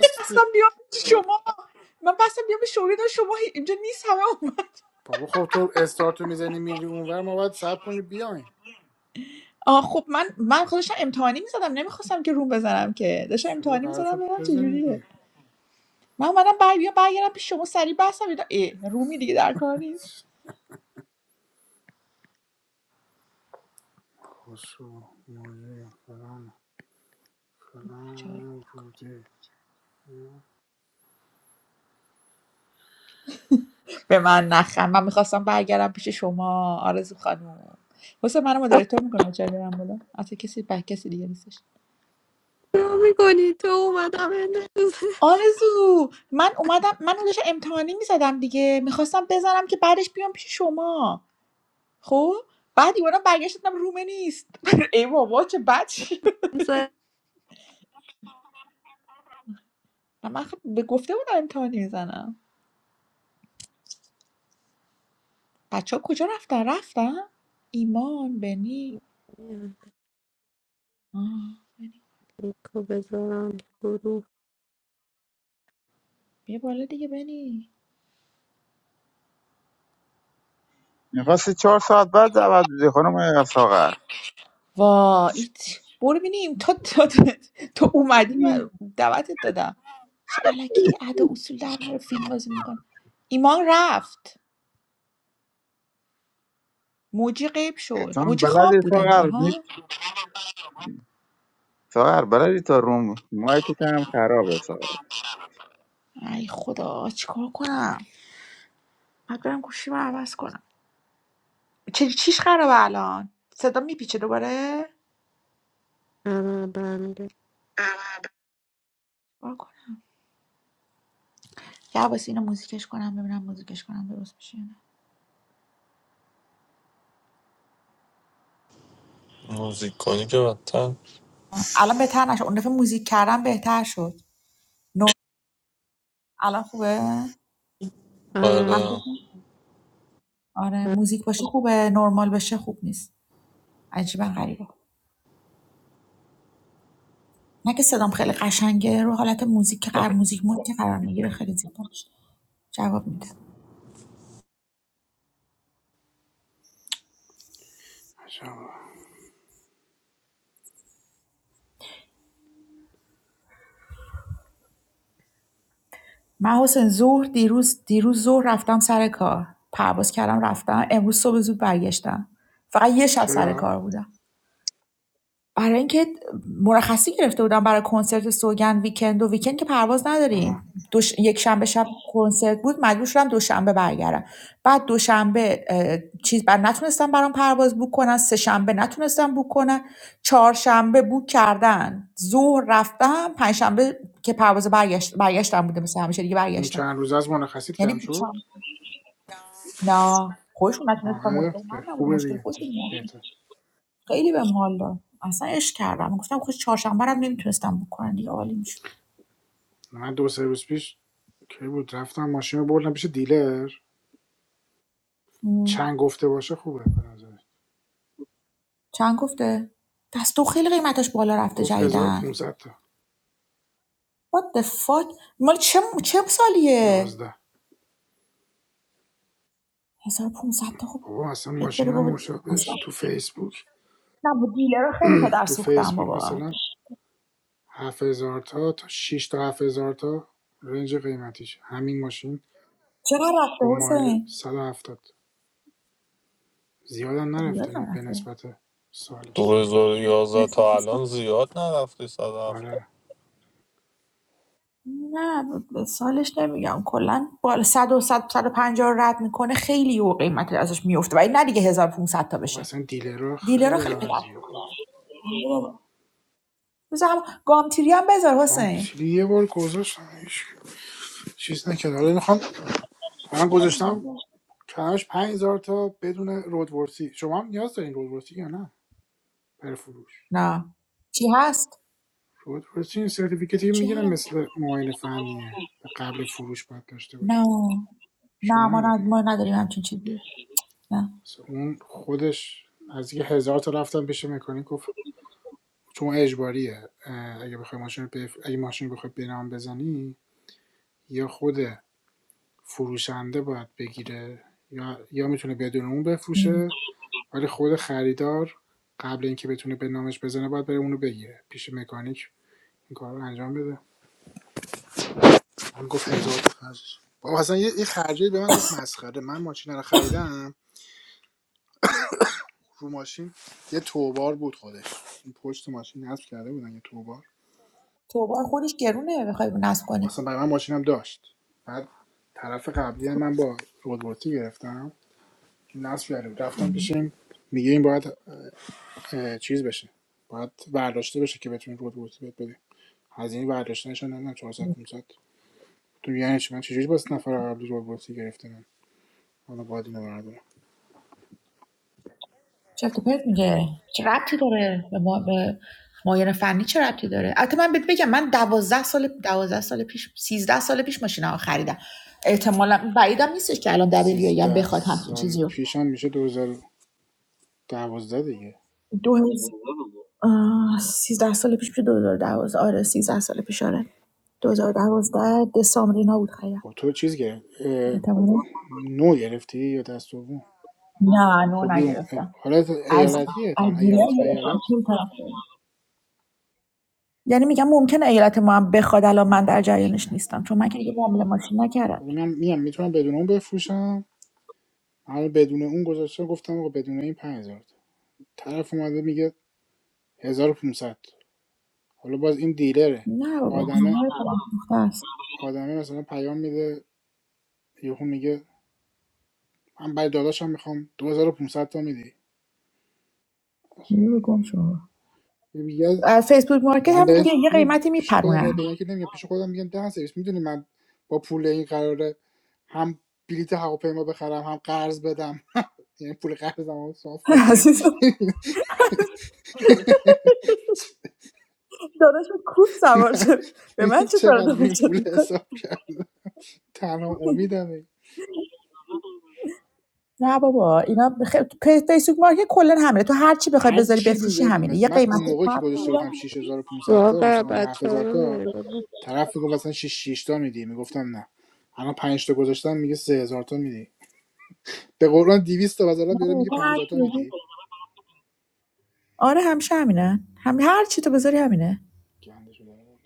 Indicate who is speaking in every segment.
Speaker 1: هستی
Speaker 2: بستم بیام پیش شما من بستم بیام به شما دار شما هی- اینجا نیست همه اومد
Speaker 1: بابا خب تو استارتو میزنی میری اونور ما باید صبر کنی بیاین
Speaker 2: آه خب من من خودشم امتحانی میزدم نمیخواستم که روم بزنم که داشتم
Speaker 1: چرا
Speaker 2: امتحانی
Speaker 1: قرار
Speaker 2: میزدم
Speaker 1: شد
Speaker 2: ببینم
Speaker 1: بزنی
Speaker 2: چجوریه
Speaker 1: دیگه؟
Speaker 2: من اومدم بر بیا برگردم پیش شما سریع بستم دیدم اه رومی دیگه در کار نیست
Speaker 1: کسو موزه فلان
Speaker 2: چرا؟
Speaker 1: فلان بوده
Speaker 2: به من نخند من میخواستم برگردم پیش شما آرزو خانم حسین منو مدیرتور میکنه چرا برم بالا اصلا کسی بک کسی دیگه نیستش
Speaker 3: نگاه میکنی تو اومدم اندازه
Speaker 2: آرزو من اومدم من داشتم امتحانی میزدم دیگه میخواستم بزنم که بعدش بیام پیش شما خب بعد ایونا برگشتم رومه نیست ای بابا چه بچی
Speaker 3: زد.
Speaker 2: من خب به گفته بودم امتحانی میزنم بچه ها کجا رفتن رفتن ایمان بنی آه،
Speaker 3: لینکو بذارم گروه
Speaker 2: بیا بالا دیگه بنی
Speaker 4: میخواستی چهار ساعت بعد دعوت بدی خانم ساغر
Speaker 2: وا ایت برو بینیم تو تو, تو, تو اومدی من دعوتت دادم چه علکی ادا اصول در رو فیلم بازی میکن ایمان رفت موجی غیب
Speaker 4: تو
Speaker 2: شد
Speaker 4: هم
Speaker 2: موجی خواب
Speaker 4: بلدی
Speaker 2: بود
Speaker 4: ساغر
Speaker 2: انگار ها
Speaker 4: می- ساغر بلدی تا روم مایی که هم خرابه ساغر
Speaker 2: ای خدا چیکار کنم بعد برم گوشی عوض کنم چی چیش خرابه الان صدا میپیچه دوباره
Speaker 3: آره برمیگه
Speaker 2: وا کن. یه عباسی اینو موزیکش کنم ببینم موزیکش کنم درست میشه یا نه
Speaker 5: موزیک کنی که بدتر
Speaker 2: الان بهتر نشد اون دفعه موزیک کردم بهتر شد نو... الان خوبه هم
Speaker 3: آره
Speaker 5: آره
Speaker 2: خوبه؟ آره موزیک باشه خوبه نرمال باشه خوب نیست عجیبا غریبه نه که صدام خیلی قشنگه رو حالت موزیک که
Speaker 5: آه،
Speaker 2: قرار موزیک مود که قرار میگیره خیلی زیبا جواب میده
Speaker 1: عجب.
Speaker 2: من حسین ظهر دیروز دیروز ظهر رفتم سر کار پرواز کردم رفتم امروز صبح زود برگشتم فقط یه شب سر
Speaker 1: چرا؟
Speaker 2: کار بودم برای اینکه مرخصی گرفته بودم برای کنسرت سوگند ویکند و ویکند که پرواز
Speaker 1: آها.
Speaker 2: نداریم دوش... یک شنبه شب کنسرت بود مجبور شدم دوشنبه برگردم بعد دوشنبه چیز بر نتونستم برام پرواز بوک کنن سه شنبه نتونستم بوک کنن چهارشنبه بوک کردن ظهر رفتم پنجشنبه که پرواز برگشت... برگشتم بوده مثل همیشه دیگه
Speaker 1: اون
Speaker 2: برگشتم
Speaker 1: چند روز از مرخصیت
Speaker 2: یعنی
Speaker 1: کم شد
Speaker 2: چند- نه خودشون نتونستم
Speaker 1: آره
Speaker 2: مشکل من نبوده
Speaker 1: خوبه
Speaker 2: مشکل خودم
Speaker 1: دیگه
Speaker 2: خودشون
Speaker 1: بهتر
Speaker 2: خیلی بهم حال داد اصلا عشق کردم گفتم خود چهارشنبه رو نمیتونستم بکنن دیگه عالی میشد
Speaker 1: من دو سه روز پیش کی بود رفتم ماشین رو بردم پیش دیلر چند گفته باشه خوبه به نظر
Speaker 2: چند گفته دستو خیلی قیمتش بالا رفته
Speaker 1: گفت
Speaker 2: جدیدن
Speaker 1: 1500 تا
Speaker 2: what the fuck مال چه چه سالیه
Speaker 1: یازده.
Speaker 2: 1500 تا خب
Speaker 1: بابا اصلا
Speaker 2: بیاد
Speaker 1: ماشین
Speaker 2: بره بابا اصلا
Speaker 1: مشابهش تو فیسبوک
Speaker 2: نه با دیلر خیلی پدر
Speaker 1: تو
Speaker 2: سوختم
Speaker 1: فیسبوک
Speaker 2: بابا
Speaker 1: مثلا ۷۰۰۰ تا تا ۶ تا ۷۰۰۰ تا رنج قیمتیشه همین ماشین
Speaker 2: چرا رفته
Speaker 1: با مایل
Speaker 2: حسین
Speaker 1: ۱۷۰ زیادم
Speaker 2: خب
Speaker 1: نرفته نه
Speaker 2: یادم
Speaker 1: به
Speaker 2: رفته
Speaker 1: نسبت سالش
Speaker 5: 2011
Speaker 2: نسبت
Speaker 5: تا
Speaker 2: سال
Speaker 5: الان زیاد نرفتی 170
Speaker 1: آره
Speaker 2: نه سالش نمیگم کلا بالا صد و صد و پنجاه رد میکنه خیلی و قیمت ازش میفته ولی نه دیگه 1500 تا
Speaker 1: بابا
Speaker 2: بشه
Speaker 1: اصلا دیلرها
Speaker 2: دیلر رو
Speaker 1: خیلی
Speaker 2: خیلی پدر
Speaker 1: عوضی هم بابا
Speaker 2: سوختن بذار هم گامتیری هم بذار حسین
Speaker 1: گانتیلی یه بار گذاشتم چیز نکرد حالا میخوام من گذاشتم کمش 5000 تا بدون رودورسی شما هم نیاز دارین رودورسی یا نه برای فروش
Speaker 2: نه چی هست
Speaker 1: رودورسی این سرتیفیکتی
Speaker 2: چی
Speaker 1: میگیرن
Speaker 2: هست
Speaker 1: مثل معاین فنیه قبل فروش باید داشته
Speaker 2: نه
Speaker 1: باشی شما
Speaker 2: نه ما,
Speaker 1: نداری
Speaker 2: ن- ما نداریم همچین چیزی نه
Speaker 1: مثلا اون خودش از یه هزار تا رفتم پیش مکانیک گفت چون اجباریه اگه بخوای ماشین رو بف... اگه ماشین بخوای به نام بزنی یا خود فروشنده باید بگیره یا یا میتونه بدون اون بفروشه ولی خود خریدار قبل اینکه بتونه به نامش بزنه باید بره اونو بگیره پیش مکانیک این کار رو انجام بده من گفت هزار تا خرجش بابا اصلا یه یه خرجی به من گفت مسخره من ماشین رو خریدم رو ماشین یه توبار بود خودش این پشت ماشین نصب کرده بودن یه توبار
Speaker 2: تو خودش گرونه بخوای نصب
Speaker 1: اصلا
Speaker 2: کنی
Speaker 1: برای من ماشینم داشت بعد طرف قبلی هم من با رودورتی گرفتم نصب کرده بود رفتم پیش این میگه این باید اه، چیز بشه باید برداشته بشه که بتونیم رودورتی بهت بدیم هزینه برداشتنش هم نمیدونم چهارصد 500 تو یعنی چی من چجوری باز نفر قبلی رودورتی گرفتم حالا باید اینو بردارم
Speaker 2: چفت و پرت میگه چه ربطی داره به, ما به معاینه فنی چه ربطی داره البته من بهت بگم من دوازده سال دوازده سال پیش سیزده سال پیش ماشین ها خریدم احتمالا بعیدم نیستش که الان دبلیو ای هم
Speaker 1: 13
Speaker 2: بخواد همچین
Speaker 1: سال
Speaker 2: چیزی رو
Speaker 1: پیشم میشه 2012 دیگه
Speaker 2: دو هزار سیزده سال پیش پیش دو هزار و 2012 آره سیزده سال پیش آره 2012 دسامبرینا بود خیلی
Speaker 1: خب تو چیز گرفت اه،
Speaker 2: احتمالاً.
Speaker 1: نو گرفتی یا دست دوم
Speaker 2: نه نو
Speaker 1: خب دیگه، اه،
Speaker 2: نگرفتم
Speaker 1: حالت
Speaker 2: از
Speaker 1: ایالتیه
Speaker 2: از
Speaker 1: احتمال
Speaker 2: گیلان
Speaker 1: ایالت به
Speaker 2: گرفتم
Speaker 1: ایالت
Speaker 2: چون طرف یعنی میگم ممکنه ایالت ما هم بخواد الان من
Speaker 1: آه
Speaker 2: در
Speaker 1: آره خیلی
Speaker 2: جریانش نیستم چون من که دیگه معامله ماشین نکردم
Speaker 1: ولی میگم میتونم بدون اون بفروشم حالا بدون اون گذاشته گفتم آقا بدون این 5000 طرف اومده میگه 1500 حالا باز این دیلره
Speaker 2: نه بابا
Speaker 1: آدمه
Speaker 2: جمهور خودم فروخته است
Speaker 1: آدمه مثلا پیام میده یهو میگه من برای داداشم میخوام 2500 تا میدی
Speaker 2: نور گم شما
Speaker 1: میگه
Speaker 2: فیسبوک مارکت
Speaker 1: من بهش
Speaker 2: همینجوری یه قیمتی
Speaker 1: پیش خودم
Speaker 2: میپرونن
Speaker 1: باید به اینا که نمیگم پیش خودم میگم ده سرویس میدونی من با پول این قراره هم بلیت هواپیما بخرم هم قرض بدم یعنی پول قرضم رو صاف بکنم
Speaker 2: عزیزم داداش کوف سوار شد به من چه کار
Speaker 1: چقدر این پول
Speaker 2: داداش
Speaker 1: حساب کرد تنها امیدمه
Speaker 2: نه بابا اینا بخ... فیسبوک مارکت کلا همینه تو هر چی بخوای
Speaker 1: هر
Speaker 2: بذاری
Speaker 1: چی
Speaker 2: بفروشی
Speaker 1: میذاری
Speaker 2: همینه
Speaker 1: من
Speaker 2: یه
Speaker 1: من
Speaker 2: قیمت
Speaker 1: اون موقع که
Speaker 2: کم
Speaker 1: گذاشته
Speaker 2: میگیرن.
Speaker 1: بودم 6500 تا
Speaker 3: واقعا
Speaker 1: مثلا یا
Speaker 3: بچه ها
Speaker 1: 7000
Speaker 3: رو
Speaker 1: تا
Speaker 3: میاری بالا
Speaker 1: طرف میگفت مثلا 6 تا میدی میگفتم نه الان 5 تا گذاشتم میگه 3000 تا میدی به قرآن 200 تا بذارم
Speaker 2: نه
Speaker 1: بیاره میگه
Speaker 2: تو هر
Speaker 1: 50 تا
Speaker 2: چی
Speaker 1: میدی
Speaker 2: آره همیشه همینه هم هر چی تو بذاری همینه
Speaker 1: گندش داره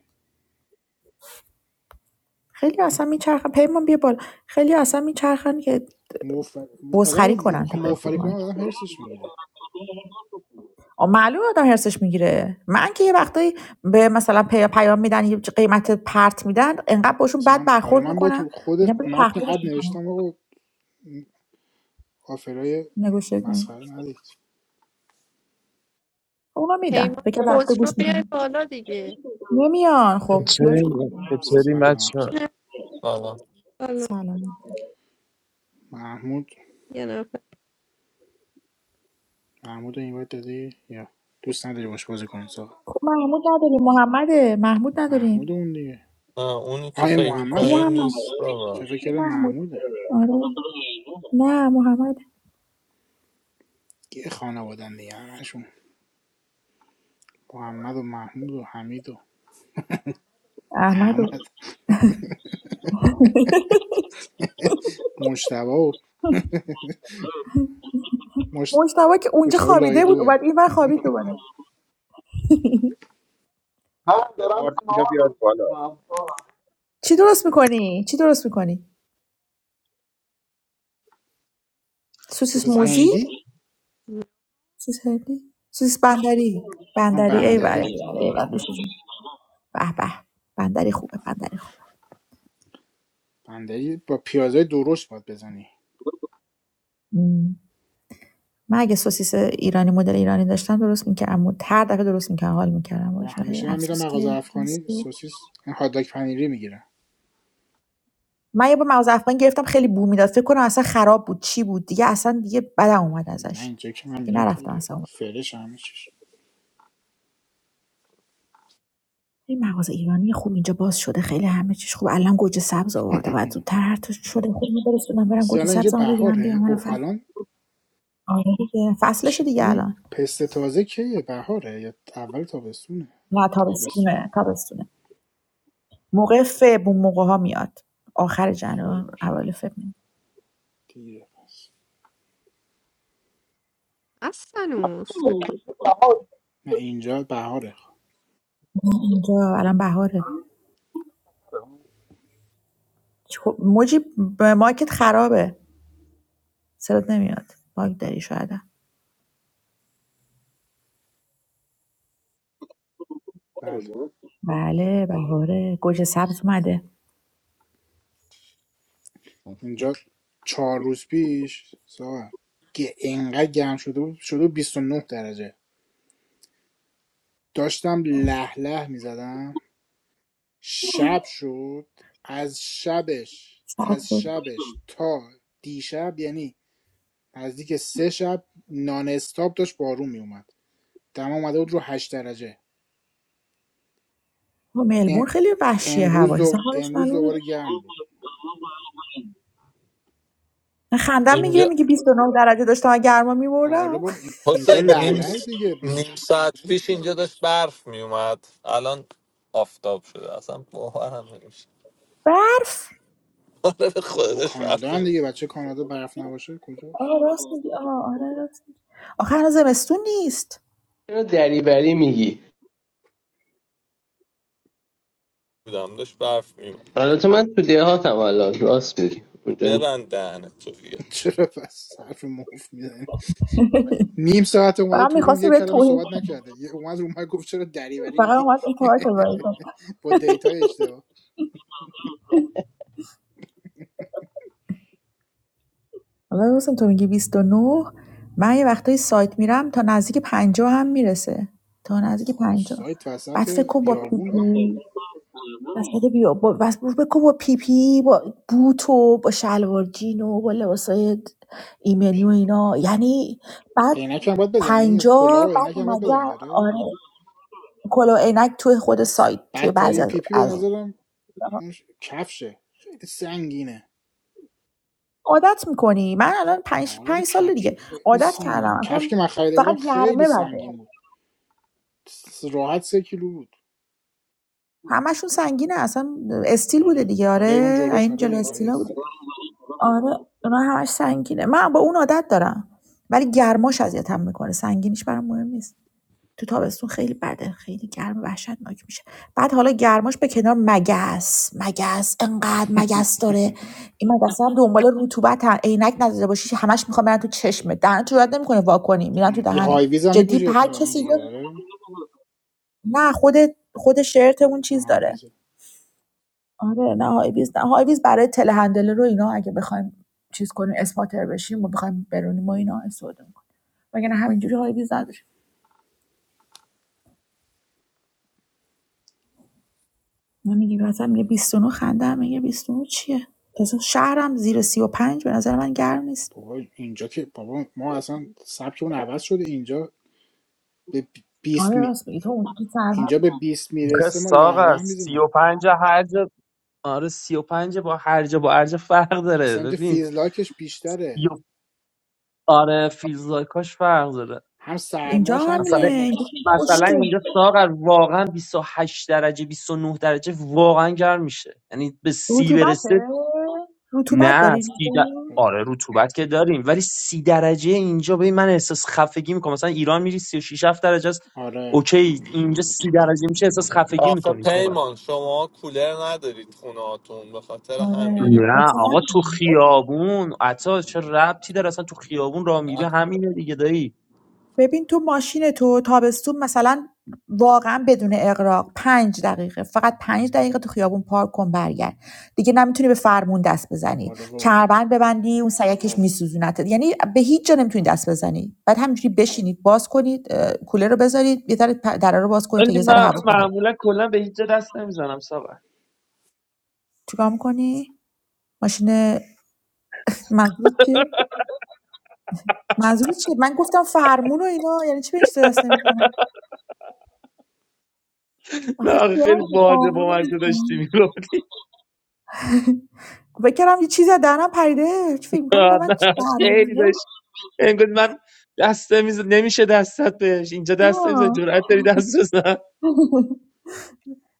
Speaker 2: خیلی اصلا میچرخن پیمان بیا بالا خیلی اصلا میچرخن که
Speaker 1: موفق. آدمو
Speaker 2: بزخری
Speaker 1: مو-
Speaker 2: کنن تو
Speaker 1: موفری
Speaker 2: فیسبوک
Speaker 1: کنم
Speaker 2: مارکت
Speaker 1: آدم هرسش میگیره
Speaker 2: آه، معلومه آدم هرسش میگیره من که یه وقتایی به مثلا پی- پیام میدن یه قیمت پرت میدن انقدر باشون
Speaker 1: مثلا
Speaker 2: بد
Speaker 1: من آره
Speaker 2: برخورد
Speaker 1: من با
Speaker 2: میکنم
Speaker 1: تو خود
Speaker 2: میگم برو
Speaker 1: متن
Speaker 2: تخفیفش
Speaker 1: اد
Speaker 2: میکنم
Speaker 1: نوشتم آقا آفرای
Speaker 2: نگوشت
Speaker 1: مسخره ندید
Speaker 2: اونا میدن
Speaker 3: پیمان
Speaker 2: فکر
Speaker 3: خود
Speaker 2: رفته گوش
Speaker 3: رو
Speaker 2: می‌کنن.
Speaker 3: بیای بالا دیگه
Speaker 2: نمیان خب چیکارش
Speaker 6: چطوری
Speaker 2: کنم
Speaker 6: چطوری
Speaker 1: سلام
Speaker 6: مچه
Speaker 3: نه
Speaker 5: سلام
Speaker 3: بالا
Speaker 2: سلام
Speaker 1: محمود
Speaker 3: یه نفر
Speaker 1: محمود این اینوایت دادی یا دوست نداری باش بازی کنی ساقا
Speaker 2: خب محمود نداریم محمده محمود
Speaker 1: محمود
Speaker 2: نداریم
Speaker 1: اون دیگه
Speaker 5: نه اونی
Speaker 1: آه
Speaker 5: که فکر
Speaker 2: کو
Speaker 5: میکنی
Speaker 1: محمده
Speaker 2: محمد
Speaker 5: نیست
Speaker 1: چه
Speaker 5: بابا
Speaker 1: فکر
Speaker 2: کو
Speaker 1: کردم
Speaker 2: محمود
Speaker 1: محموده
Speaker 2: آره نه محمد
Speaker 1: یه خانوادن دیگه همشون محمد و محمود و حمید و
Speaker 2: احمد و
Speaker 1: احمد مشتبه و مش...
Speaker 2: مجتبا که اونجا
Speaker 1: مشتبه لایه
Speaker 2: خوابیده بود
Speaker 1: دوه
Speaker 2: اومد این ور خوابید دوباره
Speaker 7: منم دارم
Speaker 4: ادوارد اینجا
Speaker 7: مامان
Speaker 4: بیاد
Speaker 7: رو
Speaker 4: بالا
Speaker 7: میکنم
Speaker 2: چی درست میکنی چی درست میکنی سوسیس
Speaker 1: سس
Speaker 4: مش
Speaker 2: موزی
Speaker 1: هندی
Speaker 2: سوسیس هندی سوسیس بندری
Speaker 1: آه،
Speaker 2: بندری ای بابا
Speaker 1: بندری
Speaker 4: بهنداری کن
Speaker 2: ای ور به به بندری خوبه بندری خوبه
Speaker 1: بندری با پیازای درشت باید بزنی
Speaker 2: مم. من اگه سوسیس ایرانی مدل ایرانی داشتم درست میکردم مد- هر دفعه درست میکردم حال میکردم
Speaker 1: و
Speaker 2: باش ولی
Speaker 1: همیشه من میرم
Speaker 2: افسوس
Speaker 1: مغازه
Speaker 2: که نیست
Speaker 1: افغانی سوسیس این هاداک پنیری میگیرم
Speaker 2: من یه بار مغز افغان گرفتم خیلی بو میداد فکر کنم اصلا خراب بود چی بود دیگه اصلا دیگه بدم اومد
Speaker 1: نه
Speaker 2: ازش
Speaker 1: اینجا که من
Speaker 2: دیگه
Speaker 1: میرم
Speaker 2: نرفتم
Speaker 1: خیلی
Speaker 2: اصلا
Speaker 1: فرش همه چیش
Speaker 2: این مغازه ایرانی خوب اینجا باز شده خیلی همه چیش خوب الان گوجه سبز آورده بعد زودتر هر تو شده خیلی درست بدم برم
Speaker 1: راستی
Speaker 2: گوجه
Speaker 1: الان اینجا
Speaker 2: سبز رو بگیرم بیام
Speaker 1: بهاره
Speaker 2: من
Speaker 1: اوه
Speaker 2: فصل
Speaker 1: الان
Speaker 2: آره دیگه
Speaker 1: چی
Speaker 2: دیگه
Speaker 1: این
Speaker 2: الان
Speaker 1: پسته تازه کیه بهاره یا اول تابستونه
Speaker 2: نه
Speaker 1: تابستونه
Speaker 2: تابستونه تابستونه موقع فب اون موقع ها میاد آخر جنوبر
Speaker 1: فکر
Speaker 2: اول فب
Speaker 1: دیره پس
Speaker 3: اصلا اوست بکن
Speaker 1: نه اینجا بهاره
Speaker 2: نه اینجا الان بهاره خب، موجی ب- مایکت خرابه صدات نمیاد باگ داری شاید
Speaker 1: بله
Speaker 2: بله بهاره گوجه سبز اومده
Speaker 1: اینجا چهار روز پیش ساعت که انقدر گرم شده بود شده بود بیست و نه درجه داشتم له له میزدم شب شد از شبش
Speaker 2: ساعت
Speaker 1: از
Speaker 2: شد.
Speaker 1: شبش تا دیشب یعنی نزدیک سه شب نان استاپ داشت بارون میومد دم اومده بود رو 8 درجه
Speaker 2: ملبورن خیلی وحشیه
Speaker 1: امروز
Speaker 2: هواش اصلا
Speaker 1: دو...
Speaker 2: حالش
Speaker 1: امروز
Speaker 2: معلومه
Speaker 1: دوباره گرم بود
Speaker 2: خندم میگیره
Speaker 5: اینجا
Speaker 2: میگه 29 درجه داشتم از گرما میمردم
Speaker 1: آره بابا این- اینجا
Speaker 5: حسین نیم
Speaker 1: لعله
Speaker 5: س-
Speaker 1: دیگه بیس
Speaker 5: نیم ساعت پیش اینجا داشت برف میومد الان آفتاب شده اصلا باورم نمیشه
Speaker 2: برف
Speaker 5: آره به خدا
Speaker 1: با
Speaker 5: داشت
Speaker 1: کانادا
Speaker 5: برف
Speaker 1: هم دیگه
Speaker 5: میومد
Speaker 1: بچه کانادا برف نباشه کجاش
Speaker 2: آره راست میگی آره راست میگی. آخه هنوز زمستون نیست
Speaker 8: چرا دریوری میگی
Speaker 5: بودم داشت برف میومد
Speaker 8: البته من تو دهاتم الان راست میگی اونجا نی-
Speaker 5: ببند دهنه تو دیگه
Speaker 1: چرا پس حرف مفت میزنی نیم ساعت اومده
Speaker 2: فقط
Speaker 1: تو روم
Speaker 2: میخواستی
Speaker 1: یه
Speaker 2: به
Speaker 1: کلمه
Speaker 2: توهین
Speaker 1: صحبت نکرده یه اومد روم گفت چرا دریوری
Speaker 2: فقط
Speaker 1: میگی
Speaker 2: اومد اعتراض کنی
Speaker 1: با دیتای اشتباه
Speaker 2: حالا دوستم تو میگی 29 من یه وقتایی سایت میرم تا نزدیک پنجاه هم میرسه تا نزدیک
Speaker 1: حالا
Speaker 2: پنجاه.
Speaker 1: سایت
Speaker 2: بعد
Speaker 1: وسط
Speaker 2: فکر کن با پی
Speaker 1: بیابونه
Speaker 2: پی وسط بیا با بس فکر کن با پی پی با بوت و با شلوار جین و با لباسای ایمنی و
Speaker 1: پیر.
Speaker 2: اینا یعنی بعد
Speaker 1: عینک هم باید بزنی کلاه
Speaker 2: پنجاه
Speaker 1: و
Speaker 2: بعد
Speaker 1: عینک هم باید بزنی
Speaker 2: اومده
Speaker 1: داره
Speaker 2: آره کلا و عینک توی خود
Speaker 1: من س-
Speaker 2: سایت توی بعضی
Speaker 1: بدترین
Speaker 2: از
Speaker 1: پیپی به
Speaker 2: از
Speaker 1: نظرم اون ش- کفشه خیلی سنگینه
Speaker 2: عادت میکنی من الان پنج
Speaker 1: آره
Speaker 2: پنج سال
Speaker 1: کفش
Speaker 2: دیگه
Speaker 1: خیلی
Speaker 2: عادت
Speaker 1: سنگین
Speaker 2: کردم
Speaker 1: کفش
Speaker 2: اصلا
Speaker 1: که من خریده بودم
Speaker 2: فقط
Speaker 1: خیلی
Speaker 2: گرمه بده
Speaker 1: سنگین بود س- راحت سه کیلو بود
Speaker 2: همشون سنگینه اصلا استیل بوده
Speaker 1: آره
Speaker 2: دیگه
Speaker 1: آره اون
Speaker 2: آره
Speaker 1: جلوش
Speaker 2: این
Speaker 1: آره
Speaker 2: جلو
Speaker 1: دیگه لای
Speaker 2: استیلا بوده
Speaker 1: استیلش
Speaker 2: آره اونا همش سنگینه من با اون عادت دارم ولی گرماش اذیتم میکنه سنگینیش برام مهم نیست تو تابستون خیلی بده خیلی گرم وحشتناک میشه بعد حالا گرماش به کنار مگس مگس انقدر مگس داره این مگس هم دنبال رطوبت عینک نداده باشی همش میخوام برن تو چشمت دهنت رو رد نمیکنه واکنی میرن تو
Speaker 1: این
Speaker 2: دهنت
Speaker 1: های ویز هم
Speaker 2: جدی
Speaker 1: میپوشه
Speaker 2: هر
Speaker 1: احتمالاً
Speaker 2: کسی
Speaker 1: دیگه آره
Speaker 2: نه خود خود شرت اون
Speaker 1: آه،
Speaker 2: چیز
Speaker 1: های
Speaker 2: داره
Speaker 1: ویز
Speaker 2: آره نه های نه های برای تله هندل رو اینا اگه بخوایم چیز کنیم اسپاتر بشیم و بخوایم برونیم و اینا استفاده میکنیم نه همینجوری های بیز نداریم من میگیم مثلا میگه 29 خنده هم میگه 29 چیه تازه شهرم زیر 35 به نظر من گرم نیست
Speaker 1: بابا اینجا که بابا ما اصلا سبکمون عوض شده اینجا به بیست
Speaker 2: آره
Speaker 1: می...
Speaker 2: راست میگی تو اونجوری سرما
Speaker 1: اینجا به بیست
Speaker 6: آخه
Speaker 1: میرسه ما له
Speaker 6: ساغر
Speaker 1: له
Speaker 6: سی
Speaker 1: میزنیم
Speaker 6: و پنج هرج آره سی و پنج با هرج با ارج فرق داره
Speaker 1: اصلا اینجا
Speaker 6: ببین
Speaker 1: فیزلاکش
Speaker 6: سی
Speaker 1: بیشتره
Speaker 6: آره فیلزاکاش فرق داره
Speaker 1: هم
Speaker 2: اینجا
Speaker 1: سرماش هم
Speaker 2: همینه
Speaker 6: مثلا
Speaker 1: گرماش
Speaker 2: اینجا
Speaker 6: مثلا
Speaker 2: خشکه.
Speaker 6: اینجا ساغر واقعا 28 درجه 29 درجه واقعا گرم میشه یعنی به سی
Speaker 2: رطوبته
Speaker 6: برسه
Speaker 2: رطوبت
Speaker 6: نه
Speaker 2: داری
Speaker 6: سی در... آره رطوبت که داریم ولی سی درجه اینجا ببین من احساس خفگی میکنم مثلا ایران میری سی و شش 7 درجه است
Speaker 1: آره
Speaker 6: اوکی اینجا سی درجه میشه احساس خفگی
Speaker 5: آخه
Speaker 6: میکنی
Speaker 5: پیمان شما کولر ندارید خونه هاتون به خاطر
Speaker 2: آره
Speaker 5: همینه
Speaker 6: نه
Speaker 2: مثلا
Speaker 6: آقا تو خیابون عطا چه ربطی داره اصلا تو خیابون راه میری همینه دیگه دایی
Speaker 2: ببین تو ماشین تو تابستون مثلا واقعا بدون اغراق پنج دقیقه فقط پنج دقیقه تو خیابون پارک کن برگرد دیگه نمیتونی به فرمون دست بزنی
Speaker 1: آره بابا
Speaker 2: چربند ببندی اون سیکش میسوزونتت یعنی به هیچ جا نمیتونی دست بزنی بعد همینجوری بشینید باز کنید اه، کولر رو بذارید یه ذره پ- دره رو باز کنید تا یه
Speaker 6: ولی
Speaker 2: ذره
Speaker 6: من
Speaker 2: هوا کنه
Speaker 6: معمولا کلا به هیچ جا دست نمیزنم ساقه
Speaker 2: چیکار میکنی ماشین منظور چیه منظور چیه من گفتم فرمون و اینا یعنی چی به این چیزا دست نمیزنم
Speaker 6: نه
Speaker 2: آخه
Speaker 6: آخه
Speaker 2: چیه من
Speaker 6: خیلی
Speaker 2: این
Speaker 6: باحال
Speaker 2: فرمون
Speaker 6: با
Speaker 2: رو
Speaker 6: مزه
Speaker 2: می‌زنم؟
Speaker 6: داشتی میگفتی
Speaker 2: فکر کردم یه چیزی از دهنم پریده چی فکر میکنم اینا بعد چه
Speaker 6: نه خیلی داشت انگار من دست نمیز... نمیشه دستت بهش اینجا دست نمیزن جرأت داری دست بزن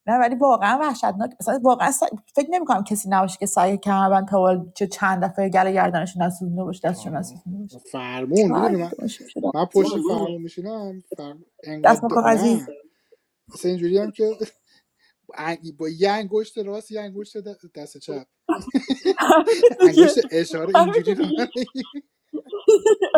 Speaker 2: نه ولی واقعا وحشتناک مثلا واقعا سع- فکر نمی‌کنم کسی نباشه که سعی کمربند تا حالا چه چند دفعه گله گردنشون نسوزونده باشه دستشون
Speaker 1: آره.
Speaker 2: نسوزونده باشه
Speaker 1: فرمون
Speaker 2: هر
Speaker 1: میدونی
Speaker 2: کی
Speaker 1: من
Speaker 2: باشه شده
Speaker 1: من پشت فرمون میشینم فر... انقدر
Speaker 2: دستم
Speaker 1: د-
Speaker 2: کاغذی
Speaker 1: نه اصلا اینجوری هم که ا- با یه انگشت راست یه انگشت د- دست چپ
Speaker 2: همین دیگه
Speaker 1: انگشت اشاره
Speaker 2: همین
Speaker 1: اینجوری راه
Speaker 2: دیگه
Speaker 1: نمی‌ری.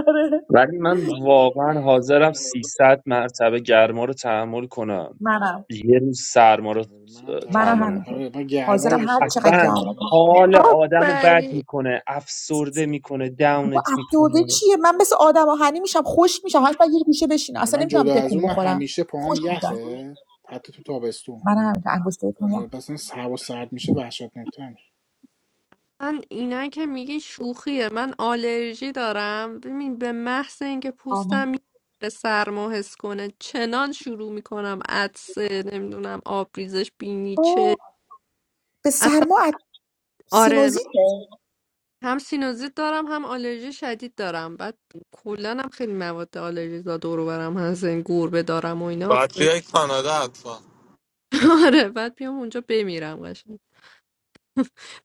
Speaker 2: آره
Speaker 6: ولی من واقعا حاضرم 300 مرتبه گرما رو تحمل کنم
Speaker 2: منم
Speaker 6: یه روز سرما رو
Speaker 1: منم
Speaker 2: منم
Speaker 1: ترجیح
Speaker 6: تحمل
Speaker 2: همینطور
Speaker 1: آره من گرما رو
Speaker 2: حاضرم هر
Speaker 1: بیشتر
Speaker 2: چقدر
Speaker 1: ترجیح
Speaker 6: اصلا
Speaker 2: گرم کنم
Speaker 1: میدم
Speaker 6: حال آدمو بد
Speaker 3: آفری
Speaker 6: میکنه افسرده میکنه
Speaker 2: با
Speaker 6: داونت
Speaker 2: افسرده
Speaker 6: میکنه
Speaker 2: چیه من مثل آدم آهنی میشم خوش میشم هر وقت یه گوشه بشینم اصلا
Speaker 1: من
Speaker 2: نمیتونم
Speaker 1: جدا از
Speaker 2: تکون
Speaker 1: اون من
Speaker 2: بخورم
Speaker 1: همیشه پاهام
Speaker 2: خوش میشم
Speaker 1: یخه حتی تو تابستون
Speaker 2: من همینطور انگشتای پام یخ
Speaker 1: آره، پس این هوا سرد میشه وحشتناکتر میشه
Speaker 3: من اینا که میگی شوخیه من آلرژی دارم ببین به محض اینکه پوستم میره سرما حس کنه چنان شروع میکنم عطسه نمیدونم آبریزش بینی
Speaker 2: اوه
Speaker 3: چه
Speaker 2: به
Speaker 3: اصلا
Speaker 2: سرما اد-
Speaker 3: آره من
Speaker 2: سینوزیته
Speaker 3: هم سینوزیت دارم هم آلرژی شدید دارم بعد کلا هم خیلی مواد آلرژی دور و برم هست این گربه دارم و اینا
Speaker 5: بچه های کانادا حتما
Speaker 3: آره بعد بیام اونجا بمیرم قشنگ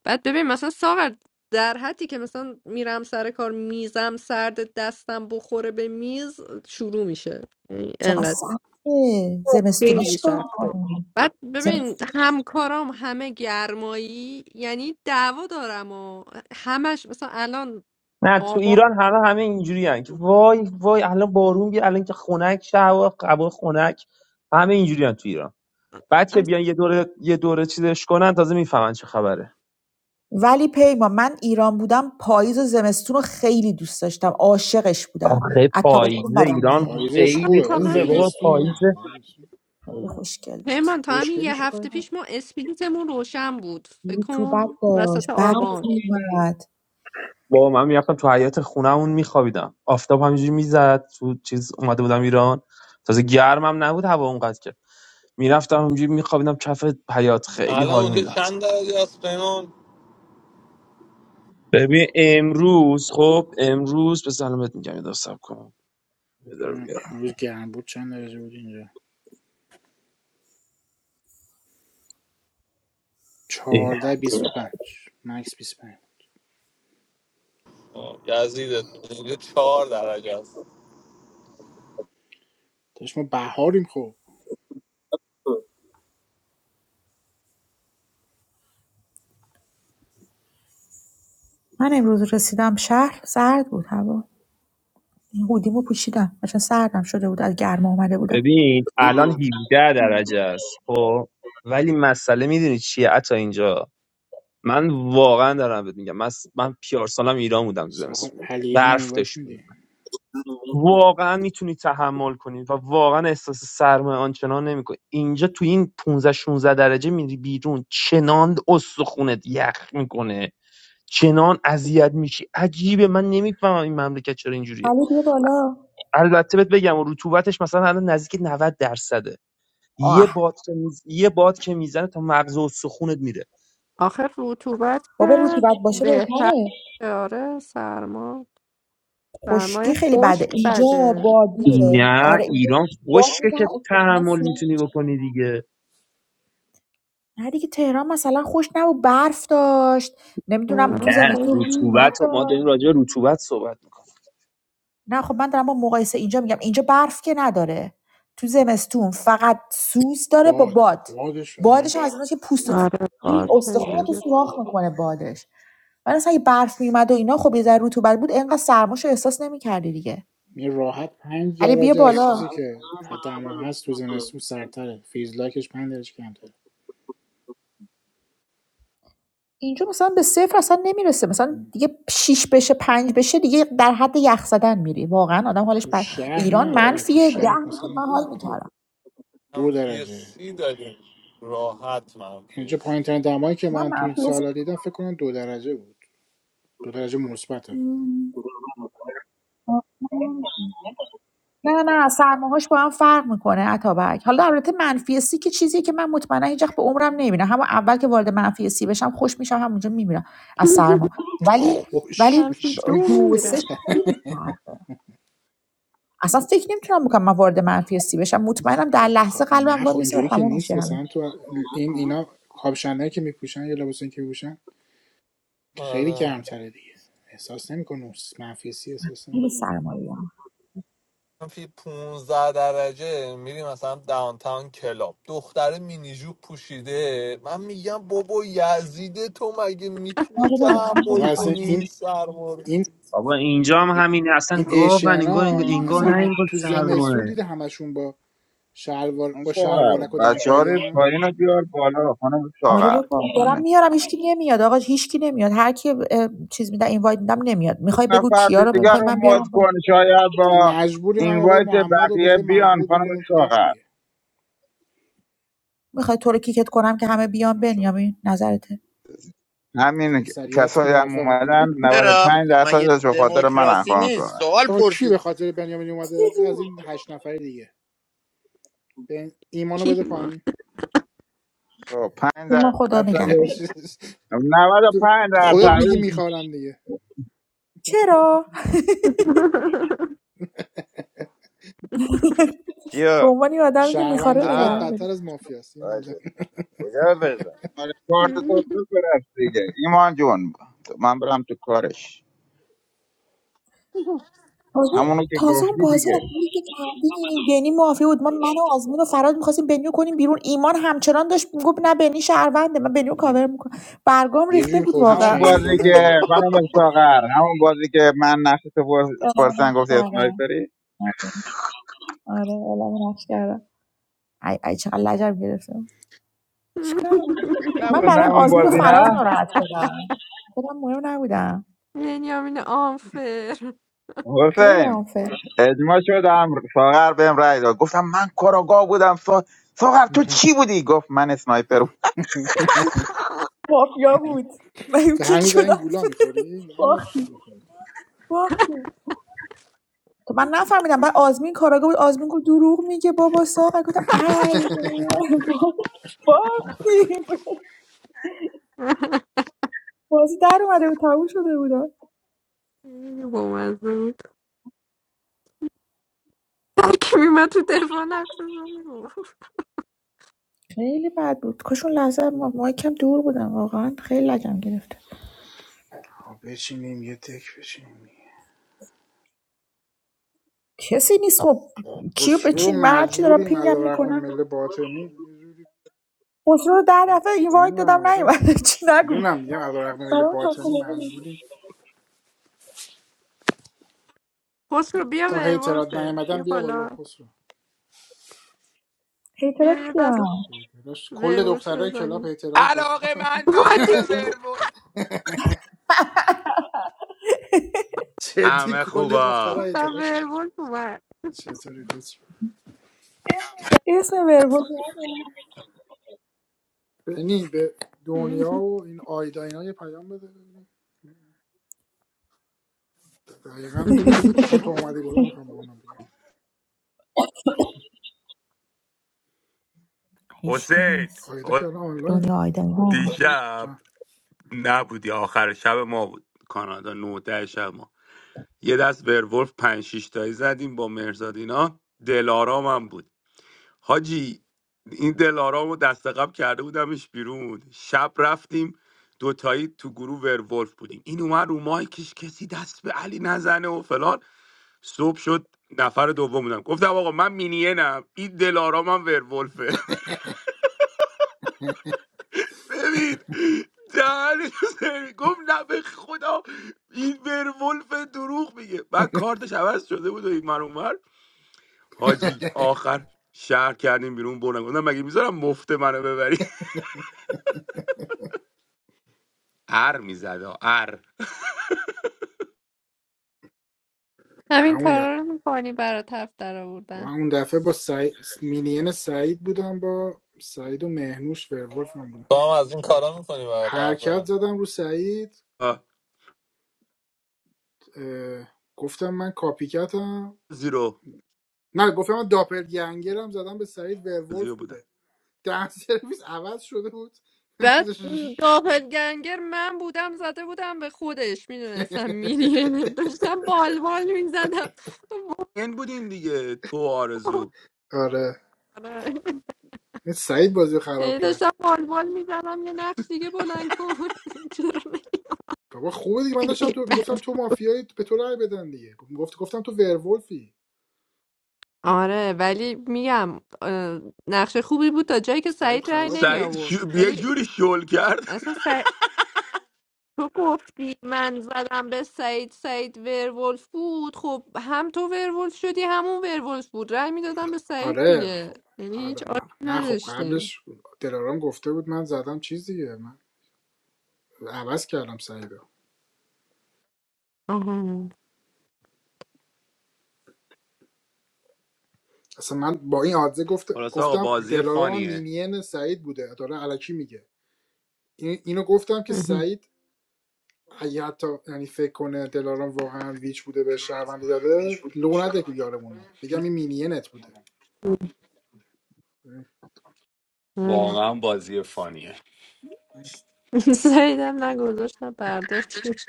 Speaker 3: بعد ببین مثلا ساغر در حدی که مثلا میرم سر کار میزم سرد دستم بخوره به میز شروع میشه یعنی
Speaker 2: چقدر
Speaker 3: انقدر
Speaker 2: سخته زمستون
Speaker 3: خیلی
Speaker 2: چیکار
Speaker 3: سخته
Speaker 2: کنیم
Speaker 3: بعد ببین
Speaker 2: زمستون.
Speaker 3: همکارام همه گرمایی یعنی دعوا دارم و همش مثلا الان
Speaker 6: نه تو
Speaker 3: آبان
Speaker 6: ایران همه همه اینجوری هن که وای وای الان بارون بیا الان که خنک شه هوا هوا خنک همه اینجوری هن تو ایران بعد که بیان
Speaker 3: اصلا
Speaker 6: یه دوره یه دوره چیزش کنن تازه میفهمن چه خبره
Speaker 2: ولی پیما من ایران بودم پاییز و زمستون رو خیلی دوست داشتم عاشقش بودم
Speaker 6: آخه
Speaker 2: از تابستون
Speaker 6: پاییز
Speaker 2: بدم
Speaker 6: ایران
Speaker 2: میومد
Speaker 1: پاییزش
Speaker 6: خیلی
Speaker 1: خوبه
Speaker 3: تا
Speaker 1: ولی
Speaker 6: خوبه
Speaker 3: همین
Speaker 6: بابا
Speaker 1: زمستون
Speaker 6: پاییز
Speaker 1: نه زمستون
Speaker 2: خیلی خوشگل
Speaker 3: پیمان تا همین
Speaker 1: مشکلی
Speaker 3: یه هفته
Speaker 1: شو
Speaker 3: پیش ما اسپریتمون روشن بود فکر
Speaker 2: رطوبت
Speaker 3: کن
Speaker 2: داشت
Speaker 3: وسط
Speaker 2: برف
Speaker 3: آبان
Speaker 2: میومد
Speaker 6: بابا من میرفتم تو حیات خونهمون میخوابیدم آفتاب همینجوری میزد تو چیز اومده بودم ایران تازه گرمم نبود هوا اونقدر که میرفتم اونجوری میخوابیدم کف حیات خیلی
Speaker 5: الان
Speaker 6: حال
Speaker 5: اونجا
Speaker 6: میداد
Speaker 5: چند درجه است پیمان
Speaker 6: ببین امروز خب امروز به سلامت میگم یه دقیقه صبر کن یه دقیقه
Speaker 1: ببینم امروز گرم بود چند درجه بود اینجا
Speaker 6: اه.
Speaker 1: چهارده بیست و پنج مکس بیست و پنج
Speaker 5: آه، یزیدت اونجا چهار درجه است
Speaker 1: داشت ما بهاریم خب
Speaker 2: من امروز رسیدم شهر سرد بود هوا این هودیمو پوشیدم چون سردم شده بود از گرما اومده بودم
Speaker 6: ببین الان 17 درجه است خب ولی مسئله میدونی چیه عطا اینجا من واقعا دارم بهت میگم من من پیارسالم ایران بودم تو
Speaker 1: ساعت
Speaker 6: زمستون
Speaker 1: هلیه رو
Speaker 6: برف
Speaker 1: اینوایت
Speaker 6: داشت
Speaker 1: میدی
Speaker 6: میومد واقعا میتونی تحمل کنی و واقعا احساس سرمایه آنچنان نمیکنی اینجا تو این 15 16 درجه میری بیرون چنان استخونت یخ میکنه چنان اذیت میشی عجیبه من نمیفهمم این مملکت چرا اینجوریه
Speaker 2: علی بیا بالا
Speaker 6: البته بهت بگم رطوبتش مثلا الان نزدیک 90 درصده یه
Speaker 2: آه
Speaker 6: باد که میز... یه باد که میزنه تا مغز و سخونت میره
Speaker 3: آخر رطوبت
Speaker 2: بابا
Speaker 3: که
Speaker 2: رطوبت باشه
Speaker 3: بهتر
Speaker 2: بهتره
Speaker 3: آره سرما
Speaker 2: خشکی
Speaker 3: سرمایه
Speaker 2: خیلی بده
Speaker 3: خشک
Speaker 2: اینجا
Speaker 3: بده
Speaker 2: بادیه
Speaker 3: نه،
Speaker 6: نه
Speaker 2: آره اینجا
Speaker 6: ایران
Speaker 2: باد
Speaker 6: خشکه
Speaker 2: میزنه
Speaker 6: که
Speaker 2: استخونات
Speaker 6: تحمل
Speaker 2: سوراخ
Speaker 6: میتونی
Speaker 2: میشه
Speaker 6: بکنی دیگه
Speaker 2: نه دیگه تهران مثلا خوش نبود برف داشت نمیدونم تو
Speaker 3: نه،
Speaker 6: نه
Speaker 3: خشک
Speaker 2: زمستون
Speaker 3: نیست
Speaker 2: رطوبت
Speaker 6: رطوبت رو- ما داریم
Speaker 2: داشت
Speaker 6: راجع به رطوبت صحبت میکنیم
Speaker 2: نه خب من دارم با مقایسه اینجا میگم اینجا برف که نداره تو زمستون فقط سوز داره با
Speaker 1: باد
Speaker 2: باد
Speaker 1: بادش آره
Speaker 2: بادش هم از ایناست که پوست و
Speaker 1: باد.
Speaker 3: آره باز
Speaker 2: استخونات
Speaker 3: انرژی
Speaker 2: سوراخ میکنه بادش ولی مثلا اگه برف میومد و اینا خب یه ذره رطوبت بود انقدر سرماش احساس نمیکردی دیگه
Speaker 1: یه راحت پنج
Speaker 2: علی بیا
Speaker 1: درجه از
Speaker 2: بالا
Speaker 1: چیزی که حتی دما هست تو زمستون سرتره فیزلاکش پنج درجه کمتره
Speaker 2: اینجا مثلا به صفر اصلا نمیرسه مثلا دیگه 6 بشه پنج بشه دیگه در حد یخ زدن میری واقعا آدم حالش
Speaker 1: تو
Speaker 2: بر
Speaker 1: شهر
Speaker 2: ایران
Speaker 1: نه
Speaker 5: اوه،
Speaker 1: آره تو
Speaker 2: منفیه 10 میشد
Speaker 1: شهر مثلا
Speaker 2: من حال میکردم
Speaker 1: دو
Speaker 5: منفی
Speaker 1: درجه
Speaker 5: سی داریم راحت منفی
Speaker 1: اینجا پایین
Speaker 5: سی
Speaker 1: ترین دمایی که
Speaker 2: من
Speaker 1: من تو این
Speaker 2: منفیه
Speaker 1: سالا دیدم فکر کنم دو درجه بود دو درجه مثبته
Speaker 2: نه نه سرماهاش با هم فرق میکنه اتابک حالا البته منفی سی که چیزیه که من مطمئنا هیچ وقت به عمرم نمیبینم همون اول که وارد منفی سی بشم خوش میشم همونجا میمیرم از سرما ولی ولی
Speaker 1: خوش
Speaker 3: منفی
Speaker 1: میشه
Speaker 3: دو
Speaker 2: دو سه
Speaker 3: میمیرم
Speaker 2: خیلی فرق اصلا فکر نمیتونم بکنم من وارد منفی سی بشم مطمئنم در
Speaker 1: آخ
Speaker 2: لحظه
Speaker 1: خب
Speaker 2: قلبم
Speaker 1: نه
Speaker 2: وای
Speaker 1: خب
Speaker 2: میسه و
Speaker 1: اینجوری که
Speaker 2: تموم میشه
Speaker 1: نیست
Speaker 2: همه
Speaker 1: مثلا تو این اینا کاپشنایی که میپوشن یا لباسایی که میپوشن خیلی
Speaker 5: آره
Speaker 1: گرمتره دیگه احساس نمیکنه منفی احساس
Speaker 2: این
Speaker 1: نمیکنه
Speaker 2: سرمایه
Speaker 5: منفی پونزده درجه میریم مثلا داونتاون کلاب دختر مینیجو پوشیده من میگم بابا یزیده تو مگه میتونی
Speaker 2: آره بابا
Speaker 5: تحمل
Speaker 1: بابا
Speaker 2: بذاری
Speaker 1: اصلا
Speaker 2: خارج
Speaker 5: کنی
Speaker 1: این
Speaker 5: این
Speaker 2: نشه.
Speaker 5: سرما رو
Speaker 1: این
Speaker 6: بابا اینجا هم همینه اصلا
Speaker 1: این
Speaker 6: گاون
Speaker 1: ایشیان
Speaker 6: انگار انگار,
Speaker 1: ها
Speaker 6: انگار
Speaker 1: اصلا
Speaker 6: نه
Speaker 1: هم
Speaker 6: انگار
Speaker 1: تو
Speaker 6: سرماه
Speaker 1: زمستون دیده همشون با شلوار
Speaker 4: اون
Speaker 1: با
Speaker 4: ساغر
Speaker 1: شلوارک و
Speaker 4: بچه ها
Speaker 1: دمپایی
Speaker 4: رو پایین رو بیار بالا خانم
Speaker 2: آره
Speaker 4: ساغر
Speaker 2: بابا
Speaker 4: من
Speaker 2: دارم
Speaker 4: نمی-
Speaker 2: میارم هیچکی نمیاد آقا هیچکی نمیاد هر کی اه، چیز میدم اینوایت میدم نمیاد
Speaker 4: یک
Speaker 2: میخوای بگو
Speaker 4: نفر
Speaker 2: کیا رو
Speaker 4: دیگر
Speaker 2: میخوای
Speaker 4: رو
Speaker 2: من
Speaker 4: مد
Speaker 2: بیارم بالا
Speaker 4: کن شاید
Speaker 1: دیگه
Speaker 4: با
Speaker 1: مجبوریم هم آقای
Speaker 4: اینوایت
Speaker 1: محمد رو به
Speaker 4: بقیه
Speaker 1: جای
Speaker 4: بیان
Speaker 1: محمود
Speaker 4: خانم
Speaker 1: بکنیم تو دک
Speaker 4: ساغر
Speaker 1: دیگه
Speaker 2: میخوای تو رو کیکت کنم که همه بیان
Speaker 1: ماشاءالله
Speaker 2: بنیامین نظرته
Speaker 4: همین
Speaker 1: اکثریت
Speaker 4: کسایی هم
Speaker 1: موافقه
Speaker 4: اومدن
Speaker 9: چرا
Speaker 4: 95
Speaker 9: مگه
Speaker 4: درصدش به خاطر من هم،
Speaker 9: دموکراسی
Speaker 4: خانم
Speaker 9: نیست
Speaker 4: ساغر
Speaker 9: سوال
Speaker 1: آقا کی به
Speaker 9: پرسید
Speaker 1: خاطر بنیامین اومده از این هشت نفر دیگه به ایمانو بده
Speaker 3: ایمان
Speaker 1: پایین
Speaker 4: خب 5
Speaker 2: ما خدا نگه
Speaker 4: درصد
Speaker 2: داره.
Speaker 4: 95 درصد
Speaker 1: خودت میگی
Speaker 4: اون
Speaker 1: میخوارم دیگه
Speaker 2: چرا به
Speaker 9: چیو
Speaker 2: عنوان یه آدمی که
Speaker 1: شهروند
Speaker 2: میخواره نگه
Speaker 1: بد
Speaker 2: هم
Speaker 9: آه
Speaker 2: داری
Speaker 1: بدتر از مافیاست ایمان جان.
Speaker 9: باشه کجا بفرستم
Speaker 4: آره، کارت تو بفرست دیگه ایمان جون من برم تو کارش
Speaker 2: تازه
Speaker 4: همونو که
Speaker 2: تازه اون
Speaker 4: گفتی
Speaker 2: بازی
Speaker 4: دیگه
Speaker 2: آزمونی که کردیم بنی معافی بود ما من و آزمین و فراد میخواستیم بنیو کنیم بیرون ایمان همچنان داشت میگفت نه بنی شهرونده من بنیو
Speaker 1: میگم
Speaker 2: کاور میکنم برگام
Speaker 1: یه
Speaker 2: ریخته
Speaker 1: جوری
Speaker 2: بود
Speaker 1: خودشو
Speaker 4: همون
Speaker 2: واقعا
Speaker 1: چین
Speaker 4: بازی که
Speaker 1: میکنه
Speaker 4: خانم ساغر همون بازی که من نقش تو پرس-
Speaker 2: اعلام
Speaker 4: پرسن
Speaker 2: نقش
Speaker 4: گفتی
Speaker 2: کردم.
Speaker 4: اسنایپری
Speaker 2: آره اعلام نقش کردم ای ای چقدر لجب گرفتم چیکار من
Speaker 4: نبود
Speaker 2: برای
Speaker 4: نه اون
Speaker 2: آزمون و
Speaker 4: بازی
Speaker 2: فراز
Speaker 4: نه
Speaker 2: ناراحت شدم خودم مهم نبودم
Speaker 3: بنیامین آنفر
Speaker 2: خیلی
Speaker 4: حسین
Speaker 2: آنفر
Speaker 4: اجماع شدم ساغر بهم رای داد گفتم من کاراگاه بودم سا... ساغر تو چی بودی گفت من اسنایپر بودم
Speaker 2: مافیا بود من
Speaker 1: تو
Speaker 2: کیک
Speaker 1: هنوز این
Speaker 2: شدم
Speaker 1: گولا میخوری نه گولا
Speaker 2: باختی
Speaker 1: بخوری.
Speaker 2: باختی تو من نفهمیدم بعد آزمین کاراگاه بود آزمین گفت دروغ میگه بابا ساقه گفتم ای باختی. باختیم بازی در اومده بود تموم شده بودم
Speaker 3: با مزه بود ترکی میمد تو دفاع نقصه رو میگفت.
Speaker 2: خیلی بد بود کاش اون لحظه ما, ما یکم دور بودم واقعا خیلی لجم گرفت
Speaker 1: آه، بچینیم یه تک بچینیم
Speaker 2: کسی نیست خب کیو
Speaker 1: خسرو رو
Speaker 2: بچین من هرچی دارم
Speaker 1: مجبوریم
Speaker 2: پینگم
Speaker 1: علا رقم
Speaker 2: میکنم
Speaker 1: مل باطنی یه جوری.
Speaker 2: خسرو رو ده دفعه اینوایت
Speaker 1: میدونم
Speaker 2: دادم
Speaker 1: آره
Speaker 2: نیومده چی نگو
Speaker 1: میدونم میگم علا رقم مل
Speaker 2: برام تا
Speaker 1: باطنی مجبوریم
Speaker 3: خسرو بیا
Speaker 1: تا هیترات
Speaker 3: ورولفه
Speaker 1: نیومدن
Speaker 3: بیا
Speaker 1: بیا بالا
Speaker 3: بالا
Speaker 1: خسرو
Speaker 2: اعتراف
Speaker 3: بیا یه
Speaker 2: کیا
Speaker 3: دست
Speaker 1: داداش، کل
Speaker 3: ورولف
Speaker 1: دخترای کلاب
Speaker 3: بزنیم
Speaker 1: هیترای خسرو
Speaker 10: علاقه مندان
Speaker 3: وای
Speaker 10: به
Speaker 3: دیدی؟
Speaker 10: ورول
Speaker 1: جدی
Speaker 10: همه
Speaker 1: کل
Speaker 10: خوبا
Speaker 1: دخترای
Speaker 3: گفتم
Speaker 1: هیتراش
Speaker 3: ورولف اومد
Speaker 1: چطوری دوست؟
Speaker 2: اسم ورولف
Speaker 1: بنی به دنیا و این آیدا اینا یه پیام بده ببینیم دقیقا چون تو اومدی بالا میخوام به اونا بگم
Speaker 2: هیچکی
Speaker 10: حسین
Speaker 2: نیست
Speaker 1: آیدا
Speaker 10: حس-
Speaker 1: که الان
Speaker 2: دنیا
Speaker 1: آنلاینه
Speaker 2: آیدم
Speaker 10: دیشب
Speaker 1: جان
Speaker 10: نبودی آخر شب ما بود کانادا 19 شب ما یه دست ورولف 5 6 تایی زدیم با مرزاد اینا دلارام هم بود حاجی این دلارامو دست قبل کرده بودمش بیرون شب رفتیم دوتایی تو گروه ورولف بودیم این اومد رو مایکش کسی دست به علی نزنه و فلان صبح شد نفر دوم بودم گفتم آقا من مینینم این دلارامم ورولفه ببین دهنش رو سرویس. گفت نه به خدا این ورولف دروغ میگه بعد کارتش عوض شده بود و این من اونور حاجی آخر شهر کردیم بیرون بردم گفتم مگه میذارم مفت منو ببری ار میزد آ، ار
Speaker 1: من
Speaker 3: همین
Speaker 1: اون
Speaker 3: کارا
Speaker 1: دفعه
Speaker 3: رو میکنی برات هفت در
Speaker 1: من
Speaker 3: آوردن
Speaker 1: اون دفعه با سعی... مینین سعید بودم با سعید و مهنوش ورولف من بودم
Speaker 5: تو هم از این کارا میکنی برای طرف
Speaker 1: حرکت
Speaker 5: زن
Speaker 1: زدم رو سعید
Speaker 10: آه،
Speaker 1: اه، گفتم من کاپیکتم
Speaker 10: زیرو
Speaker 1: نه گفتم من داپلگنگرم زدم به سعید ورولف
Speaker 10: زیرو بودم
Speaker 1: بوده دهن سرویس عوض شده بود
Speaker 3: بعد قافل گنگر من بودم زده بودم به خودش میدونستم میری داشتم بال بالبال میزدم
Speaker 10: این بودین دیگه تو آرزو
Speaker 1: آره این سعید بازی رو خراب کرد
Speaker 3: داشتم بال بالبال میزدم یه نقش دیگه بلند کن چرا
Speaker 1: بابا خوبه دیگه من داشتم
Speaker 3: نمی‌ری؟
Speaker 1: تو میگفتم
Speaker 3: بعد
Speaker 1: تو مافیایی به تو رأی بدن دیگه گفت گفتم تو ورولفی
Speaker 3: آره ولی میگم اه، نقش خوبی بود تا جایی که
Speaker 1: سعید
Speaker 3: سعید رای
Speaker 1: خراب
Speaker 3: نمی
Speaker 10: سعید
Speaker 1: کردی
Speaker 3: آورد
Speaker 10: شو... یه
Speaker 3: ولی
Speaker 10: جوری شل کرد
Speaker 3: اصلا تو گفتی من زدم به سعید سعید ورولف بود خب هم تو ورولف شدی همون ورولف بود رأی میدادم به سعید
Speaker 1: آره
Speaker 3: دیگه
Speaker 1: خب
Speaker 3: یعنی هیچ
Speaker 1: آره
Speaker 3: آشی
Speaker 1: نه نه خب
Speaker 3: نداشتیم
Speaker 1: قبلش دلارام گفته بود من زدم چیز دیگه من عوض کردم سعیدو
Speaker 3: آها
Speaker 1: اصلا من با این آدزه گفت
Speaker 10: خلاص آقا
Speaker 1: گفتم
Speaker 10: بازی
Speaker 1: دلارام
Speaker 10: فانیه
Speaker 1: مینین سعید بوده داره علکی میگه این اینو گفتم که
Speaker 3: آها.
Speaker 1: سعید اگه حتی یعنی فکر کنه دلارام واقعا ویچ بوده به شهروندی داده لو نده یارمونو بگم این مینینت بوده
Speaker 3: آره.
Speaker 10: واقعا بازی فانیه
Speaker 3: سعیدم نگذاشتم برداشت شد.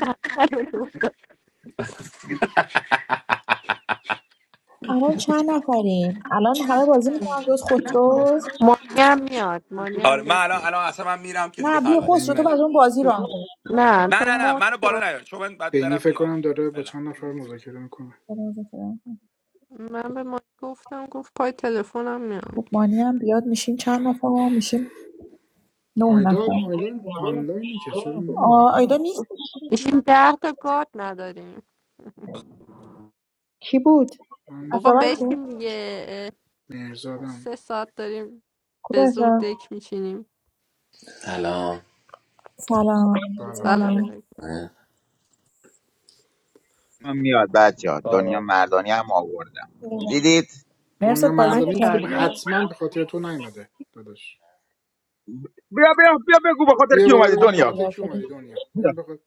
Speaker 2: الان چند نفریم الان همه بازی میکنن جز خسرو
Speaker 3: مانی هم میاد مانی
Speaker 10: آره
Speaker 3: هم
Speaker 10: من
Speaker 3: گفت
Speaker 10: الان الان اصلا من میرم که دیگه
Speaker 2: نه بیا
Speaker 10: خلوت
Speaker 2: خسرو
Speaker 1: این
Speaker 2: تو
Speaker 10: فعلا
Speaker 2: بعد اون بازی رو هم
Speaker 3: نه
Speaker 10: نه
Speaker 3: تو
Speaker 10: نه نه
Speaker 3: مرد
Speaker 10: منو بالا
Speaker 3: شو
Speaker 10: نیار چون من باید
Speaker 1: بینی
Speaker 10: برم
Speaker 1: فکر
Speaker 10: بیام
Speaker 1: کنم داره با
Speaker 10: فعلا
Speaker 1: چند نفر مذاکره میکنه
Speaker 2: کن.
Speaker 3: من به مانی گفتم گفت پای تلفنم میام
Speaker 2: خب مانی هم بیاد میشیم چند نفر میشیم نه
Speaker 1: آیدا
Speaker 2: نفر
Speaker 1: آنلاین آنلاینه که چرا
Speaker 2: آ،
Speaker 1: نمیاد
Speaker 2: آیدا نیست
Speaker 3: میشیم ده تا گاد نداریم
Speaker 2: کی بود
Speaker 1: من نیست.
Speaker 3: بابا
Speaker 2: اتابک بود
Speaker 3: بشین دیگه
Speaker 1: مهرزادم
Speaker 3: سه ساعت داریم به زور
Speaker 2: کدوم
Speaker 3: دک میچینیم
Speaker 11: سلام
Speaker 2: سلام
Speaker 1: بله.
Speaker 3: سلام
Speaker 2: سلام
Speaker 3: علیکم
Speaker 11: اه،
Speaker 4: من میاد بچه ها دنیا
Speaker 5: آره.
Speaker 4: مردانی هم آوردم دیدید
Speaker 1: دنیا
Speaker 2: مرزاد بازی
Speaker 1: مردانی که
Speaker 3: ماشاءالله
Speaker 2: میکنی؟
Speaker 1: حتما به خاطر تو نیومده داداش
Speaker 4: بیا بیا بیا بگو به خاطر
Speaker 1: بیا
Speaker 4: کی
Speaker 1: بالا
Speaker 4: اومدی
Speaker 1: ببینیم به خاطر
Speaker 4: دنیا
Speaker 2: خبردار
Speaker 1: کی
Speaker 2: شدی
Speaker 1: اومدی دنیا ببین به خاطر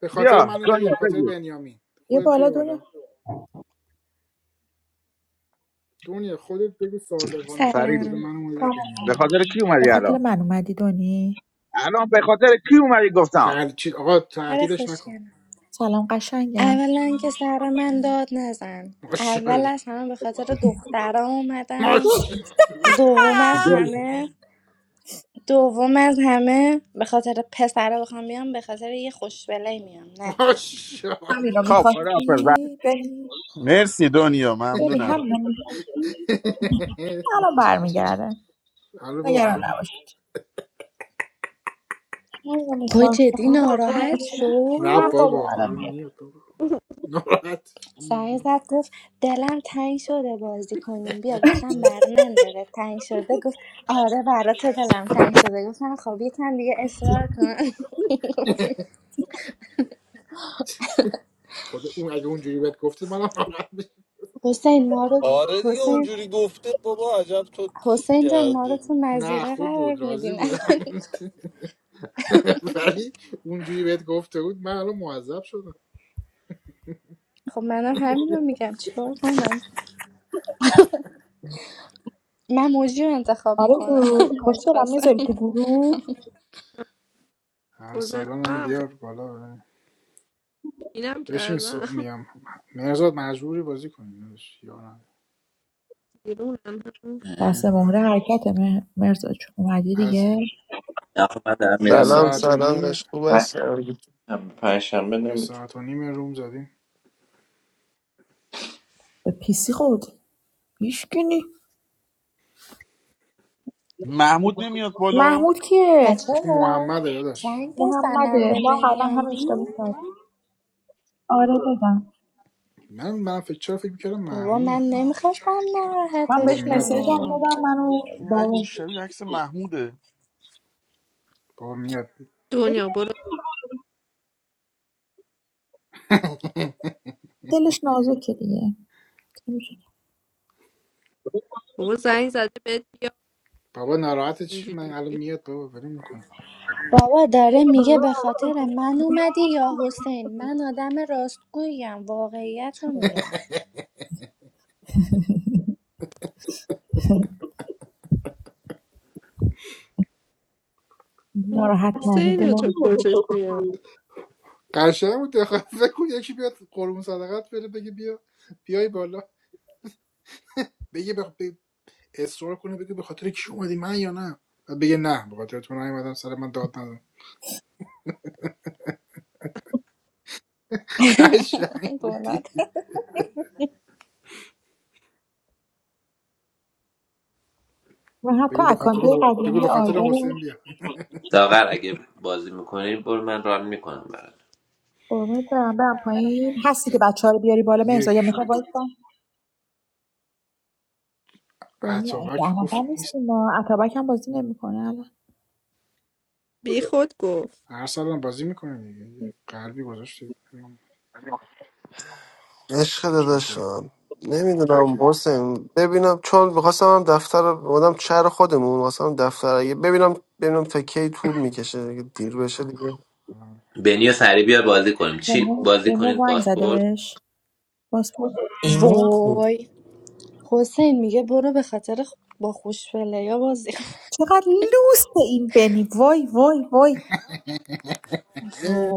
Speaker 1: به خاطر
Speaker 4: بیا
Speaker 1: من اومدی یا
Speaker 4: دنیا
Speaker 1: به خاطر
Speaker 4: بگو
Speaker 1: بنیامین
Speaker 2: یه
Speaker 1: خودت
Speaker 2: بالا
Speaker 1: بیا
Speaker 2: دنیا
Speaker 1: بالا دنیا خودت بگو صادقانه به
Speaker 4: سریع
Speaker 1: خاطر
Speaker 4: بگو.
Speaker 12: سلام
Speaker 1: من اومدی یا
Speaker 4: به
Speaker 1: بنیامین
Speaker 4: خاطر کی
Speaker 2: به
Speaker 4: اومدی
Speaker 2: خاطر
Speaker 4: الان
Speaker 2: من اومدی دونی
Speaker 4: الان به خاطر کی اومدی گفتم
Speaker 1: تل... چی... آقا
Speaker 12: سر
Speaker 1: تهدیدش نکن
Speaker 12: خوشگلم
Speaker 2: سلام قشنگم
Speaker 12: اولا که سر من داد نزن اول
Speaker 1: ماشاءالله
Speaker 12: از همه به خاطر دخترم اومدم
Speaker 1: ماشاءالله
Speaker 12: دوم از همه دوم از همه به خاطر پسرا بخوام بیام به خاطر یه خوشبله میام نه تو
Speaker 1: ماشاءالله
Speaker 2: همینو
Speaker 4: خب خدا
Speaker 2: میخواستی
Speaker 4: حافظ بعد
Speaker 2: بنی
Speaker 7: مرسی دنیا
Speaker 2: بنی
Speaker 7: ممنونم
Speaker 2: همینو میخواستی الان برمیگرده
Speaker 1: حالا
Speaker 2: نگران
Speaker 1: بابا
Speaker 2: نباش همینو
Speaker 12: وای
Speaker 2: میخواستم
Speaker 12: جدی ناراحت
Speaker 1: نه
Speaker 2: نه
Speaker 12: شد
Speaker 2: بابا
Speaker 1: بابا
Speaker 2: الان میاد
Speaker 1: میاد بابا. ناراحت
Speaker 12: سعی زد گفت دلم تنگ شده بازی کنیم بیا گفتم بر من دلت تنگ شده گفت آره برات دلم تنگ شده گفتم خب یکم دیگه اصرار کن
Speaker 1: خود اون اگه اونجوری بهت گفته منم ناراحت می‌شم.
Speaker 12: حسین ما رو
Speaker 5: آره دیگه
Speaker 12: حسین
Speaker 5: اونجوری گفته بابا عجب تو چی
Speaker 12: حسین جان ما رو تو
Speaker 5: کردی
Speaker 1: نه
Speaker 12: مزیقه
Speaker 1: خوب
Speaker 12: قرار
Speaker 1: بود راضی
Speaker 12: میدین
Speaker 1: بودم ولی اونجوری بهت گفته بود من الان معذب شدم
Speaker 12: خب منم همینو میگم چیکار کنم من موجی رو انتخاب میکنم
Speaker 2: آرزو خوش
Speaker 12: حاج
Speaker 2: دارم
Speaker 12: قاسم
Speaker 2: میذاری تو گروه
Speaker 1: ارسلانم
Speaker 3: گذاشتم
Speaker 1: بیار
Speaker 3: خیلی
Speaker 1: بالا ببین.
Speaker 3: پینم
Speaker 1: بشین
Speaker 3: کردم
Speaker 1: صبح میام مرزاد مجبوری بازی کنی داداش. یارم
Speaker 3: بیرونم
Speaker 2: دست
Speaker 11: اه.
Speaker 1: آره
Speaker 2: مهره حرکت مرزاد جون اومدی
Speaker 1: از
Speaker 2: دیگه
Speaker 11: آخه من دارم میرم
Speaker 1: یه
Speaker 13: سلام
Speaker 1: ساعت و
Speaker 13: سلام
Speaker 1: نیمه
Speaker 13: داشت خوب هستم
Speaker 1: یه ساعت و نیمه روم زدیم
Speaker 2: به پیسی خورد هیچکی
Speaker 7: محمود نمیاد بالا
Speaker 2: محمود کیه
Speaker 12: بچه
Speaker 1: اسم محمده داداش
Speaker 12: زنگ بزنم
Speaker 2: محمده
Speaker 12: به
Speaker 2: ما قبلا هم اشتباه
Speaker 12: بنیامین
Speaker 2: کردیم آره دادم
Speaker 1: من من فکر چرا فکر میکردم
Speaker 12: بابا من
Speaker 1: محموده
Speaker 12: نمیخواستم
Speaker 2: من
Speaker 1: بابا
Speaker 2: بهش
Speaker 12: ناراحتش
Speaker 1: میاد
Speaker 2: مسیج هم
Speaker 1: بابا
Speaker 12: کنم
Speaker 2: دادم منو
Speaker 7: این
Speaker 2: با
Speaker 7: عکس شبیه عکس محموده
Speaker 1: بابا میاد
Speaker 3: دنیا برو
Speaker 2: دلش نازکه دیگه
Speaker 3: بابا زنگ زده بهت بیا
Speaker 1: بابا ناراحت چی من
Speaker 3: اینجوری
Speaker 1: الان
Speaker 3: میگی
Speaker 1: میاد بابا ول میکنه
Speaker 12: بابا داره میگه به خاطر من اومدی یا حسین من آدم راستگوییم واقعیت رو میگم
Speaker 2: ناراحت ننه
Speaker 3: حسین
Speaker 2: دلم
Speaker 3: چه خوشش میاد
Speaker 1: قشنگ بود دخالت فکر یکی بیاد قربون صدقت بره بگه بیا بیای بالا بگه بخ... ب... اصرار کنه بگه به خاطر کی اومدی من یا نه بعد بگه نه به خاطر تو نیومدم سر من داد نزن قشنگ
Speaker 12: گناه
Speaker 1: بودی
Speaker 12: داره.
Speaker 2: من حتی
Speaker 1: بگو به
Speaker 2: اکانت
Speaker 1: خاطر حو- بگو به
Speaker 2: قدیمی
Speaker 1: خاطر
Speaker 2: آیدا رو
Speaker 1: حسین بیا
Speaker 11: داغر اگه بازی میکنی برو من ران میکنم برات
Speaker 2: قربونت برم برم پایین هستی که بچه ها رو بیاری بالا مرزا
Speaker 1: یک
Speaker 2: یا میخوای وایسا دنیا
Speaker 1: عطابک
Speaker 2: زحمت
Speaker 1: گفت
Speaker 2: هم
Speaker 1: نیست
Speaker 2: نیستیم ما اتابک هم بازی نمیکنه الان
Speaker 3: بی خود گفت
Speaker 1: هر سال بازی میکنه دیگه یه قلبی گذاشتی
Speaker 13: عشق
Speaker 1: چکه
Speaker 13: داداشم نمیدونم حسین ببینم چون میخواستم هم دفتر رو- بودم چهر خودمون واسم دفتر اگه ببینم ببینم تا کی طول میکشه اگه دیر بشه دیگه
Speaker 11: بنی و سری بیا بازی کنیم چی بازی
Speaker 2: بنیامین بنیا
Speaker 11: کنید
Speaker 2: زنگ زده
Speaker 11: پاسپورت
Speaker 2: بهش پاسپورت
Speaker 5: ایمان کو
Speaker 12: وای حسین میگه برو به خاطر با خوش پلیا بازی کن.
Speaker 2: چقدر لوس این بنی وای وای وای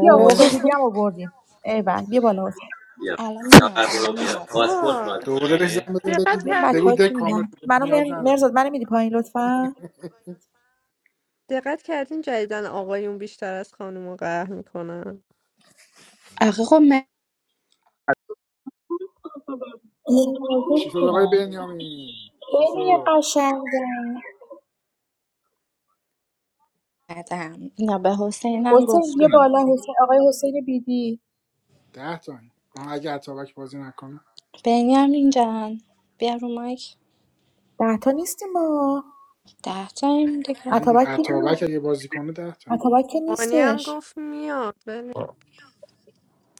Speaker 2: بیا حسین بیبی هم آوردیم ای بابا بیا بالا حسین
Speaker 11: بیا
Speaker 12: الان میاد
Speaker 11: داغر
Speaker 12: الان
Speaker 11: برو
Speaker 12: میاد
Speaker 11: بیا پاسپورت
Speaker 3: آقا
Speaker 11: بازی
Speaker 1: دوباره بهش
Speaker 11: میکنید
Speaker 1: زنگ بزن
Speaker 3: دقت
Speaker 1: بگو
Speaker 2: ببین
Speaker 1: بگو
Speaker 3: کردین
Speaker 2: بچه‌ها
Speaker 1: دک
Speaker 2: چی میگن
Speaker 1: کامل شده
Speaker 2: منو
Speaker 1: نیاز
Speaker 2: مر-
Speaker 1: نداره
Speaker 2: مرزاد منو میدی پایین لطفا
Speaker 3: دقت کردین جدیدن آقایون بیشتر از خانوما قهر میکنن
Speaker 12: آخه خب من
Speaker 2: یک مرزاد
Speaker 1: چی شد آقای
Speaker 2: شدم.
Speaker 1: بنیامین چی
Speaker 2: خیلی
Speaker 1: شد
Speaker 2: قشنگه
Speaker 12: ندم نه به حسینم
Speaker 2: حسین یه
Speaker 12: گفتم
Speaker 4: می‌دونم.
Speaker 2: بالا حسین آقای حسین بیدی
Speaker 1: ده تا آه اگه عطابک بازی نکنه
Speaker 12: بنیامین جان بیا رو مایک
Speaker 2: ده تا نیستیم ما
Speaker 12: ده تایم دیگه
Speaker 1: اگه
Speaker 2: اتابک که نیست
Speaker 1: عطابک اگه بازی کنه ده تا
Speaker 2: اتابک که
Speaker 3: مانی هم
Speaker 2: نیستش
Speaker 3: گفت میاد ولی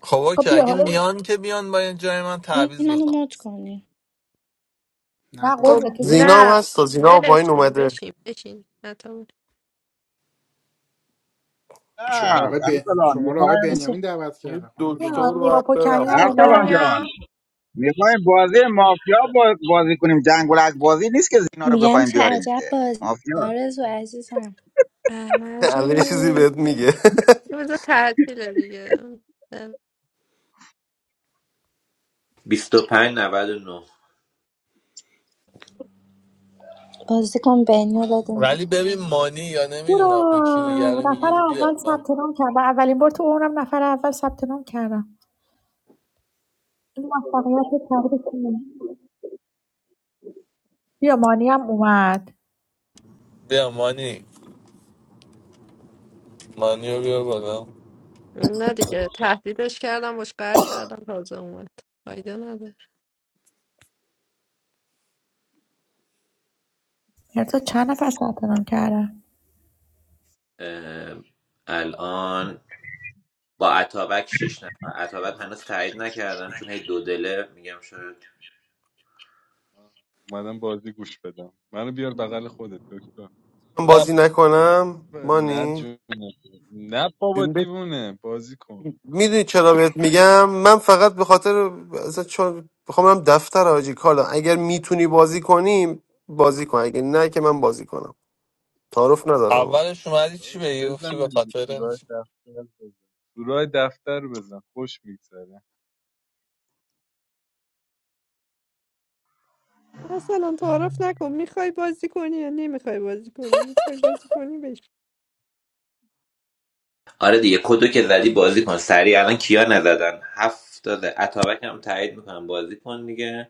Speaker 5: خب
Speaker 2: خب
Speaker 5: اوکی
Speaker 2: بیا
Speaker 5: اگه
Speaker 2: حالا
Speaker 5: میان که بیان با یه جای من
Speaker 12: این
Speaker 5: تعویض
Speaker 12: منو
Speaker 5: بزن
Speaker 12: مد کنی
Speaker 1: نه
Speaker 2: نه
Speaker 1: بابا
Speaker 3: خب
Speaker 2: قربونه تو که
Speaker 13: زینا
Speaker 2: بشین
Speaker 13: هم
Speaker 3: نه
Speaker 13: هست تا زینا هم پایین
Speaker 3: ولش کن
Speaker 13: اومده
Speaker 3: بشین بشین نتا
Speaker 1: شما
Speaker 4: نه،
Speaker 1: رو آقای ب...
Speaker 4: ارسلان
Speaker 1: شما رو آقای
Speaker 4: میخوایم
Speaker 12: آرزو.
Speaker 1: بنیامین دعوت
Speaker 5: یه
Speaker 1: کرده خانم
Speaker 2: بیا
Speaker 5: دکتر
Speaker 1: دنیا
Speaker 2: نیما
Speaker 5: باید
Speaker 2: پوکمی
Speaker 5: برم
Speaker 2: هم
Speaker 3: چی
Speaker 5: من
Speaker 4: ارسلان
Speaker 2: اومد
Speaker 4: جان
Speaker 3: دنیا
Speaker 4: میخوایم بازی مافیا با- بازی کنیم جنگ و لعب بازی نیست که زینا رو
Speaker 12: میگم
Speaker 4: بخوایم
Speaker 12: چه
Speaker 4: بیاریم
Speaker 12: عجب
Speaker 4: که
Speaker 12: بازی
Speaker 4: مافیا
Speaker 12: آرزو عزیزم
Speaker 13: الان یه چیزی
Speaker 3: احمدی
Speaker 13: بهت میگه
Speaker 3: روز تعطیل دیگه
Speaker 11: بیست و 99
Speaker 12: بازی کن بنیو بدیم
Speaker 5: ولی ببین مانی یا نمیدونم یکی دیگه
Speaker 2: هورا
Speaker 5: رو
Speaker 2: نفر
Speaker 5: میگیم
Speaker 2: اول
Speaker 5: بیاد من
Speaker 2: ثبت نام کردم اولین بار تو عمرم نفر اول ثبت نام کردم این موفقیت تبریک میگم. بیا مانی هم اومد
Speaker 5: بیا مانی مانی رو بیا بالا
Speaker 3: نه دیگه تهدیدش کردم باش قهر کردم تازه اومد فایده نداره
Speaker 2: مرتا چند نفر ثبت نام کردن
Speaker 11: اه، الان با اتابک 6 نفر اتابک هنوز تایید نکردم چون هی دو دله میگم شاید
Speaker 14: اومدم بازی گوش بدم منو بیار بغل خودت دکتر
Speaker 13: من
Speaker 5: نه
Speaker 13: بازی نکنم
Speaker 14: نه
Speaker 13: مانی
Speaker 14: جون نه بابا دیوونه بازی کن
Speaker 13: میدونی چرا بهت میگم من فقط به خاطر اصلا چون میخوام برم دفتر آجی کالا اگر میتونی بازی کنیم بازی کن اگه نه که من بازی کنم تعارف ندارم
Speaker 5: اولش اومدی چی
Speaker 14: داداش
Speaker 5: بگی
Speaker 14: بزن
Speaker 5: گفتی به
Speaker 14: دیگه
Speaker 5: خاطر
Speaker 14: سورای دفتر بزن سورای دفتر بزن خوش میگذره
Speaker 3: اصلا تعارف نکن میخوای بازی کنی یا نمیخوای بازی کنی میخوای بازی کنی بش
Speaker 11: آره دیگه کدو که زدی بازی کن سریع الان کیا نزدن هفت داده اتابک هم تایید میکنم بازی کن دیگه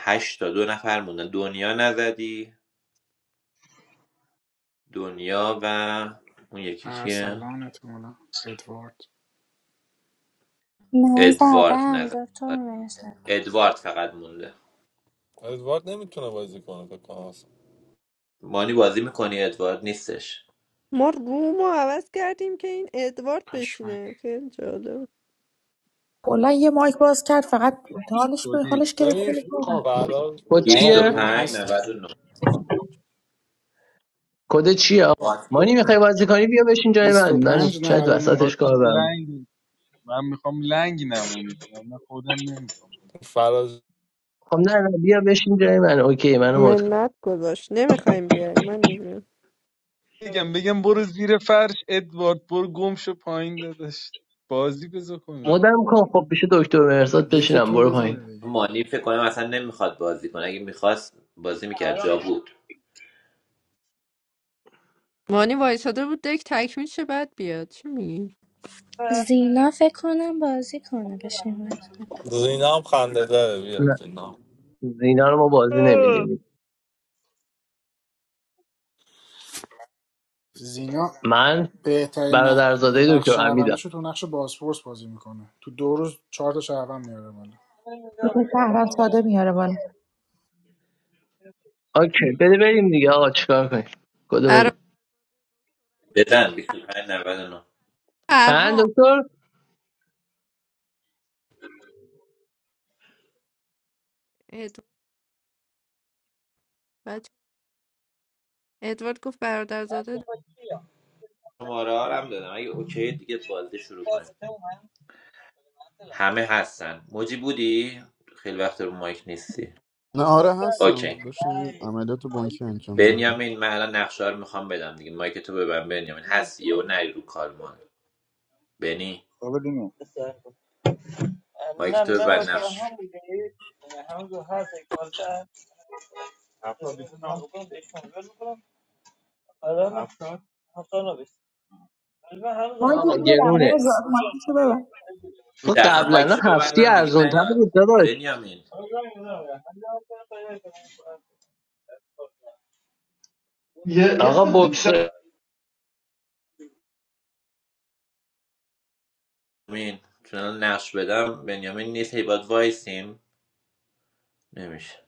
Speaker 11: هشت تا دو نفر موندن دنیا نزدی دنیا و اون یکی که
Speaker 1: ارسلان احتمالا ادوارد
Speaker 12: من
Speaker 11: ادوارد
Speaker 12: زدم
Speaker 11: نزد
Speaker 12: دکتر
Speaker 11: آره،
Speaker 12: مرسد
Speaker 11: ادوارد فقط مونده
Speaker 5: ادوارد نمیتونه بازی کنه فکر کنم اصلا.
Speaker 11: مانی بازی میکنی ادوارد نیستش
Speaker 3: ما رومو عوض کردیم که این ادوارد
Speaker 1: پشمک
Speaker 3: بشینه خیلی جالب
Speaker 2: کلا یه مایک باز کرد فقط حالش به
Speaker 14: شدی
Speaker 2: حالش گرفت
Speaker 5: ببین
Speaker 8: خب
Speaker 5: فراز
Speaker 8: کد
Speaker 5: بازی
Speaker 4: آه،
Speaker 8: چیه
Speaker 1: بیا
Speaker 11: 25
Speaker 5: نمیکنه
Speaker 1: هستش بابا.
Speaker 11: 99
Speaker 8: کد چیه آقا مانی
Speaker 11: واتفورد.
Speaker 8: میخوای بازی کنی بیا بشین جای من من
Speaker 14: داداش
Speaker 1: 25
Speaker 14: من
Speaker 8: شاید
Speaker 1: 99
Speaker 8: وسطش
Speaker 14: خواستم
Speaker 8: کار برم
Speaker 14: لنگ من میخوام لنگ نمونید من خودم نمیخوام
Speaker 5: فراز
Speaker 8: خب نه نه بیا بشین جای من اوکی منو مد کن
Speaker 3: منت گذاشت نمیخوایم بیای من میگم
Speaker 14: بگم بگم برو زیر فرش ادوارد برو گم شو پایین داداش بازی بزا کنید
Speaker 8: مدم کن خب بشه دکتر مرزاد بشینم
Speaker 1: یکیتون
Speaker 8: برو
Speaker 1: بزنه
Speaker 8: پایین
Speaker 1: دیگه
Speaker 11: مانی فکر کنم اصلا نمیخواد بازی کنه اگه میخواست بازی میکرد جا بود
Speaker 3: مانی وایساده بود دک تکمیل شه بعد بیاد چی میگی
Speaker 12: زینا فکر کنم بازی کنه بشین
Speaker 5: زینا هم خنده داره بیا
Speaker 8: نه
Speaker 5: زینا
Speaker 8: اینا رو ما بازی نمیدیم
Speaker 1: زینا
Speaker 8: من
Speaker 1: بهترین ن-
Speaker 8: برادرزاده دکتر
Speaker 1: نقش
Speaker 8: امیدم
Speaker 1: شهروندیشو تو نقش بازپرس بازی میکنه تو دو روز چهار تا شهروند میاره بالا
Speaker 2: فکر شهروند ساده میاره بالا
Speaker 8: اوکی بده بریم دیگه آقا چیکار کنیم کدو
Speaker 3: برادر
Speaker 8: بده
Speaker 11: بزن 25 99
Speaker 8: چند
Speaker 3: فرهام
Speaker 8: دکتر
Speaker 3: ادوارد بچه- ادوارد گفت برادرزاده
Speaker 11: شماره ها رو هم دادم اگه اوکی دیگه بازی شروع کنیم همه هستن موجی بودی خیلی وقت رو مایک نیستی
Speaker 7: نه آره هستم
Speaker 11: اوکی
Speaker 7: داشتم یه عملیات بانکی انجام میدادم
Speaker 11: بنیامین من الان نقشه رو میخوام بدم دیگه مایک تو ببن بنیامین هست یهو نری رو کار ما بنی
Speaker 4: خب دونو
Speaker 11: مایک تو ببن نقش
Speaker 2: مایکی
Speaker 8: آقا
Speaker 2: تو ببن
Speaker 8: گرونه
Speaker 2: مرزا مایکی تو ببن
Speaker 8: خب
Speaker 11: میترسم
Speaker 8: قبلا
Speaker 11: مایکشو
Speaker 8: هفتی
Speaker 11: ببندم دیگه
Speaker 8: ارزون تر
Speaker 11: نیاد
Speaker 8: بود داداش
Speaker 11: بنیامین
Speaker 8: یه آقا ساعت بکس بیشتر
Speaker 11: مین چون الان نقش بدم بنیامین نیست هی باید وایسیم نمیشه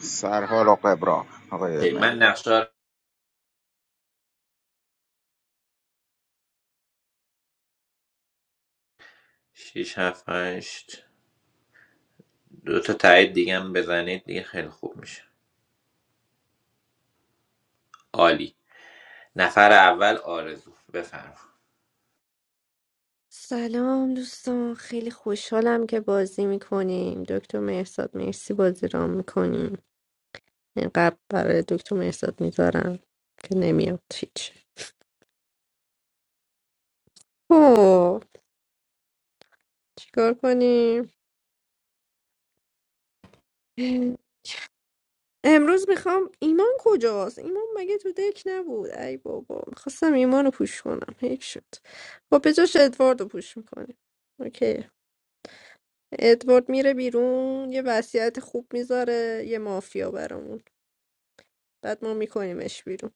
Speaker 4: سرحال آقای برا آقای
Speaker 11: هی، من
Speaker 4: مرداد
Speaker 11: نقشه رو شیش هفت هشت دو تا تایید دیگه هم بزنید دیگه خیلی خوب میشه عالی نفر اول آرزو بفرم
Speaker 3: سلام دوستان خیلی خوشحالم که بازی میکنیم دکتر مهرزاد مرسی بازی رام میکنیم قبل برای دکتر مهرزاد میذارم که نمیاد هیچ خب چیکار کنیم امروز میخوام ایمان کجاست ایمان مگه تو دک نبود ای بابا میخواستم ایمان رو پوش کنم حیف شد خب به جاش ادوارد رو پوش میکنیم اوکی ادوارد میره بیرون یه وصیت خوب میذاره یه مافیا برامون بعد ما میکنیمش بیرون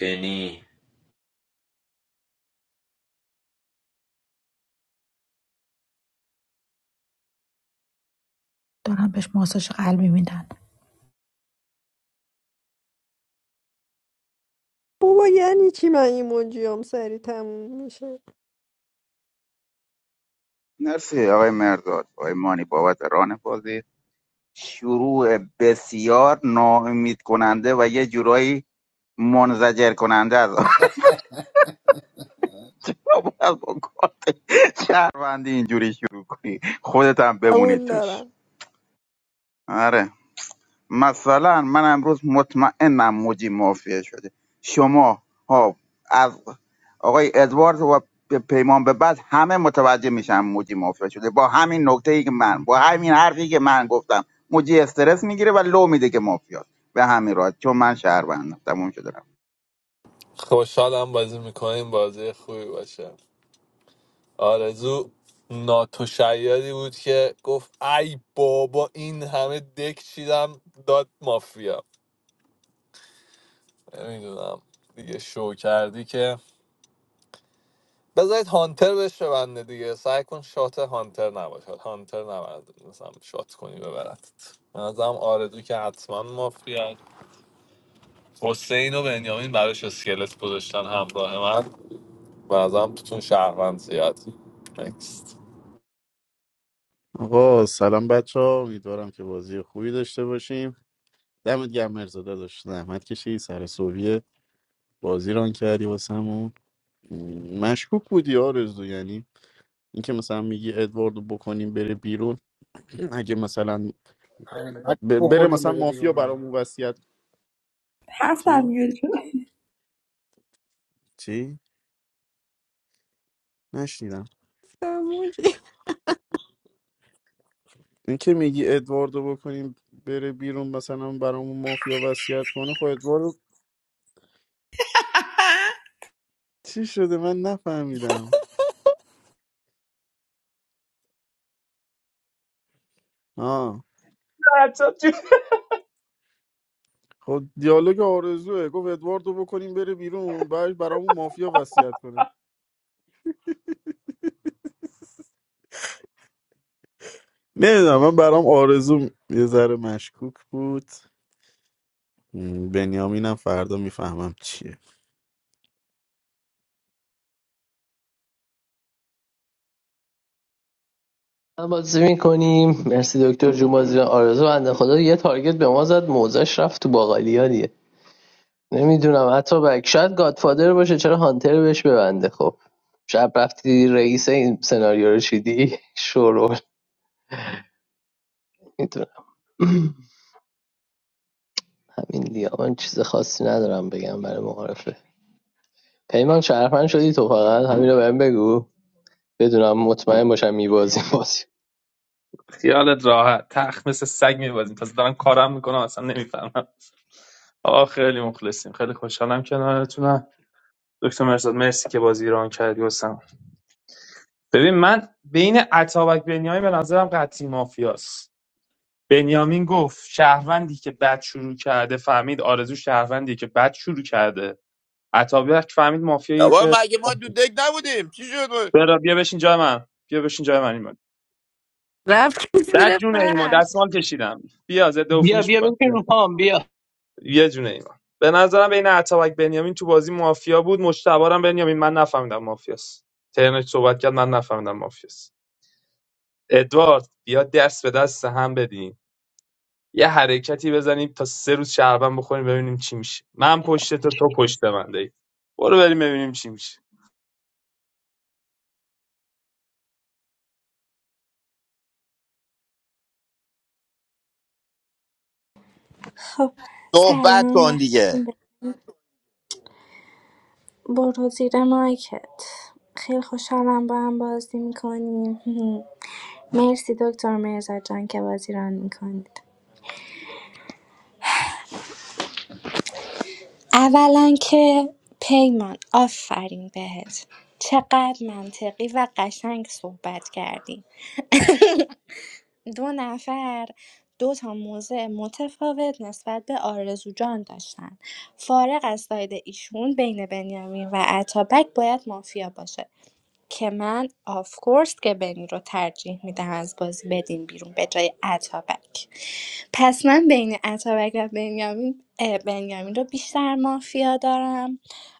Speaker 11: بنی
Speaker 2: دارن بهش ماساژ قلبی میدن
Speaker 3: بابا یعنی چی من ایموجیام سری تموم میشه
Speaker 4: نرسی آقای مرداد آقای مانی بابت ران بازی شروع بسیار ناامید کننده و یه جورایی منزجر کننده از آدم. نباید با کار اینجوری شروع کنی خودت هم بمونی
Speaker 3: قبول
Speaker 4: توش
Speaker 3: دارم
Speaker 4: آره مثلا من امروز مطمئنم موجی مافیا شده شما ها از آقای ادوارد و پیمان به بعد همه متوجه میشن موجی مافیا شده با همین نکته ای که من با همین حرفی که من گفتم موجی استرس میگیره و لو میده که مافیا به همین راحت چون من شهروندم تموم شده رفت
Speaker 5: خوشحالم بازی میکنیم بازی خوبی باشه آرزو ناتوشیادی بود که گفت ای بابا این همه دک چیدم داد مافیا نمیدونم دیگه شو کردی که بذارید هانتر بهش ببنده دیگه سعی کن شات هانتر نباشه هانتر نبرد مثلا شات کنی ببرد من ازم آرزو که حتما مافیا حسین و بنیامین براش اسکلت گذاشتن همراه من به نظرم توتون شهروند زیاد Next.
Speaker 7: آقا سلام بچه ها امیدوارم که بازی خوبی داشته باشیم دمت گرم مرزا داشت زحمت کشی سر صبحی بازی ران کردی واسمون م، مشکوک بودی آرزو یعنی اینکه مثلا میگی ادواردو بکنیم بره بیرون اگه مثلا
Speaker 1: علت
Speaker 7: ب- بره
Speaker 1: بکنیم
Speaker 7: مثلا
Speaker 1: بره
Speaker 7: مافیا
Speaker 1: بیرون
Speaker 7: برامون وصیت
Speaker 2: حرف در
Speaker 7: چی
Speaker 2: میاری چرا
Speaker 7: چی؟ نشنیدم
Speaker 3: تموم
Speaker 7: اینکه میگی ادواردو بکنیم بره بیرون مثلا برامون مافیا وصیت کنه خب ادواردو چی شده من نفهمیدم آه خب دیالوگ آرزوه گفت ادواردو بکنیم بره بیرون بعد برامون مافیا وصیت کنه نمیدونم من برام آرزو یه ذره مشکوک بود م، بنیامینم فردا میفهمم چیه
Speaker 8: هم بازی میکنیم مرسی دکتر جون بازی رو. آرزو بنده خدا یه تارگت به ما زد موزش رفت تو باقالیا دیگه نمیدونم حتی بک شاید گادفادر باشه چرا هانتر بهش ببنده خب شب رفتی رئیس این سناریو رو چیدی شورول میدونم همین دیگه من چیز خاصی ندارم بگم برای معارفه پیمان شرفن شدی تو فقط همین رو بهم بگو بدونم مطمئن باشم میبازیم بازی
Speaker 6: خیالت راحت تخت مثل سگ میبازیم پس دارم کارم میکنم اصلا نمیفهمم آه خیلی مخلصیم خیلی خوشحالم کنارتونم دکتر مرزاد مرسی که بازی ایران کردی واسم ببین من بین عطابک بنیامین به نظرم قطعی مافیاست بنیامین گفت شهروندی که بد شروع کرده فهمید آرزو شهروندی که بد شروع کرده عطابک فهمید مافیایی
Speaker 9: بابا
Speaker 6: که
Speaker 9: مگه ما دو دک نبودیم چی شد
Speaker 6: برا بیا بشین جای من بیا بشین جای من ایمان
Speaker 3: رفت
Speaker 6: در
Speaker 3: زیر
Speaker 6: جون ایمان
Speaker 3: فرش
Speaker 6: دستمال کشیدم بیا ضد
Speaker 8: بیا
Speaker 6: عفونیش
Speaker 8: بیا
Speaker 6: میکنم
Speaker 8: بکن رو پام بیا
Speaker 6: یه جونه ایمان به نظرم بین اتابک بنیامین تو بازی مافیا بود مشتبارم بنیامین من نفهمیدم مافیاست ترنش صحبت کرد من نفهمیدم مافیاست ادوارد بیا دست به دست هم بدیم یه حرکتی بزنیم تا سه روز شهربند بخوریم ببینیم چی میشه من پشت تو تو پشت من دی برو بریم ببینیم چی میشه
Speaker 12: خب
Speaker 9: صحبت
Speaker 12: سلام
Speaker 9: کن دیگه
Speaker 12: وقتتون بخیر برو زیر مایکت خیلی خوشحالم با هم بازی میکنیم مرسی دکتر مرزا جان که بازی ران میکنید اولا که پیمان آفرین بهت چقدر منطقی و قشنگ صحبت کردی دو نفر دو تا موضع متفاوت نسبت به آرزو جان داشتن فارغ از ساید ایشون بین بنیامین و عطابک باید مافیا باشه که من آف کورس که بنی رو ترجیح میدم از بازی بدین بیرون به جای اتابک پس من بین اتابک و بنیامین اه، بنیامین رو بیشتر مافیا دارم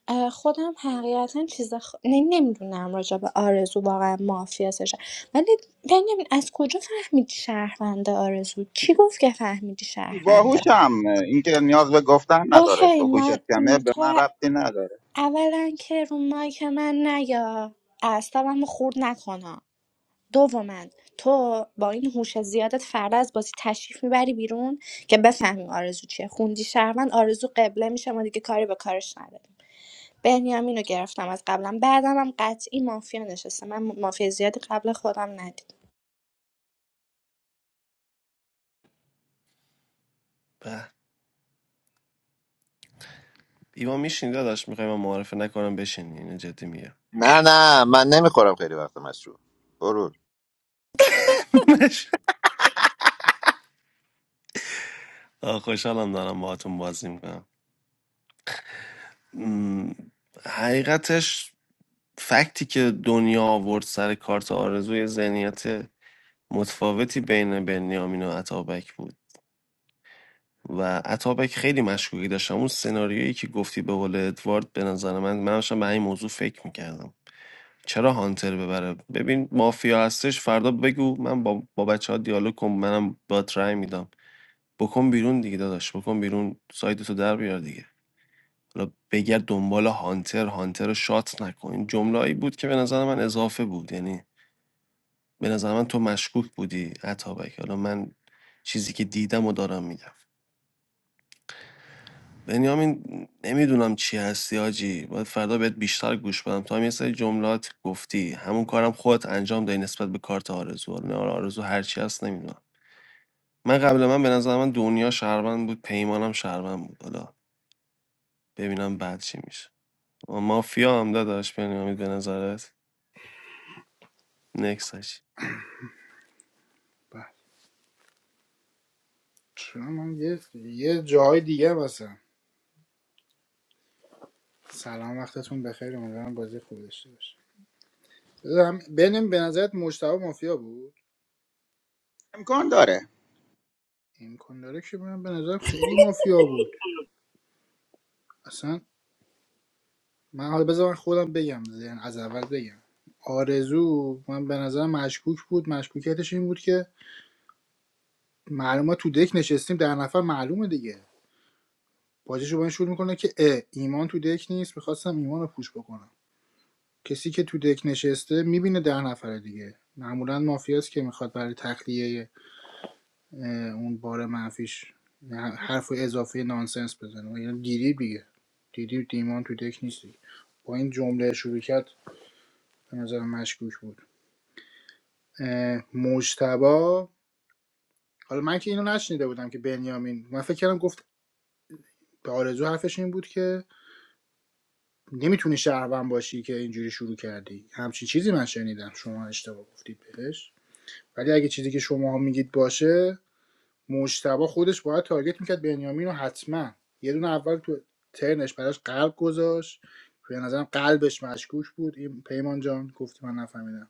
Speaker 12: اه، خودم حقیقتا چیز خ... نمیدونم راجع به آرزو واقعا مافیا سشه ولی بنیامین از کجا فهمیدی شهرونده آرزو کی گفت که فهمیدی شهرونده
Speaker 4: باهوشم اینکه نیاز به گفتن نداره
Speaker 12: اوکی
Speaker 4: تو هوشت
Speaker 12: من
Speaker 4: کمه
Speaker 12: م،
Speaker 4: به من
Speaker 12: تو
Speaker 4: ربطی نداره
Speaker 12: اولا که رو مایک من نیا اعصابم رو خورد نکنم دوما تو با این هوش زیادت فردا از بازی تشریف میبری بیرون که بفهمی آرزو چیه خوندی شهروند آرزو قبله میشه ما دیگه کاری به کارش نداریم بنیامین رو گرفتم از قبلم بعدم هم قطعی مافیا نشسته من مافیا زیادی قبل خودم ندید
Speaker 13: ایمان میشین داداش میخوای من معارفه نکنم بشین اینو جدی میگم
Speaker 9: نه نه من نمیخورم خیلی وقت مشروب برو
Speaker 13: آه، خوشحالم دارم باهاتون بازی میکنم حقیقتش فکتی که دنیا آورد سر کارت آرزوی ذهنیت متفاوتی بین بنیامین و عطابک بود و عطابک خیلی مشکوکی داشتم اون سناریویی که گفتی به قول ادوارد به نظر من من داشتم به این موضوع فکر میکردم چرا هانتر ببره ببین مافیا هستش فردا بگو من با, با بچه ها دیالوگ کنم منم با رای میدم بکن بیرون دیگه داداش بکن بیرون سایدتو در بیار دیگه حالا بگرد دنبال هانتر هانتر رو شات نکن این جمله‌ای بود که به نظر من اضافه بود یعنی به نظر من تو مشکوک بودی عطابک حالا من چیزی که دیدم و دارم میگم بنیامین نمیدونم چی هستی آجی باید فردا بهت بیشتر گوش بدم تو هم یه سری جملات گفتی همون کارم خودت انجام دادی نسبت به کارت آرزو حالا نه آرزو هر چی هست نمیدونم من قبل من به نظر من دنیا شهروند بود پیمانم شهروند بود حالا ببینم بعد چی میشه مافیا هم داداش بنیامید به نظرت نکسش
Speaker 1: به. چرا من یه یه جای دیگه مثلا سلام وقتتون بخیر امیدوارم بازی خوبی داشته باشه بذارم بنم به نظرت مجتبی مافیا بود
Speaker 4: امکان داره
Speaker 1: امکان داره که بنم به نظرم خیلی مافیا بود اصلا من حالا بذار من خودم بگم یعنی از اول بگم آرزو من به نظرم مشکوک بود مشکوکیتش این بود که معلومه تو دک نشستیم در نفر معلومه دیگه باجه رو با این شروع میکنه که اه ایمان تو دک نیست میخواستم ایمان رو پوش بکنم کسی که تو دک نشسته میبینه ده نفره دیگه معمولا مافیاست که میخواد برای تخلیه اون بار منفیش ه- حرف اضافه نانسنس بزنه و یعنی دیدی دیگه دیدی دیمان تو دک نیست دیگه. با این جمله شروع کرد به نظر مشکوک بود اه، مجتبا حالا من که اینو نشنیده بودم که بنیامین من فکر کردم گفت به آرزو حرفش این بود که نمیتونی شهروند باشی که اینجوری شروع کردی همچین چیزی من شنیدم شما اشتباه گفتید بهش ولی اگه چیزی که شما میگید باشه مجتبا خودش باید تارگت میکرد بنیامین رو حتما یه دونه اول تو ترنش براش قلب گذاشت که به نظرم قلبش مشکوک بود این پیمان جان گفتی من نفهمیدم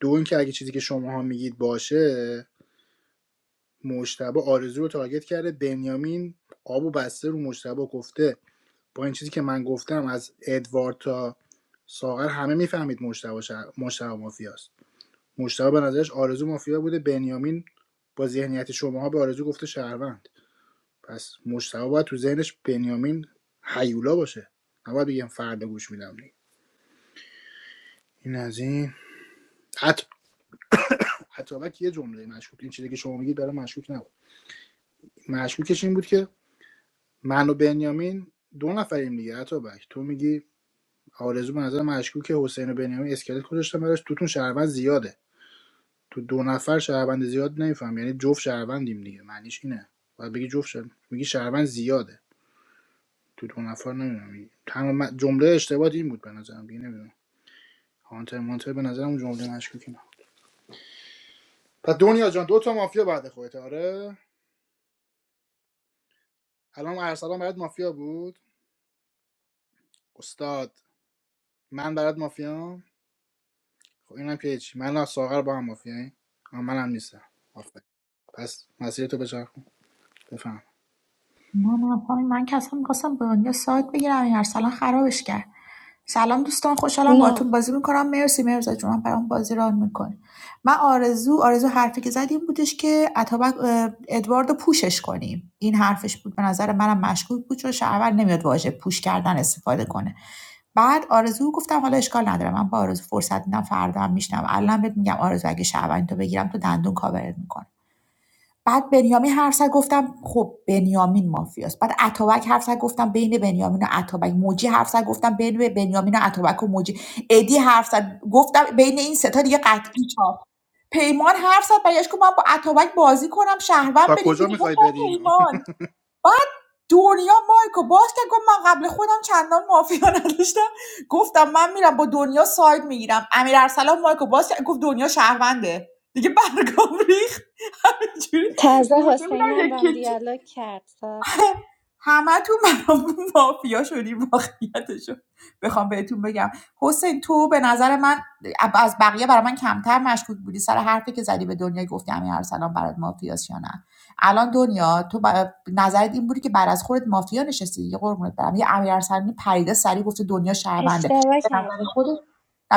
Speaker 1: دو اینکه اگه چیزی که شماها میگید باشه مجتبا آرزو رو تارگت کرده بنیامین آب و بسته رو مجتبا گفته با این چیزی که من گفتم از ادوارد تا ساغر همه میفهمید مجتبا, شهر... مجتبی مافیاست مشتاق به نظرش آرزو مافیا بوده بنیامین با ذهنیت شماها به آرزو گفته شهروند پس مشتاق باید تو ذهنش بنیامین حیولا باشه نباید بگم فردا گوش میدم این از این عط... عطابک یه جمله مشکوک این چیزی که شما میگید برای مشکوک نبود مشکوکش این بود که من و بنیامین دو نفریم دیگه عطابک تو میگی آرزو به نظر مشکوک حسین و بنیامین اسکلت گذاشتن براش توتون شهروند زیاده تو دو نفر شهروند زیاد نمیفهم یعنی جفت شهروندیم دیگه معنیش اینه و بگی جفت شهر... میگی شهروند زیاده تو دو نفر نمیدونم تمام من- جمله اشتباهی این بود به نظرم دیگه نمیدونم هانتر مانتر به نظرم اون جمله مشکوکی نه پس دنیا جان دو تا مافیا بعد خودت آره الان ارسلان برات مافیا بود استاد من برات مافیا خب اینم که چی من و ساغر با هم مافیاییم منم نیستم آفرین. پس مسیر تو بچرخون بفهم
Speaker 2: نه نه خانم من که اصلا میخواستم به دنیا سایت بگیرم این ارسلان خرابش کرد سلام دوستان خوشحالم
Speaker 12: نه
Speaker 2: باهاتون بازی میکنم مرسی مرزا جون هم برام بازی ران میکنی من آرزو آرزو حرفی که زد این بودش که اتابک اه، ادواردو پوشش کنیم این حرفش بود به نظر منم مشکوک بود چون شهرور نمیاد واژه پوش کردن استفاده کنه بعد آرزو گفتم حالا اشکال نداره من با آرزو فرصت میدم فردا هم میشنم الان بهت میگم آرزو اگه شهروندی تو بگیرم تو دندون کاورت میکنم بعد بنیامین حرف زد گفتم خب بنیامین مافیاست بعد اتابک حرف زد گفتم بین بنیامین و اتابک موجی حرف زد گفتم بین بنیامین و اتابک و موجی ادی حرف زد گفتم بین این سه تا دیگه قطعی چاپ پیمان حرف زد برگشت گفت من با اتابک بازی کنم شهروند
Speaker 1: تا
Speaker 2: بریم
Speaker 1: کجا
Speaker 2: بیرون
Speaker 1: میخوای
Speaker 2: گفتم
Speaker 1: برین
Speaker 2: پیمان بعد دنیا مایکو باز که گفت من قبل خودم چندان مافیا نداشتم گفتم من میرم با دنیا ساید میگیرم امیر ارسلان مایکو باز کرد، گفت دنیا شهرونده دیگه برگام ریخت همینجوری
Speaker 12: تازه
Speaker 2: مونده بودم
Speaker 12: حسینم
Speaker 2: یکی
Speaker 12: بام
Speaker 2: یکی
Speaker 12: دیالوگ کرد صاحب.
Speaker 2: همه تو مرامون مافیا شدیم واقعیتشو بخوام بهتون بگم حسین تو به نظر من از بقیه برای من کمتر مشکوک بودی سر حرفی که زدی به دنیا گفتی همین ارسلان برات مافیاست یا نه الان دنیا تو نظرت این بودی که بعد از خودت مافیا نشستی دیگه قربونت برم یه امیر ارسلانی پریده سری گفته دنیا شهرونده
Speaker 12: اشتباه
Speaker 2: به نظر
Speaker 12: کردم
Speaker 2: خودت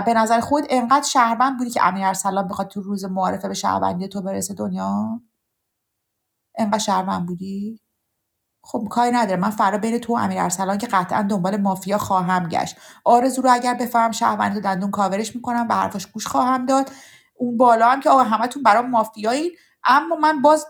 Speaker 2: به نظر خود انقدر شهروند بودی که امیر ارسلان بخواد تو روز معارفه به شهروندی تو برسه دنیا انقدر شهروند بودی خب کاری نداره من فردا بین تو و امیر ارسلان که قطعا دنبال مافیا خواهم گشت آرزو رو اگر بفهم شهروند و دندون کاورش میکنم به حرفاش گوش خواهم داد اون بالا هم که آقا همتون برام مافیایی اما من باز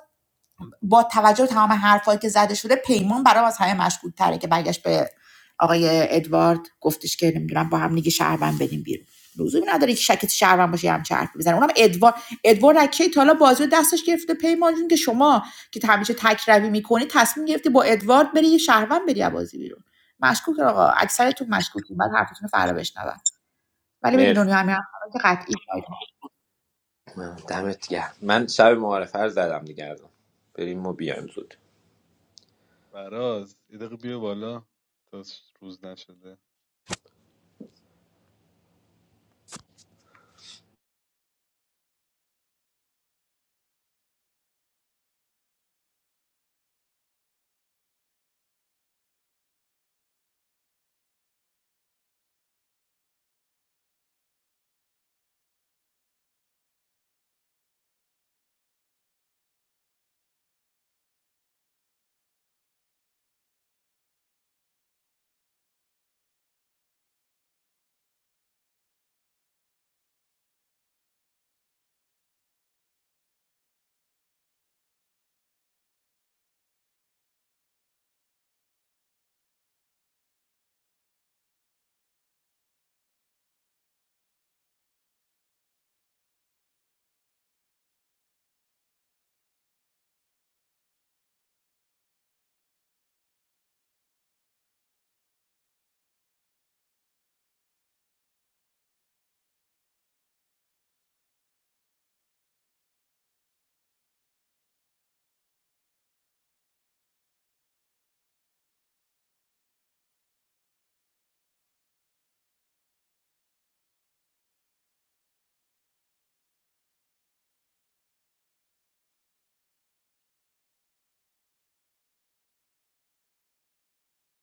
Speaker 2: با توجه به تمام حرفایی که زده شده پیمان برام از همه مشکوک تره که برگشت به آقای ادوارد گفتش که نمیدونم با هم دیگه شهروند بدیم بیرون لزومی نداره که شکت شهروند باشه یه همچه حرفی بزنه اونم ادوارد ادوارد از تا حالا بازی دستش گرفته پیمان جون که شما که همیشه تک روی میکنی تصمیم گرفتی با ادوارد بری یه شهروند بری از بازی بیرون مشکوک آقا اکثرتون مشکوکین بعد حرفتون رو فرا بشنوم ولی برید
Speaker 11: مرسی
Speaker 2: دنیا همین که قطعی شاید.
Speaker 11: من دمت گرم من شب معارفه رو زدم دیگه الان. بریم و بیایم زود
Speaker 14: فراز یه دقیقه بیا بالا تا روز نشده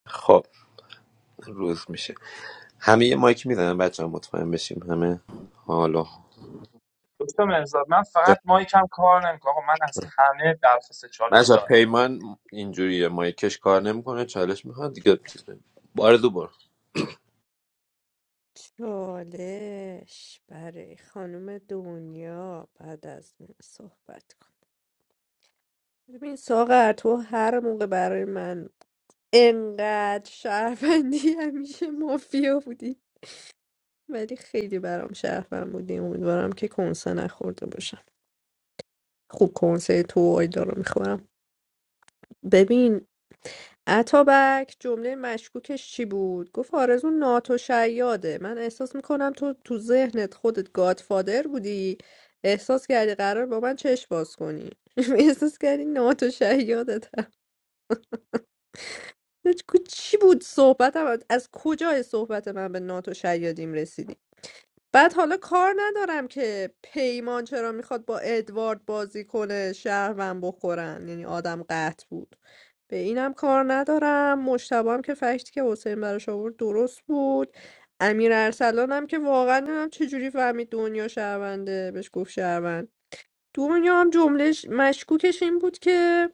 Speaker 11: خب روز میشه همه یه مایک میزنن بچه ها مطمئن بشیم همه حالا
Speaker 6: دکتر مرزاد من
Speaker 11: جا-
Speaker 6: فقط مایکم کار نمیکنه آقا من از همه درخواست چالش
Speaker 11: بچه ها،
Speaker 6: دارم
Speaker 11: پیمان اینجوریه مایکش کار نمیکنه چالش میخواد دیگه چیز نمی- آرزو برو
Speaker 3: چالش برای خانم دنیا بعد از من صحبت کن ببین ساغر تو هر موقع برای من انقدر شهروندی همیشه مافیا بودی ولی خیلی برام شهروند بودی امیدوارم که کنسه نخورده باشم خوب کنسه تو و آیدا رو میخورم ببین اتابک جمله مشکوکش چی بود گفت آرزو ناتو شیاده من احساس میکنم تو تو ذهنت خودت گادفادر بودی احساس کردی قرار با من چشم باز کنی احساس کردی ناتو شیاده. کو- چی بود صحبتم از کجای صحبت من به ناتو شیادیم رسیدیم بعد حالا کار ندارم که پیمان چرا میخواد با ادوارد بازی کنه شهروند بخورن یعنی آدم قطع بود به اینم کار ندارم مشتبه هم که فکتی که حسین براش آورد درست بود امیر ارسلان هم که واقعا نمیدونم چجوری فهمید دنیا شهرونده بهش گفت شهروند دنیا هم جملهش مشکوکش این بود که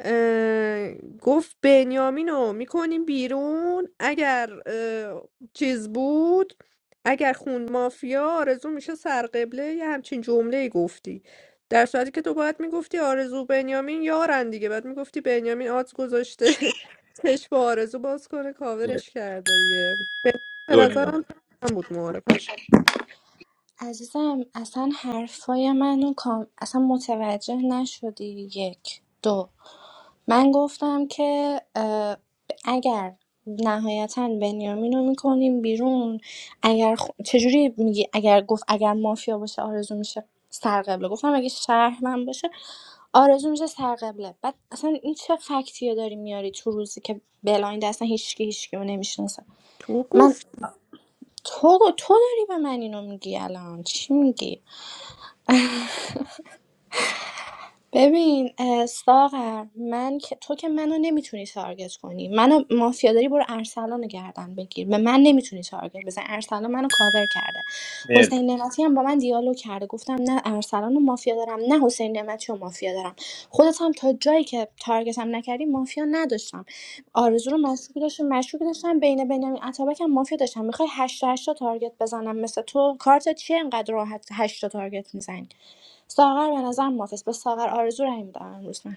Speaker 3: اه، گفت بنیامین رو میکنیم بیرون اگر اه، چیز بود اگر خون مافیا آرزو میشه سرقبله یه همچین جمله گفتی در صورتی که تو باید میگفتی آرزو بنیامین یارن دیگه بعد میگفتی بنیامین آز گذاشته چشم آرزو باز کنه کاورش کرده دیگه به
Speaker 11: دنیا
Speaker 3: نظرم هم بود معارفش
Speaker 12: عزیزم اصلا حرفای منو کام... اصلا متوجه نشدی یک دو من گفتم که اه، اگر نهایتا بنیامین رو میکنیم بیرون اگر خ- چجوری میگی اگر گفت اگر مافیا باشه آرزو میشه سرقبله گفتم اگه شهر من باشه آرزو میشه سرقبله بعد اصلا این چه فکتیه داری میاری تو روزی که بلایند اصلا هیچکی هیچکی رو نمیشناسه
Speaker 3: تو
Speaker 12: من
Speaker 3: گفت
Speaker 12: تو تو داری به من اینو میگی الان چی میگی ببین اه، ساغر من که- تو که منو نمیتونی تارگت کنی منو مافیا داری برو ارسلان رو گردن بگیر به من نمیتونی تارگت بزن ارسلان منو کاور کرده
Speaker 11: مرسی
Speaker 12: حسین نعمتی هم با من دیالوگ کرده گفتم نه ارسلان رو مافیا دارم نه حسین نعمتی رو مافیا دارم خودت هم تا جایی که تارگتم نکردی مافیا نداشتم آرزو رو مشکوک داشتم مشکوک داشتم بین بنیامین عطابک هم مافیا داشتم میخوای هشت تا 8 تا تارگت بزنم مثل تو کارت چیه انقدر راحت هشت تا تارگت میزنی ساغر به نظر محافظ به ساغر آرزو رای میدم امروز من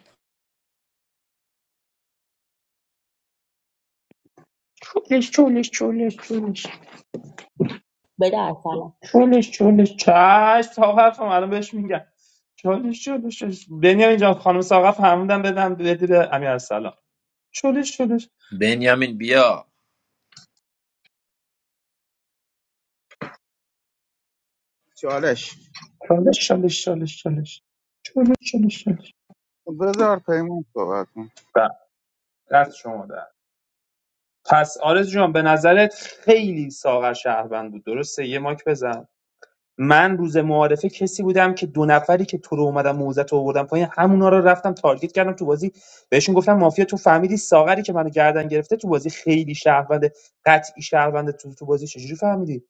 Speaker 6: چولش چولش چولش چولش چالش چالش چش ساقف هم الان بهش میگم چالش چالش چالش بنیامین اینجا خانم ساقف فرمودن بدم بده به امیر ارسلان چالش چالش
Speaker 11: بنیامین بیا
Speaker 4: چالش
Speaker 6: چالش چالش چالش چالش چالش چالش چالش
Speaker 4: بذار پیمان صحبت کن
Speaker 6: بله، دست شما در پس آرز جان به نظرت خیلی ساغر شهروند بود درسته یه ماک بزن من روز معارفه کسی بودم که دو نفری که تو رو اومدم موزت رو آوردم پایین همونا رو رفتم تارگت کردم تو بازی بهشون گفتم مافیا تو فهمیدی ساغری که منو گردن گرفته تو بازی خیلی شهروند قطعی شهروند تو تو بازی چجوری فهمیدی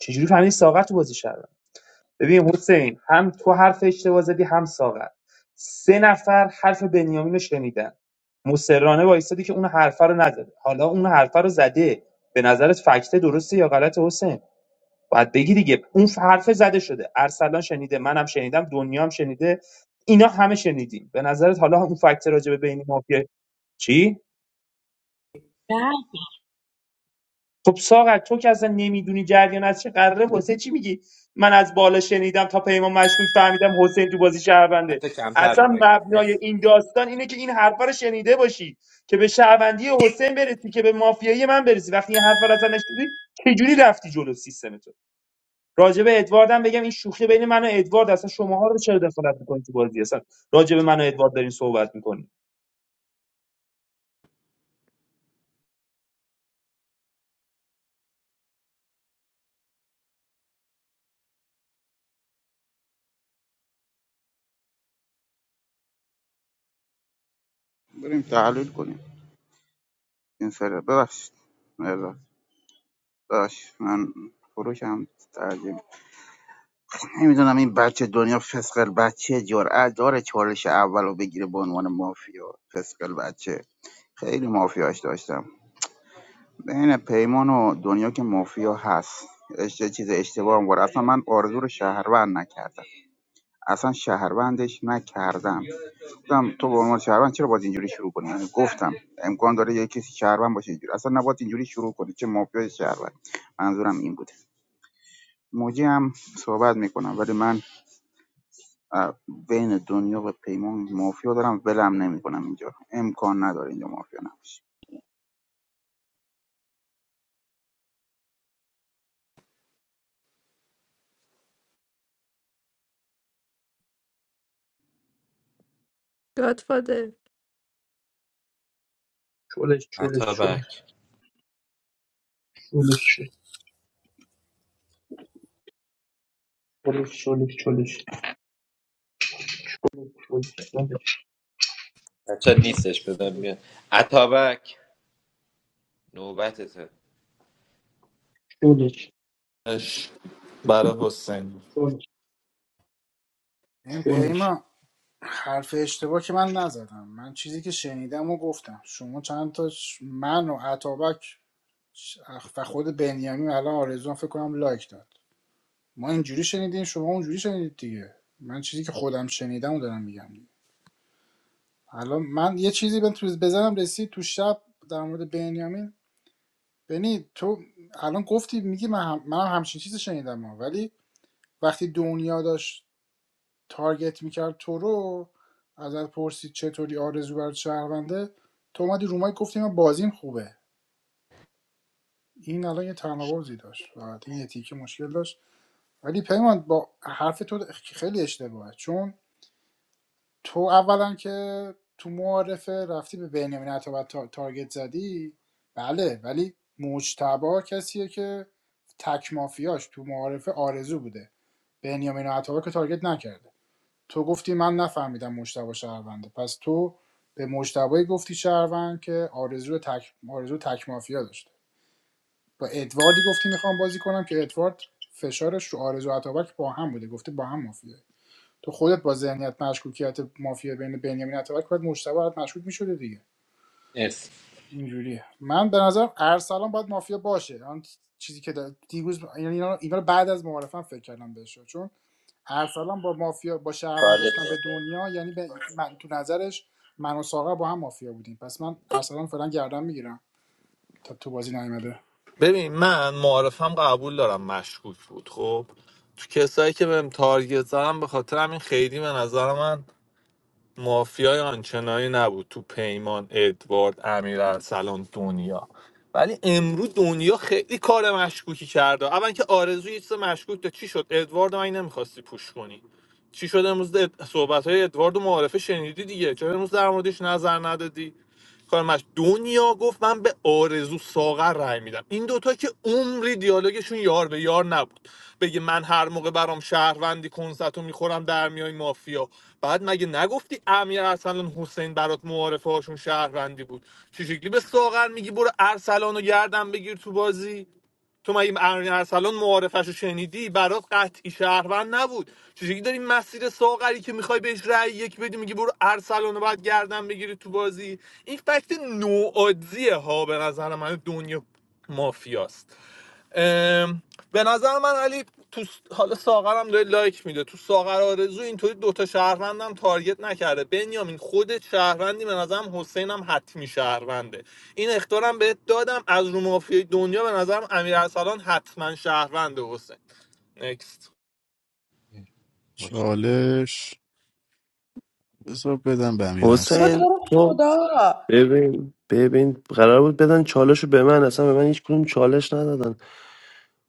Speaker 6: چجوری فهمیدی ساغر تو بازی شهروند ببین حسین هم تو حرف اشتباه زدی هم ساغر سه نفر حرف بنیامین رو شنیدن مصرانه وایستادی که اون حرفه رو نزده حالا اون حرفه رو زده به نظرت فکت درسته یا غلط حسین باید بگی دیگه اون حرفه زده شده ارسلان شنیده منم شنیدم دنیا هم شنیده اینا همه شنیدیم به نظرت حالا اون فکت راجع به بین مافیا چی خب ساغر تو که اصلا نمیدونی جریان از چه قراره واسه چی میگی من از بالا شنیدم تا پیمان مشکوک فهمیدم حسین تو بازی شهرونده
Speaker 11: حتی کمتر رو
Speaker 6: اصلا
Speaker 11: مایک
Speaker 6: مبنای
Speaker 11: مرسی
Speaker 6: این داستان اینه که این حرفا رو شنیده باشی که به شهروندی حسین برسی که به مافیایی من برسی وقتی این حرفا رو اصلا نشنیدی چجوری رفتی جلو سیستم راجع به ادواردم بگم این شوخی بین من و ادوارد اصلا شماها رو چرا دخالت میکنید تو بازی اصلا راجع به من و ادوارد دارین صحبت میکنید
Speaker 4: بریم تحلیل کنیم این سر ببخشید مهرداد. ببخشید من فروشم ترجم نمیدونم این بچه دنیا فسقل بچه جرأت داره چالش اول رو بگیره به عنوان مافیا فسقل بچه خیلی مافیاش داشتم بین پیمان و دنیا که مافیا هست اشت- چیز اشتباه هم بود اصلا من آرزو رو شهروند نکردم اصلا شهروندش نکردم گفتم تو به عنوان شهروند چرا باید اینجوری شروع کنی یعنی گفتم امکان داره یه کسی شهروند باشه اینجوری اصلا نباید اینجوری شروع کنی چه مافیا شهروند منظورم این بوده موجی هم صحبت میکنم ولی من اه، بین دنیا و پیمان مافیا دارم ولم نمیکنم اینجا امکان نداره اینجا مافیا نباشه
Speaker 3: گادفادر
Speaker 11: عطابک بچه ها نیستش بزن میاد عطابک نوبتته
Speaker 5: اش برای حسین
Speaker 1: این پیمان حرف اشتباه که من نزدم من چیزی که شنیدم و گفتم شما چند تا ش- من و عطابک و خود بنیامین الان آرزوان فکر کنم لایک داد ما اینجوری شنیدیم شما اونجوری شنیدید دیگه من چیزی که خودم شنیدم و دارم میگم الان من یه چیزی بهم تو بزنم رسید تو شب در مورد بنیامین بنی تو الان گفتی میگی من, هم... من همچین چیزی شنیدم ولی وقتی دنیا داشت تارگت میکرد تو رو ازت پرسید چطوری آرزو برات شهرونده تو اومدی رو مایک گفتی من بازیم خوبه این الان یه تناقضی داشت فقط این یه تیکه مشکل داشت ولی پیمان با حرف تو خیلی اشتباهه چون تو اولا که تو معارفه رفتی به بنیامین عطابک تا- تارگت زدی بله ولی مجتبا کسیه که تک مافیاش تو معارفه آرزو بوده بنیامین عطابک رو تارگت نکرده تو گفتی من نفهمیدم مجتبی شهرونده پس تو به مجتبی گفتی شهروند که آرزو تک آرزو تک مافیا داشته با ادواردی گفتی میخوام بازی کنم که ادوارد فشارش رو آرزو عطابک با هم بوده گفته با هم مافیا تو خودت با ذهنیت مشکوکیت مافیا بین بنیامین عطابک باید مجتبی برات مشکوک میشده دیگه
Speaker 11: مرسی
Speaker 1: اینجوریه من به نظر ارسلان باید مافیا باشه آن چیزی که دا- دیروز یعنی اینا رو بعد از معارفم فکر کردم بهش چون ارسلان با مافیا با شهروند
Speaker 11: چالش
Speaker 1: گفتن
Speaker 11: برو.
Speaker 1: به دنیا یعنی به من تو نظرش من و ساقه با هم مافیا بودیم پس من ارسلان فعلا گردن میگیرم تا تو بازی نیومده
Speaker 5: ببین من معارفم قبول دارم مشکوک بود خب تو کسایی که بهم تارگت زدم به خاطر همین خیلی به نظر من مافیای آنچنانی نبود تو پیمان ادوارد امیر ارسلان دنیا ولی امروز دنیا خیلی کار مشکوکی کرده اول که آرزو یه چیز مشکوک داشت. چی شد ادوارد من نمیخواستی پوش کنی چی شد امروز صحبت های ادوارد و معارفه شنیدی دیگه چرا امروز در موردش نظر ندادی کارمش دنیا گفت من به آرزو ساغر رأی میدم این دوتا که عمری دیالوگشون یار به یار نبود بگه من هر موقع برام شهروندی کنستو میخورم در میای مافیا بعد مگه نگفتی امیر ارسلان حسین برات معارفه هاشون شهروندی بود چه شکلی به ساغر میگی برو ارسلان رو گردن بگیر تو بازی تو مگه امین ارسلان معارفش رو شنیدی برات قطعی شهروند نبود چجوری داری مسیر ساغری که میخوای بهش رأی یک بدی میگی برو ارسلان رو باید گردن بگیری تو بازی این فکت نوادزیه ها به نظر من دنیا مافیاست ام، به نظر من علی تو حالا ساغرم داره لایک میده تو ساغر آرزو اینطوری دوتا شهروندم تارگت نکرده بنیامین خودت شهروندی به نظرم حسینم حتمی شهرونده این اختارم بهت دادم از رو مافیای دنیا به نظرم امیر ارسلان حتما شهرونده حسین نکست
Speaker 11: مچ.
Speaker 7: چالش بذار بدم به امیر
Speaker 2: بابا
Speaker 7: ارسلان
Speaker 2: تو
Speaker 13: حسین
Speaker 2: رو
Speaker 13: تو
Speaker 2: خدا
Speaker 13: ببین ببین قرار بود بدن چالش رو به من اصلا به من هیچ کدوم چالش ندادن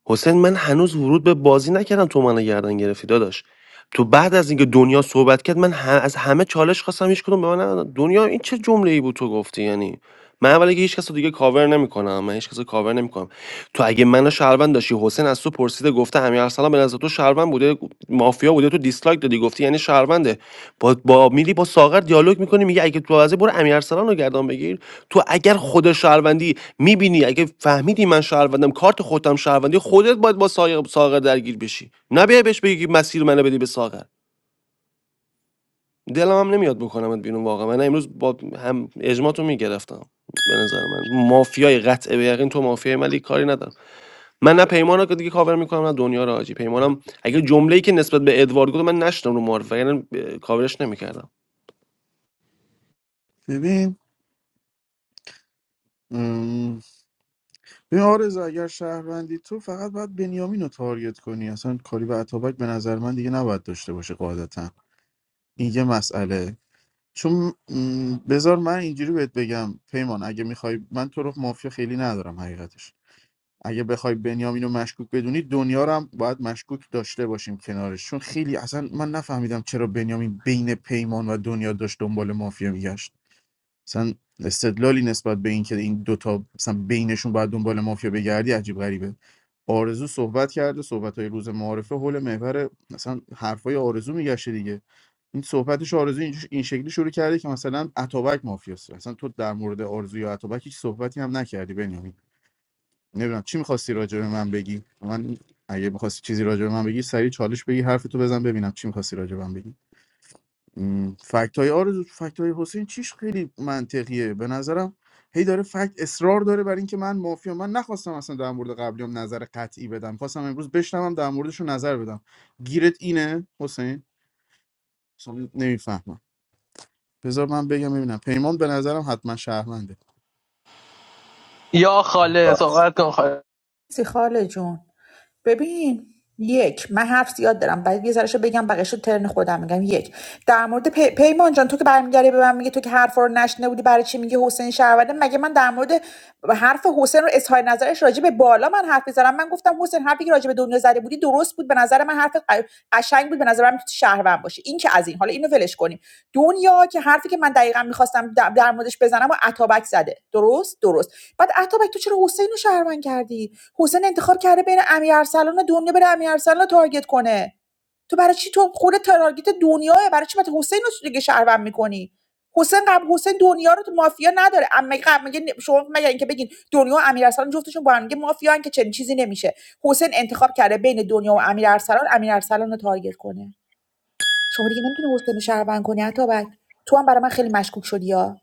Speaker 13: حسین من هنوز ورود به بازی نکردم تو منو گردن گرفتی داداش تو بعد از اینکه دنیا صحبت کرد من ه- از همه چالش خواستم هیچ کدوم به من ندادن. دنیا این چه جمله ای بود تو گفتی یعنی من اولا که هیچ کس رو دیگه کاور نمیکنم من هیچ کس رو کاور نمیکنم تو اگه منو شهروند داشتی حسین از تو پرسیده گفته امیر ارسلان به نظر تو شهروند بوده مافیا بوده تو دیسلایک دادی گفتی یعنی شهرونده با, با میلی با ساغر دیالوگ میکنی میگه اگه تو بازی برو امیر ارسلان رو گردن بگیر تو اگر خود شهروندی میبینی اگه فهمیدی من شهروندم کارت خودم شهروندی خودت باید با ساغر, ساغر درگیر بشی نه بیای بهش بگی که مسیر منو بدی به ساغر دلم هم نمیاد بکنمت بیرون واقعا من امروز با هم اجماعتو میگرفتم به نظر من مافیای قطع به یقین تو مافیای ملی کاری ندارم من نه پیمانا که دیگه کاور میکنم نه دنیا رو حاجی پیمانم اگه جمله‌ای که نسبت به ادوارد گفت من نشدم رو معرفه یعنی کاورش نمیکردم
Speaker 7: ببین این آرز اگر شهروندی تو فقط باید بنیامین رو تارگت کنی اصلا کاری به اتابک به نظر من دیگه نباید داشته باشه قاعدتا این یه مسئله چون م، بذار من اینجوری بهت بگم پیمان اگه میخوای من تو رو مافیا خیلی ندارم حقیقتش اگه بخوای بنیامین رو مشکوک بدونی دنیا رو هم باید مشکوک داشته باشیم کنارش چون خیلی اصلا من نفهمیدم چرا بنیامین بین پیمان و دنیا داشت دنبال مافیا میگشت مثلا استدلالی نسبت به اینکه این دوتا مثلا بینشون باید دنبال مافیا بگردی عجیب غریبه آرزو صحبت کرده صحبت های روز معارفه حول محور مثلا حرفای آرزو میگشته دیگه این صحبتش آرزو این این شکلی شروع کرده که مثلا اتابک مافیاست اصلا تو در مورد آرزو یا اتابک هیچ صحبتی هم نکردی بنیامین نمیدونم چی میخواستی راجع به من بگی من اگه میخواستی چیزی راجع به من بگی سریع چالش بگی حرفتو بزن ببینم چی میخواستی راجع به من بگی فکت های آرزو فکت های حسین چیش خیلی منطقیه به نظرم هی داره فکت اصرار داره بر اینکه من مافیا من نخواستم اصلا در مورد قبلیام نظر قطعی بدم خواستم امروز بشنوم در موردشون نظر بدم گیرت اینه حسین اصلا نمیفهمم بذار من بگم ببینم پیمان به نظرم حتما شهرمنده
Speaker 8: یا خاله صحبت کن خاله
Speaker 2: چیزی خاله جون ببین یک من حرف زیاد دارم بعد یه ذرهشو بگم بقیه‌شو ترن خودم میگم یک در مورد پی... پیمان جان تو که برمیگردی به من میگه تو که حرفا رو نشنیده بودی برای چی میگه حسین شهروده مگه من در مورد حرف حسین رو اظهار نظرش راجع به بالا من حرف میزنم من گفتم حسین حرفی که راجع به دنیا زده بودی درست بود به نظر من حرف ق- قشنگ بود به نظر من میتونی شهروند باشی این که از این حالا اینو ولش کنیم دنیا که حرفی که من دقیقا میخواستم در در موردش بزنم و عطابک زده درست درست بعد عطابک تو چرا حسین رو شهروند کردی حسین انتخاب کرده بین امیرارسلان و دنیا بره امیرارسلان رو تارگت کنه تو برای چی تو خود تارگت دنیاه برای چی مثلا حسین رو دیگه شهروند میکنی حسین قبل حسین دنیا رو تو مافیا نداره اما قبل میگه شما مگه اینکه بگین دنیا و امیرارسلان جفتشون با هم دیگه مافیان که چنین چیزی نمیشه حسین انتخاب کرده بین دنیا و امیرارسلان امیرارسلان رو تارگت کنه شما دیگه نمیتونی حسین رو شهروند کنی حتی بعد تو هم برای من خیلی مشکوک شدی یا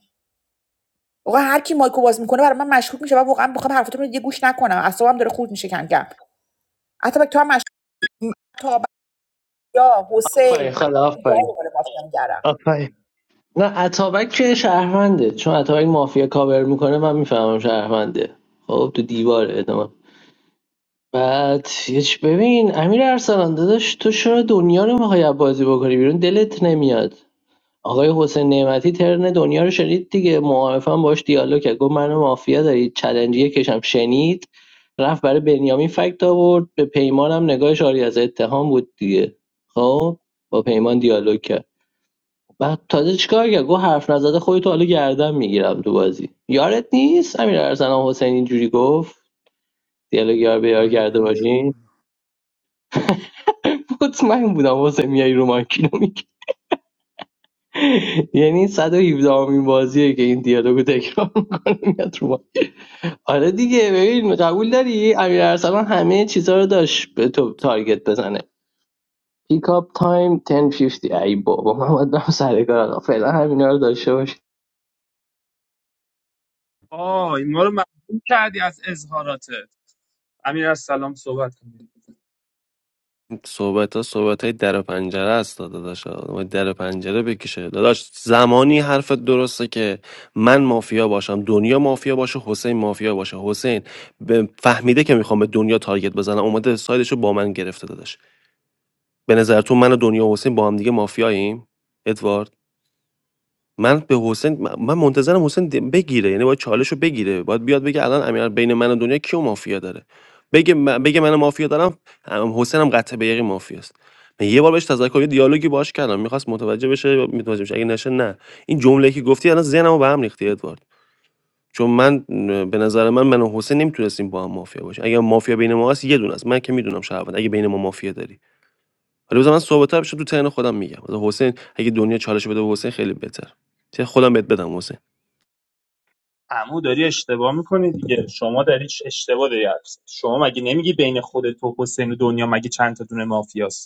Speaker 2: آقا هر کی مایکو باز میکنه برای من مشکوک میشه و واقعا بخوام حرفتون رو دیگه گوش نکنم اعصابم داره خورد میشه کم کم حتی تو هم تا یا حسین
Speaker 8: آفرین خاله
Speaker 2: اینجاها
Speaker 8: آفرین
Speaker 2: دنبال مافیا میگردم
Speaker 8: آفرین نه اتابک که شهرونده چون اتابک مافیا کاور میکنه من میفهمم شهرونده خب تو دیواره ادامه بعد یه ببین امیر ارسلان داداش تو چرا دنیا رو میخوای بازی بکنی بیرون دلت نمیاد آقای حسین نعمتی ترن دنیا رو شنید دیگه معارفه باش دیالوگ کرد گفت منو مافیا دارید چلنجی کشم شنید رفت برای بنیامین فکت آورد به پیمان هم نگاهش آری از اتهام بود دیگه خب با پیمان دیالوگ کرد بعد تازه چیکار کرد گفت حرف نزده خودت حالا گردن میگیرم تو بازی یارت نیست امیر ارسلان حسین اینجوری گفت دیالوگ یار به یار
Speaker 1: میکنم
Speaker 8: کرده
Speaker 1: بیرون شورا
Speaker 8: باشین مطمئن بودم حسین میای رو ماکینو یعنی 117 امین بازیه که این دیالوگو تکرار میکنه میاد رو ما. آره دیگه ببین قبول داری امیر ارسلان همه چیزا رو داشت به تو تارگت بزنه پیک اپ تایم 10:50 ای بابا من باید برم سر کار آقا. فعلا همینا رو داشته باش
Speaker 6: آه این ما رو ممنون کردی از اظهاراتت امیر از سلام صحبت کنید
Speaker 13: صحبت ها صحبت های در و پنجره است داداش آدم باید در و پنجره بکشه داداش زمانی حرفت درسته که من مافیا باشم دنیا مافیا باشه حسین مافیا باشه حسین به- فهمیده که میخوام به دنیا تارگت بزنم اومده سایدشو با من گرفته داداش به نظر تو من و دنیا و حسین با هم دیگه مافیاییم ادوارد من به حسین م من منتظرم حسین د بگیره یعنی باید چالشو بگیره باید بیاد بگه الان امیر بین من و دنیا کیو مافیا داره بگه م بگه من مافیا دارم ام، حسین هم قطع به یقین مافیاست من یه بار بهش تذکر یه دیالوگی باش کردم میخواست متوجه بشه متوجه بشه اگه نشه نه این جمله که گفتی الان ذهنمو به هم ریختی ادوارد چون من م، به نظر من من و حسین نمیتونستیم با هم مافیا باشیم اگه مافیا بین ما هست یه دونه است من که میدونم شهروند اگه بین ما مافیا داری حالا بذار من صحبت‌ها رو تو ترن خودم میگم مثلا حسین اگه دنیا چالش بده به حسین خیلی بهتر چه خودم بهت بدم حسین
Speaker 6: عمو داری اشتباه میکنی دیگه شما داری ش- اشتباه داری حرف می‌زنی. شما مگه نمیگی بین خود تو حسین و دنیا مگه چند تا دونه مافیاست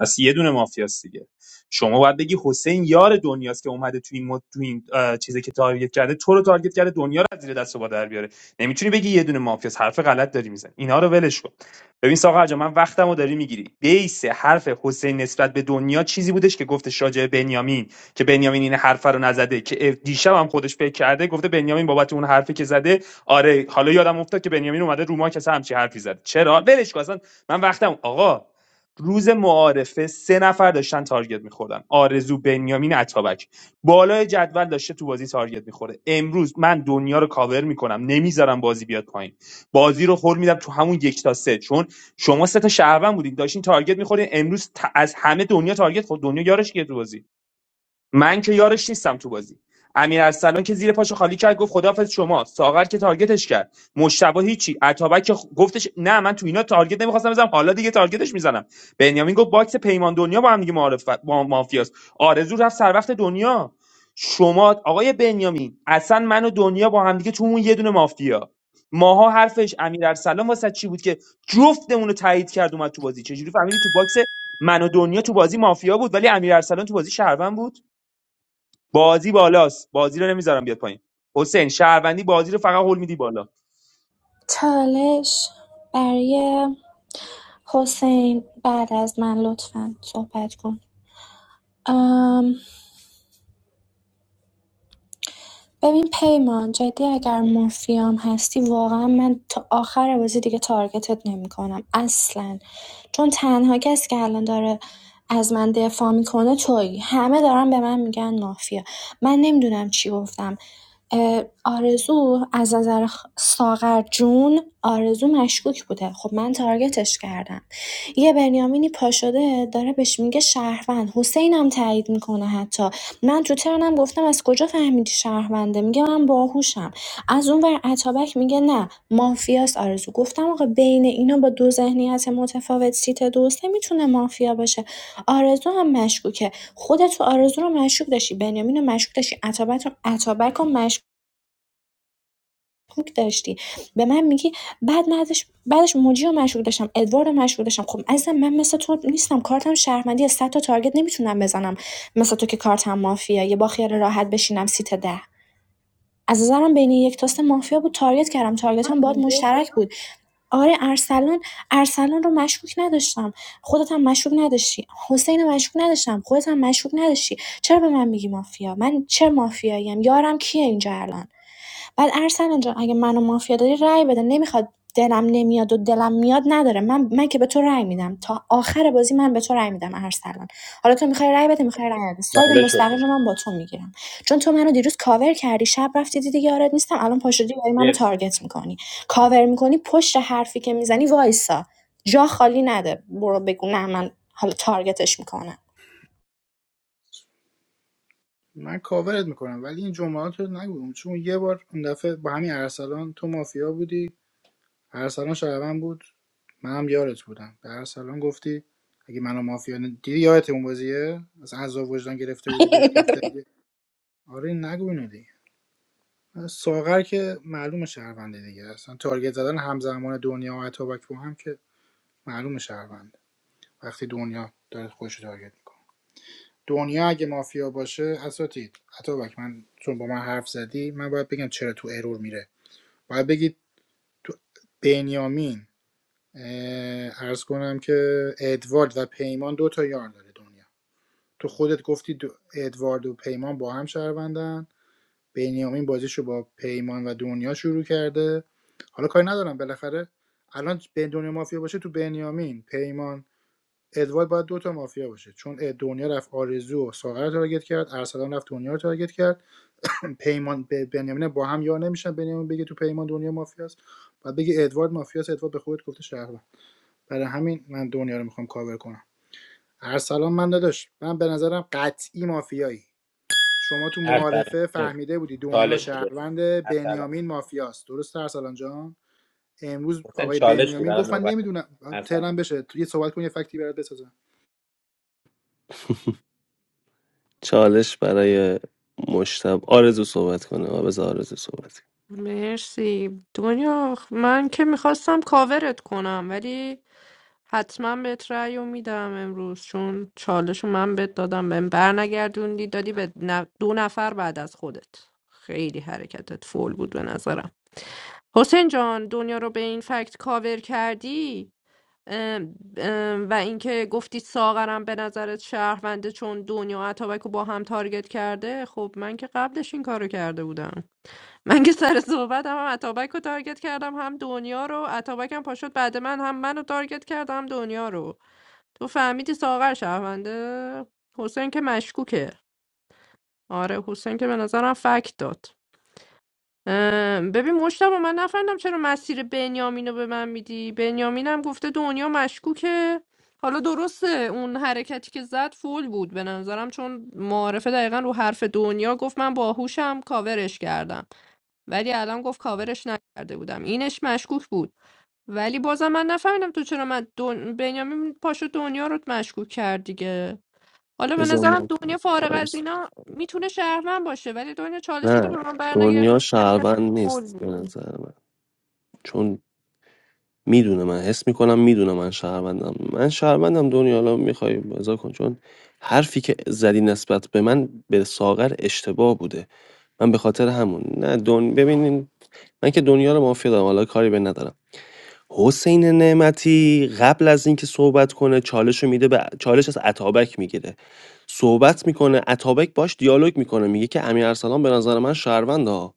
Speaker 6: پس یه دونه مافیاست دیگه شما باید بگی حسین یار دنیاست که اومده تو این مد... تو این اه، چیزی که تارگت کرده تو رو تارگت کرده دنیا رو از زیر دست و پا در بیاره نمیتونی بگی یه دونه مافیاست حرف غلط داری میزنی اینا رو ولش کن ببین ساقر جان من وقتمو داری میگیری بیس حرف حسین نسبت به دنیا چیزی بودش که گفتش راجع به بنیامین که بنیامین این حرف رو نزده که دیشب هم خودش فکر کرده گفته بنیامین بابت اون حرفی که زده آره حالا یادم افتاد که بنیامین اومده رو ما کسی همچی حرفی زد چرا ولش کن اصلا من وقتم آقا روز معارفه سه نفر داشتن تارگت میخوردن آرزو بنیامین عطابک بالای جدول داشته تو بازی تارگت میخوره امروز من دنیا رو کاور میکنم نمیذارم بازی بیاد پایین بازی رو خور میدم تو همون یک تا سه چون شما سه تا شهروند بودین داشتین تارگت میخورین امروز ت- از همه دنیا تارگت خورد دنیا یارش کیه تو بازی من که یارش نیستم تو بازی امیر ارسلان که زیر پاشو خالی کرد گفت خداحافظ شما ساغر که تارگتش کرد مشتبه هیچی عطابک که خ- گفتش نه من تو اینا تارگت نمیخواستم بزنم حالا دیگه تارگتش میزنم بنیامین گفت باکس پیمان دنیا با هم دیگه معارف با مافیاست آرزو رفت سر وقت دنیا شما آقای بنیامین اصلا من و دنیا با هم دیگه تو اون یه دونه مافیا ماها حرفش امیر ارسلان واسه چی بود که جفتمون رو تایید کرد اومد تو بازی چجوری فهمیدی تو باکس من و دنیا تو بازی مافیا بود ولی امیر تو بازی شهروند بود بازی بالاست بازی رو نمیذارم بیاد پایین حسین شهروندی بازی رو فقط هول میدی بالا
Speaker 12: چالش برای حسین بعد از من لطفا صحبت کن ام ببین پیمان جدی اگر مافیام هستی واقعا من تا آخر بازی دیگه تارگتت نمیکنم اصلا چون تنها کسی که الان داره از من دفاع میکنه تویی همه دارن به من میگن مافیا من نمیدونم چی گفتم اه، آرزو از نظر خ- ساغر جون آرزو مشکوک بوده خب من تارگتش کردم یه بنیامینی پاشده داره بهش میگه شهروند حسینم تایید میکنه حتی من تو ترنم گفتم از کجا فهمیدی شهرونده میگه من باهوشم از اون ور اتابک میگه نه مافیاست آرزو گفتم آقا بین اینا با دو ذهنیت متفاوت سیت دوست نمیتونه مافیا باشه آرزو هم مشکوکه خودت تو آرزو رو مشکوک داشتی بنیامین رو مشکوک داشتی اتابک رو, اتابک رو مشکوک مشکوک داشتی به من میگی بعد من ازش بعدش موجی رو مشکوک داشتم ادوارد رو مشکوک داشتم خب عزیزم من مثل تو نیستم کارتم شهرمندی از 100 تا تارگت نمیتونم بزنم مثل تو که کارتم مافیا یه با خیال راحت بشینم سیت ده از نظرم بین یک تا سه مافیا بود تارگت کردم تارگتام باهات
Speaker 2: میگه
Speaker 12: مشترک بود آره ارسلان ارسلان رو مشکوک نداشتم خودت هم مشکوک نداشتی حسین رو مشکوک نداشتم خودت هم مشکوک نداشتی چرا به من میگی مافیا من چه مافیاییم یارم کیه اینجا الان بعد ارسلان جان اگه منو مافیا داری رأی بده نمیخواد دلم نمیاد و دلم میاد نداره من من که به تو رأی میدم تا آخر بازی من به تو رأی میدم ارسلان حالا تو میخوای رأی بده میخوای رأی بده ساید
Speaker 11: چالش
Speaker 12: مستقیم
Speaker 11: حسین
Speaker 12: من با تو میگیرم چون تو منو دیروز کاور کردی شب رفتی دیدی یارت نیستم الان پاشدی داری منو
Speaker 11: مرسی
Speaker 12: تارگت میکنی کاور میکنی پشت حرفی که میزنی وایسا جا خالی نده برو بگو نه من حالا تارگتش میکنم
Speaker 1: من کاورت میکنم ولی این جملات رو نگو چون یه بار اون دفعه با همین ارسلان تو مافیا بودی ارسلان شهروند بود منم یارت بودم به ارسلان گفتی اگه منو مافیا دیدی یادت اون بازیه از عذاب وجدان گرفته بودی بهش گفته اگه آره نگو اینو دیگه ساغر که معلوم شهرونده دیگه اصلا تارگت زدن همزمان دنیا و اتابک با هم که معلوم شهرونده وقتی دنیا داره خودش رو تارگت میکنه دنیا اگه مافیا باشه اساتید اتابک من چون با من حرف زدی من باید بگم چرا تو ارور میره باید بگی تو بنیامین اه، عرض کنم که ادوارد و پیمان دو تا یار داره دنیا تو خودت گفتی دو- ادوارد و پیمان با هم شهروندن بنیامین بازیشو با پیمان و دنیا شروع کرده حالا کاری ندارم بالاخره الان به دنیا مافیا باشه تو بنیامین پیمان ادوارد باید دوتا مافیا باشه چون اد- دنیا رفت آرزو و ساغر رو تارگت کرد ارسلان رفت دنیا رو تارگت کرد پیمان به بنیامین با هم یا نمیشن بنیامین بگه تو پیمان دنیا مافیاست و بگه ادوارد مافیاست ادوارد به خودت گفته شهروند برای همین من دنیا رو میخوام کاور کنم ارسلان من داداش من به نظرم قطعی مافیایی شما تو
Speaker 11: ارسلان
Speaker 1: معارفه
Speaker 11: مرسی.
Speaker 1: فهمیده بودی دنیا
Speaker 11: چالش بود حسین
Speaker 1: شهروند
Speaker 11: ارسلان
Speaker 1: بنیامین مافیاست درست ارسلان جان امروز
Speaker 11: حسین
Speaker 1: آقای
Speaker 11: چالش بود
Speaker 1: بنیامین
Speaker 11: الان
Speaker 1: گفت من نمیدونم
Speaker 11: نوبت
Speaker 1: ترم بشه یه صحبت کن یه فکتی برات بسازم
Speaker 13: چالش برای مشتب آرزو صحبت کنه آه، بذار آرزو صحبت کنه
Speaker 3: مرسی دنیا آخ، من که میخواستم کاورت کنم ولی حتما بهت رأی و میدم امروز چون چالش رو من بهت دادم بهم برنگردوندی دادی به نف- دو نفر بعد از خودت خیلی حرکتت فول بود به نظرم حسین جان دنیا رو به این فکت کاور کردی ام، ام، و اینکه گفتی ساغرم به نظرت شهرونده چون دنیا و اتابک رو با هم تارگت کرده خب من که قبلش این کارو کرده بودم من که سر صحبت هم, هم اتابک رو تارگت کردم هم دنیا رو اتابکم پاشد بعد من هم منو تارگت کرد هم دنیا رو تو فهمیدی ساغر شهرونده حسین که مشکوکه آره حسین که به نظرم فکت داد ام، ببین مشتبه من نفهمیدم چرا مسیر بنیامین رو به من میدی بنیامین هم گفته دنیا مشکوکه حالا درسته اون حرکتی که زد فول بود به نظرم چون معارفه دقیقا رو حرف دنیا گفت من باهوشم کاورش کردم ولی الان گفت کاورش نکرده بودم اینش مشکوک بود ولی بازم من نفهمیدم تو چرا من دن... بنیامین پاشو دنیا رو مشکوک کرد دیگه حالا به
Speaker 13: بذار
Speaker 3: نظرم
Speaker 13: من
Speaker 3: دنیا فارغ از
Speaker 13: آرزو
Speaker 3: اینا میتونه شهرمن باشه ولی دنیا چالش تو
Speaker 13: نه
Speaker 3: به من
Speaker 13: دنیا
Speaker 3: برنگردونی حرکت
Speaker 13: شهروند
Speaker 3: قول
Speaker 13: نیست به
Speaker 3: نیست
Speaker 13: نظر من چون میدونه من حس میکنم میدونه من شهروندم من شهروندم دنیا الان میخوای بازا کن چون حرفی که زدی نسبت به من به ساغر اشتباه بوده من به خاطر همون نه دون ببینین من که دنیا رو مافیا دارم حالا کاری به ندارم حسین نعمتی قبل از اینکه صحبت کنه چالش رو میده به چالش از عطابک میگیره صحبت میکنه عطابک باش دیالوگ میکنه میگه که امیر ارسلان به نظر من شهروند ها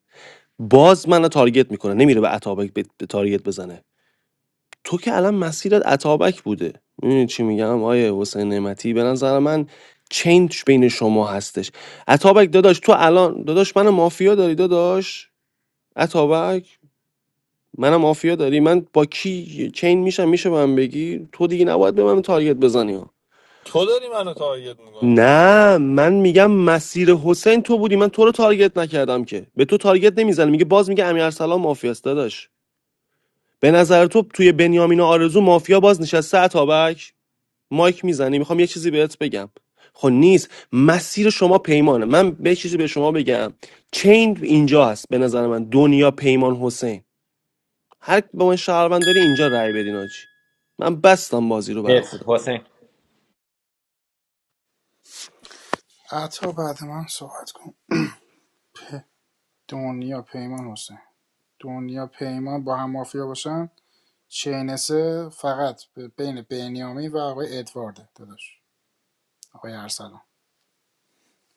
Speaker 13: باز منو تارگت میکنه نمیره به عطابک به به تارگت بزنه تو که الان مسیرت عطابک بوده میدونی چی میگم آیه حسین نعمتی به نظر من چینج بین شما هستش عطابک داداش تو الان داداش منو مافیا داری داداش عطابک منم مافیا داری من با کی چین میشم میشه به من بگی تو دیگه نباید به من تارگت بزنی ها
Speaker 5: تو داری منو تارگت میکنی
Speaker 13: نه من میگم مسیر حسین تو بودی من تو رو تارگت نکردم که به تو تارگت نمیزنم میگه باز میگه امیر ارسلان مافیاست داداش به نظر تو توی بنیامین و آرزو مافیا باز نشسته اتابک مایک میزنی میخوام یه چیزی بهت بگم خب نیست مسیر شما پیمانه من به یه چیزی به شما بگم چین اینجا هست به نظر من دنیا پیمان حسین هر کی با من شهروند داری اینجا رأی بدین آجی من بستم بازی رو برا
Speaker 11: مرسی
Speaker 13: خودم
Speaker 11: حسین
Speaker 1: عطا بعد من صحبت کن دنیا پیمان حسین دنیا پیمان با هم مافیا باشن چینسه فقط به- بین بنیامین و آقای ادوارد داداش آقای ارسلان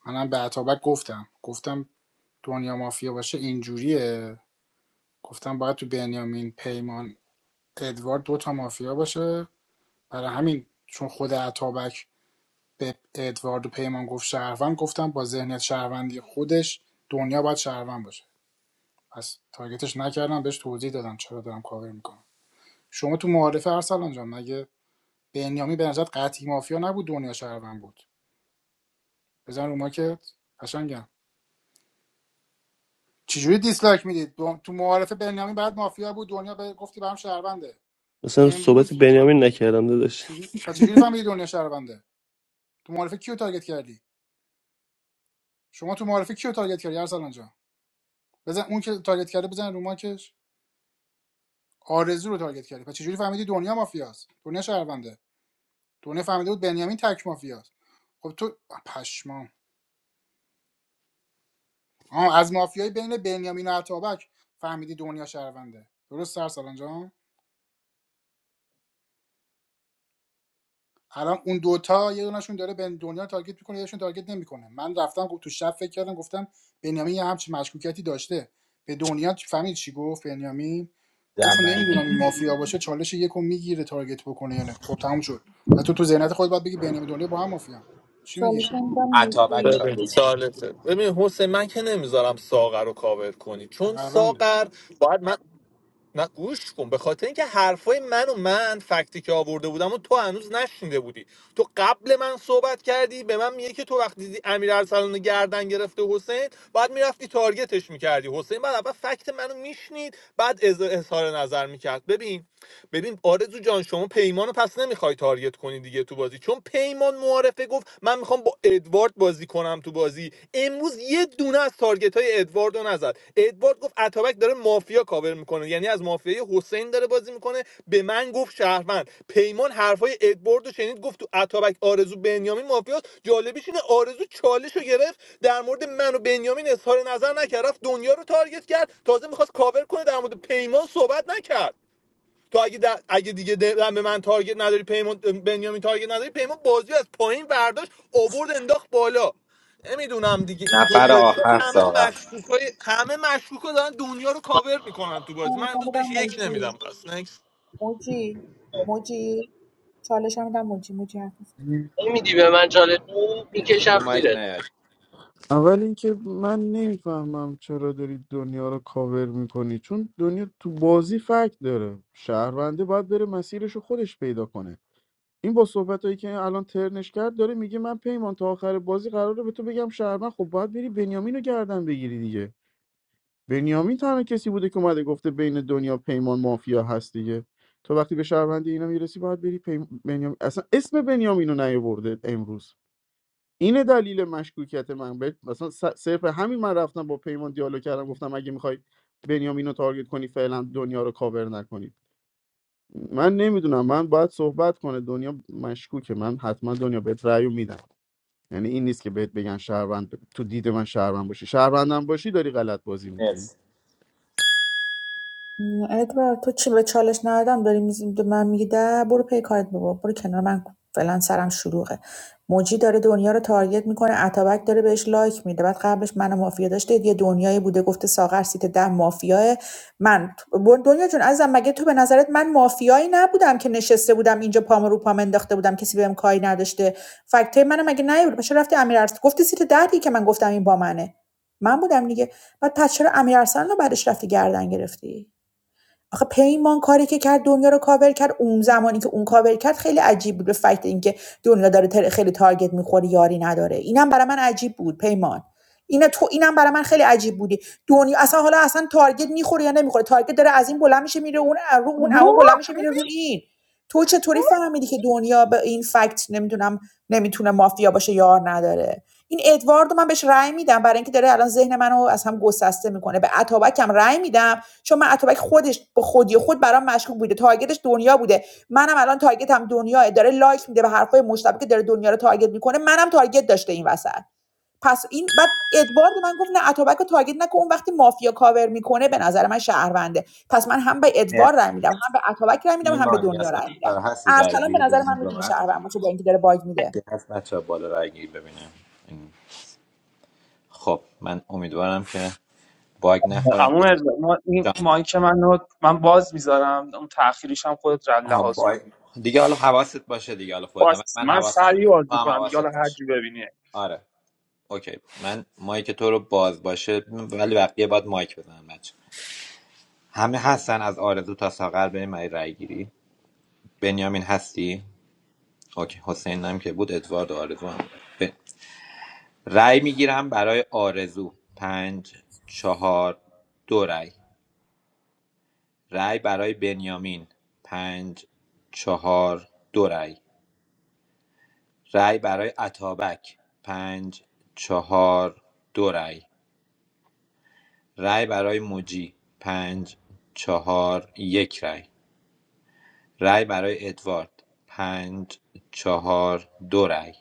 Speaker 1: منم به عطابک گفتم گفتم دنیا مافیا باشه اینجوریه گفتم باید تو بنیامین پیمان ادوارد دو تا مافیا باشه برای همین چون خود عطابک به ادوارد و پیمان گفت شهروند گفتم با ذهنیت شهروندی خودش دنیا باید شهروند باشه پس تارگتش نکردم بهش توضیح دادم چرا دارم کاور میکنم شما تو معارفه ارسلان جان مگه بنیامی به نظرت قطعی مافیا نبود دنیا شهروند بود بزن رو ماکت قشنگم چجوری دیسلایک میدید دو- تو معارفه بنیامی بعد مافیا بود دنیا به گفتی برام شهرونده
Speaker 13: مثلا صحبت
Speaker 1: امروز
Speaker 13: بنیامین نکردم داداش
Speaker 1: چجوری و چجوری فهمیدی دنیا شهرونده تو معارفه کیو تارگت کردی شما تو معارفه کیو تارگت کردی ارسلان جان بزن اون که تارگت کرده بزن رو ماکش آرزو رو تارگت کردی پس چجوری فهمیدی دنیا مافیاست دنیا شهرونده دنیا فهمیده بود بنیامین تک مافیاست خب تو پشمام آه از مافیای بین بنیامین و عطابک فهمیدی دنیا شهرونده درست سرسالان جان الان اون دوتا یه دونشون داره به دنیا رو تارگت میکنه یهشون تارگت نمیکنه من رفتم گفت- تو شب فکر کردم گفتم بنیامین یه همچین مشکوکیتی داشته به دنیا فهمید چی گفت بنیامین گفت نمیدونم
Speaker 11: دمه
Speaker 1: این مافیا باشه چالش یکو میگیره تارگت بکنه یا نه خب تموم شد و تو تو ذهنیت خود باید بگی بنیامین دنیا با هم مافیا چی میگی
Speaker 2: چالش هم میدم
Speaker 11: عطابک
Speaker 2: موجی
Speaker 5: ببین
Speaker 11: چالش داد
Speaker 5: سالته ببین حسین من که نمیذارم ساغر رو کاور کنی چون
Speaker 1: شهرونده
Speaker 5: ساغر باید من نه گوش کن به خاطر اینکه حرفای من و من فکتی که آورده بودم و تو هنوز نشنیده بودی تو قبل من صحبت کردی به من میگه که تو وقتی دیدی امیر ارسلان رو گردن گرفته حسین بعد میرفتی تارگتش میکردی حسین بعد اول فکت منو میشنید بعد از- اظهار نظر میکرد ببین ببین آرزو جان شما پیمانو پس نمیخوای تارگت کنی دیگه تو بازی چون پیمان معارفه گفت من میخوام با ادوارد ادوارد بازی کنم تو بازی امروز یه دونه از تارگت های ادوارد رو نزد ادوارد گفت اتابک داره مافیا کاور میکنه یعنی از مافیای حسین داره بازی میکنه به من گفت شهروند پیمان حرفای ادوارد رو شنید گفت تو اتابک آرزو بنیامین مافیاست جالبیش اینه آرزو چالش رو گرفت در مورد من و بنیامین اظهار نظر نکرد رفت دنیا رو تارگت کرد تازه میخواست کاور کنه در مورد پیمان صحبت نکرد تو اگه در- اگه دیگه دلم به من تارگت نداری پیمان بنیامین تارگت نداری پیمان بازی از پایین برداشت آورد انداخت بالا نمیدونم دیگه اینطوری
Speaker 11: نفر
Speaker 5: داری تو
Speaker 11: آخر
Speaker 5: همه
Speaker 11: ساقه
Speaker 5: مشکوکای همه مشکوکا دارن دنیا رو کاور میکنن تو
Speaker 2: من
Speaker 5: بازی من امروز
Speaker 2: میخوام بدم
Speaker 5: بهش یک
Speaker 2: موجی
Speaker 5: نمیدم پس نکس
Speaker 2: موجی موجی چالش هم میدم موجی موجی حرف
Speaker 8: نمیدی به من جالب
Speaker 11: رو
Speaker 8: میکشم
Speaker 11: مایک
Speaker 8: زیرت
Speaker 11: نیاد
Speaker 7: اول اینکه من نمیفهمم چرا داری دنیا رو کاور میکنی چون دنیا تو بازی فکت داره شهرونده باید بره مسیرش رو خودش پیدا کنه این با صحبت هایی که الان ترنش کرد داره میگه من پیمان تا آخر بازی قراره به تو بگم شهروند خب باید بری بنیامین رو گردن بگیری دیگه بنیامین تنها کسی بوده که اومده گفته بین دنیا پیمان مافیا هست دیگه تو وقتی به شهروندی اینا میرسی باید بری پیم... بنیامین اصلا اسم بنیامین رو نیاورده امروز اینه دلیل مشکوکیت من به مثلا س- صرف همین من رفتم با پیمان دیالوگ کردم گفتم اگه میخوای بنیامین رو تارگت کنی فعلا دنیا رو کاور نکنید من نمیدونم من باید صحبت کنه دنیا مشکوکه من حتما دنیا بهت رأی رو میدم یعنی این نیست که بهت بگن شهروند تو دید من شهروند باشی شهروندم باشی داری غلط بازی میکنی
Speaker 11: مرسی
Speaker 2: ادوارد تو چی به چالش ندادم داری میز- به من میگی ده برو پی کارت بابا برو کنار من فعلا سرم شلوغه موجی داره دنیا رو تارگت میکنه اتابک داره بهش لایک میده بعد قبلش من مافیا داشته یه دنیایی بوده گفته ساغر سیت ده مافیاه من ب- دنیا جون عزیزم مگه تو به نظرت من مافیایی نبودم که نشسته بودم اینجا پام رو پام انداخته بودم کسی بهم کاری نداشته فکته منم مگه نیورد چرا رفتی امیر ارسلان گفتی سیت ده دیگه که من گفتم این با منه من بودم دیگه بعد پس چرا امیر ارسلان رو بعدش رفتی گردن گرفتی آخه پیمان کاری که کرد دنیا رو کاور کرد اون زمانی که اون کاور کرد خیلی عجیب بود به فکت اینکه دنیا داره خیلی تارگت میخوره یاری نداره اینم برای من عجیب بود پیمان اینا تو اینم برای من خیلی عجیب بودی دنیا اصلا حالا اصلا تارگت میخوره یا نمیخوره تارگت داره از این بلند میشه میره اون رو اون اون بلند میشه میره رو این تو چطوری فهمیدی که دنیا به این فکت نمیدونم نمیتونه مافیا باشه یار نداره این ادوارد من بهش رأی میدم برای اینکه داره الان ذهن منو از هم گسسته میکنه به اتابک هم رأی میدم چون من اتابک خودش به خودی خود برام مشکوک بوده تارگتش دنیا بوده منم الان تارگتم دنیاه داره لایک میده به حرفای مشتبه که داره دنیا رو تارگت میکنه منم تارگت داشته این وسط پس این بعد ادوارد من گفت نه اتابک رو تارگت نکن اون وقتی مافیا کاور میکنه به نظر من شهرونده پس من هم به ادوارد
Speaker 11: مرسی
Speaker 2: رأی میدم هم به اتابک رأی میدم هم به
Speaker 11: ایمان
Speaker 2: دنیا
Speaker 11: یاسم
Speaker 2: رأی میدم
Speaker 11: سر هستی رای
Speaker 2: ارسلان به
Speaker 11: گیری
Speaker 2: نظر من
Speaker 11: ببینید با
Speaker 2: میتونه
Speaker 11: من
Speaker 2: شهروند باشه با اینکه داره باگ میده
Speaker 11: که هست بچه ها بالا رای گیری ببینم خب من امیدوارم که باگ نخورم که
Speaker 6: عمو رضا ما این
Speaker 11: جان-
Speaker 6: مایک منو من باز میذارم اون تاخیریش هم خودت رد
Speaker 11: آها،
Speaker 6: لحاظ کنی
Speaker 11: باگ دیگه حالا حواست باشه دیگه حالا خودت هم
Speaker 6: باز
Speaker 11: من
Speaker 6: من
Speaker 11: حواسمه
Speaker 6: سریع باز
Speaker 11: تو هم
Speaker 6: میکنم دیگه حالا
Speaker 11: حواست
Speaker 6: هر
Speaker 11: باشه
Speaker 6: جو ببینی
Speaker 11: آره اوکی من مایک تو رو باز باشه ولی بقیه باید مایک بزنن بچه همه هستن از آرزو تا ساغر بریم برای رای گیری بنیامین هستی اوکی حسین هم که بود ادوارد و آرزو هم ب... رای میگیرم برای آرزو پنج چهار دو رای رای برای بنیامین پنج چهار دو رای رای برای عطابک پنج چهار دو رای رای برای موجی پنج چهار یک رای رای برای ادوارد پنج چهار دو رای.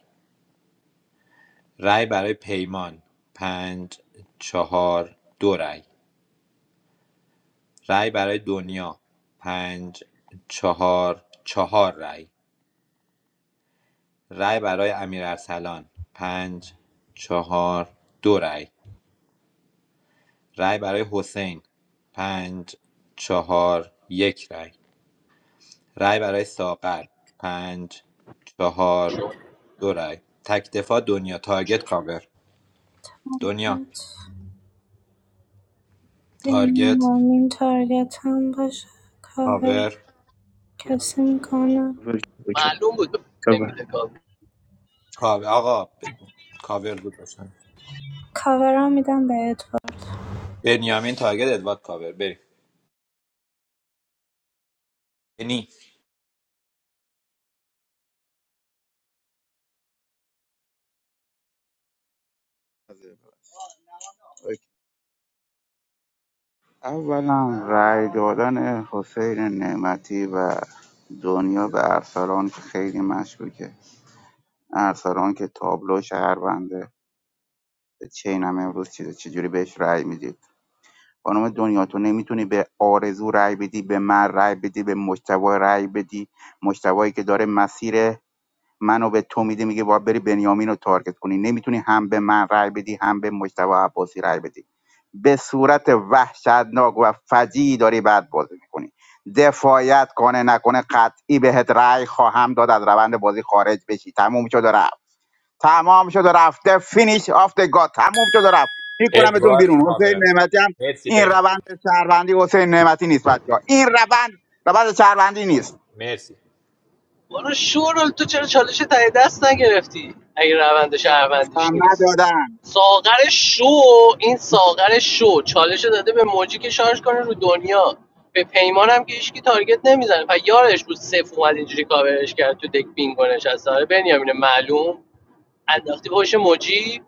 Speaker 11: رای برای پیمان پنج چهار دو رای. رای برای دنیا پنج چهار چهار رای. رای برای امیر ارسلان پنج چهار دو رای. رای برای حسین پنج چهار یک رای. رای برای ساغر پنج چهار دو رای. تک دفاع دنیا تارگت کاور دنیا تارگت
Speaker 12: این تارگت هم باشه کاور
Speaker 11: کاور
Speaker 12: کسی میکنه
Speaker 8: معلوم بود نمیده کار.
Speaker 11: کاور آقا بگو کاور بود داشتن
Speaker 12: کاور هم میدم بهت
Speaker 11: بنیامین تارگت ادوارد کاور بریم بنی
Speaker 4: اولا رأی دادن حسین نعمتی و دنیا به ارسلان که خیلی مشکوکه ارسلان که تابلو شهرونده چه این هم امروز چیزه چجوری بهش رأی میدید خانم دنیا تو نمیتونی به آرزو رأی بدی به من رأی بدی به مجتبی رأی بدی مجتبی که داره مسیر منو به تو میده میگه باید بری بنیامین رو تارگت کنی نمیتونی هم به من رأی بدی هم به مجتبی عباسی رأی بدی به صورت وحشتناک و فجیعی داری بعد بازی میکنی دفاعیت کنه نکنه قطعی بهت رأی خواهم داد از روند بازی خارج بشی تموم شد و رفت تمام شد و رفته فینیش آف د گاد تموم شد و رفت میکنمتون
Speaker 11: ادوارد
Speaker 4: بیرون حسین
Speaker 11: کاور
Speaker 4: نعمتی هم
Speaker 11: مرسی
Speaker 4: این
Speaker 11: بنیامین
Speaker 4: روند شهروندی حسین نعمتی نیست بچه ها این روند روند شهروندی نیست
Speaker 11: مرسی
Speaker 8: برو شورل تو چرا چالش تای دست نگرفتی اگه روند شهروندیش
Speaker 4: هم
Speaker 8: نیست
Speaker 4: ندادن
Speaker 8: ساغر شو این ساغر شو چالش داده به موجی که شارژ کنه رو دنیا به پیمان هم که هیچکی تارگت نمیزنه و یارش بود صف اومد اینجوری کاورش کرد تو دک بینگو نشسته آره بنیامین معلوم انداختی پشت موجی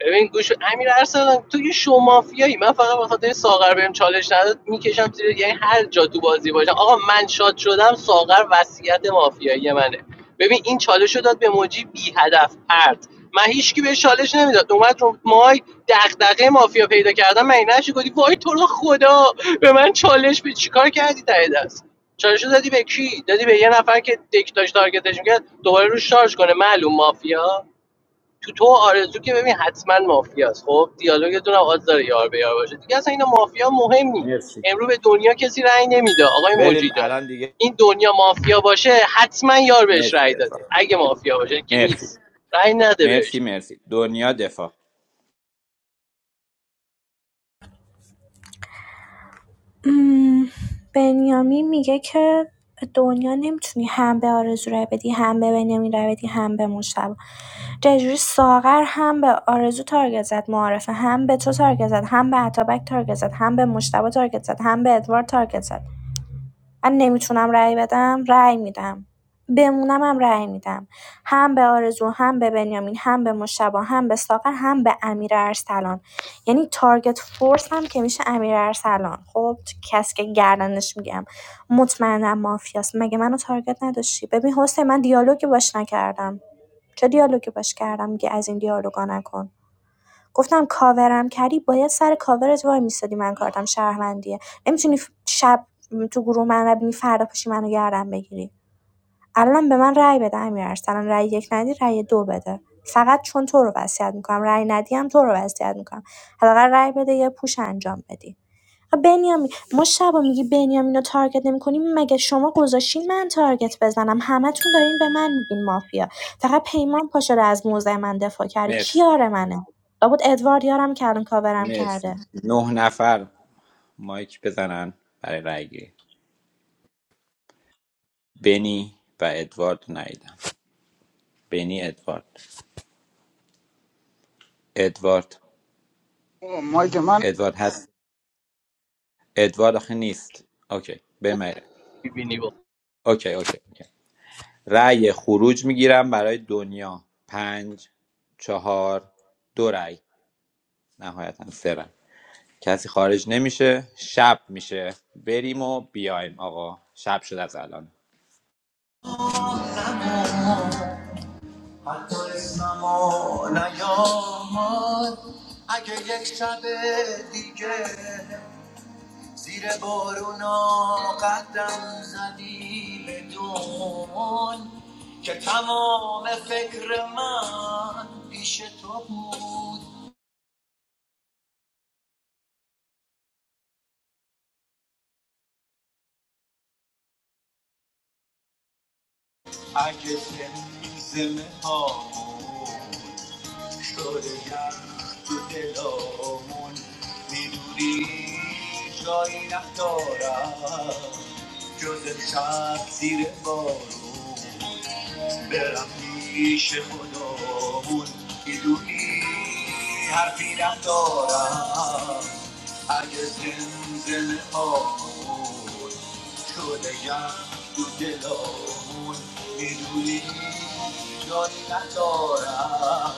Speaker 8: ببین گوش امیر ارسلان تو یه شو مافیایی من فقط به خاطر ساغر بهم چالش نداد میکشم زیر یعنی هر جا تو بازی باشم آقا من شاد شدم ساغر وصیت مافیایی منه ببین این چالش رو داد به موجی بی هدف پرت من هیچکی بهش چالش نمیداد اومد رو مای دغدغه مافیا پیدا کردم من نشی گفتی وای تو رو خدا به من چالش به چیکار کردی ته دست چالش رو دادی به کی دادی به یه نفر که دک داشت تارگتش میکرد دوباره روش شارژ کنه معلوم مافیا تو تو آرزو که ببین حتما مافیاست خب دیالوگتون هم آز داره یار به یار باشه دیگه اصلا اینا مافیا مهم نی
Speaker 11: مرسی
Speaker 8: امرو به دنیا کسی رأی نمیده آقای
Speaker 11: بریم
Speaker 8: موجی جان
Speaker 11: الان دیگه
Speaker 8: این دنیا مافیا باشه حتما یار بهش
Speaker 11: مرسی
Speaker 8: رأی داده
Speaker 11: ادوارد
Speaker 8: اگه مافیا باشه که
Speaker 11: مرسی
Speaker 8: نیست رأی نده
Speaker 11: مرسی
Speaker 8: بهش
Speaker 11: مرسی دنیا دفاع
Speaker 12: مم، بنیامین میگه که دنیا نمیتونی هم به آرزو رای بدی هم به بنیامین رای بدی هم به مشتبه چجوری ساغر هم به آرزو تارگت زد معارفه هم به تو تارگت زد هم به عطابک تارگت زد هم به مشتبه تارگت زد هم به ادوارد تارگت زد من نمیتونم رای بدم، رای می‌دم. هم رای میدم. هم به آرزو، هم به بنیامین، هم به مشتبه، هم به ساغر، هم به امیر ارسلان. یعنی تارگت فورس هم که میشه امیر ارسلان. خب کسی که گردنش میگم مطمئنا مافیاست. مگه منو تارگت نداشتی؟ ببین حسین من دیالوگی باش نکردم. چه دیالوگی باش کردم میگه از این دیالوگا نکن. گفتم کاورم کردی باید سر کاورت وایمیستادی من کارتم شهروندیه نمی‌تونی شب تو گروه من رو ببینی فردا پاشی منو گردن بگیری الانم به من رای بده امیرارسلان رای یک ندی رای دو بده فقط چون تو رو وصیت می‌کنم رای ندی هم تو رو وصیت می‌کنم حداقل رای بده یه پوش انجام بدی آ، بنیامین ما شبا میگی بنیامین رو تارگت نمی‌کنیم مگه شما گذاشتین من تارگت بزنم همتون دارین به من میگین مافیا فقط پیمان پاشده از موزه من دفاع کرده کی
Speaker 11: مرسی
Speaker 12: یار منه لابد ادوارد یارم که الان کاورم
Speaker 11: مرسی
Speaker 12: کرده
Speaker 11: نه نفر مایک بزنن برای رای گیری بنی و ادوارد نیدم بنی ادوارد ادوارد
Speaker 4: اوه، مایک من
Speaker 11: ادوارد هست ادوارد آخه نیست اوکی بمیره
Speaker 8: ببینی با
Speaker 11: اوکی اوکی اوکی رأی خروج میگیرم برای دنیا پنج چهار دو رأی نهایتا سه رأی کسی خارج نمیشه شب میشه بریم و بیایم آقا شب شد از الان حتی اسممو نیامد اگه یک شب دیگه زیر بارونا قدم زدی بدون که تمام فکر من پیش تو بود اگه زمزمه هامون شده یخ تو دلامون میدونی جایی ندارم جز شب زیر بارون برم پیش خدامون میدونی حرفی ندارم اگه زلزله آمون شده یم تو دلامون میدونی جایی ندارم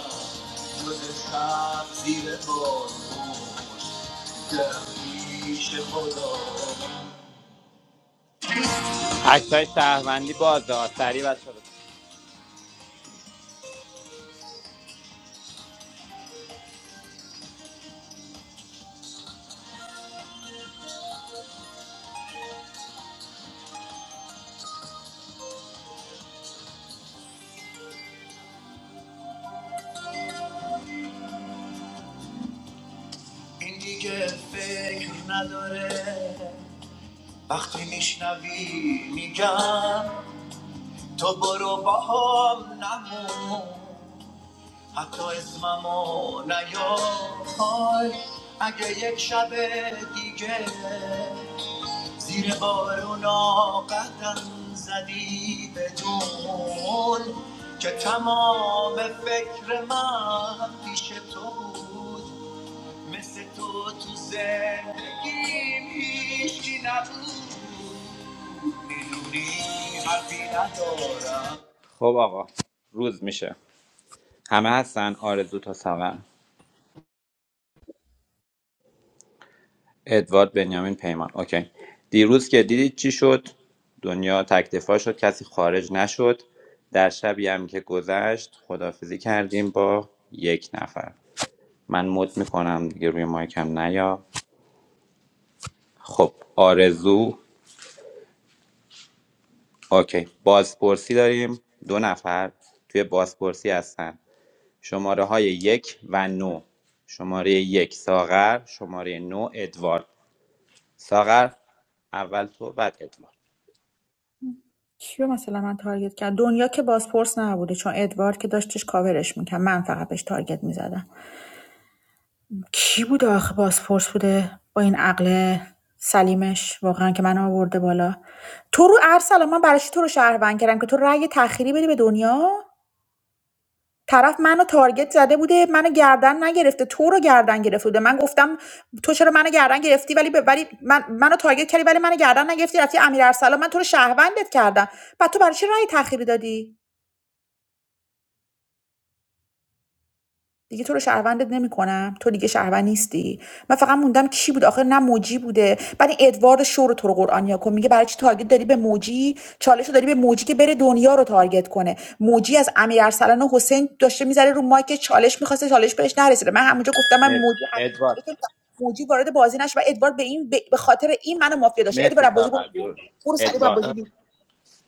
Speaker 11: جز شب زیر بارون دلم پیش خدامون اکتای شهروندی بازه ها. سریع بچه ها این دیگه فکر نداره وقتی میشنوی میگم تو برو با هم نمون حتی اسممو نیار اگه یک شب دیگه زیر بارونا قدم زدی بدون که تمام فکر من پیش تو بود مثل تو تو زندگیم هیچی نبود میدونی حرفی خب آقا روز میشه همه هستن آرزو تا سمن ادوارد بنیامین پیمان اوکی دیروز که دیدید چی شد دنیا تکتفا شد کسی خارج نشد در شبی هم که گذشت خدافزی کردیم با یک نفر من مد میکنم دیگه روی مایکم نیا خب آرزو اوکی بازپرسی داریم دو نفر توی بازپرسی هستن شماره های یک و نو شماره یک ساغر شماره نو ادوارد ساغر اول تو بعد ادوارد
Speaker 2: کیو مثلا من تارگت کرد دنیا که بازپرس نبوده چون ادوارد که داشتش کاورش میکرد من فقط بهش تارگت میزدم کی بود آخه بازپرس بوده با این عقل سلیمش واقعا که من آورده بالا تو رو ارسلان من برای چی تو رو شهروند کردم که تو رأی تخیری بدی به دنیا طرف منو تارگت زده بوده منو گردن نگرفته تو رو گردن گرفته بوده من گفتم تو چرا منو گردن گرفتی ولی به- ولی من منو تارگت کردی ولی منو گردن نگرفتی رفتی امیر ارسلان من تو رو شهروندت کردم بعد تو برای چی رأی تخیری دادی دیگه تو رو شهروندت نمیکنم تو دیگه شهروند نیستی من فقط موندم کی بود آخر نه موجی بوده بعد ادوارد شو رو تو رو قرآن یا کن میگه برای چی تارگت داری به موجی چالش رو داری به موجی که بره دنیا رو تارگت کنه موجی از امیر ارسلان و حسین داشته میذاره رو مایک چالش میخواسته چالش بهش نرسیده من همونجا گفتم من
Speaker 11: اد-
Speaker 2: موجی حتما
Speaker 11: ادوارد
Speaker 2: موجی وارد بازی نشه و ادوارد به این به خاطر این منو مافیا داشته
Speaker 11: مرسی
Speaker 2: ادوارد بازی برو
Speaker 11: فقط
Speaker 2: بیرون. برو سری با
Speaker 11: ادوارد
Speaker 2: بازی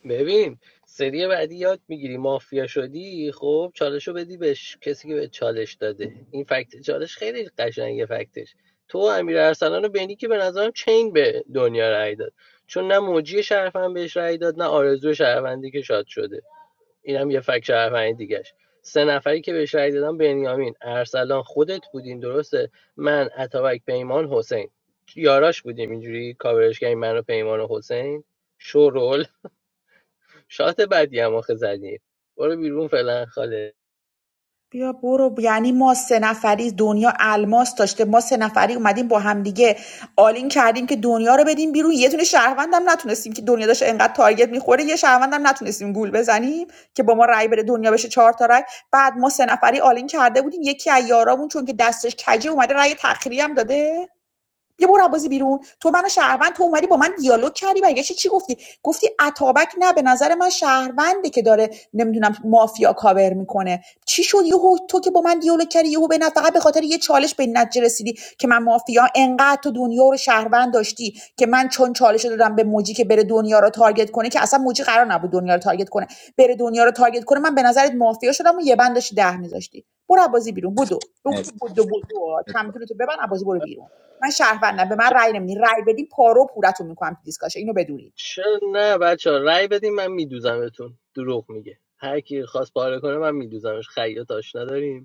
Speaker 8: ببین سری بعدی یاد میگیری مافیا شدی خب چالشو رو بدی به کسی که به چالش داده این فکت چالش خیلی قشنگه فکتش تو امیر ارسلان و بینی که به نظرم چین به دنیا رأی داد چون نه موجی شرفن بهش رأی داد نه آرزو شهروندی که شاد شده اینم یه فکت شهروندی دیگهش سه نفری که بهش رأی دادن بنیامین ارسلان خودت بودین درسته من اتابک پیمان حسین یاراش بودیم اینجوری کاورش کردیم من و پیمان و حسین شورول شات بعدی هم آخه زدیم برو بیرون فعلا خاله
Speaker 2: بیا برو یعنی ما سه نفری دنیا الماس داشته ما سه نفری اومدیم با هم دیگه آلین کردیم که دنیا رو بدیم بیرون یه دونه شهروندم نتونستیم که دنیا داشت انقدر تارگت میخوره یه شهروندم نتونستیم گول بزنیم که با ما رای بره دنیا بشه چهار تا رای بعد ما سه نفری آلین کرده بودیم یکی از یارامون چون که دستش کجه اومده رای تخریه هم داده یه برو بازی بیرون تو منو شهروند تو اومدی با من دیالوگ کردی برگشتی چی گفتی گفتی اتابک نه به نظر من شهرونده که داره نمیدونم مافیا کاور میکنه چی شد یهو تو که با من دیالوگ کردی یهو به فقط به خاطر یه چالش به این نتیجه رسیدی که من مافیا انقدر تو دنیا رو شهروند داشتی که من چون چالش رو دادم به موجی که بره دنیا رو تارگت کنه که اصلا موجی قرار نبود دنیا رو تارگت کنه بره دنیا رو تارگت کنه من به نظرت مافیا شدم و یه بند داشتی ده میذاشتی برو بازی بیرون بدو بدو
Speaker 11: مرسی
Speaker 2: بدو چمدونتو ببند بازی برو بیرون من شهروندم به من
Speaker 8: چ-
Speaker 2: رأی نمیدین رأی بدین پارو پورتون میکنم تو دیسکاشه اینو بدونید
Speaker 8: چه نه بچه ها رای بدیم من میدوزمتون دروغ میگه هر کی خواست پاره کنه من میدوزمش خیاط آشنا داریم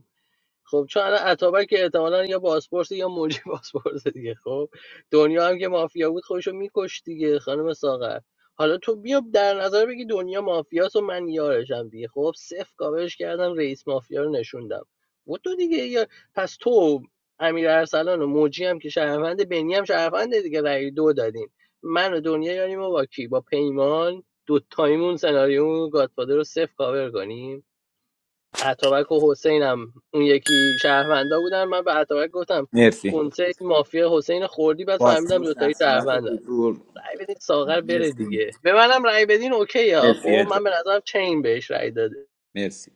Speaker 8: خب چون الان اتابک که احتمالا یا بازپرس یا موجی بازپرس دیگه خب دنیا هم که مافیا بود خودشو میکش دیگه خانم ساغر حالا تو بیا در نظر بگی دنیا مافیاس و من یارشم دیگه خب صفر کاورش کردم رئیس مافیا رو نشوندم و تو دیگه یا پس تو امیر ارسلان و موجی هم که شهروند بنی هم شهرونده دیگه رأی دو دادین من و دنیا یاریم و با کی با پیمان دو تایمون سناریو گادفادر رو صفر کاور کنیم اتابک و حسینم اون یکی شهروندا بودن من به اتابک گفتم
Speaker 11: مرسی
Speaker 8: کنسرت مافیا حسین خوردی بعد فهمیدم
Speaker 11: پاسپورت در
Speaker 8: دوتایی
Speaker 11: صورت
Speaker 8: شهروندن
Speaker 11: حضور
Speaker 8: رأی بدین ساغر بره
Speaker 11: مرسی
Speaker 8: دیگه به منم رأی بدین اوکی ها
Speaker 11: مرسی
Speaker 8: خب من
Speaker 11: ادوارد
Speaker 8: به نظرم چین بهش رأی داده
Speaker 11: مرسی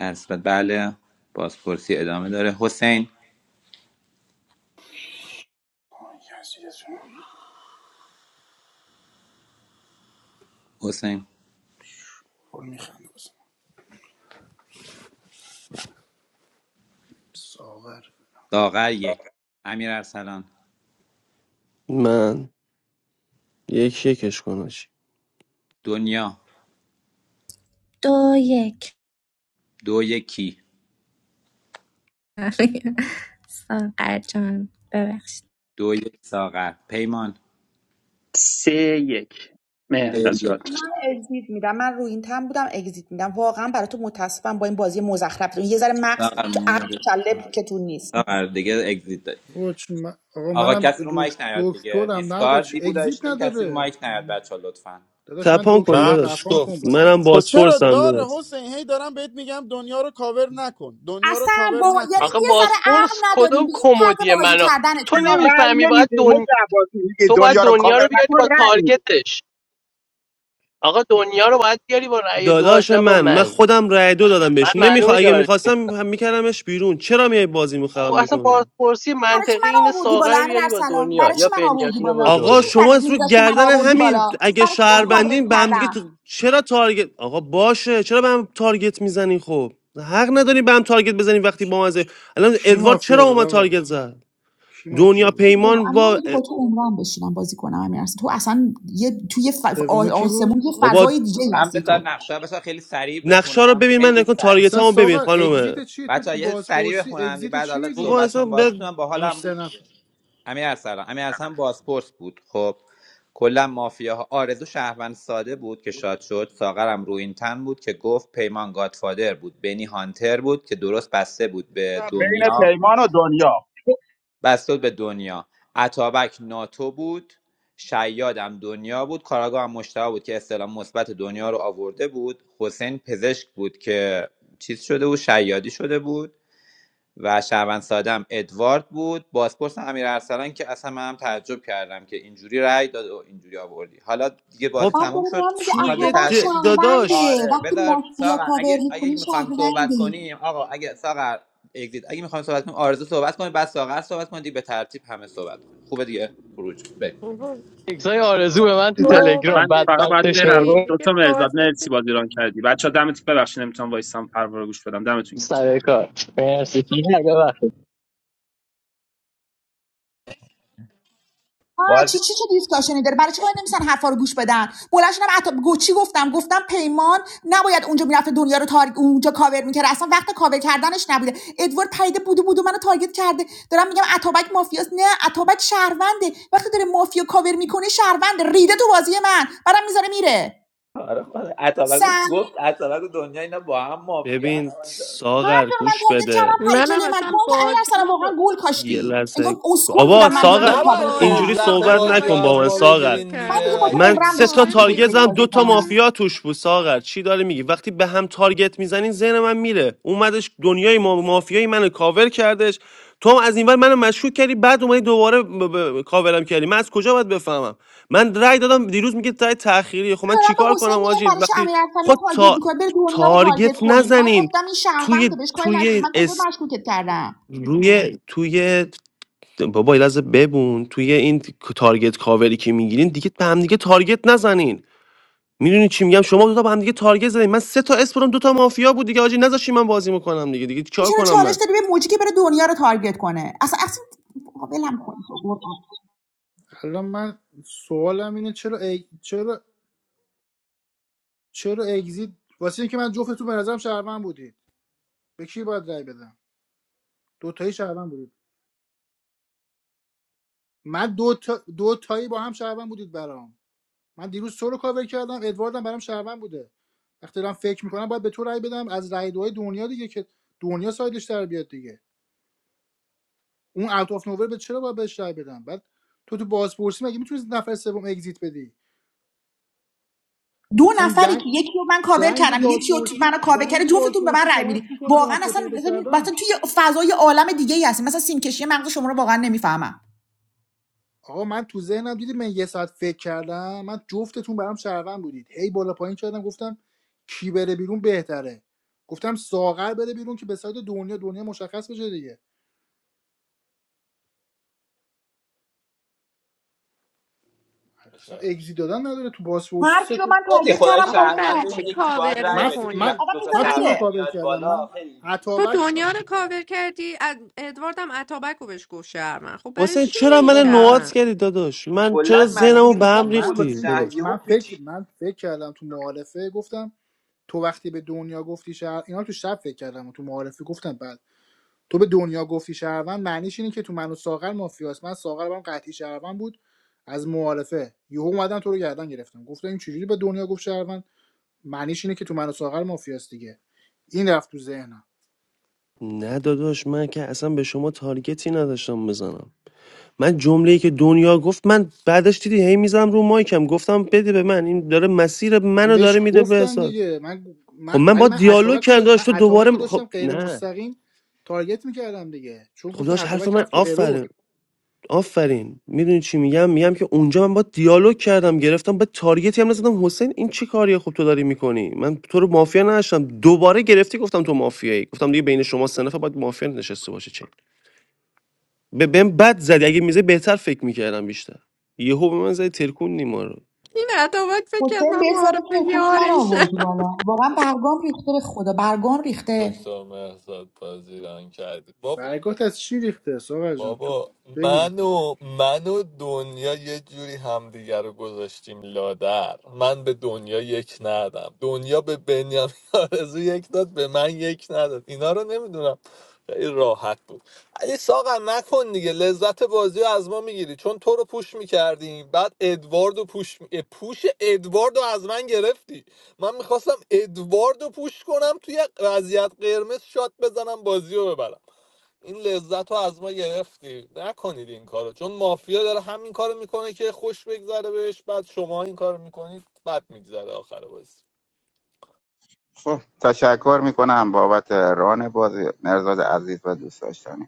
Speaker 11: در صورت بله پاسپورتی ادامه داره حسین حسین
Speaker 1: خب میخنده واسه ساغر
Speaker 11: ساغر یک امیر ارسلان
Speaker 13: من یکی یکش کن آجی
Speaker 11: دنیا
Speaker 12: دو یک
Speaker 11: دو یکی
Speaker 12: ساقر جان ببخشید
Speaker 11: دو یک ساغر پیمان
Speaker 6: سه یک مهر
Speaker 11: سه یک
Speaker 6: نجات
Speaker 2: اگزییت میدم من رو این تم بودم اگزییت میدم واقعا برای تو متاسفم با این بازی مزخرف تو. یه ذره مغز
Speaker 11: ساغر
Speaker 2: تو عقل
Speaker 11: مدر
Speaker 2: کله که تو نیست
Speaker 11: ساغر دیگه اگزیت داری
Speaker 1: آقا چی من- آقا
Speaker 11: آقا
Speaker 1: منم
Speaker 11: کسی رو
Speaker 1: دک-
Speaker 11: مایک نیاد دیگه
Speaker 1: دکترم نه آقا چی
Speaker 11: دیسکاردی بود
Speaker 1: اگزیت
Speaker 11: داشتیم کسی رو
Speaker 1: نداره
Speaker 11: مایک نیاد بچه لطفا
Speaker 1: داداش من
Speaker 13: تپان کن
Speaker 1: دکترم
Speaker 13: داداش
Speaker 5: نقش
Speaker 1: تپان کن
Speaker 5: گفت
Speaker 1: بازیو
Speaker 13: منم
Speaker 7: خب چرا
Speaker 13: بازپرسم
Speaker 7: داره
Speaker 13: داداش
Speaker 7: حسین هی دارم بهت میگم دنیا رو کاور نکن دنیا رو
Speaker 2: اصلا
Speaker 7: کاور
Speaker 2: با یعنی
Speaker 7: نکن
Speaker 8: آخه
Speaker 2: یه ذره عقل
Speaker 8: باسپورس
Speaker 2: نداریم
Speaker 8: کدوم
Speaker 2: به این طرز
Speaker 8: کمدی
Speaker 2: بازی
Speaker 8: منو تو
Speaker 4: چرا
Speaker 2: کردنتونه
Speaker 4: رأی
Speaker 8: نمیفهمی باید
Speaker 4: نمیدی
Speaker 8: دن...
Speaker 4: مجه عباسی میگی
Speaker 8: تو باید
Speaker 4: دنیا رو
Speaker 8: دنیا
Speaker 4: کاور
Speaker 8: رو بیاری
Speaker 4: نکن
Speaker 8: با
Speaker 4: رأی میدی
Speaker 8: تارگتش آقا دنیا رو باید بیاری با رأی
Speaker 13: داداش
Speaker 8: دوهاش نه با
Speaker 13: من من
Speaker 8: من
Speaker 13: خودم رای دو دادم
Speaker 8: من
Speaker 13: بهش نمیخوا
Speaker 8: معلومه
Speaker 13: اگه
Speaker 8: یاره
Speaker 13: میخواستم هم میکردمش بیرون چرا میای بازیمو خراب
Speaker 8: خب اصلا
Speaker 13: میکنی
Speaker 8: بازپرسی
Speaker 2: برای چی
Speaker 8: منطقی
Speaker 2: من
Speaker 8: اینه
Speaker 2: آوردی بالا
Speaker 8: ساغر رو
Speaker 2: امیر
Speaker 8: بیاری با
Speaker 2: ارسلان
Speaker 8: دنیا
Speaker 2: برای
Speaker 8: یا
Speaker 2: چی من آوردی
Speaker 8: بنیامین رو با
Speaker 2: بالا چی
Speaker 13: آقا
Speaker 8: دنیا
Speaker 2: تو
Speaker 13: شما
Speaker 2: سرت
Speaker 13: از رو
Speaker 2: میذاش که من
Speaker 13: گردن
Speaker 2: آوردی
Speaker 13: همین
Speaker 2: بالا
Speaker 13: اگه
Speaker 2: برای چی تو رو کابرت
Speaker 13: شهروندین به هم دیگه
Speaker 2: کردم
Speaker 13: تو- چرا تارگت آقا باشه چرا به هم تارگت میزنین خب حق نداری به هم تارگت بزنین وقتی با مزه الان
Speaker 1: کی
Speaker 13: ادوارد چرا
Speaker 1: مافیا
Speaker 13: با
Speaker 1: بود
Speaker 13: من
Speaker 1: آقا
Speaker 13: تارگت زد
Speaker 1: کی مافیا
Speaker 13: دنیا
Speaker 1: بود
Speaker 2: برو
Speaker 13: پیمان
Speaker 2: اما من
Speaker 13: با
Speaker 2: با تو عمرم بشینم بازی کنم امیر ارسلان تو اصلا یه توی ف...
Speaker 1: سومی کی بود
Speaker 2: آسمون یه
Speaker 13: بابا
Speaker 2: فضای دیگه
Speaker 11: من
Speaker 2: هستی
Speaker 11: بذار
Speaker 2: تو
Speaker 11: نقشه رو بذار خیلی سریع
Speaker 13: نقشا رو
Speaker 11: بخونم
Speaker 13: ببین من
Speaker 11: خیلی
Speaker 13: نکن
Speaker 11: سریع
Speaker 13: تارگت
Speaker 1: اصلا
Speaker 13: رو ببین
Speaker 1: ساقا
Speaker 13: خانومه
Speaker 1: اگزیت چی تو تو
Speaker 11: بچه یه سریع
Speaker 1: بازپرسی
Speaker 11: بخونم
Speaker 1: اگزیت
Speaker 11: بعد
Speaker 1: چی
Speaker 11: حالا
Speaker 13: بابا
Speaker 1: میدی
Speaker 11: صحبت
Speaker 13: اصلا
Speaker 11: کنیم
Speaker 13: به
Speaker 11: بازیتون هم باحال
Speaker 1: هنوز
Speaker 11: هم
Speaker 1: سه
Speaker 11: بود دیگه
Speaker 1: نفر
Speaker 11: امیر ارسلان امیر ارسلان بازپرس بود خب کلا مافیاها آرزو شهروند ساده بود که شاد شد ساغرم رو این تن بود که گفت پیمان گادفادر بود بنی هانتر بود که درست بسته بود به
Speaker 4: بین
Speaker 11: دنیا
Speaker 4: پیمان و دنیا
Speaker 11: بستد به دنیا اتابک ناتو بود شیادم دنیا بود کاراگاه هم مشتبه بود که استلام مثبت دنیا رو آورده بود حسین پزشک بود که چیز شده بود شیادی شده بود و شهروند سادم ادوارد بود بازپرس امیر ارسلان که اصلا من هم تعجب کردم که اینجوری رای داد و اینجوری آوردی حالا دیگه بازی
Speaker 13: خب
Speaker 2: بعد
Speaker 11: تموم
Speaker 2: داره به
Speaker 11: شد
Speaker 2: من میگه
Speaker 11: میخواد به
Speaker 13: توی
Speaker 2: اتابک
Speaker 11: ترتیب
Speaker 13: د-
Speaker 2: شهرونده
Speaker 13: داداش
Speaker 11: آره
Speaker 2: وقتی
Speaker 11: بذار
Speaker 2: مافیا
Speaker 11: ساغر
Speaker 2: کاور
Speaker 11: اگه اگه
Speaker 2: میکنی
Speaker 11: میخوایم صحبت
Speaker 2: شهرونده
Speaker 11: کنیم آقا اگه ساغر اگزیت اگه میخوایم صحبت کنیم آرزو صحبت کنیم بعد ساغر صحبت کنیم دیگه به ترتیب همه صحبت کنیم خوبه دیگه خروج بریم
Speaker 3: بابا،
Speaker 8: ایکسای آرزو به من تو
Speaker 6: من
Speaker 8: تلگرام
Speaker 3: صحبت
Speaker 6: من فقط باید
Speaker 8: بدبخت
Speaker 3: چی
Speaker 6: برم
Speaker 8: شورو
Speaker 6: دو
Speaker 3: دیگه
Speaker 6: تا مرزاد
Speaker 3: بازی
Speaker 6: مرسی
Speaker 3: که-
Speaker 6: بازی ران کردی بچا دمتون ببخشید نمیتونم وایسام پروار گوش بدم دمتون گرم
Speaker 8: سر کار مرسی دیگر ببخشید
Speaker 2: آه چی
Speaker 11: بازی
Speaker 2: چی چه دیسکاشنی داره برای چی باید نمیسن حرفا رو گوش بدن بلنشونم عطا گو چی گفتم گفتم پیمان نباید اونجا میرفته دنیا رو تارگ اونجا کاور میکرد اصلا وقت کاور کردنش نبوده ادوارد پریده بودو بودو منو تارگت کرده دارم میگم اتابک مافیاست نه اتابک شهرونده وقتی داره مافیا کاور میکنه شهرونده ریده تو بازی من برام میذاره میره
Speaker 11: آره خدا. اتابک
Speaker 2: سن
Speaker 11: گفت اتابک و دنیا اینا با هم مافیا
Speaker 13: ببین
Speaker 2: هر
Speaker 13: ساغر
Speaker 2: جا من
Speaker 13: گوش
Speaker 2: تارگت
Speaker 13: بده
Speaker 2: کردم پری
Speaker 3: منم
Speaker 2: جلوی من تو
Speaker 3: اصلا
Speaker 2: اینکه امین ارسلان
Speaker 3: بازیمو
Speaker 2: واقعا
Speaker 3: با
Speaker 2: گول
Speaker 13: یه
Speaker 2: کاشتی انگار
Speaker 13: لحظه
Speaker 2: اسکول
Speaker 13: آبا
Speaker 2: بودم
Speaker 3: واقعا
Speaker 2: من بیام تو
Speaker 13: ساغر
Speaker 2: رو
Speaker 3: منم
Speaker 5: نباید
Speaker 2: کاورت کنم
Speaker 13: اینجوری
Speaker 3: بازیمو با
Speaker 5: لذت
Speaker 13: صحبت
Speaker 5: بازی رو
Speaker 3: اتابک
Speaker 13: نکن با
Speaker 5: از
Speaker 13: من
Speaker 5: ما
Speaker 3: دنیا
Speaker 13: ساغر
Speaker 3: شروع
Speaker 5: بگیرین
Speaker 2: من دیگه
Speaker 5: دیگه
Speaker 3: کردم
Speaker 2: با تو
Speaker 13: من
Speaker 3: انقدر
Speaker 5: ولی
Speaker 2: عمرم
Speaker 13: سه تا
Speaker 2: بشینم
Speaker 3: کاور
Speaker 2: تو یک
Speaker 13: تارگتم
Speaker 3: بیخود
Speaker 13: دو
Speaker 2: بازی
Speaker 13: تا
Speaker 2: کنم
Speaker 3: میکنی
Speaker 13: مافیا توش بود ساغر چی داره میگی وقتی به هم تارگت میزنین ذهن من میره اومدش دنیای ما مافیایی منو کاور کردش تو هم از این ور منو مشکوک کردی بعد اومدی دوباره ب- ب- کاورم کردی من از کجا باید بفهمم من رأی دادم دیروز میگه رأی تأخیری خب
Speaker 2: من
Speaker 13: من
Speaker 2: دارم به
Speaker 13: چیکار
Speaker 2: حسین
Speaker 13: کنم
Speaker 2: میگم
Speaker 13: آجی
Speaker 2: برای چه
Speaker 13: وقتی
Speaker 2: امیر ارسلان
Speaker 13: خود
Speaker 2: تارگت
Speaker 13: تا...
Speaker 2: میکنه بره دنیا رو تارگت
Speaker 13: تارگت
Speaker 2: کنی من
Speaker 13: نزنین
Speaker 2: گفتم این شهروند
Speaker 13: توی
Speaker 2: بهش کاری نداری
Speaker 13: توی
Speaker 2: من کجا مشکوکت کردم
Speaker 13: روی توی بابا یه ببون توی این تارگت کاوری که میگیرین دیگه به هم دیگه تارگت نزنین میدونی چی میگم شما دو تا به هم دیگه تارگت زدین من سه تا اسپرم دو تا مافیا بود دیگه آجی نذاشی من بازی میکنم دیگه دیگه
Speaker 2: این
Speaker 13: چیکار
Speaker 2: چرا
Speaker 13: کنم
Speaker 2: چالش
Speaker 13: من
Speaker 2: داری به موجی که بره دنیا رو تارگت کنه اصلا اصلا بابا ولم کن تو
Speaker 1: الان من سوالم اینه چرا اگ... چرا چرا اگزیت واسه اینکه من جفتتون به نظرم شهروند بودید به کی باید رأی بدم دو تایی شهروند بودید من دو, تا... دو تایی با هم شهروند بودید برام من دیروز تو رو کاور کردم ادواردم برام شهروند بوده وقتی دارم فکر میکنم باید به تو رأی بدم از رأی دوهای دنیا دیگه که دنیا سایدش در بیاد دیگه اون اوت اف نوور به چرا باید بهش رای بدم بعد تو تو بازپرسی مگه میتونی نفر سوم اگزییت بدی
Speaker 2: دو
Speaker 1: اصلا
Speaker 2: نفری
Speaker 1: دنگ
Speaker 2: که یکی رو من کاور
Speaker 1: دنگ
Speaker 2: کردم یکی رو تو-
Speaker 1: بازپرسی
Speaker 2: منو کاور کرده
Speaker 1: دنگ
Speaker 2: جفتتون به من
Speaker 1: بازپرسی
Speaker 2: رأی
Speaker 1: کمک
Speaker 2: میدی
Speaker 1: میکنه به
Speaker 2: واقعا
Speaker 1: مافیا
Speaker 2: اصلا
Speaker 1: پیدا
Speaker 2: مثلا
Speaker 1: کردن
Speaker 2: مثلا توی فضای عالم دیگه ای هستیم مثلا سیمکشی مغز شما رو واقعا نمیفهمم
Speaker 1: آقا من تو ذهنم دیدی من یه ساعت فکر کردم من جفتتون برام شهروند بودید هی بالا پایین کردم گفتم کی بره بیرون بهتره گفتم ساغر بره بیرون که به سایت دنیا دنیا مشخص بشه دیگه اصلا
Speaker 5: شب
Speaker 1: اگزییت دادن نداره تو بازپرسی
Speaker 2: هر
Speaker 1: سه
Speaker 2: کی رو
Speaker 1: تا
Speaker 2: من
Speaker 11: خیلی
Speaker 2: تارگت
Speaker 11: خدا
Speaker 2: کردم
Speaker 3: آخه
Speaker 2: کاور
Speaker 11: شهروند
Speaker 3: برای چی
Speaker 11: این
Speaker 2: کرده
Speaker 11: یکی باید
Speaker 3: کاور
Speaker 11: رأی
Speaker 1: من
Speaker 11: بده دیگه
Speaker 3: میکنی
Speaker 1: من
Speaker 11: وقتی
Speaker 2: آدم
Speaker 11: دوتا
Speaker 1: من
Speaker 2: میذاره
Speaker 1: تو رو
Speaker 2: میره
Speaker 11: شهروند
Speaker 1: کاور
Speaker 11: میاد
Speaker 1: کردم من
Speaker 11: بالا خیلی اینجوری
Speaker 3: تو
Speaker 1: عطابک
Speaker 3: دنیا رو کاور کردی اد- ادواردم اتابک رو بهش گفت شهرمن خب برای
Speaker 13: حسین
Speaker 3: چی
Speaker 13: چرا
Speaker 3: میگین
Speaker 13: من
Speaker 1: آقا من
Speaker 13: نوات
Speaker 3: شهرمن
Speaker 13: کردی داداش من چرا
Speaker 11: کلا
Speaker 1: من
Speaker 13: ذهنمو
Speaker 11: مسیر
Speaker 13: به
Speaker 1: تو
Speaker 11: خوب
Speaker 13: هم
Speaker 1: من
Speaker 11: بود
Speaker 13: ریختی
Speaker 1: واسه اینکه
Speaker 11: شهر
Speaker 13: داداش
Speaker 11: یهو
Speaker 1: من فکر
Speaker 11: پیچید
Speaker 1: من فکر کردم تو معارفه گفتم تو وقتی به دنیا گفتی شهر اینا تو شب فکر کردم و تو معارفه گفتم بعد تو به دنیا گفتی شهروند معنیش اینه که تو من و ساغر مافیاست من ساغر برام قطعی شهروند بود از معارفه یهو اومدن تو رو گردن گرفتم گفتم این چجوری به دنیا گفت شهروند معنیش اینه که تو من و ساغر مافیاست دیگه این رفت تو ذهنم
Speaker 13: نه داداش من که اصلا به شما تارگتی نداشتم بزنم من جمله ای که دنیا گفت من بعدش دیدی هی میزنم رو مایکم گفتم بده به من این داره مسیر
Speaker 1: من
Speaker 13: منو داره
Speaker 1: بهش
Speaker 13: میده به
Speaker 1: گفتم
Speaker 13: حساب.
Speaker 1: دیگه من,
Speaker 13: خب
Speaker 1: من-
Speaker 13: من با
Speaker 1: ولی من
Speaker 13: دیالوگ
Speaker 1: اتابک رو
Speaker 13: کردم
Speaker 1: داشت...
Speaker 13: داشت
Speaker 1: من
Speaker 13: تو
Speaker 1: اتابک
Speaker 13: دوباره
Speaker 1: رو
Speaker 13: م- خب
Speaker 1: داشتم غیر
Speaker 13: نه
Speaker 1: مستقیم تارگت میکردم دیگه چون
Speaker 13: خب
Speaker 1: گفتم
Speaker 13: داشت حرف
Speaker 1: اتابک
Speaker 13: من
Speaker 1: رفت تو
Speaker 13: آفرین
Speaker 1: ارور
Speaker 13: آفرین میدونی چی میگم میگم که اونجا من با دیالوگ کردم گرفتم به تارگتی هم نزدم حسین این چه کاریه خب تو داری میکنی من تو رو مافیا نداشتم دوباره گرفتی گفتم تو مافیایی گفتم دیگه بین شما سه نفر باید مافیا نشسته باشه چه به بهم بد زدی اگه میزه بهتر فکر میکردم بیشتر یهو به من زدی ترکون نیما
Speaker 3: این عداوت فکر کرد
Speaker 2: حسین به
Speaker 3: من
Speaker 2: ساده
Speaker 3: معارف
Speaker 2: ترکون من
Speaker 3: یارشه
Speaker 2: آوردی بالا واقعا برگام ریخته به خدا برگام ریخته
Speaker 5: دکتر مهزاد بازی ران کردی با
Speaker 1: برگات از چی ریخته ساغر جان تو
Speaker 5: بابا
Speaker 1: بگو
Speaker 5: من و من و دنیا یه جوری همدیگه رو گذاشتیم لادر من به دنیا یک ندادم دنیا به بنیامین آرزو یک داد به من یک نداد اینا رو نمیدونم خیلی راحت بود علی ساقا نکن دیگه لذت بازی رو از ما میگیری چون تو رو پوش میکردیم بعد ادوارد رو پوش می... پوش ادوارد رو از من گرفتی من میخواستم ادوارد رو پوش کنم توی وضعیت قرمز شات بزنم بازی رو ببرم این لذت رو از ما گرفتی نکنید این کارو چون مافیا داره همین کارو میکنه که خوش بگذره بهش بعد شما این کارو میکنید بد میگذره آخر بازی
Speaker 4: خب تشکر میکنم بابت ران بازی مرزاد عزیز و دوست داشتنی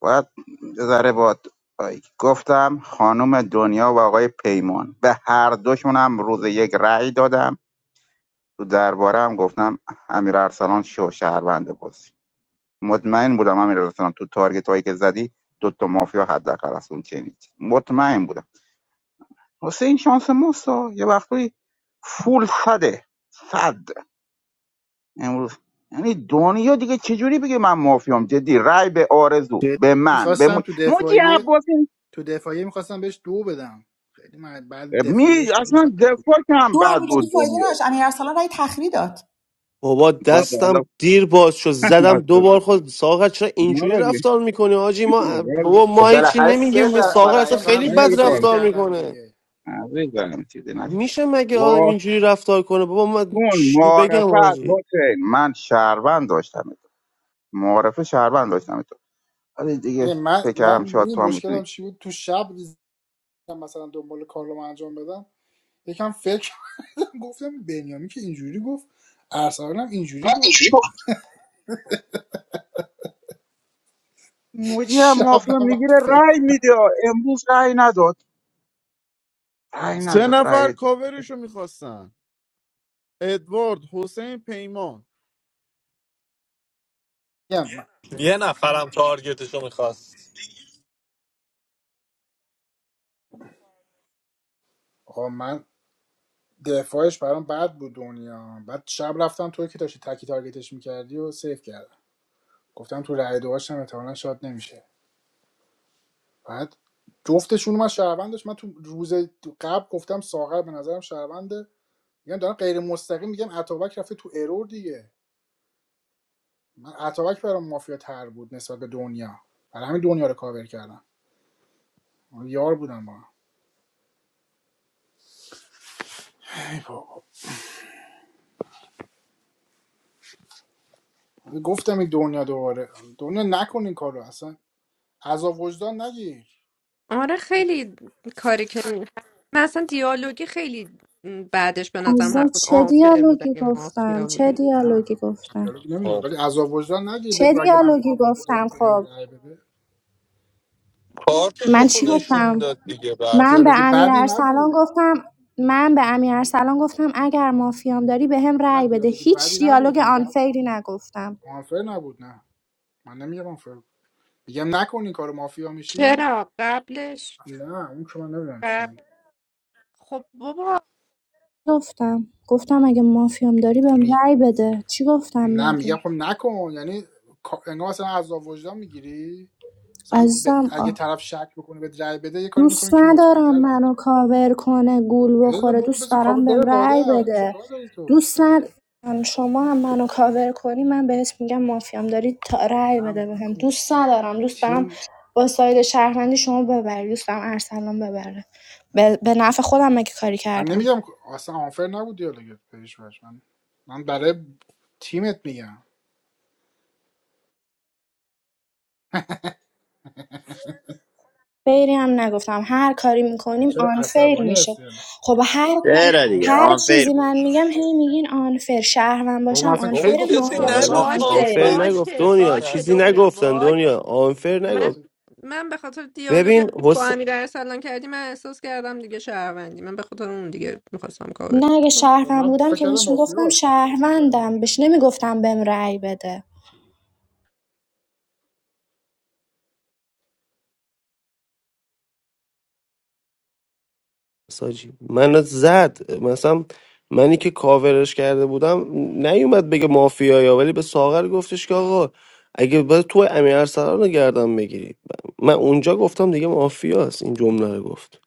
Speaker 4: باید یه ذره با گفتم خانم دنیا و آقای پیمان به هر دوشون هم روز یک رأی دادم تو درباره هم گفتم امیر ارسلان شو شهروند بازی مطمئن بودم امیر ارسلان تو تارگت هایی که زدی دو تا مافیا حداقل از اون چنید مطمئن بودم واسه این شانس ماستا یه وقتی فول صده صد امروز یعنی دنیا دیگه چجوری بگه من مافیام جدی رای به آرزو
Speaker 1: جدی
Speaker 4: به من به
Speaker 1: میخواستم
Speaker 4: مو...
Speaker 1: تو
Speaker 4: موجی
Speaker 1: دفاعیه
Speaker 4: عباسی
Speaker 1: تو دفاعیه میخواستم بهش دو بدم خیلی من بعد
Speaker 4: می
Speaker 1: دفاعیش خیلی
Speaker 4: اصلا
Speaker 1: بد بود
Speaker 4: دفاع که هم
Speaker 2: دو
Speaker 4: بد بود
Speaker 2: امیرعلی فایده
Speaker 4: دنیا
Speaker 2: نداشت امیر ارسلان رأی تخری داد
Speaker 13: بابا
Speaker 4: بابا حالا
Speaker 13: دستم دیر باز شد زدم
Speaker 4: واسه
Speaker 13: دوبار خود ساغر چرا
Speaker 4: ما
Speaker 13: اینجوری
Speaker 4: رو
Speaker 13: رفتار میکنه آجی ما
Speaker 4: دید.
Speaker 13: بابا
Speaker 11: خب
Speaker 13: ما هیچی
Speaker 11: بالاخره
Speaker 1: من
Speaker 11: سه
Speaker 13: نمیگیم
Speaker 11: تا
Speaker 1: شب
Speaker 11: با
Speaker 13: ساغر
Speaker 11: رأی
Speaker 13: اصلا
Speaker 1: رفتم
Speaker 11: تو هم
Speaker 13: خیلی
Speaker 1: موجی رو
Speaker 11: سه
Speaker 4: ولی
Speaker 13: بد
Speaker 11: تا
Speaker 1: سیف
Speaker 4: کن
Speaker 11: بود
Speaker 13: رفتار
Speaker 11: دیگه
Speaker 1: کردم
Speaker 13: میکنه
Speaker 1: دیگه
Speaker 4: عزیزم چیزی نشد
Speaker 13: میشه مگه آدم اینجوری رفتار کنه بابا من
Speaker 4: واسون
Speaker 13: چی بگم
Speaker 4: معرفت
Speaker 13: آجی
Speaker 4: حسین من شهروند داشتم تو معرفه شهروند داشتم تو ولی دیگه
Speaker 1: یعنی من
Speaker 4: فکر کردم
Speaker 1: من
Speaker 4: شاید
Speaker 1: می
Speaker 4: تو هم
Speaker 1: مشکلم
Speaker 4: میتونی
Speaker 1: چی بود تو شب مثلا دنبال کارلوم انجام بدم یکم فکر گفتم بنیامی که اینجوری گفت ارسلان هم اینجوری گفت
Speaker 4: چجوری گفت؟ موجی هم
Speaker 1: شب
Speaker 4: مافیا
Speaker 1: نباید
Speaker 4: میگیره
Speaker 1: فکر
Speaker 4: رای
Speaker 1: کنم
Speaker 4: میده امروز رای نداد رای
Speaker 7: سه
Speaker 4: نداد
Speaker 7: نفر
Speaker 4: رای داد
Speaker 7: کاورشو میخواستن ادوارد حسین پیمان
Speaker 1: میگم من-
Speaker 5: یه نفرم تارگتشو میخواست
Speaker 1: آقا من دفاعش برام بد بود دنیا بعد شب رفتم توی که داشتی تکی تارگتش میکردی و سیف کردم گفتم تو رای دوهاش هم احتمالا شاد نمیشه بعد جفتشون من شهروند داشت من تو روز قبل گفتم ساغر به نظرم شهرونده میگم دارم غیر مستقیم میگم اتابک رفته تو ارور دیگه من اتابک برام مافیا تر بود نسبت به دنیا برای همین دنیا رو کاور کردم یار بودم با هم. ای بابا. گفتم این دنیا دوباره دنیا نکنین کارو کار رو اصلا عذاب وجدان نگیر
Speaker 3: آره خیلی کاری که می من اصلا دیالوگی خیلی م، بعدش به نظرم
Speaker 12: عزیزم
Speaker 3: حرف بود
Speaker 12: چه
Speaker 3: آنفر بود
Speaker 12: دیالوگی
Speaker 3: اگه
Speaker 12: گفتم
Speaker 3: مافیا
Speaker 12: چه
Speaker 3: بودی
Speaker 1: نه
Speaker 12: دیالوگی گفتم
Speaker 1: دیالوگ نمیدونم
Speaker 5: خب
Speaker 1: ولی عذاب وجدان نگیر
Speaker 12: چه
Speaker 1: بگو اگه من
Speaker 12: دیالوگی
Speaker 1: مافیا داری
Speaker 12: گفتم
Speaker 1: به هم
Speaker 12: خب
Speaker 1: رای بده
Speaker 5: کارتشو
Speaker 12: من
Speaker 5: خو
Speaker 12: چی
Speaker 1: دیالوگ,
Speaker 5: نشون
Speaker 12: گفتم
Speaker 5: داد دیگه
Speaker 12: من
Speaker 5: برسن
Speaker 12: به
Speaker 1: دیالوگ
Speaker 12: امیر
Speaker 1: بدی
Speaker 12: ارسلان
Speaker 1: نبود
Speaker 12: گفتم من به امیر ارسلان گفتم اگر مافیام داری به هم
Speaker 1: نه نه
Speaker 12: رأی بده
Speaker 1: دیالوگ
Speaker 12: هیچ
Speaker 1: بدی
Speaker 12: دیالوگ
Speaker 1: نبود میگم
Speaker 12: آنفیری نگفتم
Speaker 1: آنفر نبود نه من نمیگم آنفر میگم نکن این کار مافیا میشی
Speaker 3: چرا قبلش
Speaker 1: نه اون که من نمیدونم چی میگم
Speaker 3: قبل خب بابا
Speaker 12: گفتم گفتم اگه مافیام داری بهم
Speaker 1: می...
Speaker 12: رأی بده چی گفتم
Speaker 1: نه
Speaker 12: مگه
Speaker 1: میگم خب نکن یعنی کا- انگار مثلا عذاب وجدان میگیری مثلا ب-
Speaker 12: عزیزم
Speaker 1: اگه طرف شک بکنه به رای بده یه کاری
Speaker 12: دوست
Speaker 1: میکنه که
Speaker 12: ندارم
Speaker 1: مطمئن
Speaker 12: منو کاور کنه گول
Speaker 1: بذار
Speaker 12: بخوره
Speaker 1: بابا
Speaker 12: دوست
Speaker 1: بذار کابل
Speaker 12: دارم بهم
Speaker 1: بره
Speaker 12: رأی
Speaker 1: لادر
Speaker 12: بده
Speaker 1: چیکار داری تو
Speaker 12: دوست ندارم شما هم منو کاور کنی من بهت میگم مافیام داری تا رأی
Speaker 1: نه
Speaker 12: بده بهم
Speaker 1: نکن
Speaker 12: دوست ندارم دوست دارم
Speaker 1: تیم
Speaker 12: با ساید شهروندی شما ببری دوست دارم ارسلان ببره به, به نفع خودم مگه کاری
Speaker 1: من
Speaker 12: کردم
Speaker 1: نمیگم که- اصلا آنفر نبود دیالوگت بهش بش من من برای تیمت میگم
Speaker 12: فیری هم نگفتم هر کاری میکنیم
Speaker 1: چرا
Speaker 12: آنفیر
Speaker 1: عصبانی
Speaker 12: میشه
Speaker 1: هستی الان
Speaker 12: خب هر کار
Speaker 9: چرا دیگه
Speaker 1: آنف-
Speaker 12: هر
Speaker 9: آنفیر
Speaker 12: چیزی من
Speaker 9: بود
Speaker 12: میگم هی
Speaker 9: آنفیر.
Speaker 12: میگین آنفیر شهروند
Speaker 1: بابا من
Speaker 12: باشم
Speaker 1: اصلا
Speaker 5: بابا
Speaker 1: کی
Speaker 12: آنفیر
Speaker 1: گفتم
Speaker 5: کسی
Speaker 12: مافیا
Speaker 3: بابا
Speaker 13: نه
Speaker 1: آنفر
Speaker 12: باشم
Speaker 13: نه
Speaker 1: بود
Speaker 5: نگفت
Speaker 3: باشه
Speaker 13: آنفر
Speaker 12: آنفیره
Speaker 5: آنفری
Speaker 13: نگفت
Speaker 3: باشه
Speaker 5: کسی
Speaker 13: دنیا
Speaker 3: باشه
Speaker 13: چیزی
Speaker 5: نگفت
Speaker 13: نگفتن
Speaker 3: دنیا
Speaker 13: دنیا آنفر
Speaker 3: من
Speaker 13: نگفت
Speaker 1: اصلا
Speaker 3: من به خاطر دیالوگی که
Speaker 13: ببین
Speaker 3: با امیر ارسلان کردی من احساس کردم دیگه شهروندی من به خاطر اون دیگه میخواستم کاور
Speaker 12: نه اگه
Speaker 3: کنم
Speaker 12: شهروند
Speaker 1: من
Speaker 12: بودم
Speaker 1: فکر
Speaker 12: که
Speaker 1: کردم
Speaker 12: بهش می‌گفتم
Speaker 1: مافیاست با اون دیالوگی
Speaker 12: شهروندم
Speaker 1: که کرد.
Speaker 12: بهش نمیگفتم بهم رای بده.
Speaker 13: ساجی من زد مثلا منی که کاورش کرده بودم نیومد بگه مافیایا ولی به ساغر گفتش که آقا اگه باید تو امیر ارسلان رو گردن بگیری من اونجا گفتم دیگه مافیاست این جمله رو گفت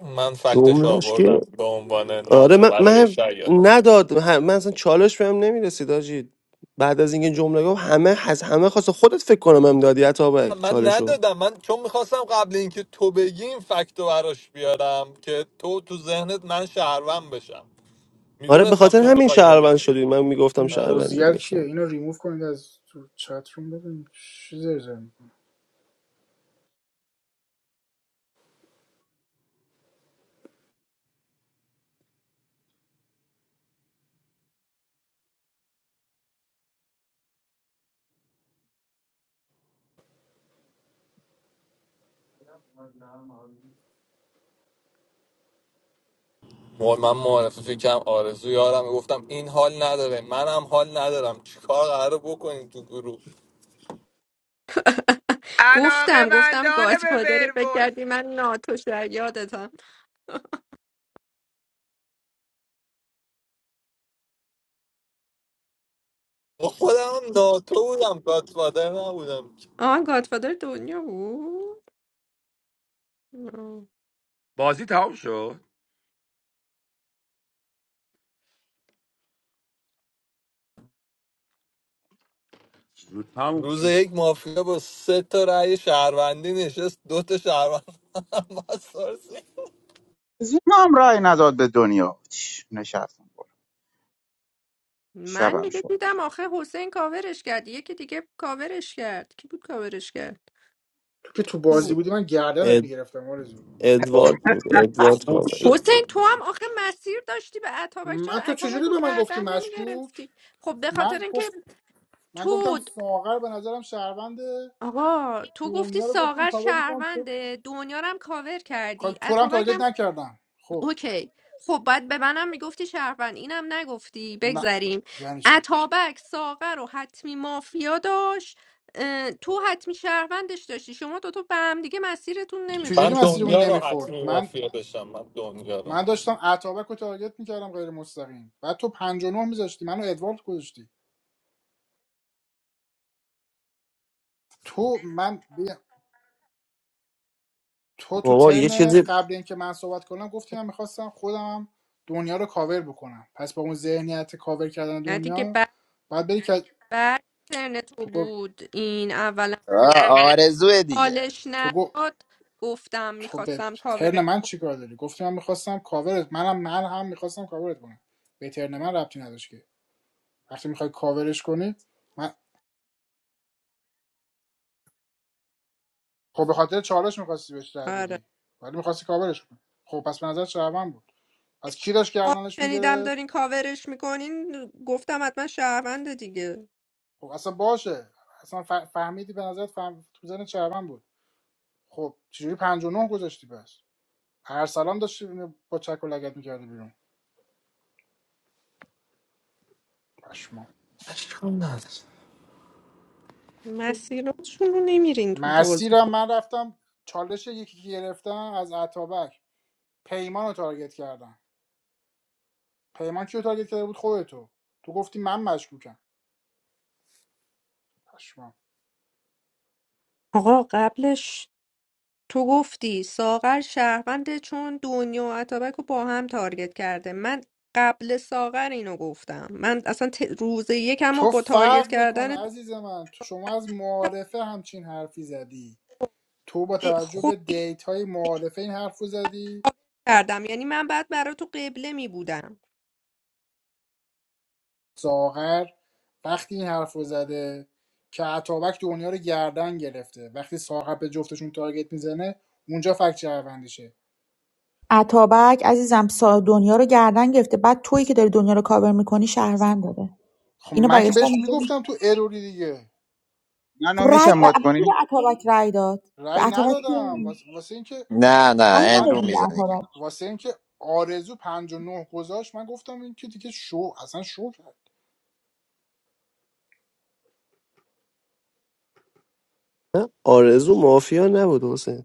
Speaker 5: من فکتش
Speaker 13: جملهش
Speaker 5: آوردم
Speaker 13: که
Speaker 5: به عنوان
Speaker 13: آره
Speaker 5: ناتو
Speaker 13: من,
Speaker 5: برای
Speaker 13: من
Speaker 5: شاید
Speaker 13: نداد من من اصلا چالش بهم نمیرسید آجی بعد از اینکه جمله گفت همه از همه خواست خودت فکر کنم هم دادی عطابک
Speaker 5: من
Speaker 13: چالشو
Speaker 5: ندادم من چون میخواستم قبل اینکه تو بگی این فکت رو براش بیارم که تو تو ذهنت من شهروند بشم
Speaker 13: آره به
Speaker 5: میدونستم
Speaker 13: خاطر
Speaker 5: تو
Speaker 13: همین
Speaker 5: میخوای اینو
Speaker 13: شهروند
Speaker 5: بگی
Speaker 13: شدی من میگفتم
Speaker 1: این
Speaker 5: آره
Speaker 13: شهروندی
Speaker 1: اوزیل کیه
Speaker 13: داشتم
Speaker 1: اینو ریموو کنید از تو چت روم ببین چی زرزر می‌کنی.
Speaker 5: مو- من معرفه فکرم آرزو یارم گفتم این حال نداره منم حال ندارم چیکار قراره بکنیم تو گروه
Speaker 10: علاقه
Speaker 3: گفتم گفتم
Speaker 10: مندان به
Speaker 3: گادفادری فکر
Speaker 10: ورولف
Speaker 3: کردی من ناتو شر یادتم
Speaker 5: ما خودم هم ناتو بودم گاتفادر نبودم
Speaker 3: آه من گادفادر دنیا بود
Speaker 10: بازی تموم شد زود تموم
Speaker 5: روز
Speaker 10: شد
Speaker 5: یک مافیا با سه تا رأی شهروندی نشست دو تا شهروند با سارسی.
Speaker 4: زینا هم رای نداد به دنیا چش، نشستم
Speaker 3: من
Speaker 4: شبم
Speaker 3: دیگه
Speaker 4: شد
Speaker 3: دیدم آخه حسین کاورش کرد یکی دیگه کاورش کرد کی بود کاورش کرد
Speaker 1: تو که تو بازی
Speaker 3: هم.
Speaker 1: بودی من گردنت میگرفتم آرزو
Speaker 5: با-
Speaker 13: ادوارد بود ادوارد
Speaker 5: خوب
Speaker 13: کامل
Speaker 5: شد
Speaker 3: حسین تو هم آخه مسیر داشتی به اتابک
Speaker 1: من
Speaker 3: چرا
Speaker 1: تو
Speaker 3: اتابک
Speaker 1: چجوری
Speaker 3: رو
Speaker 1: به من گفتی
Speaker 3: گردن
Speaker 1: مشکوک
Speaker 3: نمیگرفتی خب به خاطر
Speaker 1: من گفتم
Speaker 3: اینکه
Speaker 1: من گفتم
Speaker 3: تو
Speaker 1: ساغر به نظرم شهروند
Speaker 3: آقا تو گفتی
Speaker 1: دنیا رو گفتم
Speaker 3: ساغر
Speaker 1: کاور میکنم
Speaker 3: شهرونده دنیا رو هم کاور
Speaker 1: تو
Speaker 3: کردی
Speaker 1: تو رو هم
Speaker 3: اتابک
Speaker 1: تارگت نکردم خب
Speaker 3: اوکی خب باید به منم میگفتی شهروند اینم نگفتی
Speaker 1: نه
Speaker 3: بگذریم
Speaker 1: یعنی چی
Speaker 3: اتابک ساغر رو حتمی مافیا داشت اه، تو حتمی شهروندش داشتی شما دوتا به هم دیگه مسیرتون
Speaker 5: من
Speaker 1: چجوری
Speaker 3: نمیخورد
Speaker 1: مسیرمون
Speaker 5: دنیا رو
Speaker 1: نمیخورد
Speaker 5: حتمی
Speaker 1: من
Speaker 5: مافیا داشتم من دنیا رو
Speaker 1: من
Speaker 5: حتمی
Speaker 1: داشتم اتابک رو تارگت میکردم غیر مستقیم بعد تو 59 میذاشتی منو ادوارد گذاشتی تو من تو تو
Speaker 13: بابا یه
Speaker 1: ترنت
Speaker 13: چیزی
Speaker 1: قبل اینکه من صحبت کنم گفتی من میخواستم خودم دنیا رو کاور بکنم پس با اون ذهنیت کاور کردن
Speaker 3: نه دیگه
Speaker 1: دنیا
Speaker 3: بعد
Speaker 1: بعد بری که
Speaker 3: بعد ترن تو
Speaker 1: تو گفت
Speaker 3: بود این اولا
Speaker 9: آه، آرزوه دیگه
Speaker 3: حالش
Speaker 1: تو,
Speaker 3: نداد گفتم
Speaker 1: تو به
Speaker 3: میخواستم
Speaker 1: ترن
Speaker 3: کاور
Speaker 1: من چیکار داری گفتی من میخواستم کاورت منم من هم میخواستم کاورت کنم به ترن من ربطی نداشت که وقتی میخوای کاورش کنی من خب به خاطر چالش میخواستی بهش رای
Speaker 3: آره
Speaker 1: بدی ولی میخواستی کاورش کنی خب پس به نظر شهروند بود از کی داشت
Speaker 3: آره،
Speaker 1: گردنش
Speaker 3: شنیدم
Speaker 1: میگرفت
Speaker 3: دارین کاورش میکنین گفتم حتما شهرونده دیگه
Speaker 1: خب اصلا باشه اصلا فهمیدی به نظر فهم... تو زن شهروند بود خب چجوری 59 گذاشتی پس هر سلام داشتی با چک و لگت میکردی بیرون پشما
Speaker 5: اشکال نداره.
Speaker 3: مسیراتشون رو نمیرین تو بازی
Speaker 1: مسیرم
Speaker 3: خب
Speaker 1: من رفتم چالش یکی که گرفتم از عطابک پیمان رو تارگت کردن پیمان کیو تارگت کرده بود خودتو تو گفتی من مشکوکم پشمام
Speaker 3: آقا قبلش تو گفتی ساغر شهرونده چون دنیا و اتابک رو با هم تارگت کرده من قبل ساغر اینو گفتم من اصلا ت... روز یکم رو
Speaker 1: تو
Speaker 3: با تارگت
Speaker 1: فرق میکنه
Speaker 3: کردن
Speaker 1: عزیز من تو شما از معارفه همچین حرفی زدی تو با توجه به
Speaker 3: خود
Speaker 1: دیتای های معارفه این حرف زدی
Speaker 3: کردم یعنی من بعد برا تو قبله می بودم
Speaker 1: ساغر وقتی این حرف زده که عطابک دنیا رو گردن گرفته وقتی ساغر به جفتشون تارگت میزنه اونجا فکت شهروندیشه
Speaker 2: عطابک عزیزم سا دنیا رو گردن گرفته بعد تویی که داری دنیا رو کاور میکنی شهروند داده
Speaker 1: خب
Speaker 2: اینو
Speaker 1: من که
Speaker 2: برگشتم
Speaker 1: بهش
Speaker 2: اینجا
Speaker 1: میگفتم تو اروری دیگه
Speaker 4: منو
Speaker 2: خب رای
Speaker 4: میشه مد
Speaker 2: ب- کی
Speaker 4: کنی
Speaker 2: به اتابک رای داد به
Speaker 1: رأی
Speaker 2: اتابک کی
Speaker 1: ندادم واس- واسه اینکه
Speaker 9: نه نه
Speaker 2: آن
Speaker 1: من
Speaker 9: اندرو
Speaker 2: ندادیم به
Speaker 9: میزنی
Speaker 2: اتابک
Speaker 1: واسه اینکه آرزو پنجاه و نه گذاشت من گفتم این که دیگه شو اصلا شو کرد
Speaker 13: آرزو مافیا نبود حسین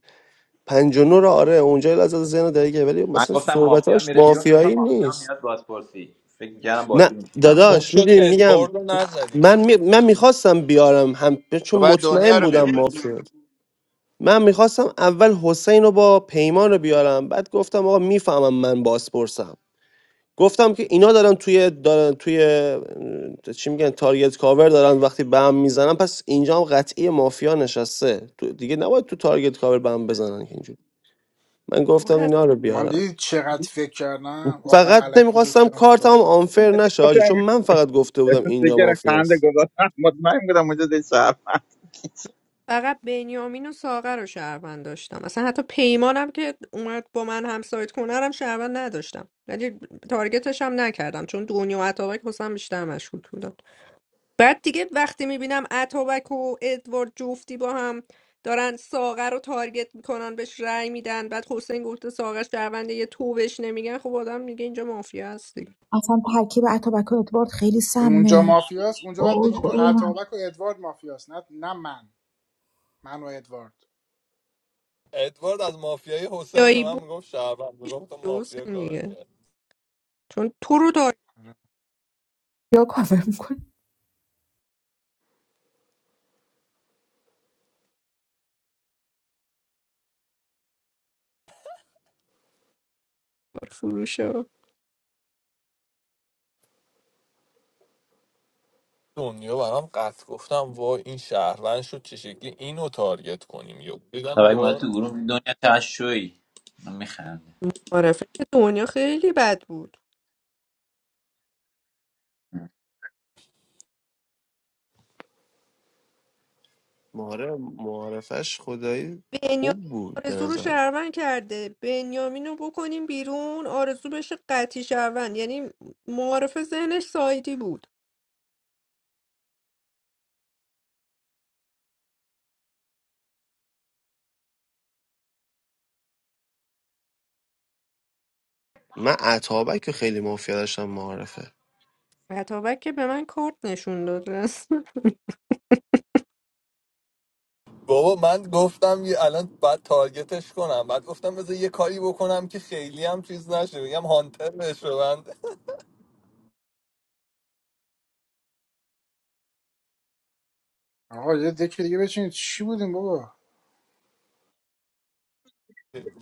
Speaker 13: 59 رو آره اونجا لحظه از ذهن درگیره ولی
Speaker 11: من
Speaker 13: مثلا
Speaker 11: گفتم مافیا
Speaker 13: صحبتاش
Speaker 11: میره بیرون دو تا
Speaker 13: مافیایی
Speaker 11: مافیا
Speaker 13: نیست
Speaker 11: میاد بازپرسی فکر می‌کردم
Speaker 13: نه
Speaker 11: بازی میشه تمام
Speaker 5: خوب
Speaker 13: داداش
Speaker 5: شد
Speaker 13: میدونی میگم
Speaker 5: ادوارد رو نزدیم
Speaker 13: من می... من میخواستم بیارم هم
Speaker 9: تو
Speaker 13: چون
Speaker 9: باید دنیا
Speaker 13: مطمئن
Speaker 9: رو
Speaker 13: بودم
Speaker 9: میبود
Speaker 13: مافیا من میخواستم اول حسین رو با پیمان رو بیارم بعد گفتم آقا میفهمم من بازپرسم گفتم که اینا دارن توی دارن توی چی میگن تارگت کاور دارن وقتی بم میزنن پس اینجا هم قطعی مافیا نشسته تو دیگه نباید تو تارگت کاور بم بزنن که اینجوری من
Speaker 3: آخه
Speaker 13: گفتم
Speaker 3: اصلا
Speaker 13: اینا رو
Speaker 1: من
Speaker 13: بیارم
Speaker 1: دیدی چقدر فکر کردم آخر
Speaker 13: فقط
Speaker 1: علکی
Speaker 13: نمیخواستم
Speaker 1: گفتم
Speaker 13: کارتم
Speaker 1: ساعت
Speaker 13: آنفر نشه حاجی. چون من فقط گفته بودم اینجا
Speaker 4: دیگر خنده
Speaker 13: مافیاست
Speaker 4: گذاشتم مطمئن بودم اونجا دی شرف
Speaker 3: فقط بنیامین و ساغر رو شهروند داشتم اصلا حتی پیمانم که اومد با من همسایت کنه هم شهروند نداشتم ولی تارگتش هم نکردم چون دنیا و عطابک واسم بیشتر مشغول بودم بعد دیگه وقتی میبینم اتابک و ادوارد جفتی با هم دارن ساغر رو تارگت میکنن بهش رأی میدن بعد حسین گفته ساغر شهرونده یه تو بهش نمیگن خب آدم میگه اینجا مافیا هستی
Speaker 2: اصلا ترکیب اتابک و ادوارد خیلی
Speaker 1: اونجا
Speaker 2: سمه
Speaker 1: مافیاست اونجا باید
Speaker 2: اوه
Speaker 1: بگی تو
Speaker 2: خدای من
Speaker 1: اتابک و ادوارد مافیاست نه نه من من و ادوارد
Speaker 5: ادوارد از مافیای حسین به
Speaker 3: یایی
Speaker 5: من
Speaker 3: بود
Speaker 5: میگفت شهروند میگفت مافیا
Speaker 3: حسین
Speaker 5: کاور
Speaker 3: دیگه
Speaker 5: کرد
Speaker 3: چون تو رو تارگت
Speaker 1: آره.
Speaker 2: یا کافر میکن
Speaker 3: فروشه
Speaker 5: دنیا برام قطع گفتم وای این شهروند شد چه شکلی اینو تارگت کنیم یا دیدم
Speaker 11: طبعا ما
Speaker 5: یا
Speaker 11: تو گروه دنیا چقدر شوی من میخندم
Speaker 3: معرفه دنیا خیلی بد بود
Speaker 13: ماره معارفش خدایی
Speaker 3: بنیامین
Speaker 13: خوب بود به
Speaker 3: آرزو رو
Speaker 13: نظرم
Speaker 3: شهروند کرده بنیامین رو بکنیم بیرون آرزو بشه قطعی شهروند یعنی معارف ذهنش سایدی بود
Speaker 13: من عطابک که خیلی مافیا داشتم معارفه
Speaker 3: اتابک که به من کارت نشون داد رسم.
Speaker 5: بابا من گفتم یه الان بعد تارگتش کنم بعد گفتم بذار یه کاری بکنم که خیلی هم چیز نشه بگم هانتر بشه من
Speaker 1: آقا یه دکه دیگه بچین چی بودیم بابا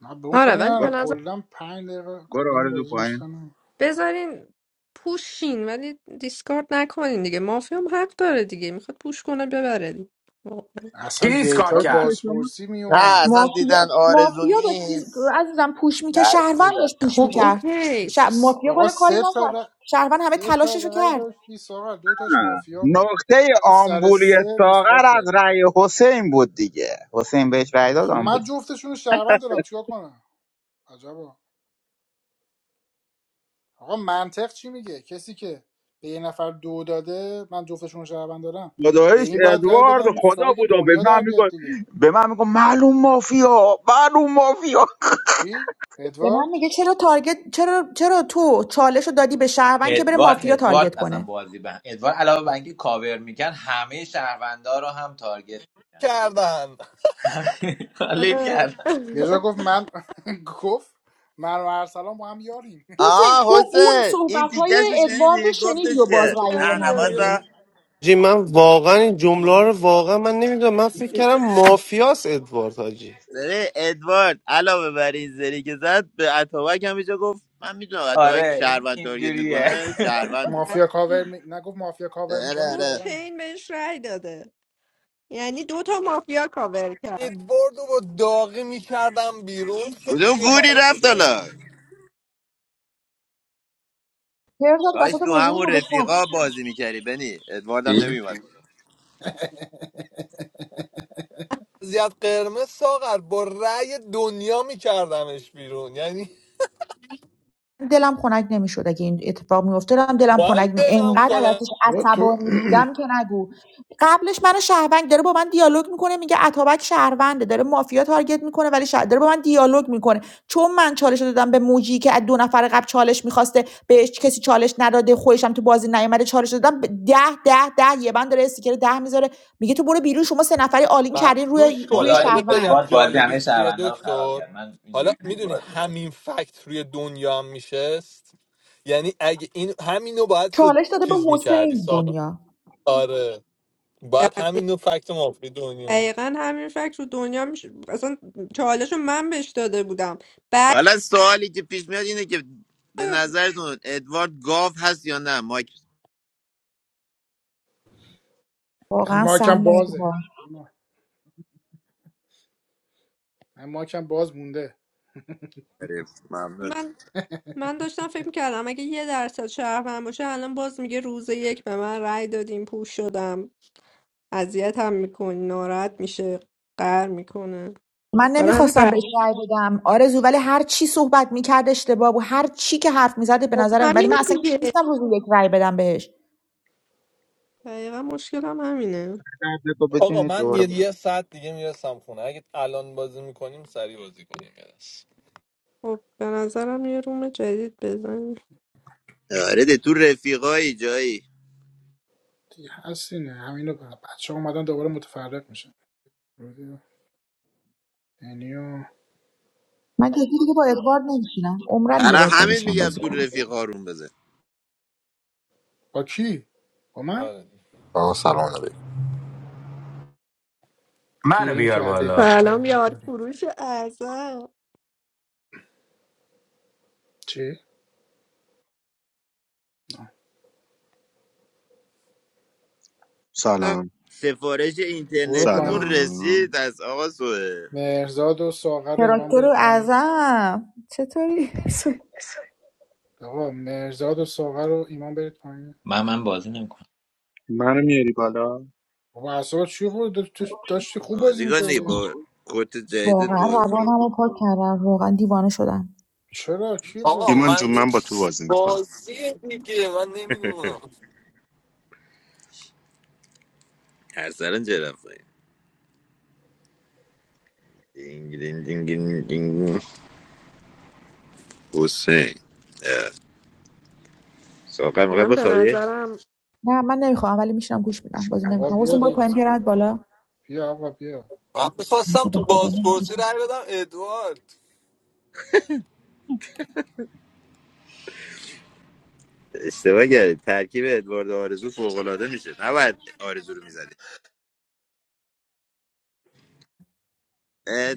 Speaker 1: نه به اون
Speaker 3: آره
Speaker 1: کاری
Speaker 3: ولی
Speaker 1: ندارم.
Speaker 3: به
Speaker 4: برو
Speaker 3: نظر
Speaker 1: کلا 5 دقیقه
Speaker 4: برو
Speaker 1: کلا
Speaker 4: آرزو
Speaker 1: بازی دوست
Speaker 4: پایین
Speaker 3: بذارین پوشین ولی دیسکارد نکنین دیگه مافیا هم حق داره دیگه میخواد پوش کنه ببره دیگه واقعا.
Speaker 1: اصلا
Speaker 10: کیت کار
Speaker 1: دیتای
Speaker 4: بابا که
Speaker 10: کرد
Speaker 4: شما
Speaker 1: بازپرسی
Speaker 9: نه
Speaker 1: میومد
Speaker 9: اصلا دیدن
Speaker 2: مافیا
Speaker 9: آرزو
Speaker 2: مافیا داشت چیز-
Speaker 9: نیست
Speaker 2: عزیزم پوش میکرد شهروند
Speaker 9: ترسیدن
Speaker 2: داشت پوش
Speaker 3: خب
Speaker 2: میکرد
Speaker 3: اوکی
Speaker 2: ش... مافیا
Speaker 1: آقا
Speaker 2: بالا کاری
Speaker 1: سه تا
Speaker 2: نکرد
Speaker 1: ر...
Speaker 2: شهروند همه
Speaker 1: سه تا
Speaker 2: تلاششو
Speaker 1: رای
Speaker 2: کرد
Speaker 1: داشتی ساغر دو تاش
Speaker 4: نه.
Speaker 1: مافیا بود
Speaker 4: نقطه
Speaker 1: تو سر
Speaker 4: آمبولی
Speaker 1: سه دیسکارد
Speaker 4: ساغر از
Speaker 1: کردی
Speaker 4: رأی حسین بود دیگه حسین بهش رأی داد
Speaker 1: خب
Speaker 4: آمبول
Speaker 1: من جفتشون رو شهروند دارم چیکار کنم عجبا آقا منطق چی میگه کسی که به یه نفر دو داده من جفتشون رو شهروند دارم به
Speaker 4: خدایش
Speaker 1: این باید رای
Speaker 4: ادوارد
Speaker 1: بدم
Speaker 4: خدا
Speaker 1: ساید
Speaker 4: بود و به
Speaker 1: دنیا در
Speaker 4: من
Speaker 1: بیاد
Speaker 4: میگن
Speaker 1: دیگه
Speaker 4: به من میگن معلوم مافیا معلوم مافیا
Speaker 1: کی
Speaker 2: به من
Speaker 1: ادوارد
Speaker 2: میگه چرا تارگت چرا چرا تو چالش رو دادی به شهروند که بره
Speaker 11: ادوارد
Speaker 2: مافیا تارگت
Speaker 11: ادوارد اصلا
Speaker 2: کنه
Speaker 11: بازی به ادوارد علاوه بر اینکه کاور میکرد همه شهروندا رو هم تارگت
Speaker 5: کردن
Speaker 11: خالی کرد
Speaker 3: آره.
Speaker 1: یه جا گفت من گفت من و ارسلان با هم یاریم
Speaker 2: حسین
Speaker 9: آه
Speaker 2: تو اون
Speaker 9: حسین این
Speaker 2: صحبت
Speaker 9: تیکش
Speaker 2: های
Speaker 9: رو
Speaker 2: ادوارد
Speaker 9: شنیدی
Speaker 2: شنیدی
Speaker 9: گفتش
Speaker 2: و باز
Speaker 9: که
Speaker 3: بهش
Speaker 2: رأی
Speaker 9: نه
Speaker 2: به
Speaker 3: رأی
Speaker 2: من دادی
Speaker 3: داده.
Speaker 9: نه
Speaker 13: حاجی من واقعا این جمله
Speaker 1: چی؟
Speaker 13: رو واقعا من نمیدونم من فکر کردم مافیاس ادوارد حاجی
Speaker 9: ببین ادوارد علاوه بر این زری که زد به اتابک هم اینجا گفت من میدونم اتابک
Speaker 11: آره این
Speaker 9: شهروند تارگت
Speaker 11: اینجوریه
Speaker 9: میکنه شهرونده
Speaker 1: مافیا کاور می... نگفت مافیا کاور
Speaker 9: آره
Speaker 1: میکنه
Speaker 3: گفت
Speaker 9: آره
Speaker 1: شهرونده
Speaker 3: چین بهش رأی داده یعنی دو تا مافیا کاور کرد
Speaker 5: ادواردو با داغی میکردم بیرون
Speaker 9: کدوم
Speaker 5: کسی
Speaker 9: گوری
Speaker 5: حال
Speaker 9: رفت
Speaker 5: می‌داد.
Speaker 9: حالا
Speaker 2: گرفت داد
Speaker 9: کاش
Speaker 2: وسط
Speaker 9: تو
Speaker 2: بازی
Speaker 9: همون
Speaker 2: رو گذاشتم
Speaker 9: رفیقا بازی میکردی بنی ادوارد هم
Speaker 11: چی؟
Speaker 9: نمیومد
Speaker 5: زیاد قرمز ساغر با رأی دنیا میکردمش بیرون یعنی
Speaker 2: دلم خنک نمیشد اگه این اتفاق میفته دلم دلم
Speaker 5: من
Speaker 2: خنک نمی
Speaker 5: دلم
Speaker 2: انقدر
Speaker 5: کنم
Speaker 2: ازش
Speaker 1: بابا تو
Speaker 2: عصبانی بودم که نگو قبلش منو شهروند داره با من دیالوگ میکنه میگه اتابک شهرونده داره مافیا تارگت میکنه ولی شهر داره با من دیالوگ میکنه چون من چالش دادم به موجی که از دو نفر قبل چالش میخواسته بهش کسی چالش نداده خودش هم تو بازی نیومده چالش دادم ده ده ده یه من داره استیکر ده میذاره میگه تو برو بیرون شما سه نفری آلین
Speaker 5: بعد
Speaker 2: کردین
Speaker 5: گوش
Speaker 2: روی
Speaker 5: کن
Speaker 2: روی
Speaker 5: حالا
Speaker 11: خدایی
Speaker 5: بهت
Speaker 2: شهروند
Speaker 5: بگم
Speaker 11: ادوارد بازی همه
Speaker 5: جالبیش چیه
Speaker 11: شهرونده رو خراب
Speaker 5: دکتر
Speaker 11: کرد من
Speaker 5: حالا
Speaker 11: اینجوری بود
Speaker 5: میدونی
Speaker 11: بازی
Speaker 5: همین فکت روی دنیا هم میشست یعنی اگه این همینو باید
Speaker 2: چالش
Speaker 5: س-
Speaker 2: داده به
Speaker 5: چیز میکردی
Speaker 2: حسین
Speaker 5: ساقا
Speaker 2: دنیا
Speaker 5: آره باید همینو فکت ما روی دنیا می
Speaker 3: دقیقا همین فکر رو دنیا میشه اصلا چالش رو من بهش داده بودم
Speaker 9: حالا سوالی که پیش میاد اینه که به نظرتون ادوارد گاو هست یا نه مایک
Speaker 1: من
Speaker 2: واقعا
Speaker 1: مایکم بازه
Speaker 2: سرمایه‌گذار
Speaker 1: ایمان. من مایکم باز مونده
Speaker 9: تعریف. ممنون
Speaker 3: من من داشتم فکر میکردم اگه یه درصد شهروند باشه الان باز میگه روز یک به من رأی دادیم پوش شدم اذیت هم میکنی ناراحت میشه قهر میکنه
Speaker 2: من
Speaker 3: برای همین
Speaker 2: نمیخواستم بهش
Speaker 3: رأی-
Speaker 2: رای بدم آرزو ولی هر چی صحبت میکرد اشتباه بود هر چی که حرف میزد به
Speaker 3: خب
Speaker 2: نظرم ولی من
Speaker 3: همینه
Speaker 2: اصلا کسی
Speaker 3: دیگه
Speaker 2: نیستم روز یک رای بدم بهش
Speaker 3: دقیقا مشکلم همینه
Speaker 4: درد تو
Speaker 5: آقا
Speaker 4: بچینید
Speaker 5: من
Speaker 4: دوباره
Speaker 5: یه یه
Speaker 4: بازی
Speaker 5: ساعت دیگه میرسم خونه اگه الان بازی میکنیم سریع بازی کنیم یه دست.
Speaker 3: خب به نظرم یه روم جدید بزنیم
Speaker 9: آره ده تو رفیقایی جایی
Speaker 1: دیگه هست اینه همینو بچه ها اومدن دوباره متفرق میشن یعنی و-
Speaker 2: من جدی دیگه با ادوارد نمیشینم عمرا دیگه با
Speaker 9: برای
Speaker 2: ادوارد
Speaker 9: همین
Speaker 2: بشینم
Speaker 9: میگم
Speaker 2: بازی
Speaker 9: تو
Speaker 2: کنم
Speaker 9: رفیقا روم بزن
Speaker 1: با کی با من
Speaker 5: آره
Speaker 15: آقا سلام علیکم
Speaker 10: منو
Speaker 1: گیریم
Speaker 10: بیار
Speaker 1: که علیک
Speaker 10: بالا
Speaker 1: آقای
Speaker 3: سلام یار
Speaker 1: رودباری
Speaker 3: فروش اعظم
Speaker 1: چی
Speaker 16: سلام
Speaker 9: سفارش
Speaker 1: برو
Speaker 9: اینترنتیتون
Speaker 1: پایین
Speaker 16: سلام
Speaker 9: رسید از آقا سوه
Speaker 1: مرزاد و ساغر و ایمان
Speaker 2: تراکتور
Speaker 1: برید
Speaker 2: رو
Speaker 1: پایین
Speaker 2: ازم چطوری
Speaker 1: آقا مرزاد و ساغر و ایمان برید پایین
Speaker 11: من من بازی نمیکنم
Speaker 16: منو میاری بالا
Speaker 1: بابا اعصابت چی بود داشت- داشتی خوب بازی
Speaker 9: بازیکن دیگه
Speaker 1: میکردی
Speaker 9: با کت جدیدت
Speaker 2: واقعا
Speaker 9: بازی
Speaker 2: روانم رو پاک کردم واقعا دیوانه شدم
Speaker 1: چرا چی
Speaker 5: آقا
Speaker 1: بود
Speaker 16: ایمان جون
Speaker 5: من
Speaker 16: من
Speaker 5: هیچ
Speaker 16: با تو بازی میکنم
Speaker 5: بازی دیگه من نمیدونم
Speaker 9: ارسلان چه رفت دینگ دینگ دینگ دینگ دینگ. حسین اه. ساقه میخوای
Speaker 3: من به
Speaker 9: بخوابی
Speaker 3: نظرم
Speaker 2: نه من نمیخوام ولی میشینم گوش میدم بازی
Speaker 1: آقا
Speaker 2: نمیکنم
Speaker 1: بیا
Speaker 2: حسین برو
Speaker 1: دیگه.
Speaker 2: پایین پیرت بالا
Speaker 1: بیا آقا بیا
Speaker 5: من میخواستم تو بازپرسی رای بدم ادوارد
Speaker 9: اشتباه کردی ترکیب ادوارد آرزو فوقالعاده میشه نباید آرزو رو میزدی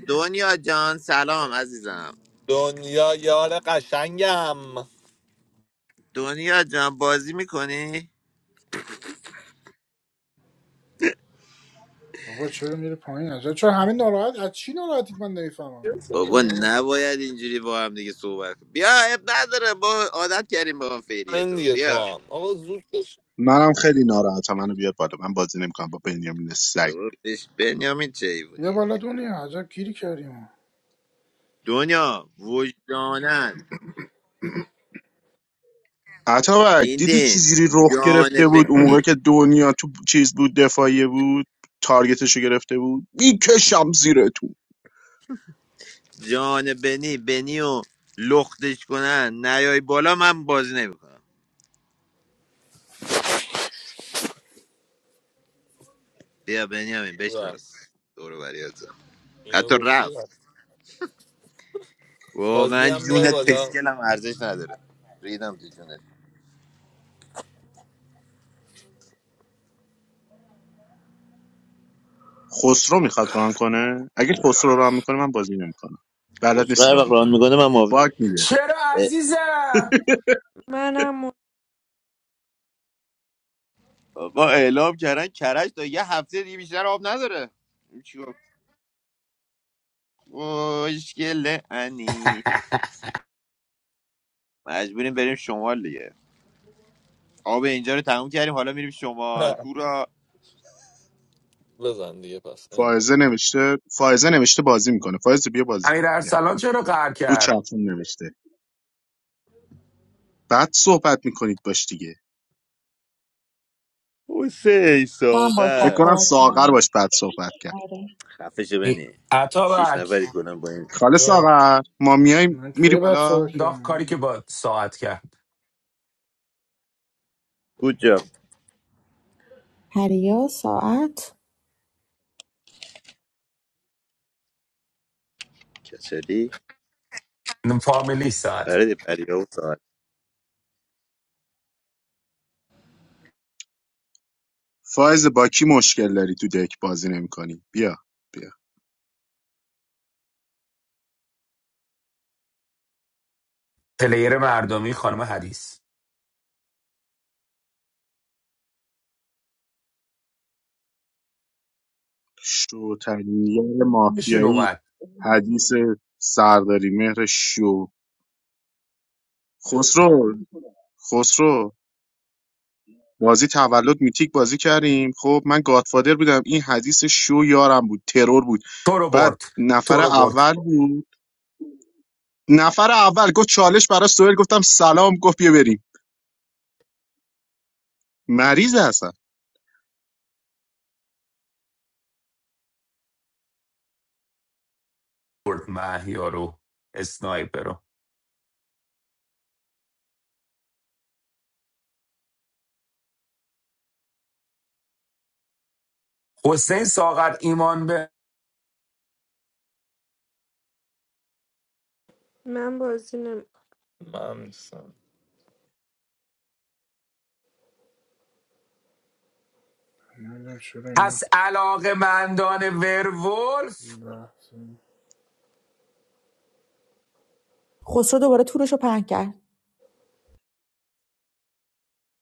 Speaker 9: دنیا جان سلام عزیزم
Speaker 5: دنیا یار قشنگم
Speaker 9: دنیا جان بازی میکنی
Speaker 1: بابا چرا میره پایین عجب چرا همه ناراحت از چی ناراحتید من نمیفهمم
Speaker 9: بابا
Speaker 1: عجب
Speaker 9: نباید اینجوری با هم دیگه صحبت کنی. بیا اب نداره با عادت کردیم با فعلیه
Speaker 5: این
Speaker 9: تو
Speaker 5: دیگه تو
Speaker 9: بیا
Speaker 5: هم آقا زود کش
Speaker 16: منم خیلی ناراحتم منو بیار بالا من بازی نمیکنم با بنیامین سگ
Speaker 9: بابا، بش- بنیامین چه
Speaker 1: یه
Speaker 9: حیوونیه
Speaker 1: بالا
Speaker 9: دیگه
Speaker 1: دنیا عجب گیری کردیم ما.
Speaker 9: دنیا وجدانن
Speaker 16: عطاوک دیدی
Speaker 9: دیدین
Speaker 16: چجوری رخ
Speaker 9: جان
Speaker 16: گرفته بود اون موقع
Speaker 9: بنی
Speaker 16: که دنیا تو چیز بود دفاعیه بود تارگتشو گرفته بود میکشم زیر تو
Speaker 9: جان بنی بنی و لختش کنن نیای بالا من بازی نمیکنم بیا بنی همین بشناس
Speaker 5: رفت
Speaker 9: دور و بریاتم
Speaker 5: اینو
Speaker 9: حتی
Speaker 5: گفتی
Speaker 9: رفت
Speaker 5: رفت فازی
Speaker 9: واقعا
Speaker 5: هم بیار
Speaker 9: جونت
Speaker 5: بالا
Speaker 9: پشکلم ارزش نداره ریدم تو جونت
Speaker 16: خسرو میخواد ران کنه اگه خسرو ران میکنه من بازی نمیکنم بلد
Speaker 9: خسرو
Speaker 16: نیست
Speaker 9: هر وقت
Speaker 16: ران
Speaker 9: ران
Speaker 16: کنه
Speaker 9: میکنه من ماف...
Speaker 16: باگ میده
Speaker 10: چرا
Speaker 9: اه،
Speaker 10: عزیزم
Speaker 3: منم م-
Speaker 9: آقا اعلام کردن کرج تا یه هفته دیگه بیشتر آب نداره این چیکار؟ خوشگله انی مجبوریم بریم شمال دیگه آب اینجا رو تموم کردیم حالا میریم شمال هورا
Speaker 5: بزن دیگه پس انگار
Speaker 16: فائزه نوشته فائزه نوشته بازی میکنه فائزه بیا بازی کن
Speaker 10: امیر
Speaker 16: بیا
Speaker 10: ارسلان چرا قهر
Speaker 16: رو
Speaker 10: کرد
Speaker 16: چتون نوشته بعد صحبت میکنید باش دیگه
Speaker 9: حسین
Speaker 2: من باش
Speaker 16: فکر
Speaker 9: ساغر
Speaker 16: کنم
Speaker 2: صحبت
Speaker 16: ساغر باش بعد صحبت کرد
Speaker 2: آره
Speaker 9: خفشه
Speaker 10: این
Speaker 9: بنی شیش نفری
Speaker 10: عطابک
Speaker 9: کنم با این
Speaker 16: خاله
Speaker 5: جا
Speaker 16: ساغر ما میایم
Speaker 1: من
Speaker 16: میری
Speaker 1: خیلی بد صحبت
Speaker 16: بالا
Speaker 10: انداخت کاری که
Speaker 1: کردم
Speaker 10: با ساعت کرد
Speaker 9: بود جا
Speaker 2: هریا ساعت
Speaker 9: کچلی
Speaker 10: فامیلی ساعت
Speaker 9: برای پریا و ساغر
Speaker 16: فایز با کی مشکل داری تو دک بازی نمیکنی بیا بیا
Speaker 10: پلیر مردمی خانم حدیث
Speaker 16: شوترین یار
Speaker 10: شون
Speaker 16: مافیایی
Speaker 10: اومد
Speaker 16: حدیث سرداری مهر شو خسرو خسرو بازی تولد میتیک بازی کردیم خب من گادفادر بودم این حدیث شو یارم بود ترور بود
Speaker 10: تو رو
Speaker 16: بعد
Speaker 10: برد
Speaker 16: نفر
Speaker 10: تو رو برد
Speaker 16: اول بود نفر اول گفت چالش برای سوهل گفتم سلام گفت بیا بریم مریض هستن
Speaker 10: برد محیا رو اسنایپر رو حسین ساغر ایمان به
Speaker 3: من بازی نمی
Speaker 5: من نیستم
Speaker 1: نمیدونم چرا اینا
Speaker 10: پس علاقه مندان ورولف
Speaker 1: بحث
Speaker 2: خسرو دوباره تورش رو پهن کرد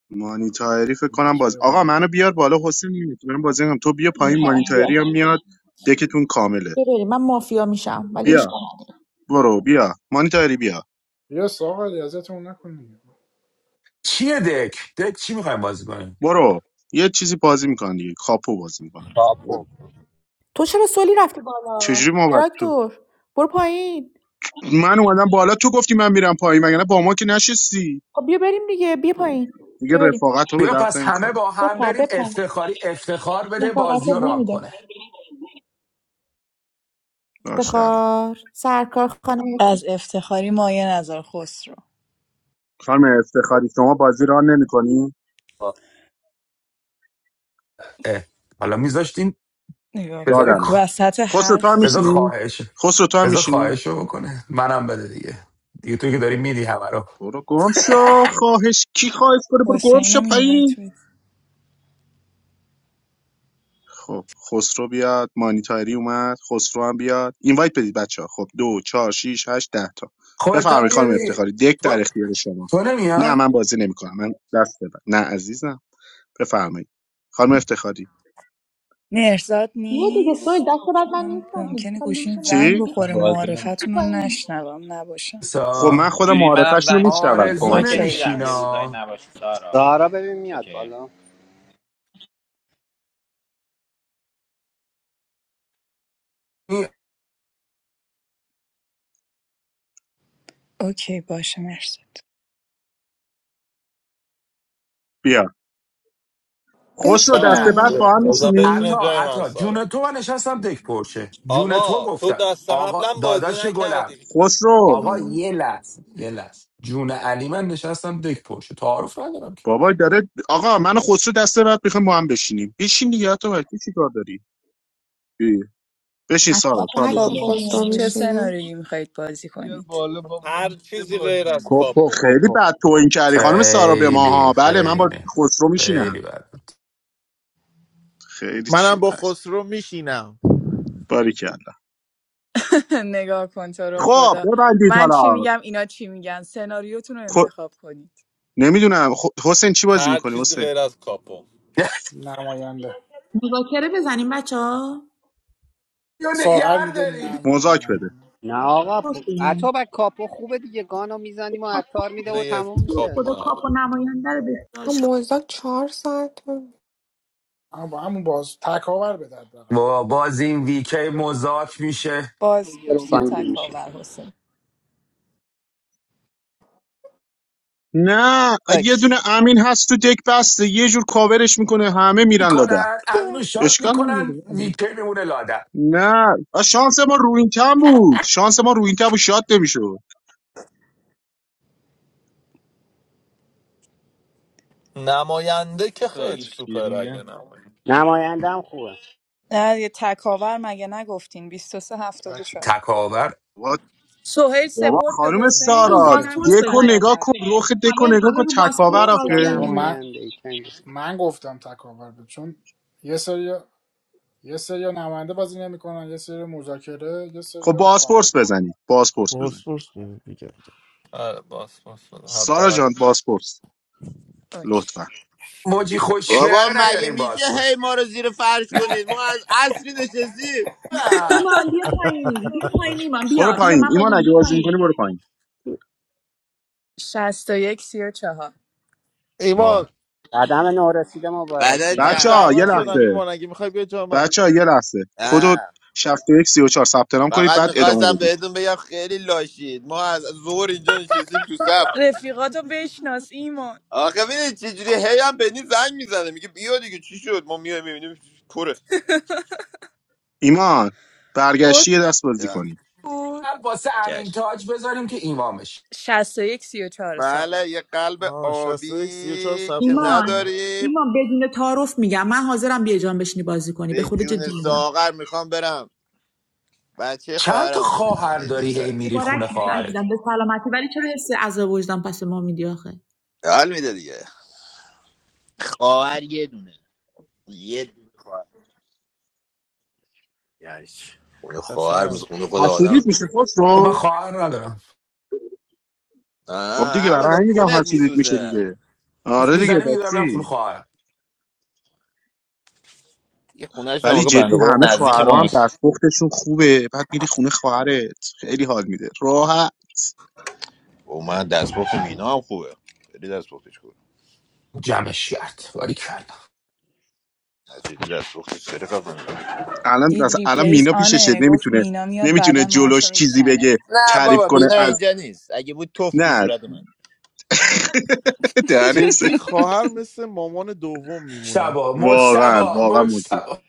Speaker 16: مانی تایری فکر کنم
Speaker 1: همجاش
Speaker 16: باز
Speaker 1: بیا
Speaker 16: آقا
Speaker 1: بالا
Speaker 16: منو بیار بالا حسین نمیتونم بازی کنم تو بیا پایین مانی
Speaker 2: بیا
Speaker 16: تایری هم میاد دکتون کامله
Speaker 2: بیا بریم من مافیا میشم ولی
Speaker 16: بیا
Speaker 2: اشکال نداره
Speaker 16: برو بیا مانی تایری بیا
Speaker 1: بیا ساغر ازتون نکن دیگه.
Speaker 10: چیه دک دک چی میخوایم بازی کنیم
Speaker 16: برو یه چیزی بازی میکنن دیگه کاپو بازی میکنن
Speaker 17: کاپو
Speaker 2: تو چرا سولی رفتی بالا
Speaker 16: چجوری ما باید تو
Speaker 2: تراکتور برو پایین
Speaker 16: من اومدم بالا تو گفتی من میرم پایین مگه نه با ما که نشستی
Speaker 2: خب بیا بریم دیگه بیا پایین
Speaker 16: دیگه
Speaker 2: بیا بریم
Speaker 16: رفاقت رو به
Speaker 10: بیا
Speaker 16: درد
Speaker 10: پس همه
Speaker 16: نمیخوره
Speaker 10: با هم
Speaker 2: بپر
Speaker 10: بریم
Speaker 2: بپر
Speaker 10: افتخاری افتخار بده
Speaker 2: نفاقت
Speaker 10: بازی رو
Speaker 2: بو
Speaker 10: رام
Speaker 2: میده
Speaker 10: کنه
Speaker 16: باشه الان
Speaker 2: افتخار سرکار خانم
Speaker 18: از افتخاری مایه نظر خسرو
Speaker 16: خانم افتخاری شما بازی را نمیکنی
Speaker 10: اه، حالا میذاشتین
Speaker 18: نگاه کن
Speaker 10: بذار
Speaker 16: دادم
Speaker 18: وسط
Speaker 16: خسرو تو هم
Speaker 18: حرف
Speaker 10: بذار
Speaker 16: میشینی
Speaker 10: خواهش
Speaker 16: خسرو تو هم
Speaker 10: بذار
Speaker 16: میشینی
Speaker 10: خواهش رو بکنه منم بده دیگه دیگه توی که داری میدی همه رو
Speaker 16: برو گم شو خواهش کی خواهش کنه برو گم شو
Speaker 18: حسینم
Speaker 16: پایین
Speaker 18: اینوایت بده
Speaker 16: خب خسرو بیاد مانیتاری اومد خسرو هم بیاد اینوایت بدید بچه ها خب دو چهار شیش هشت ده تا
Speaker 10: خودت هم
Speaker 16: بفرمایید خانم
Speaker 10: میاری
Speaker 16: افتخاری دک در
Speaker 10: تو,
Speaker 16: اختیار شما
Speaker 10: تو
Speaker 16: نه
Speaker 10: نمیای
Speaker 16: من بازی نمیکنم من دست بدم نه عزیزم بفرمایید خانم افتخاری
Speaker 18: مرزاد
Speaker 2: بیا دیگه سویل
Speaker 18: نیست
Speaker 2: دست بعد
Speaker 18: چون
Speaker 2: من
Speaker 18: من
Speaker 2: نیستم دیگه
Speaker 18: ممکنه
Speaker 2: تا لوش
Speaker 18: گوشیم
Speaker 2: نمره
Speaker 18: زنگ
Speaker 16: چی
Speaker 2: بیا
Speaker 18: بخوره
Speaker 11: بازی نمی-
Speaker 18: معارفتون رو
Speaker 2: پایین
Speaker 18: نشنوم نباشم
Speaker 16: خب من
Speaker 10: سا
Speaker 16: خودم
Speaker 11: اینجوری منم
Speaker 16: معارفش رو
Speaker 11: زنگ میخورم ولی
Speaker 16: میشنوم
Speaker 10: آرزو
Speaker 16: کمکت
Speaker 11: کمکت
Speaker 18: اوکی
Speaker 11: میدم یه
Speaker 18: پس
Speaker 11: روزایی
Speaker 10: نمیشینا
Speaker 11: نباشی سارا
Speaker 17: سارا ببین میاد
Speaker 11: اوکی
Speaker 17: بالا
Speaker 18: اوکی باشه مرزاد
Speaker 16: بیا خسرو
Speaker 19: بشین
Speaker 16: دست
Speaker 5: نه
Speaker 10: نه
Speaker 19: دیگه
Speaker 16: بعد با هم
Speaker 5: بزن بشین
Speaker 16: میشینی
Speaker 10: عطا
Speaker 5: جای من
Speaker 10: عطا
Speaker 5: سارا
Speaker 10: جون تو من نشستم دک پرشه جون تو
Speaker 5: آقا تو
Speaker 10: گفتم
Speaker 5: دست
Speaker 10: آقا
Speaker 5: قبلا بازی
Speaker 10: داداش گلم
Speaker 5: نکردی
Speaker 16: خسرو
Speaker 10: آقا
Speaker 19: خانم
Speaker 10: یه لحظه یه لحظه جون علی من نشستم دک پرشه تعارف ندارم که
Speaker 16: بابا داره آقا من و خسرو دست بعد میخوایم با هم بشینیم بشین دیگه تو چی کار داری ای، بشین
Speaker 2: اطلاف
Speaker 16: سارا تو هم
Speaker 19: برگ با
Speaker 18: خب
Speaker 16: بشین
Speaker 14: بالا
Speaker 19: خسرو
Speaker 2: کنی
Speaker 18: چه
Speaker 2: امروز
Speaker 19: میشینه
Speaker 18: سناریویی میخواید بازی
Speaker 14: بیار
Speaker 18: کنید
Speaker 14: بالا بابا
Speaker 5: هر
Speaker 14: این چه
Speaker 5: چیزی غیر از
Speaker 14: بازیه
Speaker 17: کپو
Speaker 5: کاپو
Speaker 16: خیلی
Speaker 17: کپو
Speaker 16: بد توهین کردی خانم سارا به
Speaker 10: خیلی
Speaker 16: ماها بله من با
Speaker 10: خیلی
Speaker 16: خسرو میشینم
Speaker 10: خیلی بد بود.
Speaker 16: خیلی چی
Speaker 7: منم با
Speaker 16: بد
Speaker 7: خسرو میشینم
Speaker 16: باری کردم
Speaker 18: نگاه کن تو رو
Speaker 16: خب
Speaker 18: خدا
Speaker 16: ببندید
Speaker 18: من چی
Speaker 16: حالا
Speaker 18: میگم اینا چی میگن سناریوتون رو
Speaker 16: خب
Speaker 18: انتخاب کنید
Speaker 16: نمیدونم خ... حسین چی بازی
Speaker 5: هر
Speaker 16: میکنی
Speaker 5: چیزی
Speaker 16: حسین
Speaker 5: غیر از کاپو
Speaker 1: نماینده
Speaker 2: مذاکره بزنیم بچه ها
Speaker 10: یا
Speaker 1: ساغر
Speaker 10: نگر
Speaker 1: میگه نه
Speaker 10: دارین
Speaker 16: مزاک بده
Speaker 1: نماینده
Speaker 17: نه آقا
Speaker 2: پست
Speaker 17: پ-
Speaker 2: بزنیم
Speaker 17: اتابک کاپو خوبه دیگه گانو میزنیم و
Speaker 2: خب،
Speaker 17: عطار میده و تموم
Speaker 5: لیت
Speaker 2: تو رو
Speaker 17: میشه
Speaker 5: کاپو
Speaker 2: خدا
Speaker 5: نداره.
Speaker 2: کاپ و نماینده رو بخدا
Speaker 19: هم مزدک چهار ساعت بود.
Speaker 1: اما با همون باز تکاور به درد بقید
Speaker 10: با باز این ویکی مزاک میشه
Speaker 17: دیگه رو
Speaker 18: بازپرس یا
Speaker 17: گانگیر میشه
Speaker 18: تکاور حسین
Speaker 16: نه یه
Speaker 18: اوکی
Speaker 16: دونه امین هست تو دک بسته یه جور کاورش میکنه همه میرن لادر
Speaker 10: میکنن
Speaker 19: یه.
Speaker 10: امینو شات
Speaker 16: اشکال
Speaker 10: میکنن
Speaker 16: نداره
Speaker 10: ویکی میمونه لاده
Speaker 16: نه آ، شانس ما روینتن بود شانس ما روینتن بود شاد نمیشد
Speaker 5: نماینده که خیلی
Speaker 14: تاج
Speaker 5: سوپر
Speaker 14: فیلینگم
Speaker 5: اگه نماینده
Speaker 17: نماینده هم خوبه
Speaker 18: نه یه تکاور مگه نگفتین 23
Speaker 1: تک
Speaker 18: 74
Speaker 10: تکاور
Speaker 18: سهیل
Speaker 16: بابا
Speaker 18: سپورت به
Speaker 16: خانم
Speaker 1: بابا
Speaker 18: حسین
Speaker 2: همون
Speaker 16: سارا
Speaker 18: حسین هم
Speaker 1: یزیدتون
Speaker 2: بازپرس
Speaker 18: گفت
Speaker 16: دکو
Speaker 2: بزنیم
Speaker 16: نگاه کن
Speaker 18: تکاور
Speaker 2: بچه‌ها.
Speaker 16: رخ
Speaker 2: همه
Speaker 16: دکو نگاه
Speaker 2: همه
Speaker 16: کن
Speaker 2: رو بازپورس
Speaker 16: تکاور
Speaker 17: سپورت یا
Speaker 2: راضی
Speaker 16: آخه
Speaker 2: هم
Speaker 1: بابا
Speaker 2: دیگه
Speaker 1: من
Speaker 17: نماینده ای کنگ
Speaker 1: من گفتم تکاور بود چون یه سری یه سری نماینده بازی نمیکنن یه سری مذاکره یه
Speaker 16: خب
Speaker 1: سری هم کاپو
Speaker 16: بازپرس بزنی بازپرس بزن
Speaker 7: پاسپورت بود دیگه
Speaker 5: آره باس باس
Speaker 16: سارا
Speaker 5: بده.
Speaker 16: جان بازپرس
Speaker 18: اوکی
Speaker 16: لطفا
Speaker 10: موجی خوشگله
Speaker 9: بابا
Speaker 10: رو
Speaker 9: مگه
Speaker 10: نیاریم
Speaker 9: میشه
Speaker 10: باز
Speaker 9: هی
Speaker 10: پرس
Speaker 9: ما رو زیر فرش کنید ما از اصری نشستیم
Speaker 2: ایمان بیا پایین بیا پایین ایمان
Speaker 16: برو
Speaker 2: بیا بیا
Speaker 16: پایین
Speaker 2: من
Speaker 16: ایمان
Speaker 2: بازی
Speaker 16: اگه
Speaker 2: بیا
Speaker 16: بازی
Speaker 2: پایین
Speaker 16: میکنی برو پایین
Speaker 18: شصت و یک سی و چهار.
Speaker 7: ایمان
Speaker 17: قدم نورسیده
Speaker 9: بعدا
Speaker 7: من
Speaker 17: مبارکیمون
Speaker 16: بچه ها یه
Speaker 7: شهرمن
Speaker 9: چمنین
Speaker 7: شدم
Speaker 9: جون
Speaker 16: لحظه
Speaker 7: ایمان اگه میخوای بیا جا من
Speaker 16: بچه ها یه لحظه کدو
Speaker 9: آه
Speaker 16: 61 34 ثبت نام کنید
Speaker 9: فقط
Speaker 16: بعد ادامه
Speaker 9: میخواستم
Speaker 16: بدید
Speaker 9: بهتون بگم خیلی لاشید ما از ظهر اینجا نشستیم تو صف
Speaker 18: رفیقاتو بشناس ایمان
Speaker 9: آخه ببینید چجوری هی هم بنی زنگ میزنه میگه بیا دیگه چی شد ما میایم میبینیم پره
Speaker 16: ایمان
Speaker 3: خورد
Speaker 16: برگشتی یه دست بازی کنی
Speaker 3: بود
Speaker 10: واسه
Speaker 9: چش
Speaker 10: امین تاج بذاریم که ایمامش
Speaker 18: شصت و یک سی و چهار ساقه
Speaker 9: بله یه قلب
Speaker 7: آه 61 34
Speaker 9: آبی
Speaker 7: ثبت
Speaker 9: که
Speaker 7: نام
Speaker 2: ایمان
Speaker 7: کنی
Speaker 9: نداریم
Speaker 2: ایمان بدون تعارف میگم من حاضرم بیا جان بشینی بازی کنی به
Speaker 9: به
Speaker 2: خود جدی
Speaker 9: جون
Speaker 2: میگم
Speaker 9: ساغر میخوام برم بچه
Speaker 10: چند تا
Speaker 9: خواهرمو ببینم
Speaker 10: خواهر
Speaker 9: یه نیم
Speaker 10: داری هی
Speaker 9: ساعت دیگه.
Speaker 10: میری
Speaker 2: مبارک
Speaker 10: خونه
Speaker 2: باشه
Speaker 10: خواهرت
Speaker 2: عزیزم به سلامتی ولی چرا حس عذاب وجدان پس ما میدی آخه
Speaker 9: حال میده دیگه خواهر یه دونه یه دونه خواهر یعنیش. خونه خواهر مثل
Speaker 7: اصلا
Speaker 9: خونه خود آدم
Speaker 16: حسودیت میشه خوش
Speaker 10: خب من
Speaker 16: رو
Speaker 10: خواهر ندارم
Speaker 16: خب
Speaker 9: آه،
Speaker 16: دیگه برای
Speaker 9: همون
Speaker 16: همین میگم
Speaker 9: کونت
Speaker 16: حسودیت میشه
Speaker 9: میسوزه
Speaker 16: دیگه
Speaker 10: حرف
Speaker 16: آره دیگه
Speaker 10: میزنی میگه برم
Speaker 16: بسی
Speaker 10: خونه خواهرم
Speaker 9: یه خونهش
Speaker 16: ولی
Speaker 9: نموقع بنده
Speaker 16: جدی
Speaker 9: خدا
Speaker 16: همه
Speaker 9: نزدیک
Speaker 16: خواهرام هم
Speaker 9: ماست
Speaker 16: دستپختشون خوبه بعد میری خونه خواهرت خیلی حال میده راحت
Speaker 9: او من دستپخت مینا هم خوبه خیلی دستپختش خوبه
Speaker 10: جمعش کرد ولی کردم
Speaker 9: نزدیک دستپختش خیلی خفنه.
Speaker 16: الان
Speaker 18: دید
Speaker 16: مثلا الان
Speaker 18: ریپلیز
Speaker 16: مینا پیششه
Speaker 18: آنه گفت
Speaker 16: نمیتونه
Speaker 18: مینا میاد
Speaker 16: نمیتونه
Speaker 18: بعدا موهاشو
Speaker 16: جلوش چیزی
Speaker 18: میکنه
Speaker 16: بگه
Speaker 9: نه
Speaker 16: تعریف
Speaker 9: بابا
Speaker 16: کنه
Speaker 9: مینا
Speaker 16: از
Speaker 9: اینجا نیست اگه بود توف تو
Speaker 16: نه
Speaker 9: صورت من
Speaker 16: دهن سرویس.
Speaker 7: جدی خواهر مثل مامان دوم میمونه
Speaker 10: مجتبا
Speaker 16: واقعا
Speaker 10: مجتبا
Speaker 16: واقعا موجی
Speaker 10: مجتبا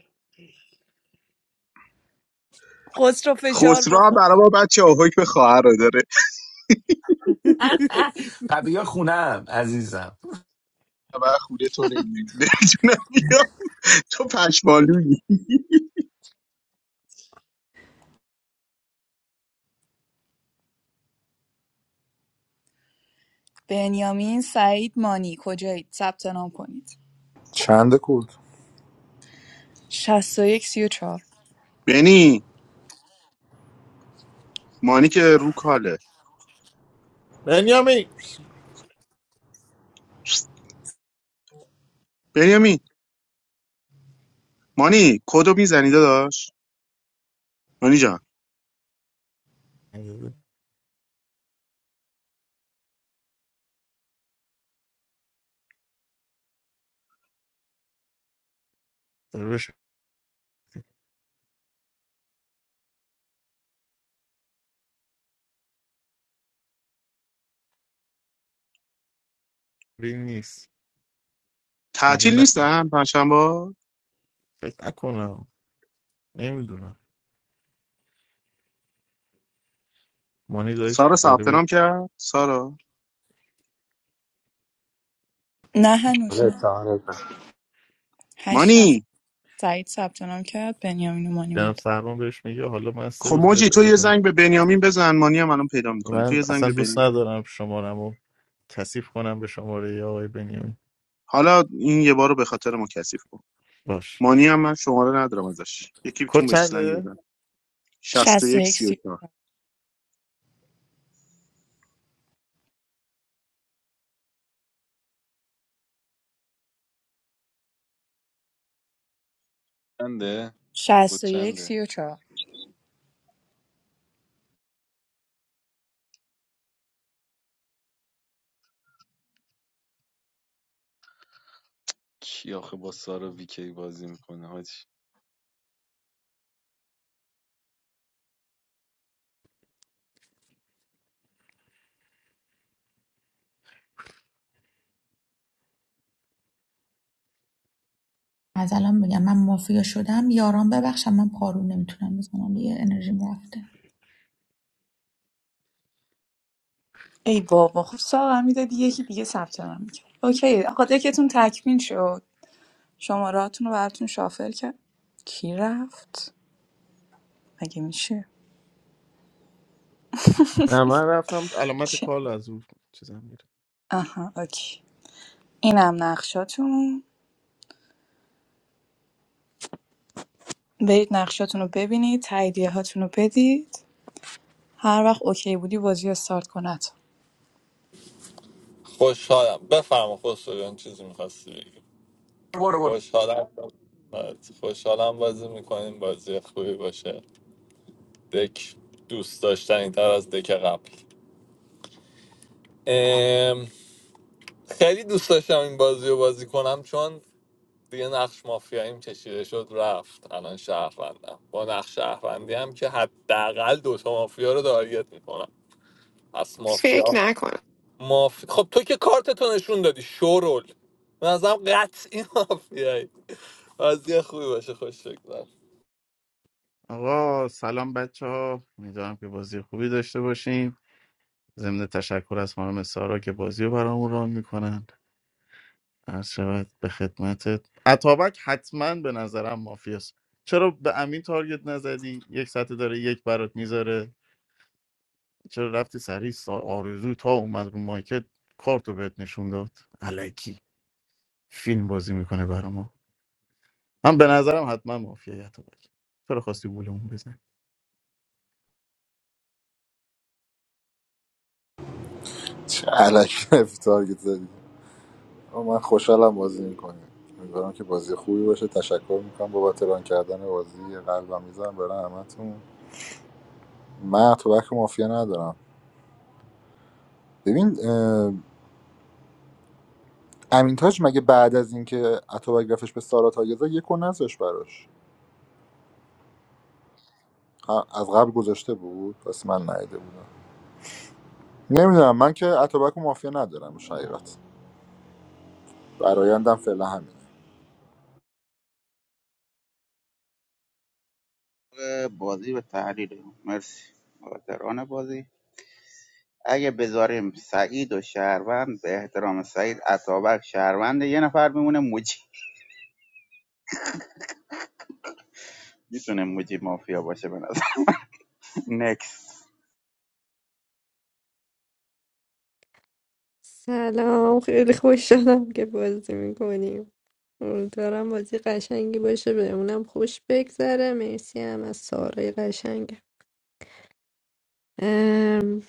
Speaker 18: خسرو فشار
Speaker 16: خسرو هم
Speaker 18: بخور
Speaker 16: برای ما بچه ها حکم خواهر رو داره
Speaker 10: قبیه خونم عزیزم
Speaker 16: و خوده تو نمیدونم نمی‌دونم، بیا تو پشمالویی
Speaker 18: بنیامین سعید مانی کجایید ثبت نام کنید
Speaker 15: چند کود
Speaker 18: شصت و یک سی و چهار.
Speaker 16: بنی مانی که رو کاله
Speaker 7: بنیامین
Speaker 16: بنیامین مانی کدو میزنی داداش مانی جان
Speaker 7: روش ری نیست میگه
Speaker 16: تعطیل
Speaker 7: نه
Speaker 16: نیستن پنجشنبه
Speaker 7: فکر نکنم نمیدونم مانی داشت
Speaker 16: سارا
Speaker 7: داره
Speaker 16: ثبت
Speaker 7: به
Speaker 16: نام کرد سارا
Speaker 18: نه هنوز
Speaker 17: آره
Speaker 18: نه
Speaker 17: تا آره
Speaker 18: هشت نفر
Speaker 16: مانی
Speaker 18: سعید ثبت نام کرد بنیامین و مانی
Speaker 7: جناب
Speaker 18: موند
Speaker 7: سرمان بهش میگه حالا من سه
Speaker 16: خب
Speaker 7: روز
Speaker 16: موجی
Speaker 7: بهت
Speaker 16: تو یه
Speaker 7: اضافه می‌کنم.
Speaker 16: زنگ به بنیامین بزن مانی هم الان پیدا میکنیم تو
Speaker 7: من
Speaker 16: یه زنگ
Speaker 7: اصلا
Speaker 16: به
Speaker 7: دوست
Speaker 16: بنیامین
Speaker 7: ندارم شمارم رو کثیف کنم به شماره ی آقای بنیامین
Speaker 16: حالا این یه بار رو به خاطر ما کثیف کن
Speaker 7: باش
Speaker 16: مانی هم من شماره ندارم ازش یکی
Speaker 7: کد
Speaker 16: بتون بهش زنگ
Speaker 7: چنده؟
Speaker 16: بزن 61
Speaker 18: 61 سی
Speaker 16: 34
Speaker 14: چنده کد
Speaker 18: 61
Speaker 14: چنده
Speaker 18: 34
Speaker 14: کی آخه با سارا ویکی بازی میکنه حاجی
Speaker 2: از الان میگم من مافیا شدم یاران ببخشم من پارو نمیتونم بزنم یه انرژیم رفته
Speaker 18: ای بابا خب ساغر میدادی یکی دیگه ثبت نام میکرد اوکی آقا دکتون تکمیل شد شماراتون رو براتون شافل کرد کی رفت مگه میشه
Speaker 7: نه من رفتم علامت
Speaker 18: چه
Speaker 7: کال از اون چیزم میره
Speaker 18: آها اوکی اینم نقشاتون برید نقشاتون رو ببینید تاییدیه هاتون رو بدید هر وقت اوکی بودی بازی رو استارت کنه
Speaker 5: خوشحالم بفرما خسرو جان چیزی میخواستی بگی
Speaker 10: برو برو
Speaker 5: خوشحالم آره، خوشحالم بازی میکنیم بازی خوبی باشه دک دوست داشتنی تر از دک قبل ام، خیلی دوست داشتم این بازی رو بازی کنم چون دیگه نقش مافیاییم کشیده شد رفت الان شهروندم با نقش شهروندی هم که حداقل دوتا مافیا رو تارگت میکنم پس
Speaker 19: فکر
Speaker 5: مافیا
Speaker 19: نکنم
Speaker 5: ماف... خب تو که کارتتو نشون دادی شورول من ازم قطعی مافیایی از یه خوبی باشه خوش بگذار
Speaker 7: آقا سلام بچه ها امیدوارم که بازی خوبی داشته باشیم ضمن تشکر از خانم سارا که بازی رو برامون ران میکنن عرض شود به خدمتت اتابک حتما به نظرم مافیاست چرا به امین تارگت نزدی یک سطح داره یک برات میذاره چرا رفتی سریع سا- آرزو تا اومد رو مایکت کارتو بهت نشون داد علکی فیلم بازی میکنه برا ما من به نظرم حتما مافیاییت رو بگم چرا خواستی گولمون بزن
Speaker 15: چه علکی رفتی تارگت زدی آقا من خوشحالم بازی میکنیم امیدوارم که بازی خوبی باشه تشکر میکنم بابت ران کردن بازی یه قلبم میزنم برای همتون من اتوبک مافیا ندارم ببین اه، امین تاج مگه بعد از اینکه اتوبک رفتش به سارا تاگزا زد یک و نذاش براش ه- از قبل گذاشته بود پس من نیده بودم نمیدونم من که اتوبک و مافیا ندارم حقیقت برایندم فعلا همین
Speaker 4: بازی به تحلیل مرسی مقدران بازی اگه بذاریم سعید و شهروند به احترام سعید اتابک شهروند یه نفر میمونه موجی میتونه موجی مافیا باشه به نظر نکس
Speaker 3: سلام خیلی خوش شدم که بازی میکنیم امیدوارم بازی قشنگی باشه بهمونم خوش بگذره مرسی هم از سارای قشنگم ام،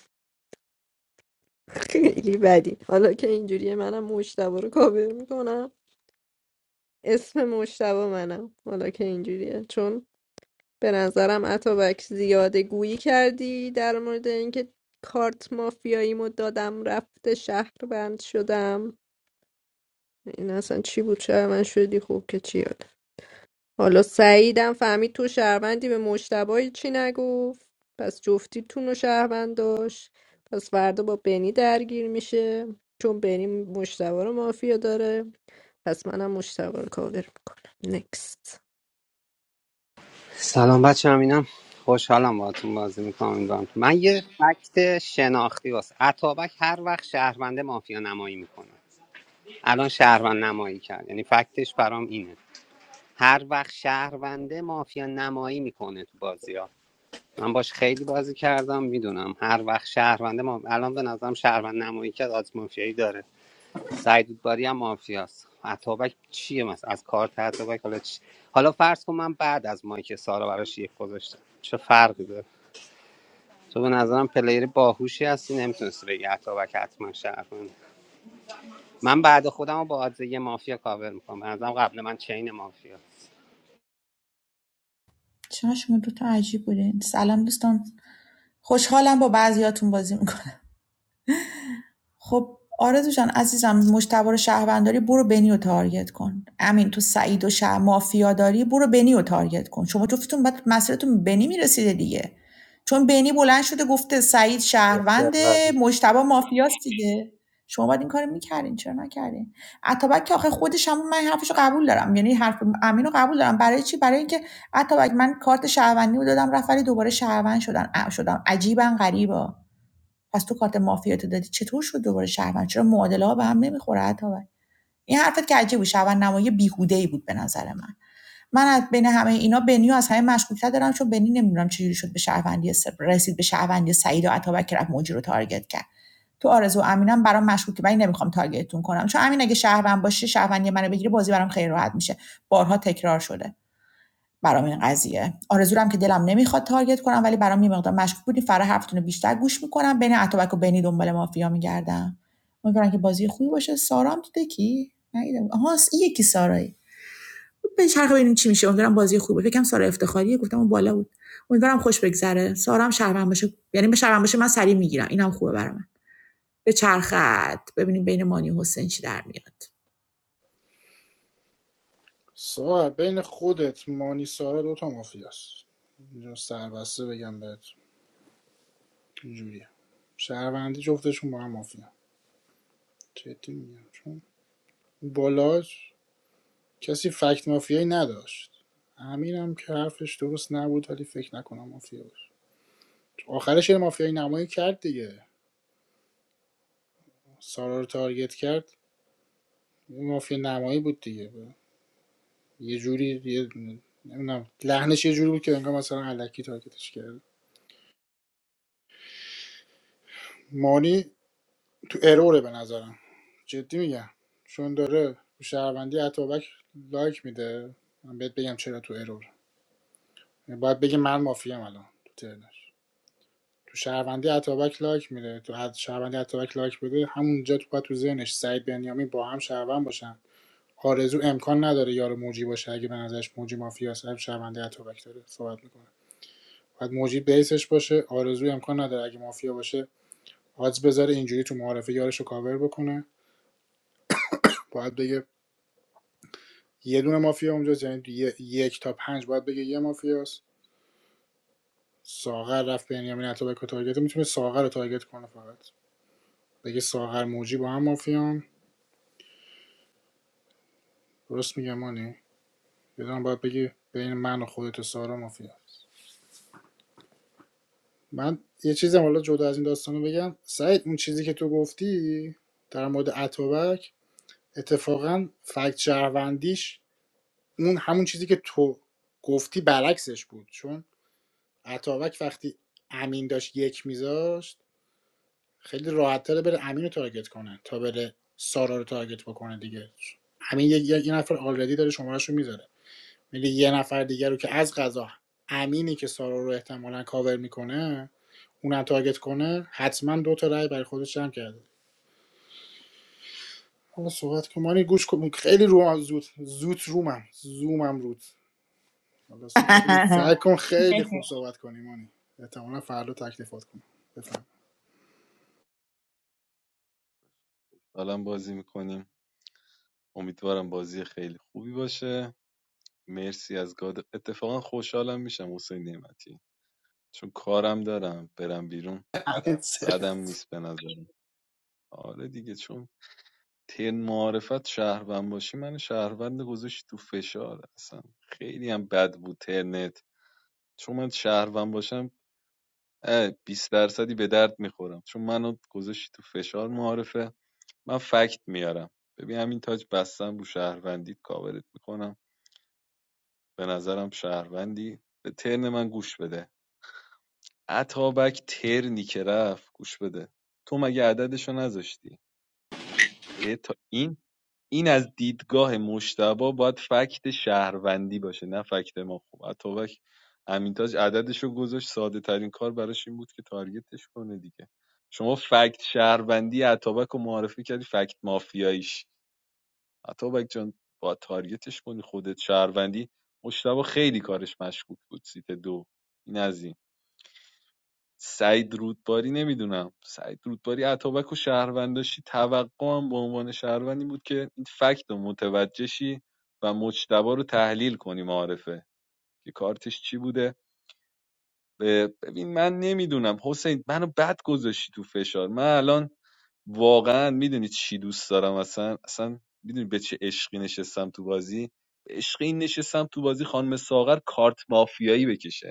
Speaker 3: خیلی بدی حالا که اینجوریه منم مشتبه رو کاور میکنم اسم مشتبه منم حالا که اینجوریه چون به نظرم اتابک زیاده گویی کردی در مورد اینکه کارت مافیاییمو دادم رفته شهر بند شدم این اصلا چی بود چرا من شدی خوب که چی یاد حالا سعیدم فهمید تو شهروندی به مشتبه هیچی نگفت پس جفتیتون رو شهروند داشت پس فردا با بنی درگیر میشه چون بنی مشتبه رو مافیا داره پس منم مشتبه رو کاور میکنم نکست
Speaker 17: سلام بچه هم اینم خوشحالم باهاتون بازی میکنم امیدوارم که- من یه فکت شناختی واسه اتابک هر وقت شهرونده مافیا نمایی میکنه الان شهروند نمایی کرد یعنی فکتش برام اینه هر وقت شهرونده مافیا نمایی میکنه تو بازی ها من باش خیلی بازی کردم میدونم هر وقت شهرونده ما الان به نظرم شهروند نمایی که از مافیایی داره سعید باری هم مافیاست عطابک چیه مثلا از کارت عطابک حالا چی؟ حالا فرض کن من بعد از مایک سارا براش یک گذاشتم چه فرقی داره تو به نظرم پلیر باهوشی هستی نمیتونستی بگی عطابک حتما شهرونده من بعد خودم رو با آدزه یه مافیا کاور میکنم به نظرم قبل من چین مافیا
Speaker 2: چرا شما دوتا عجیب بودین سلام دوستان خوشحالم با بعضیاتون بازی میکنم خب آرزو جان عزیزم مشتبه رو شهروند برو بنی رو تارگت کن امین تو سعید و شه مافیا داری برو بنی رو تارگت کن شما جفتتون بعد مسیرتون به بنی میرسیده دیگه چون بنی بلند شده گفته سعید شهرونده مشتبه مافیاست دیگه شما باید این کارو میکردین چرا نکردین عطابک که آخه خودش هم من حرفشو قبول دارم یعنی حرف امین رو قبول دارم برای چی برای اینکه عطابک من کارت شهروندی رو دادم رفت ولی دوباره شهروند شدن شدم عجیبا غریبا پس تو کارت مافیاتو دادی چطور شد دوباره شهروند چرا معادله ها به هم نمیخوره عطابک این حرفت که عجیب بود شهروند نمایی بیهوده ای بود به نظر من من از بین همه اینا بنیو از همه مشکوک‌تر دارم چون بنی نمیدونم چجوری شد به شهروندی س- رسید به شهروندی سعید و عطابک که رفت موجی رو تارگت کرد تو آرزو و امینم برام مشکوکه ولی نمیخوام تارگتتون کنم چون امین اگه شهروند باشه شهروندی منو بگیره بازی برام خیلی راحت میشه بارها تکرار شده برام این قضیه آرزورم که دلم نمیخواد تارگت کنم ولی برام یه مقدار مشکوک بودی فرا حرفتون رو بیشتر گوش میکنم بین اتوبک و بنی دنبال مافیا میگردم امیدوارم که بازی خوبی باشه سارا هم تو دکی ندیدم آها این یکی سارایی به چرخه ببینیم چی میشه امیدوارم بازی خوبی باشه فکرم سارا افتخاریه گفتم اون بالا بود امیدوارم خوش بگذره سارا هم شهروند باشه یعنی به شهروند باشه من سری میگیرم اینم خوبه برام به چرخت ببینیم بین مانی و حسین چی در میاد
Speaker 1: ساعت بین خودت مانی سارا دوتا مافیاست اینجا سربسته بگم بهت اینجوریه شهروندی جفتشون با هم مافیا جدی میگم چون بالا کسی فکت مافیایی نداشت امین که حرفش درست نبود ولی فکر نکنم مافیا باشه آخرش یه مافیای نمایی کرد دیگه سارا رو تارگت کرد یه مافیا نمایی بود دیگه یه جوری یه نمیدونم لحنش یه جوری بود که انگار مثلا علکی تارگتش کرد مانی تو اروره به نظرم جدی میگم چون داره تو شهروندی اتابک لایک میده من بهت بگم چرا تو ارور باید بگی من مافیام الان تو ترنش تو شهروندی اتابک لایک میده تو حد شهروندی اتابک لایک بده همونجا تو باید تو ذهنش سعید بنیامین با هم شهروند باشن آرزو امکان نداره یار موجی باشه اگه به نظرش موجی مافیا صاحب شهروندی اتابک داره صحبت میکنه باید موجی بیسش باشه آرزو امکان نداره اگه مافیا باشه آدز بذاره اینجوری تو معارفه یارش رو کاور بکنه باید بگه یه دونه مافیا اونجاست یعنی یه- یک تا پنج باید بگه یه مافیاست ساغر رفت بنیامین اتابک رو تارگت میتونه ساغر رو تارگت کنه فقط بگه ساغر موجی با هم مافیان درست میگم مانی یه دونه باید بگی بین من و خودت و سارا مافیا من یه چیزم حالا جدا از این داستانو بگم سعید اون چیزی که تو گفتی در مورد اتابک اتفاقا فکت شهروندیش اون همون چیزی که تو گفتی برعکسش بود چون اتابک وقتی امین داشت یک میذاشت خیلی راحت تره بره امین رو تارگت کنه تا بره سارا رو تارگت بکنه دیگه امین یه, یه یه نفر آلردی داره شمارش میذاره میره یه نفر دیگر رو که از قضا امینی که سارا رو احتمالاً کاور میکنه اونم تارگت کنه حتما دو تا رأی برای خودش جمع کرده حالا صحبت که مانی گوش کن خیلی روم زود زود رومم زومم رود حالا س- خیلی سعی کن خیلی خوب صحبت کنی مانی احتمالا فردا تکلیفات کنم بفهم
Speaker 14: حالا هم بازی میکنیم امیدوارم بازی خیلی خوبی باشه مرسی از گاد اتفاقا خوشحالم میشم حسین نعمتی چون کارم دارم برم بیرون بعدم نیست به نظرم آره دیگه چون تن معرفت شهروند باشی من شهروند گذاشتی تو فشار اصلا خیلی هم بد بود ترنت چون من شهروند باشم اه، بیست درصدی به درد میخورم چون منو گذاشتی تو فشار معارفه من فکت میارم ببین همین تاج بستم رو شهروندیت کاورت میکنم به نظرم شهروندی به ترن من گوش بده عطابک ترنی که رفت گوش بده تو مگه عددشو نذاشتی به بتا این این از دیدگاه مشتبا باید فکت شهروندی باشه نه فکت ما خوب. اتابک امینتاج عددش رو گذاشت ساده ترین کار براش این بود که تارگتش کنه دیگه شما فکت شهروندی اتابک رو معرفی کردی فکت مافیاییش اتابک جان با تارگتش کنی خودت شهروندی مشتبا خیلی کارش مشکوک بود سیت دو این از این سعید رودباری نمیدونم سعید رودباری اتابک و شهرونداشی توقعم به عنوان شهروند این بود که این فکت رو متوجه شی و مجتبا رو تحلیل کنی معارفه که کارتش چی بوده ب- ببین من نمیدونم حسین منو بد گذاشتی تو فشار من الان واقعا میدونی چی دوست دارم اصلا اصلا میدونی به چه عشقی نشستم تو بازی به عشقی نشستم تو بازی خانم ساغر کارت مافیایی بکشه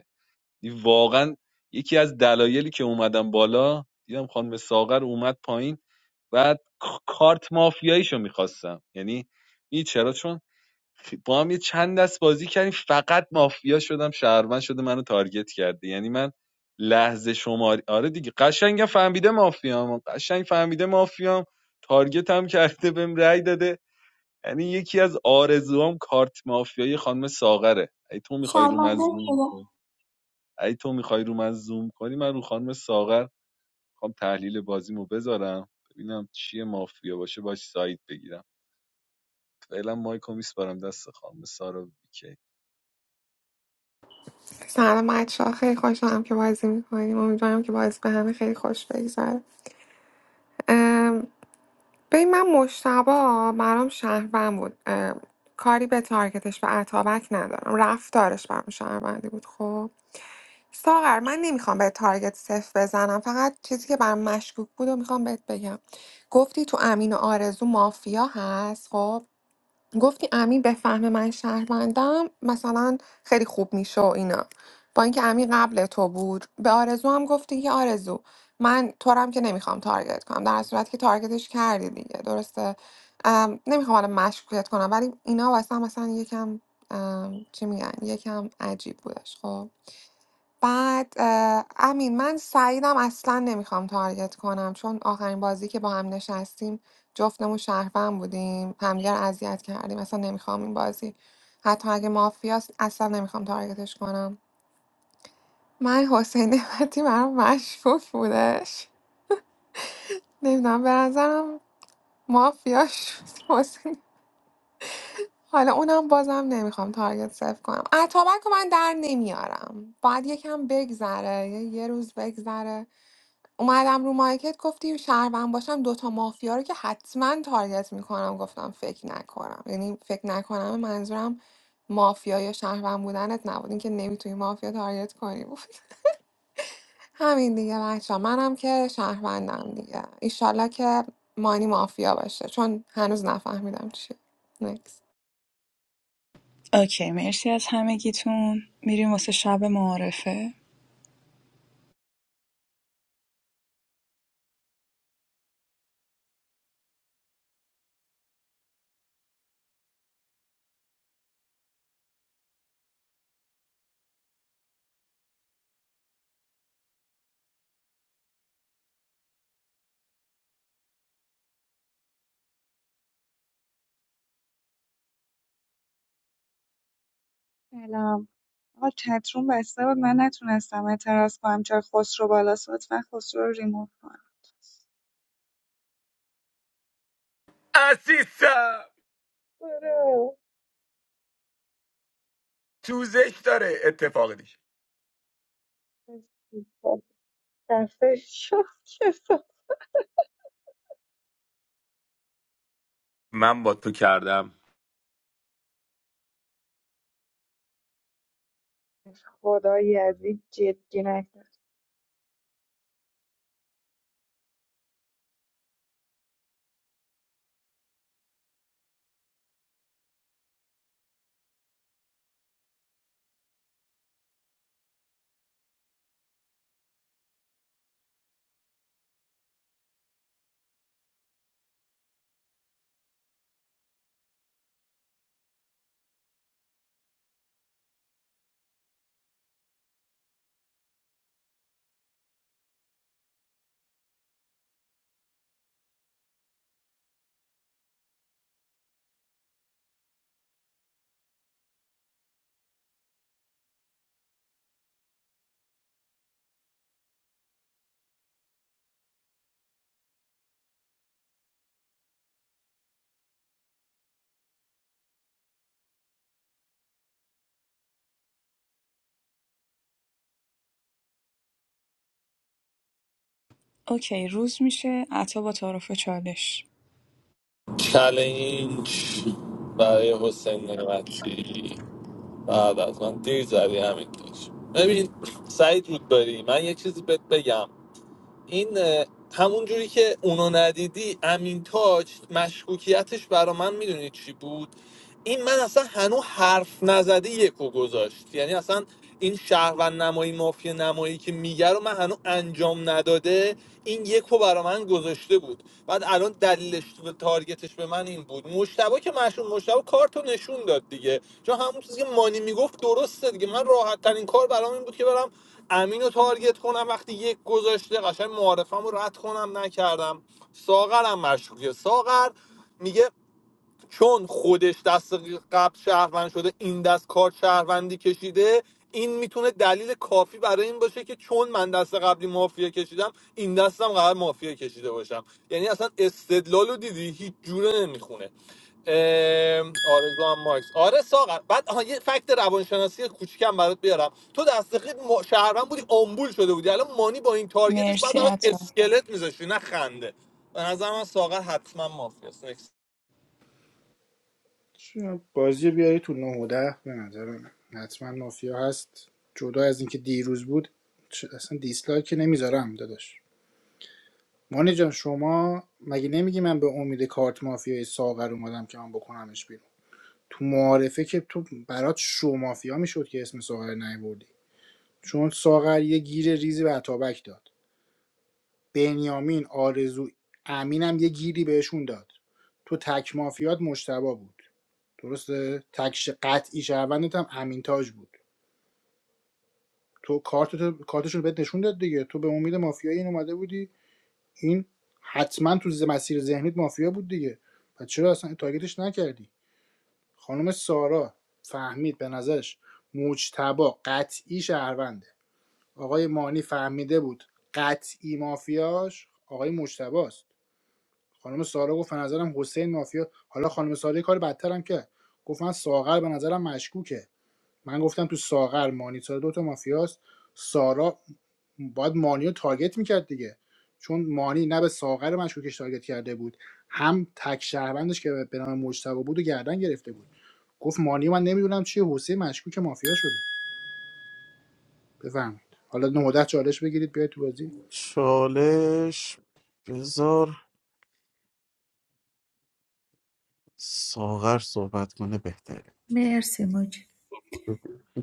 Speaker 14: دی واقعا یکی از دلایلی که اومدم بالا دیدم خانم ساغر اومد پایین بعد ک- کارت مافیاییشو میخواستم یعنی می چرا چون با هم یه چند دست بازی کردیم فقط مافیا شدم شهروند شده منو تارگت کرده یعنی من لحظه شماری آره دیگه قشنگ فهمیده مافیام قشنگ فهمیده مافیام تارگت هم کرده بهم رأی داده یعنی یکی از آرزوام کارت مافیایی خانم ساغره ای تو میخوای رو من
Speaker 2: شرمنده
Speaker 14: زوم
Speaker 2: شدم
Speaker 14: اگه تو میخوای رو من زوم کنی من رو خانم ساغر میخوام تحلیل بازیمو بذارم ببینم چیه مافیا باشه باش سایت بگیرم فعلا مایکو میسپارم دست خانم سارا ویکی
Speaker 19: سلام بچه ها خیلی خوشحالم که بازی میکنیم امیدوارم که بازی به همه خیلی خوش بگذره ام، ببین من مشتبا برام شهروند بود ام، کاری به تارگتش و عطابک ندارم رفتارش برام شهروندی بود خب ساغر من نمیخوام به تارگت صفر بزنم فقط چیزی که برام مشکوک بود و میخوام بهت بگم گفتی تو امین و آرزو مافیا هست خب گفتی امین به فهم من شهروندم مثلا خیلی خوب میشه و اینا با اینکه امین قبل تو بود به آرزو هم گفتی که آرزو من تو رو هم که نمیخوام تارگت کنم در صورتی که تارگتش کردی دیگه درسته ام، نمیخوام الان مشکوکت کنم ولی اینا واسه هم مثلا یکم ام، چی میگن یکم عجیب بودش خب بعد اه، امین من سعیدم اصلا نمیخوام تارگت کنم چون آخرین بازی که با هم نشستیم جفتمون شهروند بودیم همدیگه رو اذیت کردیم اصلا نمیخوام این بازی حتی اگه مافیاست اصلا نمیخوام تارگتش کنم من حسین نعمتی برام مشکوک بودش نمیدونم به نظرم مافیا شد حسین حالا اونم بازم نمیخوام تارگت صرف کنم اتابک رو من در نمیارم باید یکم بگذره یه یه روز بگذره اومدم رو مارکت گفتی شهروند باشم دوتا مافیا رو که حتما تارگت میکنم گفتم فکر نکنم یعنی فکر نکنم منظورم مافیا یا شهروند بودنت نبود این که نمیتونی مافیا تارگت کنی بود همین دیگه بچه منم که شهروندم دیگه ایشالله که مانی مافیا باشه چون هنوز نفهمیدم چیه نکس
Speaker 18: اوکی مرسی از همگیتون میریم واسه شب معارفه
Speaker 20: سلام آقا چتروم بسته بود من نتونستم اعتراض کنم چرا خسرو بالاست لطفا خسرو رو ریموو کن
Speaker 10: عزیزم
Speaker 20: آره.
Speaker 10: توزش داره اتفاق دیش
Speaker 20: دفعه شد که
Speaker 10: من با تو کردم
Speaker 20: خدایی از جدی نکرد
Speaker 18: اوکی روز میشه عطا با تعارف چالش
Speaker 5: چلنج برای حسین نعمتی بعد از من دیر زدی همین داشت ببین سعید رودباری من یه چیزی بهت بگم این اه، همون جوری که اونو ندیدی امین تاج مشکوکیتش برا من میدونی چی بود این من اصلا هنو حرف نزده یکو گذاشت یعنی اصلا این شهروند نمایی مافیا نمایی که میگه رو من هنو انجام نداده این یکو برا من گذاشته بود بعد الان دلیلش و تارگتش به من این بود مشتبه که مشهور مشتبه کارتو نشون داد دیگه چون همون چیزی که مانی میگفت درسته دیگه من راحت ترین کار برام این بود که برم امین رو تارگت کنم وقتی یک گذاشته قشنگ معارفم رو رد کنم نکردم ساغرم مشکوکه ساغر میگه چون خودش دست قبل شهروند شده این دست کار شهروندی کشیده این میتونه دلیل کافی برای این باشه که چون من دست قبلی مافیا کشیدم این دستم قرار مافیا کشیده باشم یعنی اصلا استدلال رو دیدی هیچ جوره نمیخونه آرزو هم ماکس آره ساغر بعد آها یه فکت روانشناسی کوچیکم برات بیارم تو دست قبل ما- شهروند بودی آمبول شده بودی الان مانی با این تارگتش بعد
Speaker 18: مرسی
Speaker 5: براش
Speaker 18: عطا
Speaker 5: اسکلت میذاشتی نه خنده به نظر من ساغر حتما مافیاست
Speaker 1: چرا بازی بیاری تو 9 و 10 به نظر من حتما مافیا هست جدا از اینکه دیروز بود چ- اصلا دیسلایک که نمیذارم داداش مانی جان شما مگه نمیگی من به امید کارت مافیای ساغر اومدم که من بکنمش بیرون تو معارفه که تو برات شو مافیا میشد که اسم ساغر نیوردی چون ساغر یه گیر ریزی به عطابک داد بنیامین آرزو امینم یه گیری بهشون داد تو تک مافیات مشتبا بود درسته تکش قطعی شهروندت هم امین تاج بود تو کارت کارتشون رو بهت نشون داد دیگه تو به امید مافیایی این اومده بودی این حتما تو ز- مسیر ذهنیت مافیا بود دیگه پس چرا اصلا تارگتش نکردی خانم سارا فهمید به نظرش مجتبا قطعی شهرونده آقای مانی فهمیده بود قطعی مافیاش آقای مجتباست خانم سارا گفت به نظرم حسین مافیا حالا خانم سارا کار بدتر هم کرد گفت من ساغر به نظرم مشکوکه من گفتم تو ساغر مانیتار دوتا مافیاست سارا باید مانی رو تارگت میکرد دیگه چون مانی نه به ساغر مشکوکش تارگت کرده بود هم تک شهروندش که به نام مجتبی بود و گردن گرفته بود گفت مانی من نمیدونم چیه حسین مشکوک مافیا شده بفهمید حالا نهودت چالش بگیرید بیاید تو بازی
Speaker 7: چالش بذار ساغر صحبت کنه بهتره
Speaker 2: مرسی موج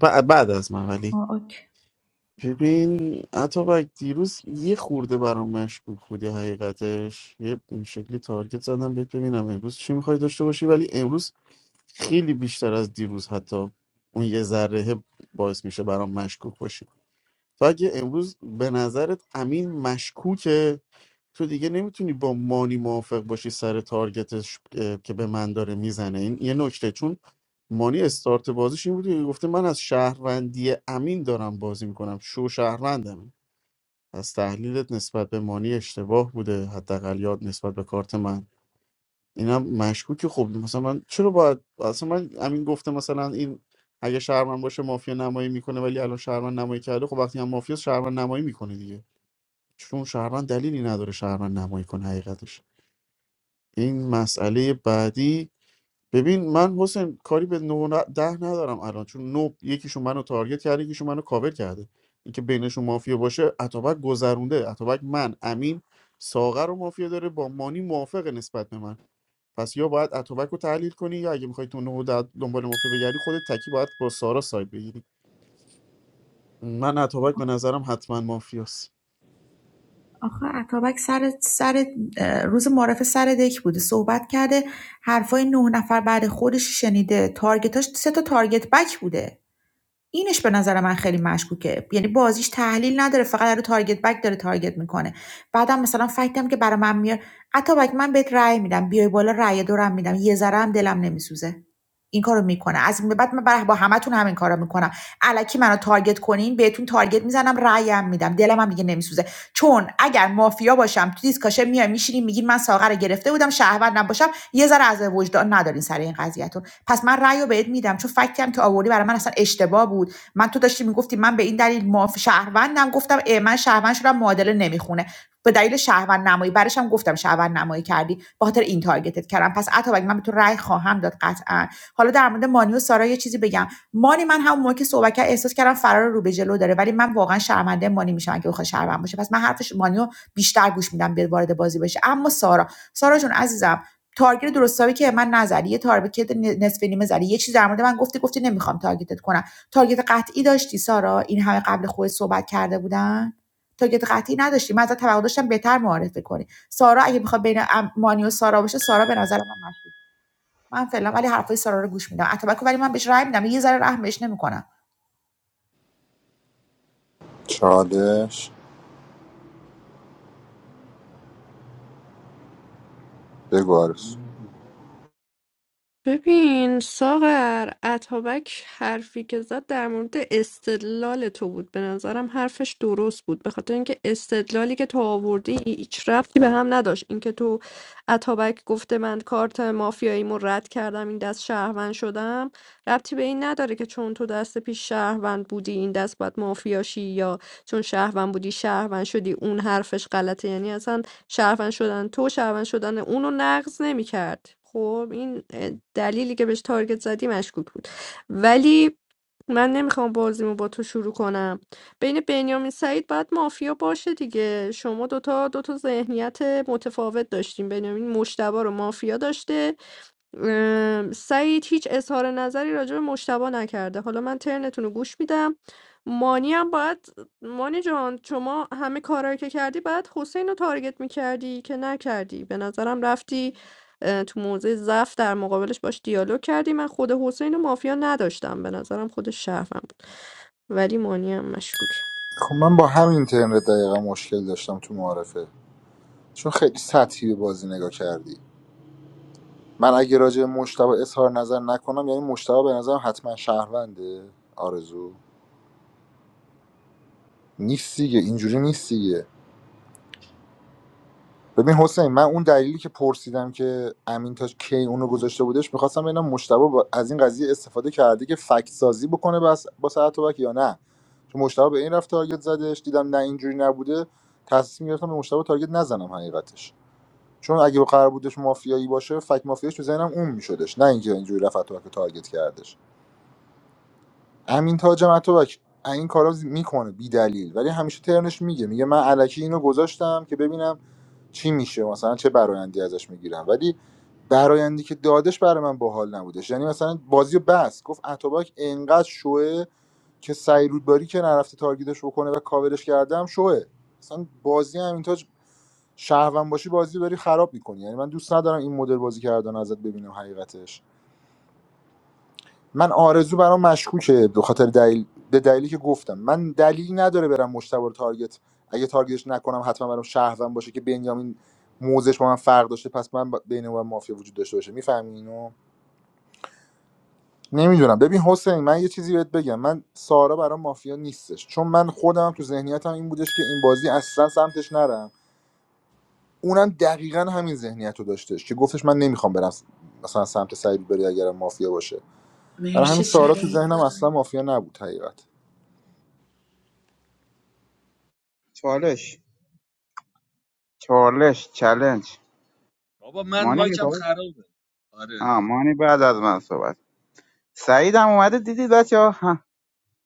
Speaker 7: ب- بعد از من ولی
Speaker 2: اوکی.
Speaker 7: ببین اتابک دیروز یه خورده برام مشکوک بودی حقیقتش یه این شکلی تارگت زدم بهت ببینم امروز چی میخوای داشته باشی ولی امروز خیلی بیشتر از دیروز حتی اون یه ذره باعث میشه برام مشکوک باشی تو اگه امروز به نظرت امین مشکوکه تو دیگه نمیتونی با مانی موافق باشی سر تارگتش اه، که به من داره میزنه این یه نکته چون مانی استارت بازیش این بود که گفته من از شهروندی امین دارم بازی میکنم شو شهروندم از تحلیلت نسبت به مانی اشتباه بوده حداقل یاد نسبت به کارت من اینم مشکوکه خب مثلا من چرا باید اصلا من همین گفته مثلا این اگه شهرمن باشه مافیا نمایی میکنه ولی الان شهرمن نمایی کرده خب وقتی هم مافیا شهرمن نمایی میکنه دیگه چون شهرمن دلیلی نداره شهرمن نمایی کنه حقیقتش این مسئله بعدی ببین من حسین کاری به نو ن- ده ندارم الان چون نو یکیشون منو تارگت کرده یکیشون منو کاور کرده اینکه بینشون مافیا باشه اتابک گذرونده اتابک من امین ساغر رو مافیا داره با مانی موافقه نسبت به من پس یا باید اتوبک رو تحلیل کنی یا اگه میخوای تو نه و ده دنبال مافیا بگردی خودت تکی باید با سارا ساید بگیری من اتوبک به نظرم حتما مافیاست
Speaker 2: آخه اتابک سر سر روز معرف سر دک بوده صحبت کرده حرفای نه نفر بعد خودش رو شنیده تارگتاش سه تا تارگت بک بوده اینش به نظر من خیلی مشکوکه یعنی بازیش تحلیل نداره فقط داره تارگت بک داره تارگت میکنه بعدم مثلا فکتم که برای من میاد بک من بهت رأی میدم بیای بالا رأی دورم میدم یه ذره هم دلم نمیسوزه این کارو میکنه از این به بعد من بر- با همتون همین کارو میکنم الکی منو تارگت کنین بهتون تارگت میزنم رأیم میدم دلم هم دیگه نمیسوزه چون اگر مافیا باشم تو دیسکاشه میای میشینین میگین من ساغر رو گرفته بودم شهروند نباشم یه ذره از وجدان ندارین سر این قضیهتون پس من رأی رو بهت میدم چون فکتی هم که آوردی برای من اصلا اشتباه بود من تو داشتی میگفتی من به این دلیل معاف شهروندم گفتم اه من شهروند شدم معادله نمیخونه به دلیل شهروند نمایی برش هم گفتم شهروند نمایی کردی به خاطر این تارگتت کردم پس عطا من به تو رأی خواهم داد قطعا حالا در مورد مانی و سارا یه چیزی بگم مانی من همون موقع که صحبت کرد احساس کردم فرار رو به جلو داره ولی من واقعا شرمنده مانی میشم اگه بخواد شهروند باشه پس من حرفش مانیو بیشتر گوش میدم بیاد وارد بازی بشه اما سارا سارا جون عزیزم تارگت درست حسابی که من نزدی یه تارگت نصف نیمه زدی یه چیز در مورد من گفتی گفتی نمیخوام تارگتت کنم تارگت قطعی داشتی سارا این همه قبل خود صحبت کرده بودن تارگت قطعی نداشتی من ازت توقع داشتم بهتر معرفی کنی سارا اگه بخواد بین مانی و سارا باشه سارا به نظر من مشکوک من فعلا ولی حرفای سارا رو گوش میدم اتابک رو ولی من بهش رای میدم یه ذره رحم نمیکنم
Speaker 15: چالش بگو
Speaker 14: من
Speaker 15: عارف.
Speaker 3: ببین ساغر اتابک حرفی که زد در مورد استدلال تو بود به نظرم حرفش درست بود به خاطر اینکه استدلالی که تو آوردی هیچ ربطی به هم نداشت اینکه تو اتابک گفته من کارت مافیاییمو رد کردم این دست شهروند شدم ربطی به این نداره که چون تو دست پیش شهروند بودی این دست باید مافیاشی یا چون شهروند بودی شهروند شدی اون حرفش غلطه یعنی اصلا شهروند شدن تو شهروند شدن اونو نقض نمیکرد خب این دلیلی که بهش تارگت زدی مشکوک بود ولی من نمیخوام بازیمو با تو شروع کنم بین بنیامین سعید باید مافیا باشه دیگه شما دوتا دوتا ذهنیت متفاوت داشتیم بنیامین مشتبه رو مافیا داشته ام، سعید هیچ اظهار نظری راجع به مجتبی نکرده حالا من ترنتون رو گوش میدم مانی هم باید مانی جان شما همه کارهایی که کردی باید حسین رو تارگت میکردی که نکردی به نظرم رفتی اه، تو موضع ضعف در مقابلش باش دیالوگ کردی من خود حسین و مافیا نداشتم به نظرم خود شرفم بود ولی مانی هم مشکوک
Speaker 15: خب من با همین اینترنت دقیقا مشکل داشتم تو معارفه چون خیلی سطحی به بازی نگاه کردی من اگه راجع به مشتبه اظهار نظر نکنم یعنی مشتبه به نظرم حتما شهرونده آرزو نیست دیگه اینجوری نیست دیگه ببین حسین من اون دلیلی که پرسیدم که امین تا کی اونو گذاشته بودش میخواستم ببینم مشتبه با- از این قضیه استفاده کرده که فکت سازی بکنه بس با اتوبک یا نه چون مشتبه به این رفت تارگت زدش دیدم نه اینجوری نبوده تصمیم گرفتم به مشتبه تارگت نزنم حقیقتش چون اگه قرار بودش مافیایی باشه فک مافیاش تو ذهنم اون میشدش نه اینکه اینجوری رفت تو که تارگت کردش امین تاج مطلب این کارا میکنه بی دلیل ولی همیشه ترنش میگه میگه من الکی اینو گذاشتم که ببینم چی میشه مثلا چه برایندی ازش میگیرم ولی برایندی که دادش برای من باحال نبودش یعنی مثلا بازی رو بس گفت اتوبک انقدر شوه که سعی رودباری که نرفته تارگیدش بکنه و کاورش کردم شوه مثلا بازی همین تاج شهروند باشی بازی داری خراب میکنی یعنی من دوست ندارم این مدل بازی کردن ازت ببینم حقیقتش من آرزو برام مشکوکه به خاطر دلیل به دلیلی که گفتم من دلیلی نداره برم مشتبه رو تارگت اگه تارگتش نکنم حتما برام شهروند باشه که بنیامین موزش با من فرق داشته پس من با- بین اون و مافیا وجود داشته باشه میفهمی اینو نمیدونم ببین حسین من یه چیزی بهت بگم من سارا برام مافیا نیستش چون من خودم تو ذهنیتم این بودش که این بازی اصلا سمتش نرم اونم دقیقا همین ذهنیت رو داشتش که گفتش من نمیخوام برم س- مثلا سمت سعید بری اگرم مافیا باشه برای همین
Speaker 18: مرسی
Speaker 15: سارا تو
Speaker 18: سعید
Speaker 15: ذهنم اصلا مافیا نبود حقیقت
Speaker 4: چالش چالش چالش
Speaker 14: بابا من
Speaker 4: مانی
Speaker 14: مایکم
Speaker 4: میخواد
Speaker 14: خرابه آره
Speaker 4: آه مانی بعد از من صحبت سعید هم اومده دیدید بچه ها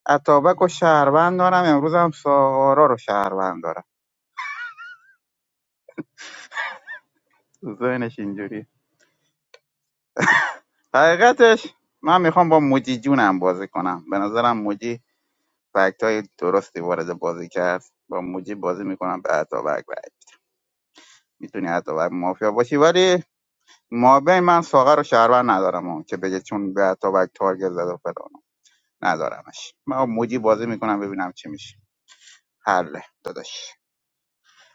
Speaker 4: اتابک و شهروند دارم امروز هم سارا رو شهروند دارم ذهنش اینجوری حقیقتش من میخوام با موجی جونم بازی کنم به نظرم موجی فکت های درستی وارد بازی کرد با موجی بازی میکنم به اتابک رای میتونی اتابک مافیا باشی ولی ما بین من ساغر رو شهرور ندارم ها که بگه چون به اتابک تارگت زد و فلان ندارمش من با موجی بازی میکنم ببینم چی میشه حله داداش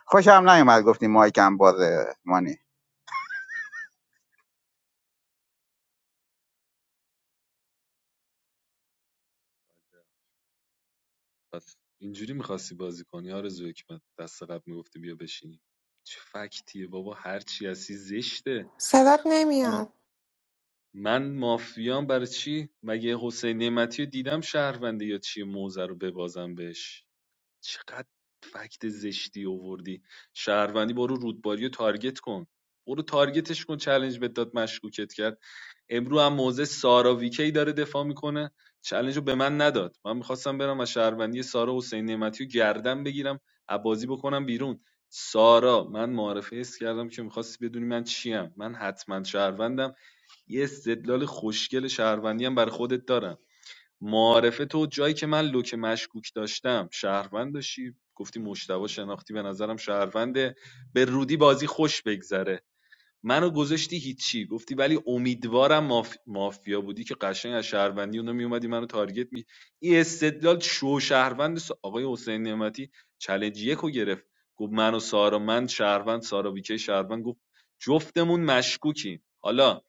Speaker 4: خوشم نیومد گفتی مایکم بازه مانی
Speaker 14: پس اینجوری میخواستی بازی کنی آرزو حکمت دست قبل میگفتی بیا بشینی چه فکتیه بابا هر چی هستی زشته
Speaker 19: صدات نمیاد
Speaker 14: من مافیام برای چی مگه حسین نعمتی رو دیدم شهرونده یا چی موزه رو ببازم بهش چقدر فکت زشتی آوردی شهروندی برو رودباری رو تارگت کن برو تارگتش کن چالش بهت داد مشکوکت کرد امرو هم موزه سارا ویکی داره دفاع میکنه چالش رو به من نداد من میخواستم برم از شهروندی سارا حسین نعمتی رو گردن بگیرم عبازی بکنم بیرون سارا من معرفه حس کردم که میخواستی بدونی من چیم من حتما شهروندم یه استدلال خوشگل شهروندی هم برای خودت دارم معارفه تو جایی که من لوک مشکوک داشتم شهروند داشتی گفتی مشتبه شناختی به نظرم شهرونده به رودی بازی خوش بگذره منو گذاشتی هیچی گفتی ولی امیدوارم ماف... مافیا بودی که قشنگ از شهروندی اونا میومدی منو تارگت می این استدلال شو شهروند س- آقای حسین نعمتی چلنج یکو گرفت گفت من و سارا من شهروند سارا ویکی شهروند گفت جفتمون مشکوکیم حالا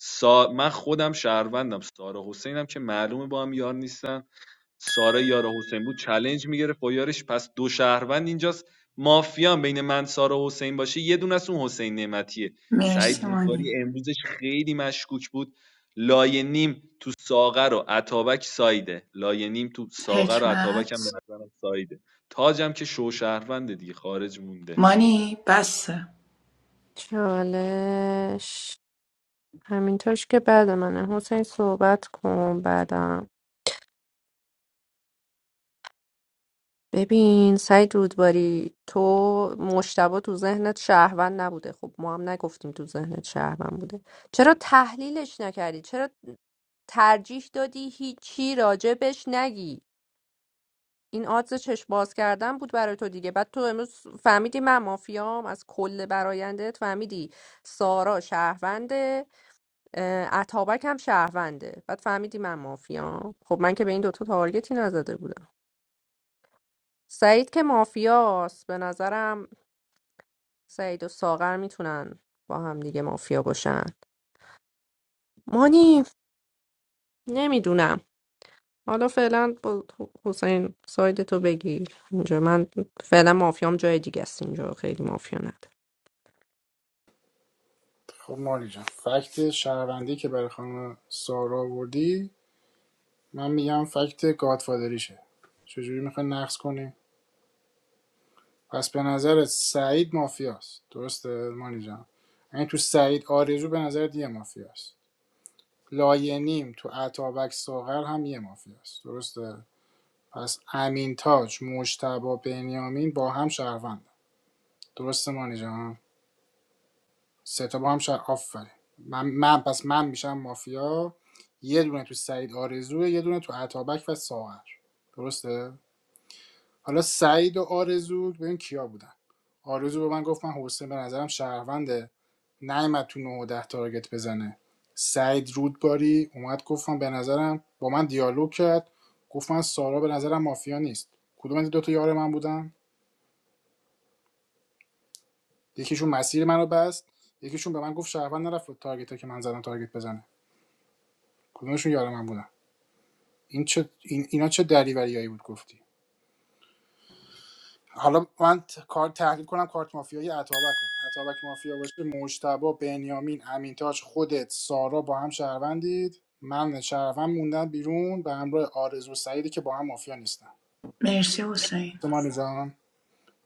Speaker 14: سا... من خودم شهروندم سارا حسینم که معلومه با هم یار نیستن سارا یار حسین بود چلنج میگرفت با یارش پس دو شهروند اینجاست مافیان بین من سارا حسین باشه یه دونه از اون حسین نعمتیه سعید
Speaker 18: مرسی مانی
Speaker 14: رودباری امروزش خیلی مشکوک بود لایه نیم تو ساغر و عطابک سایده لایه نیم تو ساغر و عطابک هم به
Speaker 18: حکمت
Speaker 14: نظرم سایده تاجم که شو شهرونده دیگه خارج مونده
Speaker 18: مانی بسه
Speaker 3: چالش همینطورش که بعد منه حسین صحبت کن بعدم ببین سعید رودباری تو مشتبه تو ذهنت شهروند نبوده خب ما هم نگفتیم تو ذهنت شهروند بوده چرا تحلیلش نکردی چرا ترجیح دادی هیچی راجبش نگی این آدز چشم باز کردن بود برای تو دیگه بعد تو امروز فهمیدی من مافیام از کل برایندت فهمیدی سارا شهرونده اه، اتابک هم شهرونده بعد فهمیدی من مافیام خب من که به این دوتا تارگتی نزده بودم سعید که مافیاست به نظرم سعید و ساغر میتونن با هم دیگه مافیا باشن مانی نمیدونم حالا فعلا با حسین ساید تو بگیر اینجا من فعلا مافیام جای دیگه است اینجا خیلی مافیا نداره
Speaker 1: خب مانی جان فکت شهروندی که برای خانم سارا آوردی من میگم فکت گادفادریشه چجوری میخوای نقص کنی پس به نظرت سعید مافیاست درسته مانی جان یعنی تو سعید آرزو به نظرت یه مافیاست لاینیم تو اتابک ساغر هم یه مافیاست درسته پس امین تاج مجتبا بنیامین با هم شهروند درسته مانی جان سه تا با هم شهر آفرین من, من پس من میشم مافیا یه دونه تو سعید آرزوه یه دونه تو اتابک و ساغر درسته حالا سعید و آرزو ببین کیا بودن آرزو به من گفت من حسین به نظرم شهرونده نیومد تو 9 و 10 تارگت بزنه سعید رودباری اومد گفت من به نظرم با من دیالوگ کرد گفت من سارا به نظرم مافیا نیست کدوم از این دو تا یار من بودن یکیشون مسیر منو بست یکیشون به من گفت شهروند نرفت تارگت که من زدم تارگت بزنه کدومشون یار من بودن این چه این اینا چه دریوریایی بود گفتی حالا من ت- کار تحلیل کنم کارت مافیای اتابک رو اتابک مافیا باشه مجتبا بنیامین امینتاج خودت سارا با هم شهروندید من شهروند موندم بیرون به همراه آرزو و سعیدی که با هم مافیا نیستن
Speaker 18: مرسی حسین
Speaker 1: تو جان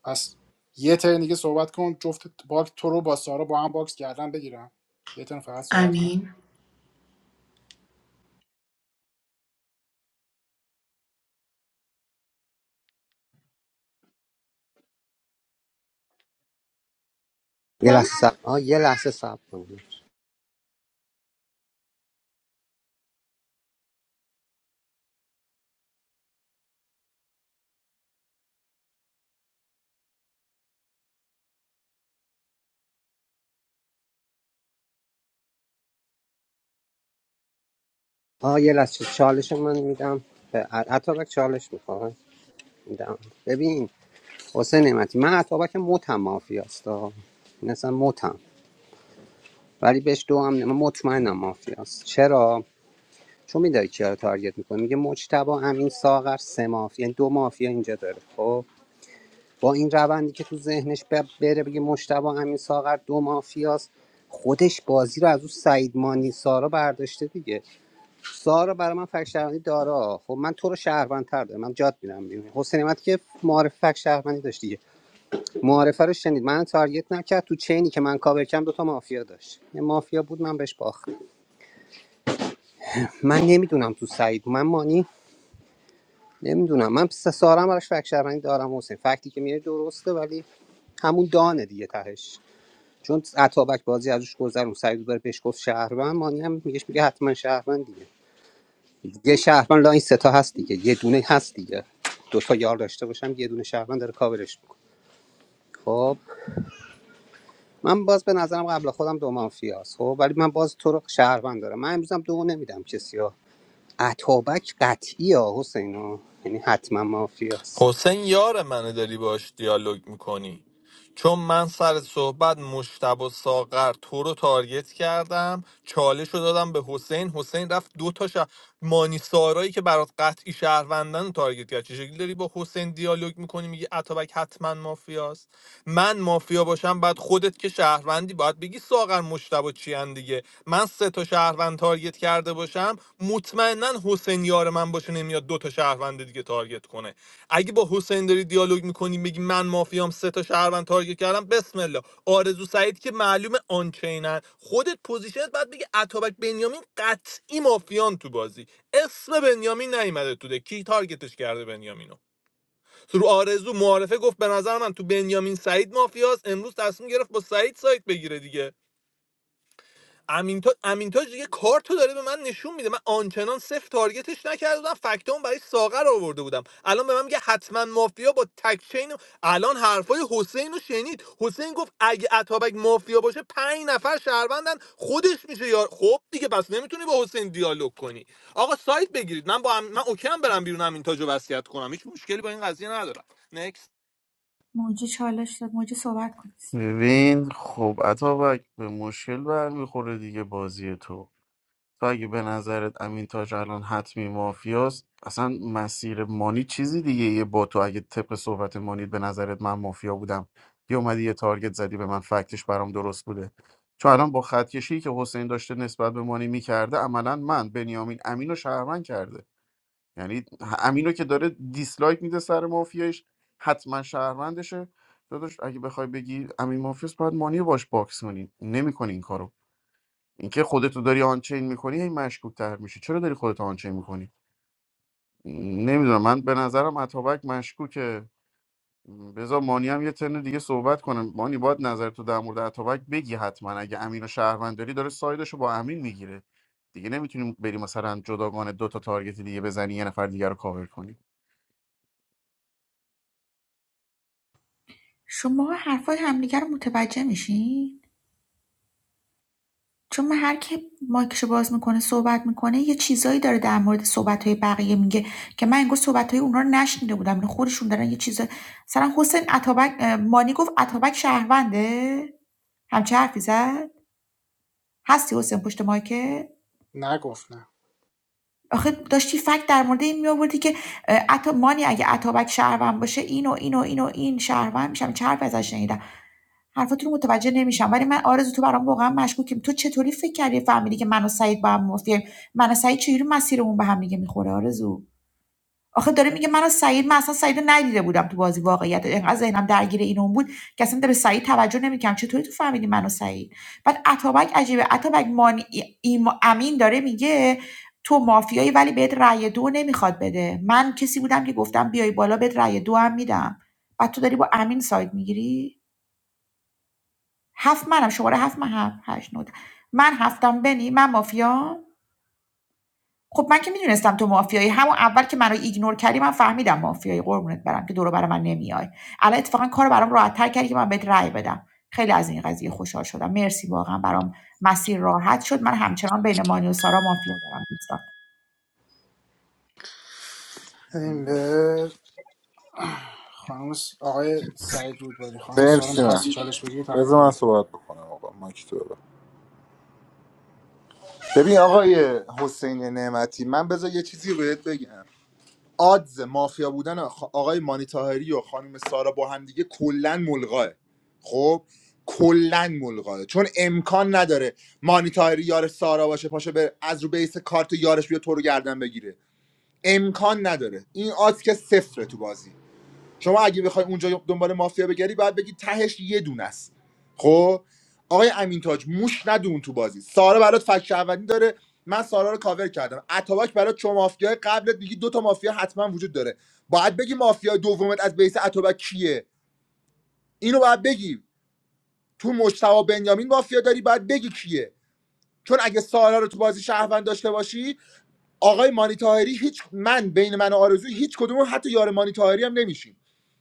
Speaker 1: پس یه ترن دیگه صحبت کن جفت باک تو رو با سارا با هم باکس کردن بگیرم یه ترن فقط صحبت کن
Speaker 18: امین
Speaker 17: یه لحظه سب... آه یه لحظه سب کنید آه یه لحظه چالش من میدم به ع- عطابک چالش میخواد میدم ببین حسین نعمتی من عطابک متم مافیاست آه. این اصلا متم ولی بهش دو هم نیم- من مطمئنم مافیاست چرا چون میداری کیا رو تارگت میکنه میگه مجتبا امین ساغر سه مافیا یعنی دو مافیا اینجا داره خب با این روندی که تو ذهنش ب- بره بگه مجتبا امین ساغر دو مافیاست خودش بازی رو از اون سعید مانی سارا برداشته دیگه سارا برای من فک شهروندی دارا خب من تو رو شهروندتر دارم من جات میرم بیرون حسین نعمت که معارف فک شهروندی داشت دیگه معارفه رو شنید من تارگت نکرد تو چینی که من کاور کردم دوتا مافیا داشت یه مافیا بود من بهش باختم من نمیدونم تو سعید من مانی نمیدونم من س- سارا هم براش فک شهروندی دارم حسین فکتی که میره درسته ولی همون دانه دیگه تهش چون اتابک بازی ازش گذرون سعید داره بهش گفت شهروند مانی هم میگهش میگه حتما شهروند دیگه. یه شهروند لاین سه تا هست دیگه یه دونه هست دیگه دو تا یار داشته باشم یه دونه شهروند داره کاورش میکنه خب من باز به نظرم قبل خودم دو مافیا است خب ولی من باز تو رو شهروند دارم من امروزم دو نمیدم کسی ها اتابک قطعی ها حسین ها یعنی حتما مافیاست
Speaker 5: حسین یار منه داری باش دیالوگ میکنی چون من سر صحبت مشتب و ساغر تو رو تارگت کردم چالش رو دادم به حسین حسین رفت دو تا شه... مانی سارایی که برات قطعی شهروندن رو تارگت کرد چه شکلی داری با حسین دیالوگ میکنی میگی اتابک حتما مافیاست من مافیا باشم بعد خودت که شهروندی باید بگی ساغر مشتبه چی دیگه من سه تا شهروند من تارگت کرده باشم مطمئنا حسین یار من باشه نمیاد دو تا شهروند دیگه تارگت کنه اگه با حسین داری دیالوگ میکنی بگی من مافیام سه تا شهروند تارگت کردم بسم الله آرزو سعید که معلومه آنچینن خودت پوزیشنت بعد بگی اتابک بنیامین قطعی مافیان تو بازی اسم بنیامین نیومده تو ده کی تارگتش کرده بنیامینو رو آرزو معارفه گفت به نظر من تو بنیامین سعید مافیاست امروز تصمیم گرفت با سعید سایت بگیره دیگه امینتاج امینتاج دیگه کارتو داره به من نشون میده من آنچنان صفر تارگتش نکرده بودم فکتام برای ساغر آورده بودم الان به من میگه حتما مافیا با تک چین الان حرفای حسین رو شنید حسین گفت اگه اتابک مافیا باشه پنج نفر شهروندن خودش میشه یار خب دیگه پس نمیتونی با حسین دیالوگ کنی آقا سایت بگیرید من با ام... من اوکی هم برم بیرون امینتاجو وصیت کنم هیچ مشکلی با این قضیه ندارم نکست
Speaker 2: موجی چالش داد موجی صحبت کن
Speaker 7: ببین خب اتابک به مشکل برمیخوره دیگه بازی تو تو اگه به نظرت امین تاج الان حتمی مافیاست اصلا مسیر مانی چیزی دیگه یه با تو اگه طبق صحبت مانی به نظرت من مافیا بودم یه اومدی یه تارگت زدی به من فکتش برام درست بوده چون الان با خطکشی که حسین داشته نسبت به مانی میکرده عملا من بنیامین امین رو شهروند کرده یعنی امینو که داره دیسلایک میده سر مافیایش حتما شهروندشه داداش اگه بخوای بگی امین مافیاست باید مانی رو باش باکس کنی نمیکنی این کارو اینکه خودتو داری آنچین میکنی هی مشکوک تر میشه چرا داری خودتو آنچین میکنی نمیدونم من به نظرم اتابک مشکوکه بذار مانی هم یه ترن دیگه صحبت کنه مانی باید نظر تو در مورد اتابک بگی حتما اگه امین و شهروند داری داره سایدشو با امین میگیره دیگه نمیتونیم بری مثلا جداگانه دو تا تارگت دیگه بزنی یه نفر دیگه رو کاور کنی
Speaker 2: شما حرفای همدیگه رو متوجه میشین چون من هر که مایکشو باز میکنه صحبت میکنه یه چیزایی داره در مورد صحبتهای بقیه میگه که من انگار صحبتهای اونها رو نشنیده بودم اینا خودشون دارن یه چیز مثلا حسین عطابک اه، مانی گفت عطابک شهرونده همچه حرفی زد هستی حسین پشت مایکت
Speaker 1: نگفت نه
Speaker 2: آخه داشتی فکت در مورد این میآوردی که اه، عطا مانی اگه اتابک شهروند باشه اینو اینو اینو این شهروند میشم چه حرفی ازش شنیدم حرفات رو متوجه نمیشم ولی من آرزو تو برام واقعا مشکوکیم تو چطوری فکر کردی فهمیدی که من و سعید با هم موافقیم من و سعید چجوری مسیرمون به هم دیگه میخوره آرزو آخه داره میگه من از سعید من اصلا سعید ندیده بودم تو بازی واقعیت انقدر ذهنم درگیر این اون بود که اصلا به سعید توجه نمیکنم چطوری تو فهمیدی منو سعید بعد اتابک عجیبه اتابک مانی... ایم- امین داره میگه تو مافیایی ولی بهت رأی دو نمیخواد بده من کسی بودم که گفتم بیای بالا بهت رأی دو هم میدم بعد تو داری با امین ساید میگیری هفت منم شماره هفت من هفت هشت نود من هفتم بنی من مافیام خب من که میدونستم تو مافیایی همون اول که منو ایگنور کردی من فهمیدم مافیایی قربونت برم که دورو بر من نمیای الان اتفاقا کارو برام راحت‌تر کردی که من بهت رأی بدم خیلی از این قضیه خوشحال شدم مرسی واقعا برام مسیر راحت شد من همچنان بین مانی و سارا مافیا دارم دوستان
Speaker 1: این به خانم س- آقای سعید رودباری خانم سارا
Speaker 15: مرسی من
Speaker 1: میخواستی چالش بگیری
Speaker 15: بذار
Speaker 1: تقدیم
Speaker 15: من
Speaker 1: گرفت.
Speaker 15: صحبت بکنم آقا ما که تو ببر. ببین آقای حسین نعمتی من بذار یه چیزی بهت بگم آدز مافیا بودن آخ- آقای مانی تاهری و خانم سارا با هم دیگه کلا ملغاه خب کلا ملغاه چون امکان نداره مانی تاهری یار سارا باشه پاشه به از رو بیس کارت یارش بیا تو رو گردن بگیره امکان نداره این آدز که صفره تو بازی شما اگه بخوای اونجا دنبال مافیا بگری باید بگی تهش یه دونه است خب آقای امین تاج موش ندون تو بازی سارا برات فک اولین داره من سارا رو کاور کردم اتابک برات چون مافیای قبلت میگی دو تا مافیا حتما وجود داره باید بگی مافیا دومت از بیس اتابک کیه اینو باید بگی تو مجتبی بنیامین مافیا داری باید بگی کیه چون اگه سارا رو تو بازی شهروند داشته باشی آقای مانی تاهری هیچ من بین من و آرزو هیچ کدوم حتی یار مانی تاهری هم نمیشیم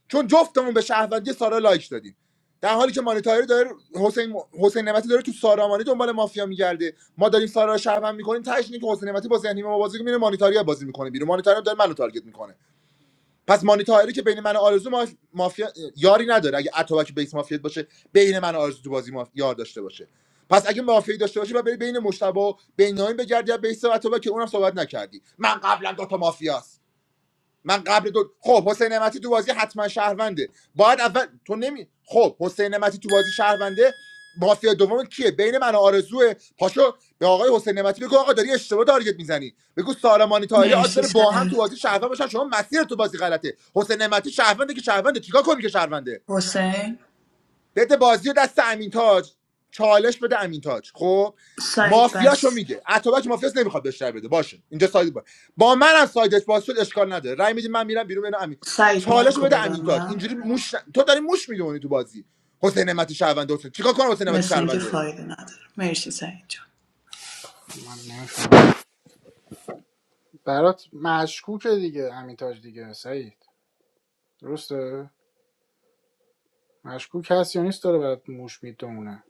Speaker 15: چون جفتمون به شهروندی سارا لایک دادیم در حالی که مانی طاهری داره حسین حسین نعمتی داره تو سارا مانی دنبال مافیا میگرده ما داریم سارا رو شهروند میکنیم تاش که حسین نعمتی با ذهنی ما بازی میره مانی طاهری بازی میکنه بیرون مانی طاهری داره منو تارگت میکنه پس مانی تاهری که بین من و آرزو ما... مافیا یاری نداره اگه اتوبک بیس مافیا باشه بین من و آرزو تو بازی ماف... یار داشته باشه پس اگه مافیا داشته باشه و بری بین مشتبه و بینامین بگردی از بیس اتوبک که اونم صحبت نکردی من قبلا دو تا مافیاست من قبل دو خب حسین نعمتی تو بازی حتما شهرونده باید اول تو نمی خب حسین نعمتی تو بازی شهرونده مافیا دوم کیه بین من و آرزوه پاشو به آقای حسین نعمتی بگو آقا داری اشتباه تارگت میزنی بگو سالمانی تایری آدز
Speaker 18: مرسی
Speaker 15: داره با هم تو
Speaker 18: سعید
Speaker 15: بازی شهروند باشن شما مسیر تو بازی غلطه حسین نعمتی شهرونده که شهرونده چیکار کنی که شهرونده
Speaker 18: حسین
Speaker 15: بده بازی رو دست امین تاج چالش بده امین تاج خب
Speaker 18: سعید
Speaker 15: مافیاشو
Speaker 18: بس
Speaker 15: میگه اتوبک مافیاس نمیخواد بهش رای بده باشه اینجا ساید با با منم سایدش باز شد اشکال نداره رای میدیم من میرم بیرون بین امین
Speaker 18: سعید
Speaker 15: چالشو
Speaker 18: مایکو
Speaker 15: بده امین تاج
Speaker 18: ببندم
Speaker 15: اینجوری موش ن- تو داری موش میدونی تو بازی حسین نعمتی شهرونده حسین چیکار کنم حسین نعمتی
Speaker 18: مثل اینکه
Speaker 15: شهرونده
Speaker 18: فایده نداره مرسی سعید جان
Speaker 1: من نمی‌فهمم. برات مشکوکه دیگه همین تاج دیگه سعید درسته مشکوک هست یا نیست داره برات موش میدونه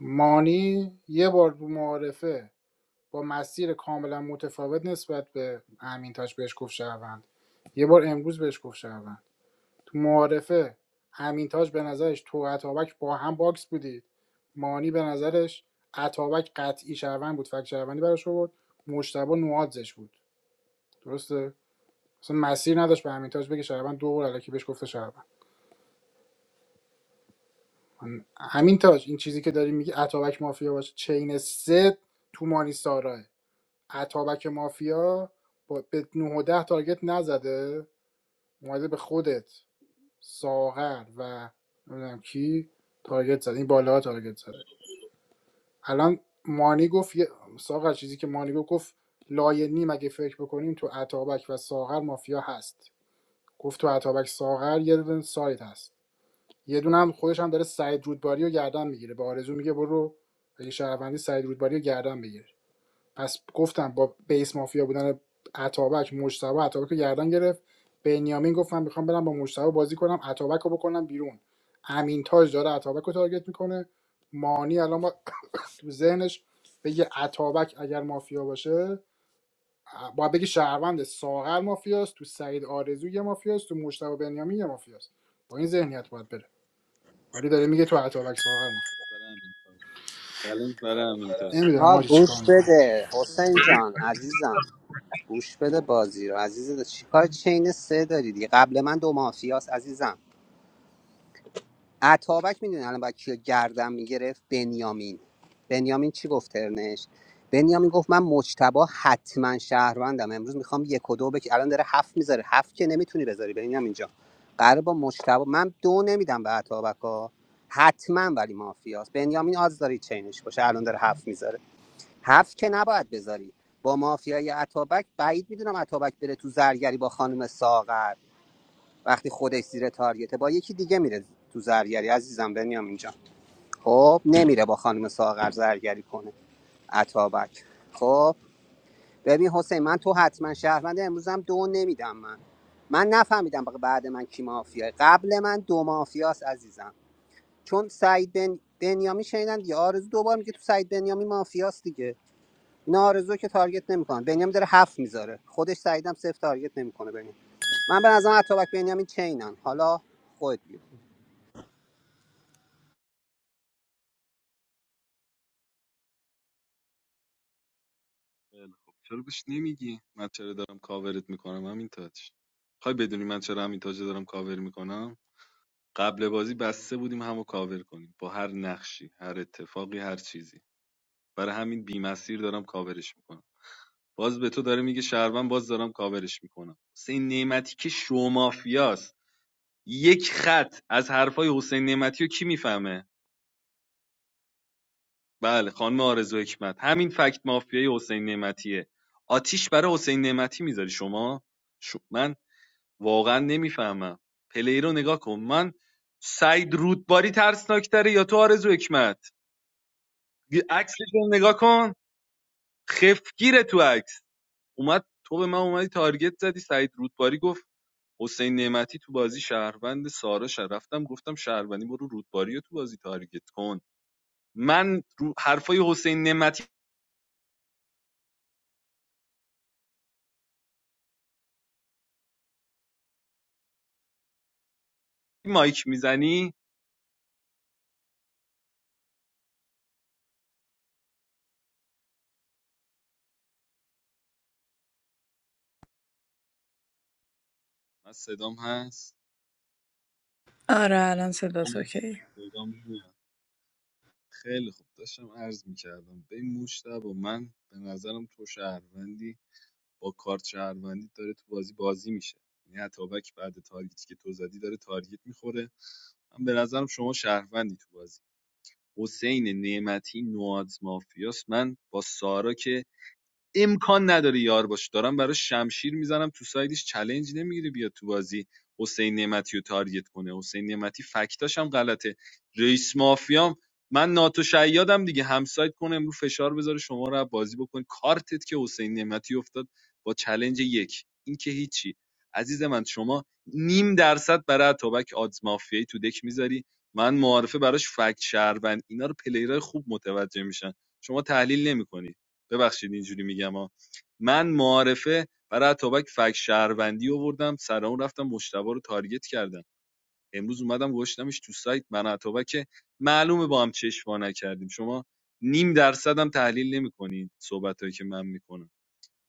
Speaker 1: مانی یه بار تو معارفه با مسیر کاملا متفاوت نسبت به امین تاج بهش گفت شهروند یه بار امروز بهش گفت شهروند تو معارفه امین تاج به نظرش تو و عطابک با هم باکس بودید مانی به نظرش عطابک قطعی شهروند بود فکر شهروندی براش بود مشتبه نوادزش بود درسته اصلا مسیر نداشت به همین تاج بگه شهروند دو بار الکی بهش گفته شهروند من- همین تاج این چیزی که داری میگی اتابک مافیا باشه چین سه تو مانی ساراه اتابک مافیا با به 9 و 10 تارگت نزده اومده به خودت ساغر و نمیدونم کی تارگت زد این بالا تارگت زد. الان مانی گفت یه- ساغر چیزی که مانی گفت گفت لایه نیم اگه فکر بکنیم تو اتابک و ساغر مافیا هست گفت تو اتابک ساغر یه دونه سایت هست یه دونم هم خودش هم داره سعید رودباری رو گردن میگیره به آرزو میگه برو اگه شهروندی سعید رودباری رو گردن بگیر پس گفتم با بیس مافیا بودن عطابک مجتبی عطابک رو گردن گرفت بنیامین گفت من میخوام برم با مجتبی بازی کنم عطابک رو بکنم بیرون امین تاج داره عطابک رو تارگت میکنه مانی الان با تو ذهنش بگه عطابک اگر مافیا باشه باید بگه شهروند ساغر مافیاست تو سعید آرزو یه مافیاست تو مجتبی بنیامین یه مافیاست با این ذهنیت باید بره ولی داره میگه تو اتابک ساغر مفت
Speaker 14: برای همین تاج. چلنج برای همین تاج.
Speaker 1: نمیدونم
Speaker 17: ها
Speaker 1: آجی چیکار
Speaker 17: گوش
Speaker 1: میکنید
Speaker 17: بده حسین جان عزیزم گوش بده بازی رو عزیز چیکار چین سه داری دیگه قبل من دو مافیاس عزیزم عطابک میدونی الان باید کیو گردن میگرفت بنیامین بنیامین چی گفت ترنش بنیامین گفت من مجتبا حتما شهروندم امروز میخوام یک و دو بک الان داره هفت میذاره هفت که نمیتونی بذاری بنیامین جان قرار با مجتبا من دو نمیدم به عطابک ها حتما ولی مافیاست بنیامین آز داری چینش باشه الان داره هفت میذاره هفت که نباید بذاری با مافیای عطابک بعید میدونم عطابک بره تو زرگری با خانم ساغر وقتی خودش زیر تارگته با یکی دیگه میره تو زرگری عزیزم بنیام اینجا خب نمیره با خانم ساغر زرگری کنه عطابک خب ببین حسین من تو حتما شهروند امروزم دو نمیدم من من نفهمیدم بق- بعد من کی مافیاه قبل من دو مافیاست عزیزم چون سعید بن... بنیامی شنیدن دیگه آرزو دوبار میگه تو سعید بنیامی مافیاست دیگه اینا آرزو که تارگت نمیکنه. بنیامی داره هفت میذاره خودش سعیدم صفر تارگت نمیکنه ببین. من به نظرم اتابک بنیامین چینن حالا خود
Speaker 14: خیلی خوب. چرا بهش نمیگی من چرا دارم کاورت میکنم همین تاج خواهی بدونی من چرا همین تاج دارم کاور میکنم قبل بازی بسته بودیم همو کاور کنیم با هر نقشی هر اتفاقی هر چیزی برای همین بیمسیر دارم کاورش میکنم باز به تو داره میگه شهروند باز دارم کاورش میکنم حسین نعمتی که شو مافیاست، یک خط از حرفای حسین نعمتی رو کی میفهمه بله خانم آرزو حکمت همین فکت مافیای حسین نعمتیه آتیش برای حسین نعمتی میذاری شما شو- من واقعا نمیفهمم پلی رو نگاه کن من سعید رودباری ترسناک یا تو آرزو حکمت یه عکسش رو نگاه کن خفگیره تو عکس اومد تو به من اومدی تارگت زدی سعید رودباری گفت حسین نعمتی تو بازی شهروند سارا شهر رفتم گفتم شهروندی برو رودباری رو تو بازی تارگت کن من رو حرفای حسین نعمتی مایک میزنی من صدام هست
Speaker 18: آره الان صدات
Speaker 14: خب،
Speaker 18: اوکی
Speaker 14: صدام میاد خیلی خوب داشتم عرض میکردم به این مشتبه من به نظرم تو شهروندی با کارت شهروندی داره تو بازی بازی میشه یعنی اتابک بعد تارگتی که تو زدی داره تارگت میخوره من به نظرم شما شهروندی تو بازی حسین نعمتی نواز مافیاس من با سارا که امکان نداره یار باشه دارم برای شمشیر میزنم تو سایدش چلنج نمیگیره بیاد تو بازی حسین نعمتی رو تارگت کنه حسین نعمتی فکتاش هم غلطه رئیس مافیام من ناتو شیادم دیگه همسایت کنه امروز فشار بذاره شما رو بازی بکنه کارتت که حسین نعمتی افتاد با چلنج یک این که هیچی عزیز من شما نیم درصد برای اتابک آدز مافیایی تو دک میذاری من معارفه براش فکت شهروند اینا رو پلیرای خوب متوجه میشن شما تحلیل نمیکنی ببخشید اینجوری میگم ها من معارفه برای اتابک فک شهروندی آوردم سر اون رفتم مشتبه رو تارگت کردم امروز اومدم گشتمش تو سایت من اتابک معلومه با هم چشم وا نکردیم شما نیم درصد هم تحلیل نمیکنین صحبتایی که من میکنم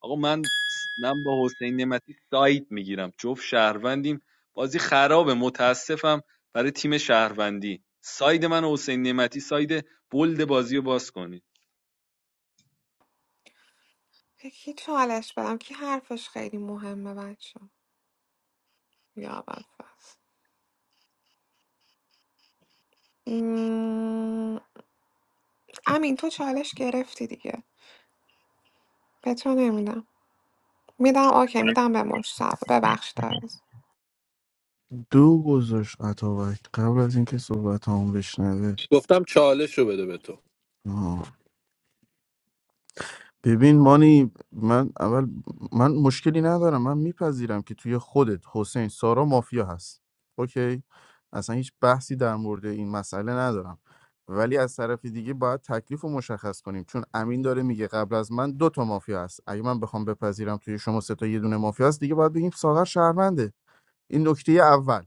Speaker 14: آقا من من با حسین نعمتی سایت میگیرم جفت شهروندیم بازی خرابه متاسفم برای تیم شهروندی ساید من و حسین نعمتی ساید بلد بازی رو باز کنید
Speaker 19: یکی چالش بدم که حرفش خیلی مهمه بچه یا امین تو چالش گرفتی دیگه به تو نمیدم میدم اوکی میدم به مشتبه ببخش داریم.
Speaker 7: دو گذاشت اتابک قبل از اینکه صحبت هم بشنوه
Speaker 5: گفتم چالش رو بده به تو
Speaker 7: ببین مانی من اول من مشکلی ندارم من میپذیرم که توی خودت حسین سارا مافیا هست اوکی اصلا هیچ بحثی در مورد این مسئله ندارم ولی از طرف دیگه باید تکلیف رو مشخص کنیم چون امین داره میگه قبل از من دو تا مافیا هست اگه من بخوام بپذیرم توی شما سه تا یه دونه مافیا هست دیگه باید بگیم ساغر شهرونده این نکته اول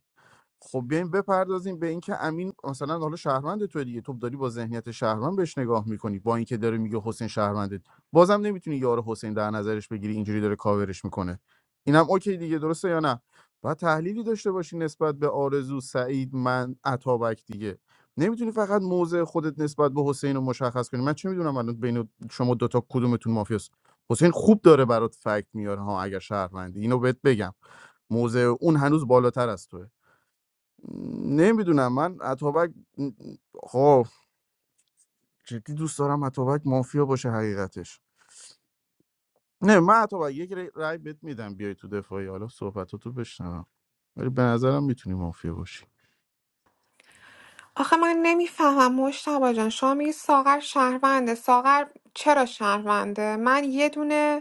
Speaker 7: خب بیایم بپردازیم به اینکه امین مثلا حالا شهروند تو دیگه تو داری با ذهنیت شهروند بهش نگاه میکنی با اینکه داره میگه حسین شهرونده بازم نمیتونی یار حسین در نظرش بگیری اینجوری داره کاورش میکنه اینم اوکی دیگه درسته یا نه و تحلیلی داشته باشی نسبت به آرزو سعید من عطابک دیگه نمیتونی فقط موضع خودت نسبت به حسین رو مشخص کنی من چه میدونم الان بین شما دوتا کدومتون مافیاست حسین خوب داره برات فکت میاره ها اگر شهروندی اینو بهت بگم موضع اون هنوز بالاتر از توه نمیدونم من اتابک خب جدی دوست دارم اتابک مافیا باشه حقیقتش نه من اتابک یک ری- رای بهت میدم بیای تو دفاعی حالا صحبتاتو بشنوم ولی به نظرم میتونی مافیا باشی
Speaker 19: آخه من نمیفهمم مشتبه جان شما میگی ساغر شهرونده ساغر چرا شهرونده من یه دونه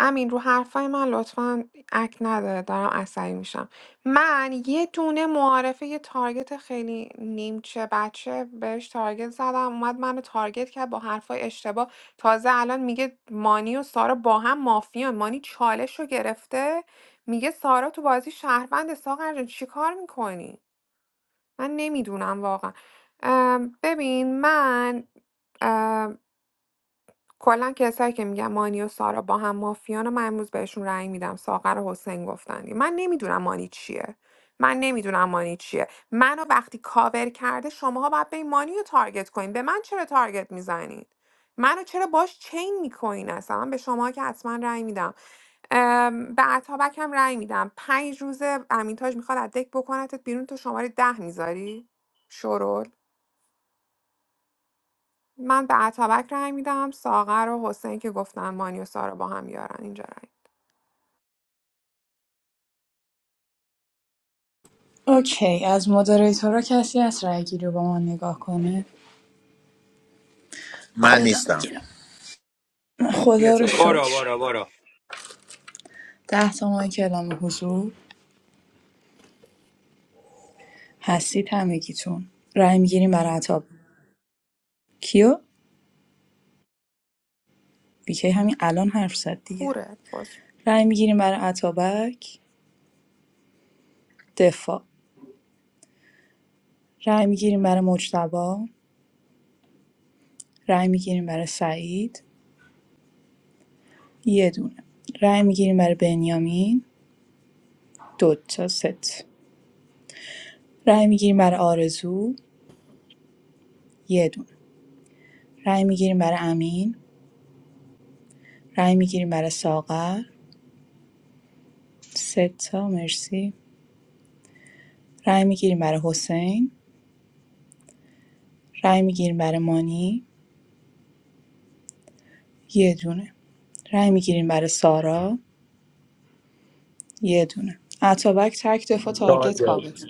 Speaker 19: امین رو حرفای من لطفا اک نداره دارم عصبی میشم من یه دونه معارفه یه تارگت خیلی نیمچه بچه بهش تارگت زدم اومد منو تارگت کرد با حرفای اشتباه تازه الان میگه مانی و سارا با هم مافیان مانی چالش رو گرفته میگه سارا تو بازی شهروند ساغر جان چی کار میکنی من نمیدونم واقعا ام، ببین من کلا کسایی که میگن مانی و سارا با هم مافیان و من امروز بهشون رأی میدم ساغر و حسین گفتن من نمیدونم مانی چیه من نمیدونم مانی چیه منو وقتی کاور کرده شماها باید به این مانی رو تارگت کنین به من چرا تارگت میزنین منو چرا باش چین میکنین اصلا من به شما که حتما رأی میدم ام، به اتابک هم رأی میدم پنج روزه امینتاج میخواد از دک بکنتت بیرون تو شماره ده میذاری شورول من به اتابک رأی میدم ساغر و حسین که گفتن مانی و سارا با هم یارن اینجا رأی
Speaker 18: اوکی از مدریتورا کسی از رأیگیری رو با ما نگاه کنه
Speaker 9: من
Speaker 18: خودم
Speaker 9: نیستم
Speaker 18: میگیرم خدا رو
Speaker 10: برو
Speaker 18: شکر
Speaker 10: برو برو
Speaker 18: ده تا ماه کلام حضور هستید همگیتون رأی میگیریم برای عطاب کیو بیکی همین الان حرف زد دیگه
Speaker 19: کوره خوش
Speaker 18: رأی میگیریم برای عطابک دفاع رأی میگیریم برای مجتبا رأی میگیریم برای سعید یه دونه رأی میگیریم برای بنیامین دو تا ست رأی میگیریم برای آرزو یه دونه رأی میگیریم برای امین رأی میگیریم برای ساغر سه تا مرسی رأی میگیریم برای حسین رأی میگیریم برای مانی یه دونه رای میگیریم برای سارا یه دونه اتابک تک دفاع تارگت کاوه
Speaker 5: تارگت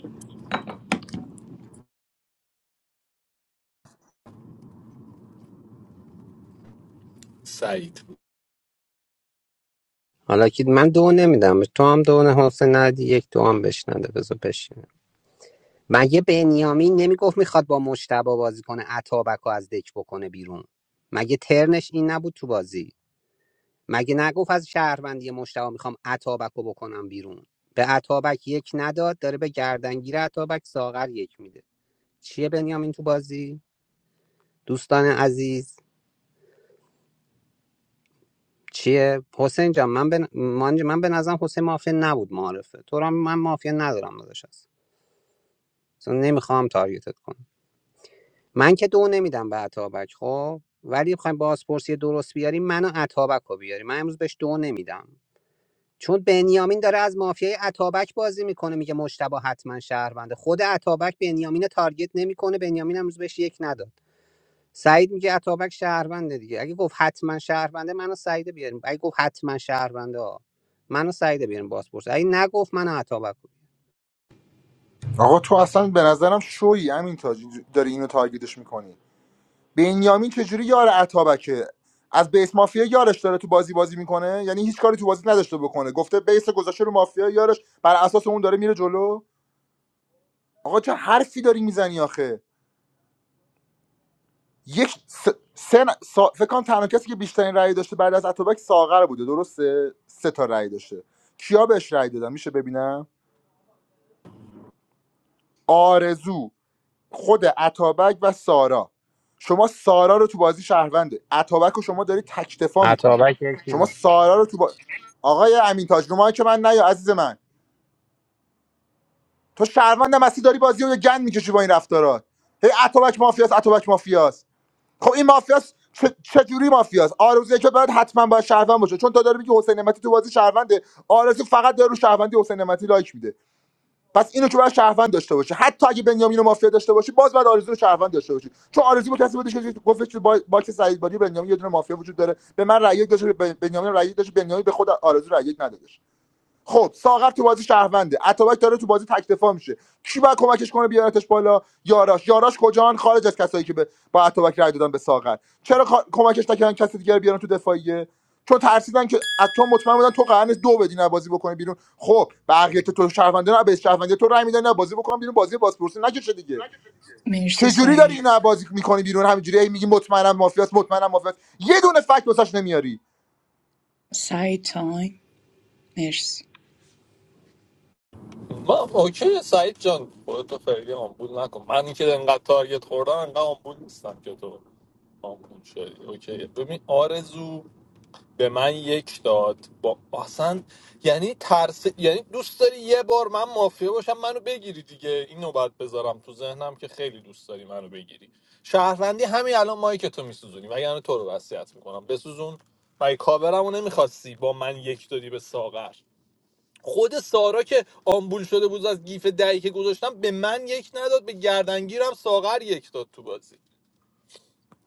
Speaker 5: سعید
Speaker 17: حالا که من دو نمیدم تو هم دو نه حسین ندی یک دو هم بهش نده بذار بشینه مگه بنیامین نمیگفت میخواد با مشتبه بازی کنه اتابک رو از دک بکنه بیرون مگه ترنش این نبود تو بازی مگه نگفت از شهروندی مشتبه میخوام اتابک رو بکنم بیرون به اتابک یک نداد داره به گردنگیر اتابک ساغر یک میده چیه بنیامین تو بازی دوستان عزیز چیه حسین جان من به من, من به نظرم حسین مافیا نبود معارفه تو رو من مافیا ندارم داداش اصلا نمیخوام تارگتت کنم من که دو نمیدم به عطابک خب ولی بخوایم بازپرسی درست بیاری منو عطابک رو بیاری من امروز بهش دو نمیدم چون بنیامین داره از مافیای عطابک بازی میکنه میگه مشتبه حتما شهرونده خود عطابک بنیامین رو تارگت نمیکنه بنیامین امروز بهش یک نداد سعید میگه عطابک شهرونده دیگه اگه گفت حتما شهرونده منو سعید بیاریم اگه گفت حتما شهرونده ها. منو سعید بیاریم بازپرس اگه نگفت منو عطابک رو.
Speaker 15: آقا تو اصلا به نظرم شوی همین تاج اینجور- داری اینو تارگتش میکنی بنیامین چجوری یار عطابکه از بیس مافیا یارش داره تو بازی بازی میکنه یعنی هیچ کاری تو بازی نداشته بکنه گفته بیس گذاشته رو مافیا یارش بر اساس اون داره میره جلو آقا چه حرفی داری میزنی آخه یک س... سه سا... فکر کنم تنها کسی که بیشترین رأی داشته بعد از اتوبک ساغر بوده درسته سه تا رأی داشته کیا بهش رأی دادن میشه ببینم آرزو خود اتابک و سارا شما سارا رو تو بازی شهرونده اتابک رو شما داری تکتفا میکنی
Speaker 17: عطابک یک
Speaker 15: شما
Speaker 17: نداد
Speaker 15: سارا رو تو با... آقای امین تاج رو که من نیا عزیز من تو شهروند مسی داری بازی رو یه گند میکشی با این رفتارات هی اتابک مافیاس اتابک مافیاس خب این مافیاس چه چه جوری مافیاس آرزو که باید حتما باید شهروند باشه چون تو داری میگی حسین نعمتی تو بازی شهرونده آرزو فقط داره رو شهروندی حسین نعمتی لایک میده پس اینو که باید شهروند داشته باشه حتی اگه بنیامین رو مافیا داشته باشی باز باید آرزو رو شهروند داشته باشی چون آرزو با کسی بودش که گفتش که با باکس سعید بادی و بنیامین یه دونه مافیا وجود داره به من رأی یک داشت به بنیامین رأی یک داشت بنیامین به خود آرزو رأی یک ندادش خب ساغر تو بازی شهرونده اتابک داره تو بازی تک دفاع میشه کی باید کمکش کنه بیارتش بالا یاراش یاراش کجان خارج از کسایی که به با اتابک رای دادن به ساغر چرا کا- کمکش نکردن کسی دیگه رو بیارن تو دفاعیه چون ترسیدن که از چون مطمئن بودن تو قرن دو بدی نه بازی بکنه بیرون خب بقیه که تو شهرونده نه به شهرونده تو رای میدن نه بازی بکنن بیرون بازی بازپرسی نکشه دیگه
Speaker 18: مرسی
Speaker 15: چه جوری داری
Speaker 18: سعید
Speaker 15: اینا بازی میکنی بیرون همینجوری هی میگی مطمئنم مافیاست مطمئنم مافیاست یه دونه فکت واسش نمیاری
Speaker 18: سعید تایم مرسی
Speaker 5: ما اوکی سعید جان خودتو خیلی آمبول نکن من اینکه انقدر تارگت خوردم انقدر آمبول نیستم که تو آمبول شدی اوکی ببین آرزو به من یک داد با اصلا یعنی ترس یعنی دوست داری یه بار من مافیا باشم منو بگیری دیگه اینو باید بذارم تو ذهنم که خیلی دوست داری منو بگیری شهروندی همین الان مایی که تو میسوزونی و یعنی تو رو وصیت میکنم بسوزون مگه کاورمو نمیخواستی با من یک دادی به ساغر خود سارا که آمبول شده بود از گیف دهی که گذاشتم به من یک نداد به گردنگیرم ساغر یک داد تو بازی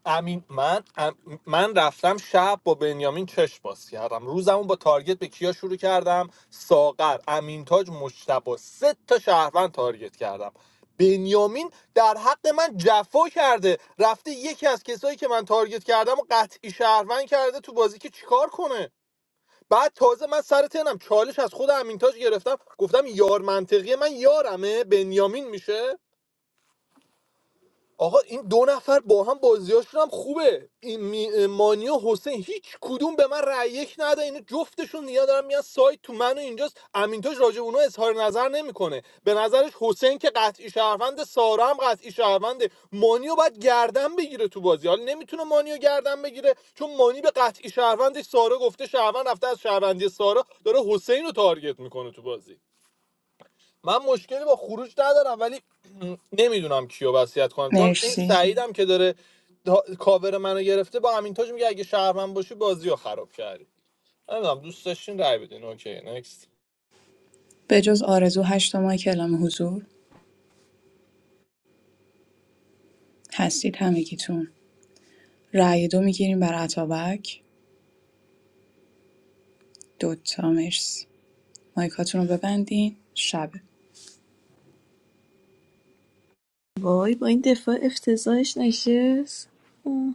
Speaker 5: امین من ام- من رفتم شب با بنیامین چش باز کردم روزمو با تارگت به کیا شروع کردم ساغر امین تاج مجتبی سه تا شهروند تارگت کردم بنیامین در حق من جفا کرده رفته یکی از کسایی که من تارگت کردم و قطعی شهروند کرده تو بازی که چیکار کنه بعد تازه من سر تنم چالش از خود امینتاج گرفتم گفتم یار منطقیه من یارمه بنیامین میشه آقا این دو نفر با هم بازیاشون هم خوبه این می- مانی و حسین هیچ کدوم به من رأی یک نده اینو جفتشون نیا دارن میان سایت تو من و اینجاست امینتاج راجع به اونا اظهار نظر نمیکنه به نظرش حسین که قطعی شهروند سارا هم قطعی شهرونده مانیو باید گردن بگیره تو بازی حالا نمیتونه مانیو گردن بگیره چون مانی به قطعی شهروندش سارا گفته شهروند رفته از شهروندی سارا داره حسین رو تارگت میکنه تو بازی من مشکلی با خروج ندارم ولی نمیدونم کیو وصیت کنم چون این
Speaker 18: مرسی
Speaker 5: سعیدم که داره دا... کاور منو گرفته با امین تاج میگه اگه شهرمن باشی بازی رو خراب کردی نمیدونم دوست داشتین رای بدین اوکی نکست
Speaker 18: به جز آرزو هشت ماه کلام حضور هستید همگیتون رأی دو میگیریم بر اتابک دوتا مرسی مایکاتون رو ببندین شبه
Speaker 21: وای با این دفاع افتضاحش نشست اوه.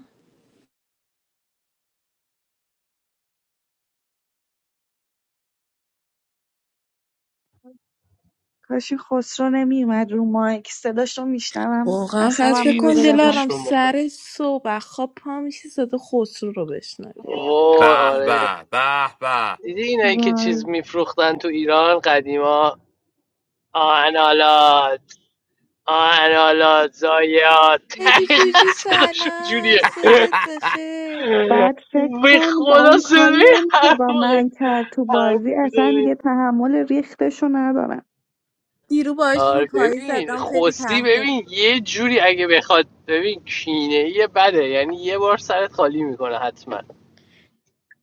Speaker 20: کاشی خسرو نمیومد رو مایک صداش رو میشنوم
Speaker 21: واقعا فقط
Speaker 20: اعصابم
Speaker 21: فکر
Speaker 8: خیلی
Speaker 21: کن
Speaker 20: میریزه بهم.
Speaker 8: صداش
Speaker 21: دلارم
Speaker 8: رو مخه
Speaker 21: سر صبح خواب پا میشه صدا خسرو رو بشنوه
Speaker 8: وای
Speaker 10: به
Speaker 8: آره
Speaker 10: به به به
Speaker 8: دیدی اینایی که چیز
Speaker 20: وای
Speaker 8: میفروختن تو ایران قدیما آنالات آنالات زایات
Speaker 21: هدی
Speaker 8: دقیقا
Speaker 21: جوجو
Speaker 8: صداشون
Speaker 21: سلام
Speaker 8: جوریه
Speaker 21: صبحت بخیر
Speaker 20: بعد فکر
Speaker 8: به
Speaker 20: کن با
Speaker 8: خدا
Speaker 20: اون کاری
Speaker 8: صدای
Speaker 20: هم که
Speaker 8: هر
Speaker 20: با
Speaker 8: موقع
Speaker 20: من کرد تو
Speaker 8: حرف
Speaker 20: بازی اصلا
Speaker 8: می‌زنه.
Speaker 20: دیگه تحمل ریختشو ندارم
Speaker 21: دیرو باش رو
Speaker 8: آره
Speaker 21: پایی
Speaker 8: ببین
Speaker 21: زدم خیلی
Speaker 8: خوسی
Speaker 21: تحت
Speaker 8: ببین یه جوری اگه بخواد ببین کینه یه بده یعنی یه بار سرت خالی میکنه حتما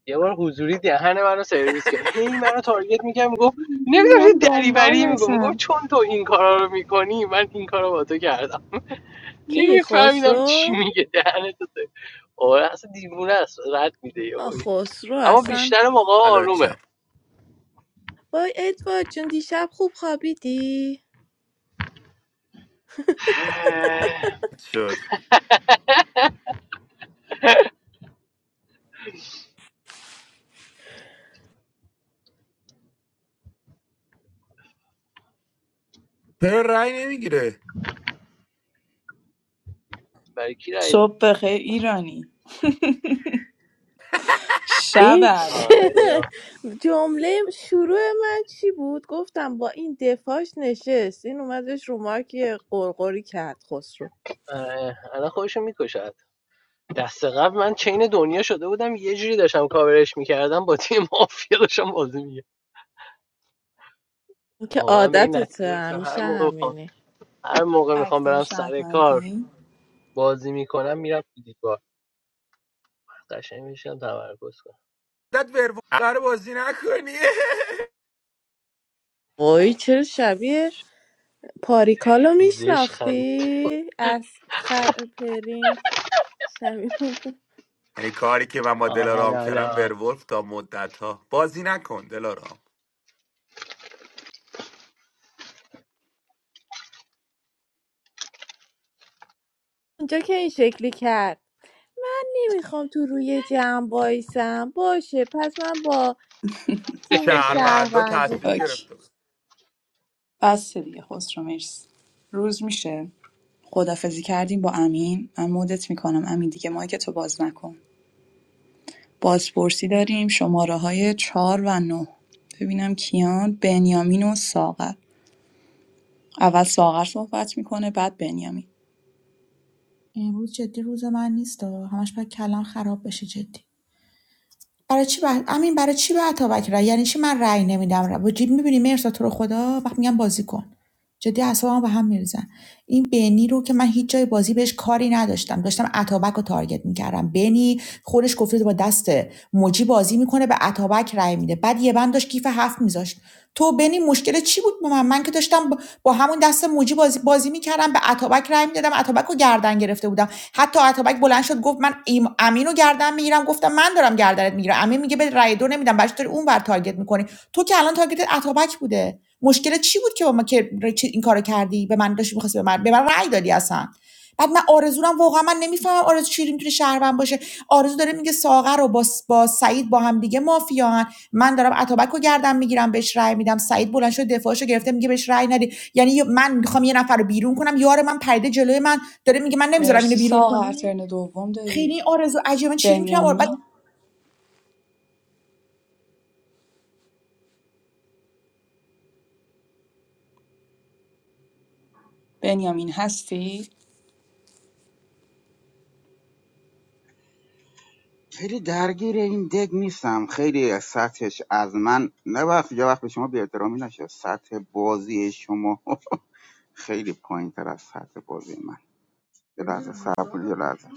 Speaker 8: یه بار حضوری دهن منو سرویس کرد هی منو تارگت میگم گفت
Speaker 20: من
Speaker 8: نمیدونم چه دریوری میگم گفت
Speaker 20: دنبالشم
Speaker 8: چون تو این کارا رو میکنی من این کارا با تو کردم
Speaker 21: کی
Speaker 8: نمیفهمیدم چی
Speaker 21: خسرو
Speaker 8: میگه دهنت تو آره اصلا دیوونه است رد میده یه
Speaker 21: آ خسرو
Speaker 8: اما
Speaker 21: اصلا
Speaker 8: بیشتر موقع
Speaker 10: مداد
Speaker 8: آرومه
Speaker 10: چم
Speaker 21: وای ادوارد جون دیشب خوب خوابیدی
Speaker 10: شد چرا رأی نمیگیره
Speaker 8: برای کی رای
Speaker 18: صبح بخیر ایرانی شب
Speaker 21: این
Speaker 8: آه،
Speaker 18: الان
Speaker 8: نه، نه، نه.
Speaker 21: چه جمله شروع من چی بود گفتم با این دفاعش نشست این اومدش رو ما که قرقری کرد خسرو
Speaker 8: آره، الان خودشو میکشه دست قبل من چین دنیا شده بودم یه جوری داشتم کاورش میکردم با تیم مافیا داشتم بازی میگه
Speaker 21: این که
Speaker 8: واقعا به این
Speaker 21: عادتته
Speaker 8: نتیجه رسیدم هر
Speaker 21: همیشه
Speaker 8: موقع بخوام
Speaker 21: همینی
Speaker 8: هر موقع میخوام
Speaker 18: اکتای
Speaker 8: برم سر کار
Speaker 18: شهروندی
Speaker 8: بازی میکنم میرم تو دیوار قشنگ میشم تمرکز کنم
Speaker 10: مدت ورولف رو بازی نکنی
Speaker 21: وای چرا شبیه پاریکالو
Speaker 8: زش خند
Speaker 21: میشناختی از خر پرین شبیه اون.
Speaker 10: یعنی کاری که من با
Speaker 8: آه
Speaker 10: دلارام کردم
Speaker 8: حالا
Speaker 10: ورولف تا مدت ها بازی نکن دلارام
Speaker 21: اونجا که این شکلی کرد نمیخوام تو روی جمع بایسم باشه پس من با تیم
Speaker 10: شهروندا
Speaker 21: شهروندی
Speaker 10: تصمیم
Speaker 21: بازی
Speaker 18: اوکی
Speaker 10: گرفته بود
Speaker 18: بس دیگه خسرو مرسی روز میشه خداحافظی کردیم با امین من مدت میکنم امین دیگه مایک تو باز نکن بازپرسی داریم شماره های چهار و نه ببینم کیان بنیامین و ساغر اول ساغر صحبت میکنه بعد بنیامین
Speaker 2: امروز جدی روز من نیست همش باید کلم خراب بشه جدی برای چی بعد امین برای چی به عطابک رأی یعنی چی من رأی نمیدم رأی میبینی مرسا تو رو خدا وقت میگم بازی کن جدی اعصابم به هم میریزن این بنی رو که من هیچ جای بازی بهش کاری نداشتم داشتم اتابک رو تارگت میکردم بنی خودش گفته با دست موجی بازی میکنه به اتابک رای میده بعد یه بند داشت کیف هفت میذاشت تو بنی مشکل چی بود با من من که داشتم با همون دست موجی بازی بازی میکردم به اتابک رای میدادم اتابک رو گردن گرفته بودم حتی اتابک بلند شد گفت من ایم امین رو گردن میگیرم گفتم من دارم گردنت میگیرم امین میگه به رای دو نمیدم بچه اون بر تارگت میکنی تو که الان تارگت اتابک بوده مشکل چی بود که با ما که ر- این کارو کردی به من داشتی می‌خواستی به من به من رأی دادی اصلا بعد من آرزورم واقعا من نمیفهمم آرزو چی میتونه شهروند باشه آرزو داره میگه ساغر رو با, س- با سعید با هم دیگه مافیان من دارم اتابک رو گردم میگیرم بهش رأی میدم سعید بلند شد دفاعشو گرفته میگه بهش رأی ندی یعنی من میخوام یه نفر رو بیرون کنم یار من پرده جلوی من داره میگه من نمیذارم اینو
Speaker 18: مرسی
Speaker 2: بیرون
Speaker 18: ساغر
Speaker 2: کنی
Speaker 18: ترن دوم داری
Speaker 2: خیلی آرزو عجیبا چی میتونم بعد
Speaker 18: بنیامین بنیامین هستی
Speaker 4: خیلی درگیر این دگ نیستم خیلی سطحش از من نه وقت یا وقت به شما بی احترامی نشه سطح بازی شما خیلی پایین تر از سطح بازی من یه لحظه صبر کن یه لحظه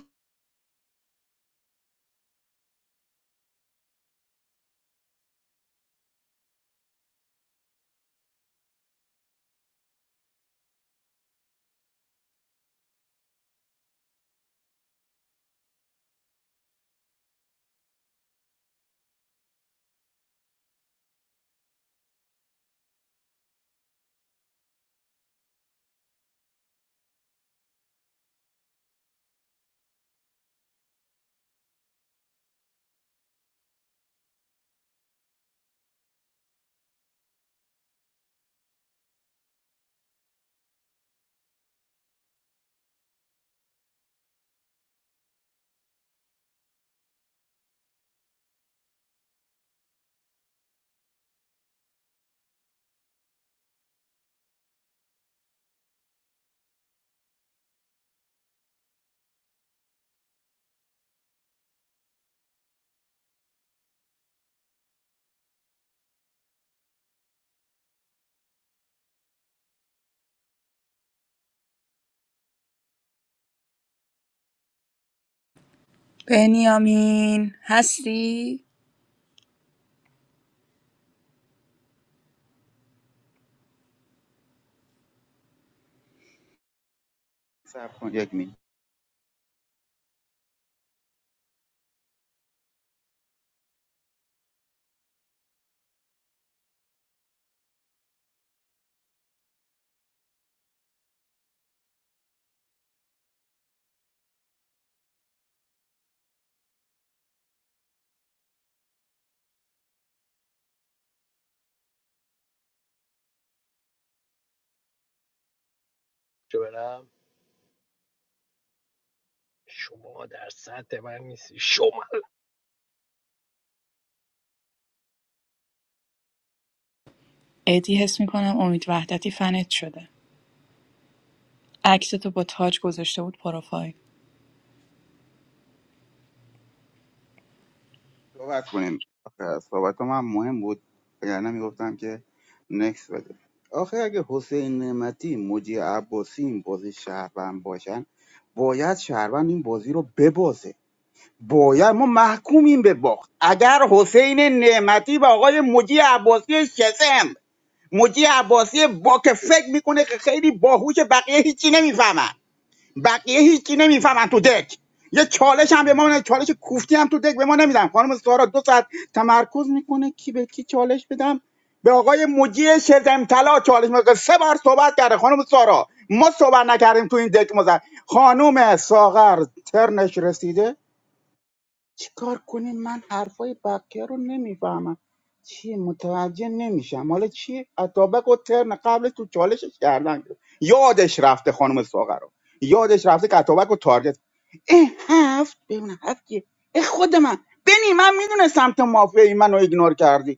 Speaker 18: بنیامین هستی
Speaker 4: صبر کن یک می
Speaker 8: چه برم شما در سطح من نیستی شما
Speaker 18: ادی حس میکنم امید وحدتی فنت شده عکستو با تاج گذاشته بود پروفایل
Speaker 4: صحبت کنیم آخه صحبت هم مهم بود اگر نمیگفتم که نکس بده آخه اگه حسین نعمتی مجی عباسی این بازی شهروند باشن باید شهروند این بازی رو ببازه باید ما محکومیم به باخت اگر حسین نعمتی و آقای مجی عباسی شسم مجی عباسی با که فکر میکنه که خیلی باهوش بقیه هیچی نمیفهمن بقیه هیچی نمیفهمن تو دک یه چالش هم به ما نه چالش کوفتی هم تو دک به ما نمیدن خانم سارا دو ساعت تمرکز میکنه کی به کی چالش بدم به آقای مجی شلتم طلا چالش میکنه سه بار صحبت کرده خانم سارا ما صحبت نکردیم تو این دک مزد خانم ساغر ترنش رسیده چیکار کنیم من حرفای بقیه رو نمیفهمم چیه متوجه نمیشم حالا چی اتابک و ترن قبل تو چالشش کردن گرفت. یادش رفته خانم ساغر رو یادش رفته که اتابک و تارگت اه هفت ببینم هفت کیه؟ اه خود من بنی من میدونستم تو مافیایی منو ایگنور کردی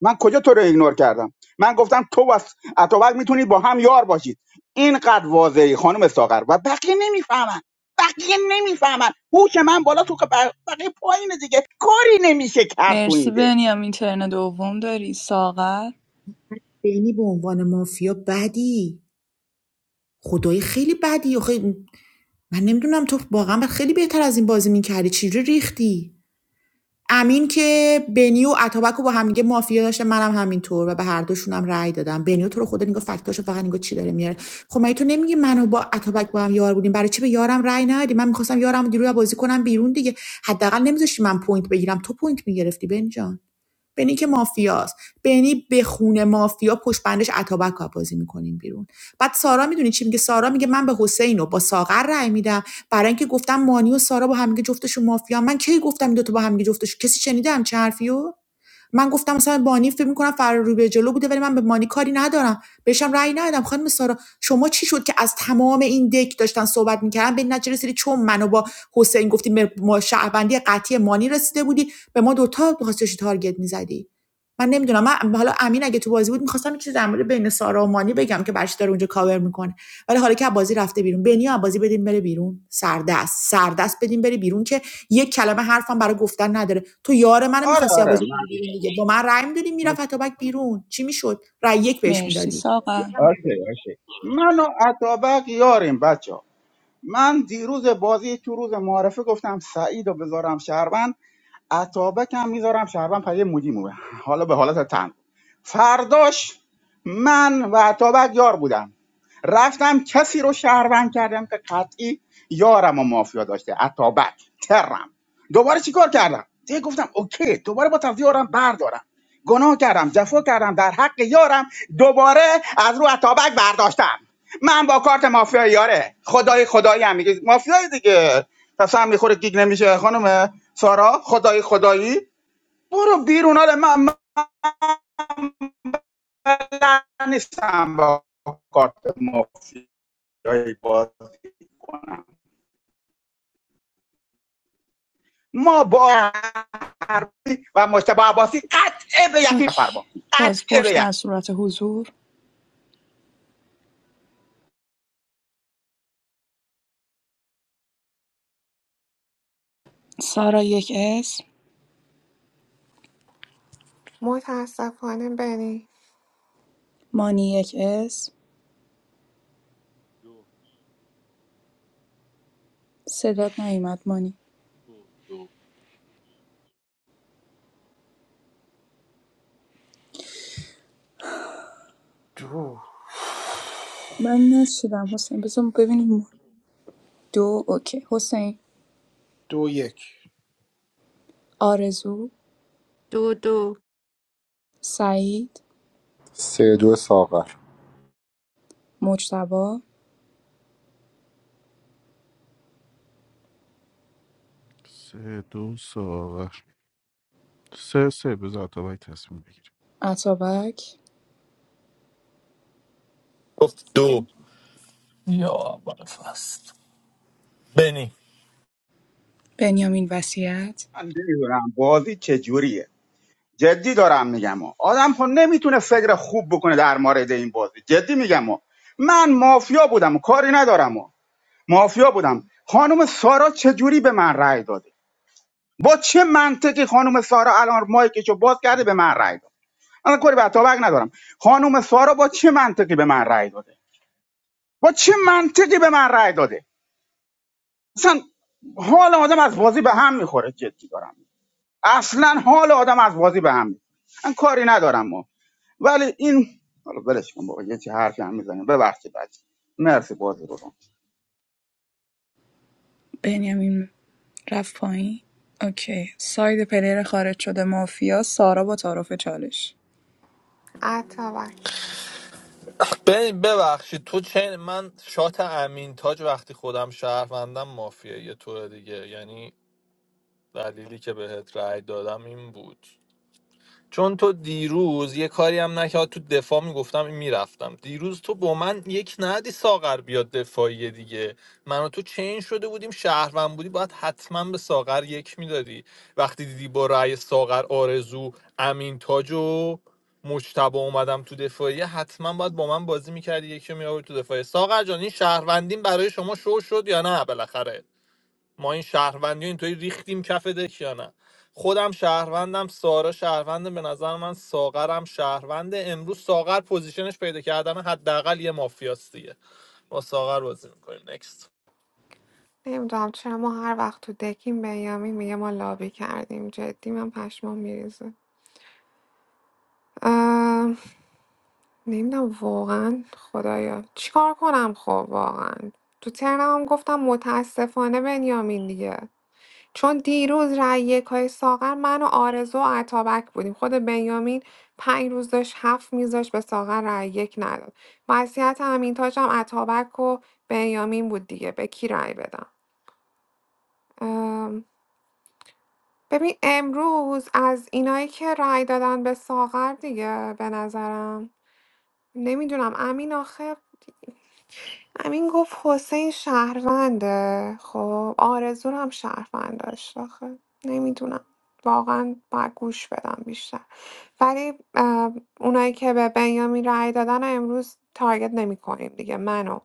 Speaker 4: من کجا تو رو ایگنور کردم من گفتم تو و اتابک میتونید با هم یار باشید اینقدر واضحی خانم ساغر و بقیه نمیفهمن بقیه نمیفهمن هوش من بالا تو بقیه پایین دیگه کاری نمیشه کرد تو این
Speaker 18: مرسی
Speaker 4: دک
Speaker 18: بنیامین ترن دوم داری ساغر
Speaker 2: بینی به عنوان مافیا بدی خدای خیلی بدی آخه من نمیدونم تو واقعا خیلی بهتر از این بازی میکردی چجوری ریختی امین که بنی و اتابک رو با هم دیگه مافیا داشته منم همینطور و به هر دوشون هم رأی دادم بنی تو رو خدا نگاه فکتاشو فقط نگاه چی داره میاره خب مگه تو نمیگی منو با اتابک با هم یار بودیم برای چی به یارم رأی ندادی من میخواستم یارم دیروز بازی کنم بیرون دیگه حداقل نمیذاشتی من پوینت بگیرم تو پوینت میگرفتی بنی جان بنی که مافیاست بنی به خونه مافیا پشت بندش اتابک رو بازی میکنیم بیرون بعد سارا میدونی چی میگه سارا میگه من به حسین و با ساغر رأی میدم برای اینکه گفتم مانی و سارا با هم دیگه جفتشون مافیا من کی گفتم این دو تا با هم دیگه جفتش کسی شنیده همچین حرفیو من گفتم مثلا بانی فکر میکنم فرار رو به جلو بوده ولی من به مانی کاری ندارم بهشم رأی ندادم خانم سارا شما چی شد که از تمام این دک داشتن صحبت میکردن به نتیجه رسیدی چون منو با حسین گفتیم به ما شهروندی قطعی مانی رسیده بودی به ما دوتا میخواستی تارگت میزدی من نمیدونم من حالا امین اگه تو بازی بود میخواستم چیزی در مورد بین سارا و مانی بگم که برش داره اونجا کاور میکنه ولی حالا که از بازی رفته بیرون بنیا از بازی بدیم بره بیرون سردست سردست بدیم بره بیرون که یک کلمه حرفم برای گفتن نداره تو یار منو
Speaker 4: آره
Speaker 2: می‌خواستی از
Speaker 4: آره
Speaker 2: بازی کنی
Speaker 4: من
Speaker 2: بیرون دیگه با من رأی می‌دادی میرفت اتابک بیرون چی میشد رأی یک بهش
Speaker 18: مرسی
Speaker 2: میدادی
Speaker 18: ساقر
Speaker 4: اوکی اوکی من و اتابک یاریم بچه من دیروز بازی تو روز معارفه گفتم سعید رو بذارم شهروند عطابک هم میذارم شهروند پس یه مدی مومه حالا به حالت تن فرداش من و عطابک یار بودم رفتم کسی رو شهروند کردم که قطعی یارم و مافیا داشته عطابک ترم دوباره چیکار کردم دیگه گفتم اوکی دوباره با از یارم بردارم گناه کردم جفا کردم در حق یارم دوباره از رو عطابک برداشتم من با کارت مافیا یاره خدای خدایی هم میگه مافیای دیگه پس هم میخوره گیگ نمیشه خانم سارا خدای خدایی برو بیرون آره من, من بلد نیستم با کارت مافیایی بازی کنم ما با عربی و مشتبه عباسی قطعه به یقین
Speaker 18: اوکی
Speaker 4: فرما قطعه به
Speaker 18: بازپرس
Speaker 4: یقین
Speaker 18: در صورت حضور سارا یک اسم
Speaker 19: متاسفانه بنی
Speaker 18: مانی یک اسم
Speaker 14: دو
Speaker 18: صدات نیومد مانی
Speaker 14: دو دو
Speaker 1: دو
Speaker 18: من نشیدم حسین بذار ببینیم دو اوکی حسین
Speaker 1: دو یک
Speaker 18: آرزو
Speaker 3: دو دو
Speaker 18: سعید
Speaker 15: سه دو ساغر
Speaker 18: مجتبا
Speaker 7: سه دو ساغر سه سه بذار اتابک تصمیم بگیره
Speaker 18: عطابک
Speaker 5: گفت دو یا اول فصل بنی
Speaker 18: بنیامین وسیعت
Speaker 4: من نمیدونم بازی چجوریه جدی دارم میگم ها. آدم ها نمیتونه فکر خوب بکنه در مورد این بازی جدی میگم ها. من مافیا بودم کاری ندارم ها. مافیا بودم خانم سارا چجوری به من رأی داده با چه منطقی خانم سارا الان مایکشو باز کرده به من رأی داد من کاری به اتابک ندارم خانم سارا با چه منطقی به من رأی داده با چه منطقی به من رأی داده اصلا حال آدم از بازی به هم میخوره جدی دارم اصلا حال آدم از بازی به هم می‌خوره. من کاری ندارم ولی این حالا ولش کن بابا یه چی حرفی هم میزنیم ببخشید بچه مرسی بازی رو
Speaker 18: بنیامین رفت پایین اوکی ساید پلیر خارج شده مافیا سارا با تعارف چالش
Speaker 19: اتابک
Speaker 5: بنی ببخشید تو چه من شات امین تاج وقتی خودم شهروندم مافیه یه طور دیگه یعنی دلیلی که بهت رای دادم این بود چون تو دیروز یه کاری هم نکرد تو دفاع میگفتم این میرفتم دیروز تو با من یک ندی ساغر بیاد دفاعی دیگه من و تو چین شده بودیم شهروند بودی باید حتما به ساغر یک میدادی وقتی دیدی با رأی ساغر آرزو امین تاج و مجتبا اومدم تو دفاعیه حتما باید با من بازی میکردی یکی رو میآورد تو دفاعیه ساغر جان این شهروندین برای شما شو شد یا نه بالاخره ما این شهروندی رو اینطوری ریختیم کف دک یا نه خودم شهروندم سارا شهرونده به نظر من ساغرم شهرونده امروز ساغر پوزیشنش پیدا کردن حداقل یه مافیاست دیگه با ساغر بازی میکنیم نکست
Speaker 19: نمیدونم چرا ما هر وقت تو دکیم بنیامین میگه ما لابی کردیم جدی من پشمام میریزه نمیدونم واقعا خدایا چیکار کنم خب واقعا تو ترنم هم گفتم متاسفانه بنیامین دیگه چون دیروز رأی یکای ساغر من و آرزو و عطابک بودیم خود بنیامین پنج روز داشت هفت میذاش به ساغر رأی یک نداد وضعیت امین تاج هم عطابک و بنیامین بود دیگه به کی رأی بدم ام، ببین امروز از اینایی که رأی دادن به ساغر دیگه به نظرم نمیدونم امین آخه امین گفت حسین شهرونده خب آرزو رو هم شهروند داشت آخه نمیدونم واقعا باید گوش بدم بیشتر ولی اه، اونایی که به بنیامین رأی دادن رو امروز تارگت نمی کنیم دیگه منو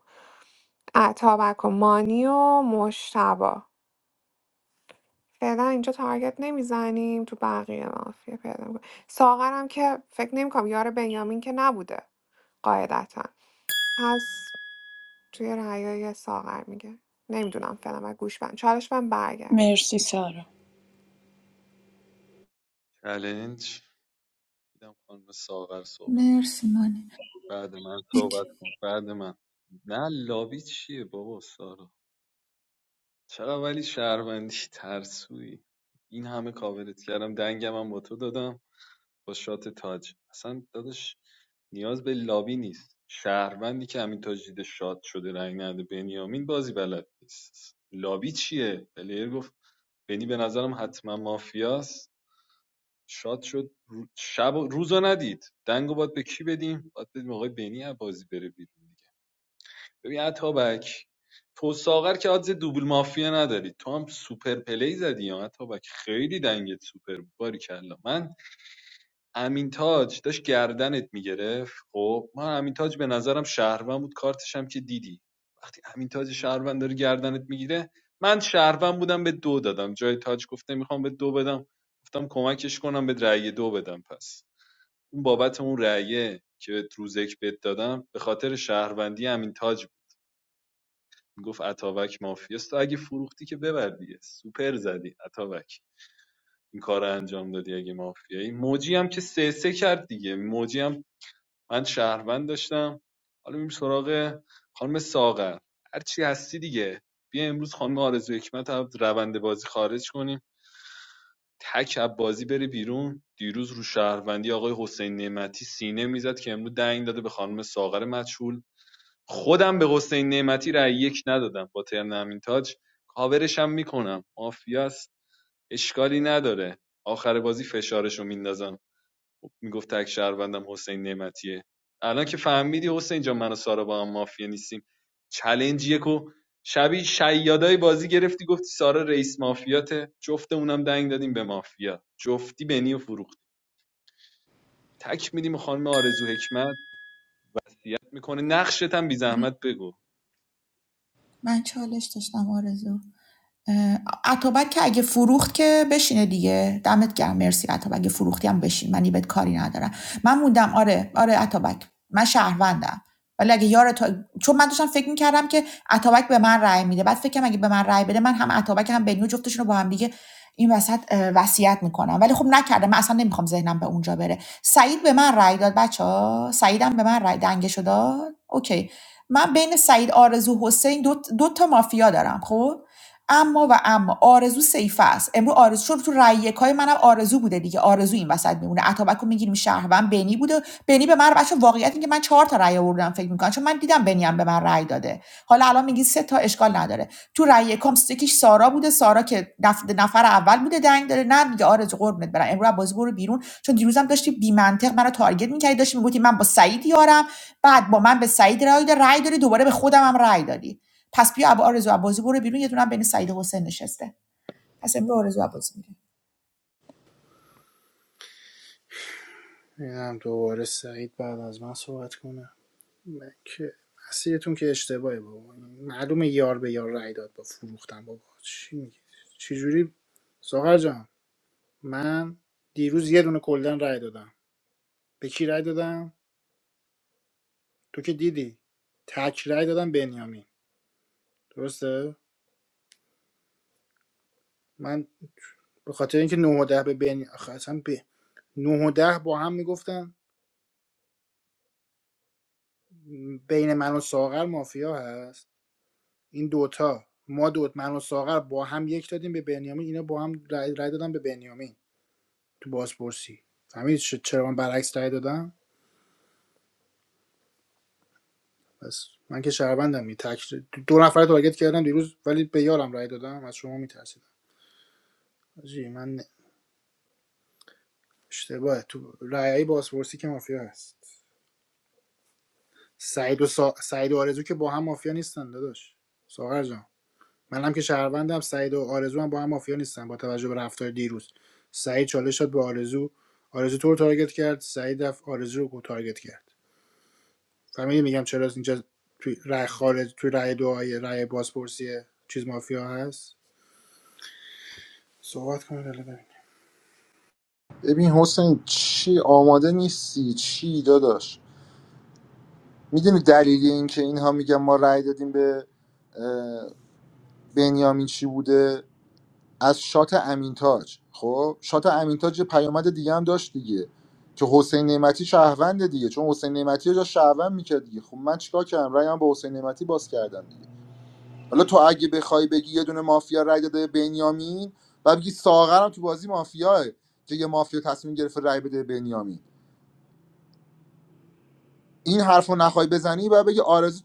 Speaker 19: اتابک و مانی و مشتبا فعلا اینجا تارگت نمیزنیم تو بقیه مافیا پیدا میکنیم ساغرم که فکر نمیکنم یار بنیامین که نبوده قاعدتا پس توی رعیا یه ساغر میگه نمیدونم فعلا و گوش بند چالش من برگرد
Speaker 18: مرسی سارا
Speaker 14: چلنج میدم خانم ساغر صحبت کن.
Speaker 2: مرسی من.
Speaker 14: بعد من صحبت کن بعد من نه لابی چیه بابا سارا چرا ولی شهروندی ترسویی این همه کاورت کردم دنگم هم با تو دادم با شات تاج اصلا داداش نیاز به لابی نیست شهروندی که همین تاج دیده شات شده رنگ نده بنیامین بازی بلد نیست لابی چیه پلیر گفت بنی به نظرم حتما مافیاست شاد شد شب و روزو ندید دنگو باید به کی بدیم باید بدیم آقای بنی عبازی بره بیرون دیگه ببین عطابک تو ساغر که آدز دوبل مافیا نداری تو هم سوپر پلی زدی یا عطابک خیلی دنگت سوپر بود باریکلا من امین تاج داشت گردنت میگرفت خب من امین تاج به نظرم شهروند بود کارتش هم که دیدی وقتی امین تاج شهروند داره گردنت میگیره من شهروند بودم به دو دادم جای تاج گفته میخوام به دو بدم گفتم کمکش کنم به رأی دو بدم پس اون بابت اون رأیه که به روزک بد دادم به خاطر شهروندی امین تاج بود میگفت اتابک مافیاست تو اگه فروختی که ببر دیگه سوپر زدی اتابک این کار انجام دادی اگه مافیایی موجی هم که سه سه کرد دیگه موجی هم من شهروند داشتم حالا میریم سراغ خانم ساغر هرچی هستی دیگه بیا امروز خانم آرزو حکمت رو از روند بازی خارج کنیم تک عبازی بره بیرون دیروز رو شهروندی آقای حسین نعمتی سینه میزد که امروز دنگ داده به خانم ساغر مدشول خودم به حسین نعمتی رأی یک ندادم با ترن امین تاج کاورشم میکنم مافیاست اشکالی نداره آخر بازی فشارشو میندازم خب میگفت تک شهروندم حسین نعمتیه الان که فهمیدی حسین جان من و سارا با هم مافیا نیستیم چلنج یکو شبیه شیادای بازی گرفتی گفتی سارا رئیس مافیاته جفت اونم دنگ دادیم به مافیا جفتی بنی و فروخت تک میدیم خانم آرزو حکمت میکنه نقشت هم بی زحمت بگو
Speaker 2: من چالش داشتم آرزو اه، عطابک که اگه فروخت که بشینه دیگه دمت گرم مرسی عطابک اگه فروختی هم بشین من بهت کاری ندارم من موندم آره آره عطابک من شهروندم ولی اگه یار تو چون من داشتم فکر میکردم که عطابک به من رأی میده بعد فکرم اگه به من رأی بده من هم عطابک هم بنیو جفتشون رو با هم دیگه این وسط اه، وصیت میکنم ولی خب نکردم. من اصلا نمیخوام ذهنم به اونجا بره سعید به من رأی داد بچه ها سعیدم به من رأی دنگشو داد اوکی من بین سعید آرزو حسین دو, دو تا مافیا دارم خب اما و اما آرزو سیف است امروز آرزو شد تو رای یکای منم آرزو بوده دیگه آرزو این وسط میمونه اتابک رو میگیریم شهروند بنی بوده بنی به من بچه واقعیت اینه که من چهار تا رای آوردم فکر میکنم چون من دیدم بنی هم به من رای داده حالا الان میگی سه تا اشکال نداره تو رای یکام یکیش سارا بوده سارا که نفر اول بوده دنگ داره نه میگه آرزو قربونت برم امروز بازی برو بیرون چون دیروزم داشتی بی منطق منو تارگت میکردی داشتی میگفتی من با سعید یارم بعد با من به سعید رای داد رای داری دوباره به خودم هم رای دادی پس بیا ابو آرزو عباسی برو بیرون یه دونه هم بین سعید حسین نشسته پس امرو آرزو عباسی میره
Speaker 1: میدونم دوباره سعید بعد از من صحبت کنه من که مسیرتون که اشتباهه بابا معلومه یار به یار رای داد با فروختن بابا چی میگی چجوری ساغر جان من دیروز یه دونه کلدن رای دادم به کی رای دادم تو که دیدی تک رای دادم بنیامین درسته من به خاطر اینکه 9 و 10 به بنی آخه اصلا به 9 و 10 با هم میگفتن بین من و ساغر مافیا هست این دوتا ما دوت من و ساغر با هم یک دادیم به بنیامین اینا با هم رای, رای دادن به بنیامین تو بازپرسی فهمیدی چ- چرا من برعکس رای دادم بس من که شهروندم می تک دو نفر تارگت کردم دیروز ولی به یارم رای دادم از شما میترسیدم جی من اشتباهه تو رای بازپرسی که مافیا هست سعید و, سا... سعید و آرزو که با هم مافیا نیستن داداش ساغر جان منم که شهروندم سعید و آرزو هم با هم مافیا نیستن با توجه به رفتار دیروز سعید چالش داد به آرزو آرزو تو رو تارگت کرد سعید رفت آرزو رو تارگت کرد فهمیدی میگم چرا اینجا توی رای خارج توی رای دعای رای بازپرسی چیز مافیا هست صحبت کن بله ببین
Speaker 15: ببین حسین چی آماده نیستی چی داداش میدونی دلیل این که اینها میگن ما رأی دادیم به اه، بنیامین چی بوده از شات امینتاج خب شات امینتاج یه پیامد دیگه هم داشت دیگه که حسین نعمتی شهروند دیگه چون حسین نعمتی رو داشت شهروند میکرد دیگه خب من چیکار کردم رأیام به حسین نعمتی باز کردم دیگه حالا تو اگه بخوای بگی یه دونه مافیا رأی داده به بنیامین و بگی ساغرم تو بازی مافیاه که یه مافیا تصمیم گرفته رأی بده به بنیامین این حرف رو نخوای بزنی و بگی آرزو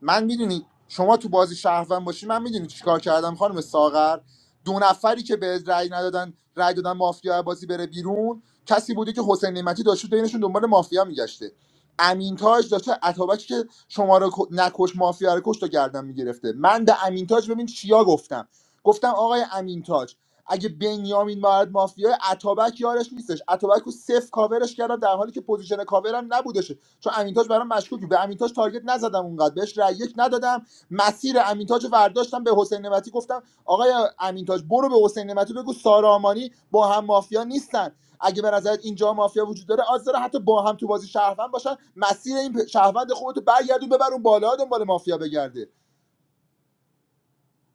Speaker 15: من میدونی شما تو بازی شهروند باشی من میدونی چیکار کردم خانم ساغر دو نفری که به رأی ندادن رأی دادن مافیا بازی بره بیرون کسی بوده که حسین نعمتی داشته بینشون دنبال مافیا میگشته امینتاج تاج داشته اتابکی که شما رو ک- نکش مافیا رو کشت و گردن میگرفته من به امینتاج تاج ببین چیا گفتم گفتم آقای امینتاج تاج اگه بنیامین مارد مافیا اتابک یارش نیستش اتابک رو صفر کاورش کردم در حالی که پوزیشن کاورم نبودش چون امینتاج برام مشکوکی به امینتاج تارگت نزدم اونقدر بهش رأی یک ندادم مسیر امینتاج رو برداشتم به حسین نمتی گفتم آقای امینتاج برو به حسین نمتی بگو سارامانی با هم مافیا نیستن اگه به نظرت اینجا مافیا وجود داره آز داره حتی با هم تو بازی شهروند باشن مسیر این پ- شهروند خودتو برگردون ببر اون بالا دنبال مافیا بگرده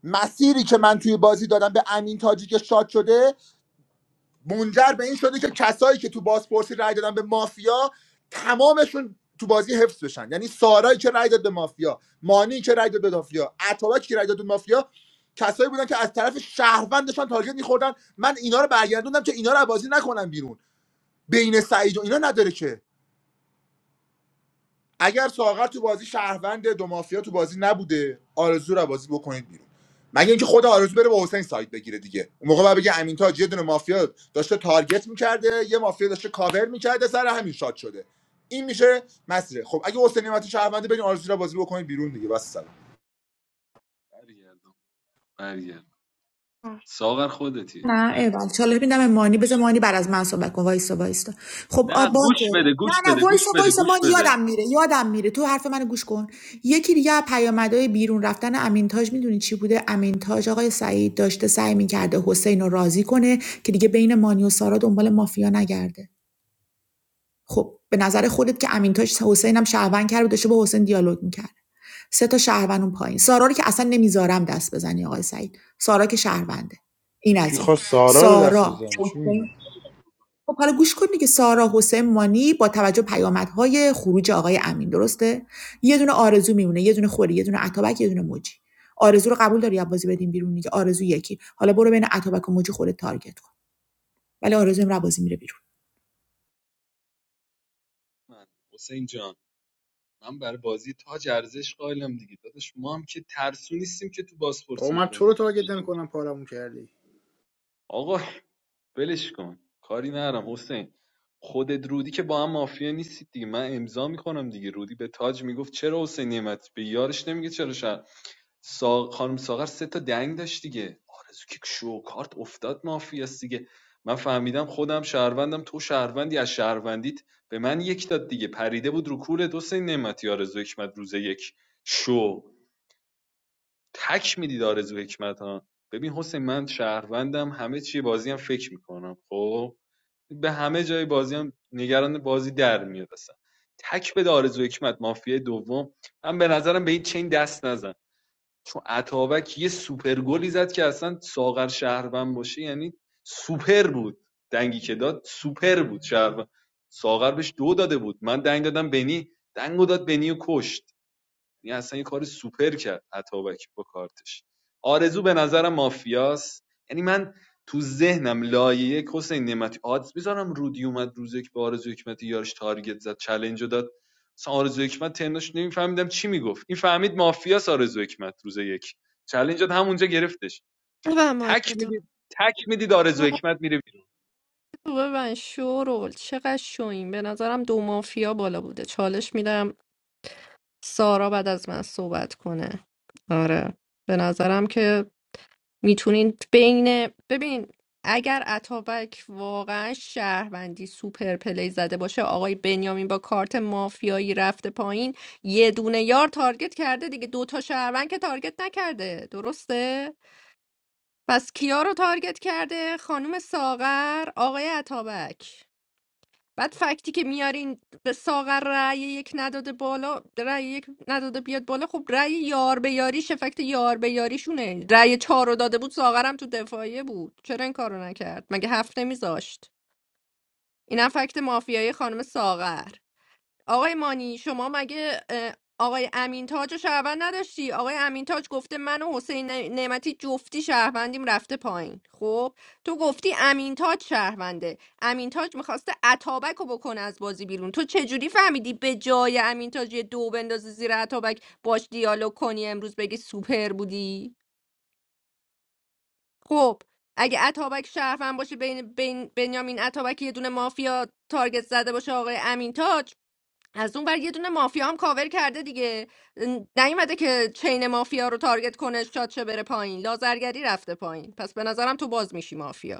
Speaker 15: مسیری که من توی بازی دادم به امین تاجی که شاد شده منجر به این شده که کسایی که تو بازپرسی رای دادن به مافیا تمامشون تو بازی حفظ بشن یعنی سارایی که رای داد به مافیا مانی که رای داد به مافیا عطابکی که رای داد به مافیا کسایی بودن که از طرف شهروند داشتن تارگت میخوردن من اینا رو برگردوندم که اینا رو از بازی نکنن بیرون بین سعید و اینا نداره که اگر ساغر تو بازی شهروند دو مافیا تو بازی نبوده آرزو رو بازی بکنید بیرون مگه اینکه خود آرزو بره با حسین سایت بگیره دیگه اون موقع باید بگه امین تاج یه دونه مافیا داشته تارگت میکرده یه مافیا داشته کاور میکرده سر همین شاد شده این میشه مسیره خب اگه حسین نعمتی شهرونده برین آرزو رو بازی بکنید بیرون دیگه بس سلام
Speaker 14: برگردم برگردم ساغر خودتی
Speaker 2: نه ایول چاله میدم مانی بذار مانی بعد از من صحبت کن وایسا وایسا خب آ،
Speaker 14: نه گوش
Speaker 2: باشه
Speaker 14: بده
Speaker 2: نه
Speaker 14: گوش بده
Speaker 2: نه
Speaker 14: گوش
Speaker 2: وایسا
Speaker 14: بده
Speaker 2: وایسا
Speaker 14: گوش
Speaker 2: مانی
Speaker 14: بده
Speaker 2: یادم میره یادم میره تو حرف منو گوش کن یکی دیگه پیامدهای بیرون رفتن امینتاج میدونی چی بوده امینتاج آقای سعید داشته سعی میکرده حسین رو راضی کنه که دیگه بین مانی و سارا دنبال مافیا نگرده خب به نظر خودت که امینتاج حسین هم شهروند کرد و داشته با حسین دیالوگ میکرد سه تا شهروند اون پایین سارا رو که اصلا نمیذارم دست بزنی آقای سعید سارا که شهرونده این
Speaker 15: کی
Speaker 2: از این
Speaker 15: خواست سارا رو دست
Speaker 2: سارا
Speaker 15: بزنه چی میگی
Speaker 2: حسین خب حالا گوش کن دیگه سارا حسین مانی با توجه به پیامدهای خروج آقای امین درسته یه دونه آرزو میمونه یه دونه خوری یه دونه عطابک یه دونه موجی آرزو رو قبول داری از بازی بدیم بیرون دیگه آرزو یکی حالا برو بین عطابک و موجی خودت تارگت کن ولی آرزو این بازی میره بیرون
Speaker 14: من. حسین جان من برای بازی تاج ارزش قائلم دیگه داداش ما هم که ترسو نیستیم که تو
Speaker 1: بابا
Speaker 14: بازپرسی
Speaker 1: من تو
Speaker 14: یارمون
Speaker 1: رو
Speaker 14: رو
Speaker 1: تارگت
Speaker 14: بکشیم.
Speaker 1: نمیکنم پارمون کردی
Speaker 14: آقا ولش کن کاری ندارم. حسین خودت رودی که با هم مافیا نیستید دیگه من امضا میکنم دیگه رودی به تاج میگفت چرا حسین نعمت به یارش نمیگه چرا سا... خانم ساغر سه تا دنگ داشت دیگه آرزو که شو کارت افتاد مافیاست دیگه من فهمیدم خودم شهروندم تو شهروندی از شهروندیت به من یک داد دیگه پریده بود رو کول دو سه نعمتی آرزو حکمت روز یک شو تک میدید آرزو حکمت ها ببین حسین من شهروندم همه چی بازی هم فکر میکنم خب به همه جای بازی هم نگران بازی در میاد اصلا تک به آرزو حکمت مافیا دوم من به نظرم به این چین دست نزن چون عطابک یه سوپر گلی زد که اصلا ساغر شهروند باشه یعنی سوپر بود دنگی که داد سوپر بود شهروند ساغر بهش دو داده بود من دنگ دادم بنی دنگو داد بنی و کشت یعنی اصلا یه کار سوپر کرد عطابک با کارتش آرزو به نظرم مافیاست یعنی من تو ذهنم لایه یک حسین نعمتی آدز میذارم رودی اومد روز یک به آرزو حکمتی یارش تارگت زد چلنج رو داد مثلا آرزو حکمت ترنش نمیفهمیدم چی میگفت این فهمید مافیاس آرزو حکمت روز یک چلنج داد همونجا گرفتش
Speaker 3: و
Speaker 14: تک
Speaker 3: مایکتون
Speaker 14: میدید تک میدید آرزو
Speaker 3: تو
Speaker 14: حکمت میره
Speaker 3: تو ببین شورول چقدر شوین به نظرم دو مافیا بالا بوده چالش میدم سارا بعد از من صحبت کنه آره به نظرم که میتونین بین ببین اگر اتابک واقعا شهروندی سوپر پلی زده باشه آقای بنیامین با کارت مافیایی رفته پایین یه دونه یار تارگت کرده دیگه دوتا شهروند که تارگت نکرده درسته؟ پس کیا رو تارگت کرده؟ خانم ساغر آقای اتابک بعد فکتی که میارین به ساغر رأی یک نداده بالا رأی یک نداده بیاد بالا خب رأی یار به یاریش فکت یار به یاریشونه رأی چهار رو داده بود ساغرم تو دفاعیه بود چرا این کارو نکرد مگه هفت نمیذاشت اینم فکت مافیایی خانم ساغر آقای مانی شما مگه اه، آقای امین تاج رو شهروند نداشتی آقای امین تاج گفته من و حسین نعمتی جفتی شهروندیم رفته پایین خب تو گفتی امین تاج شهرونده امین تاج میخواسته اتابک رو بکنه از بازی بیرون تو چجوری فهمیدی به جای امین تاج یه دو بندازی زیر اتابک باش دیالوگ کنی امروز بگی سوپر بودی خب اگه اتابک شهروند باشه بین, بین بنیامین اتابک یه دونه مافیا تارگت زده باشه آقای امین تاج از اون بر یه دونه مافیا هم کاور کرده دیگه ن- نیومده که چین مافیا رو تارگت کنه شاد شه بره پایین لازرگری رفته پایین پس به نظرم تو باز میشی مافیا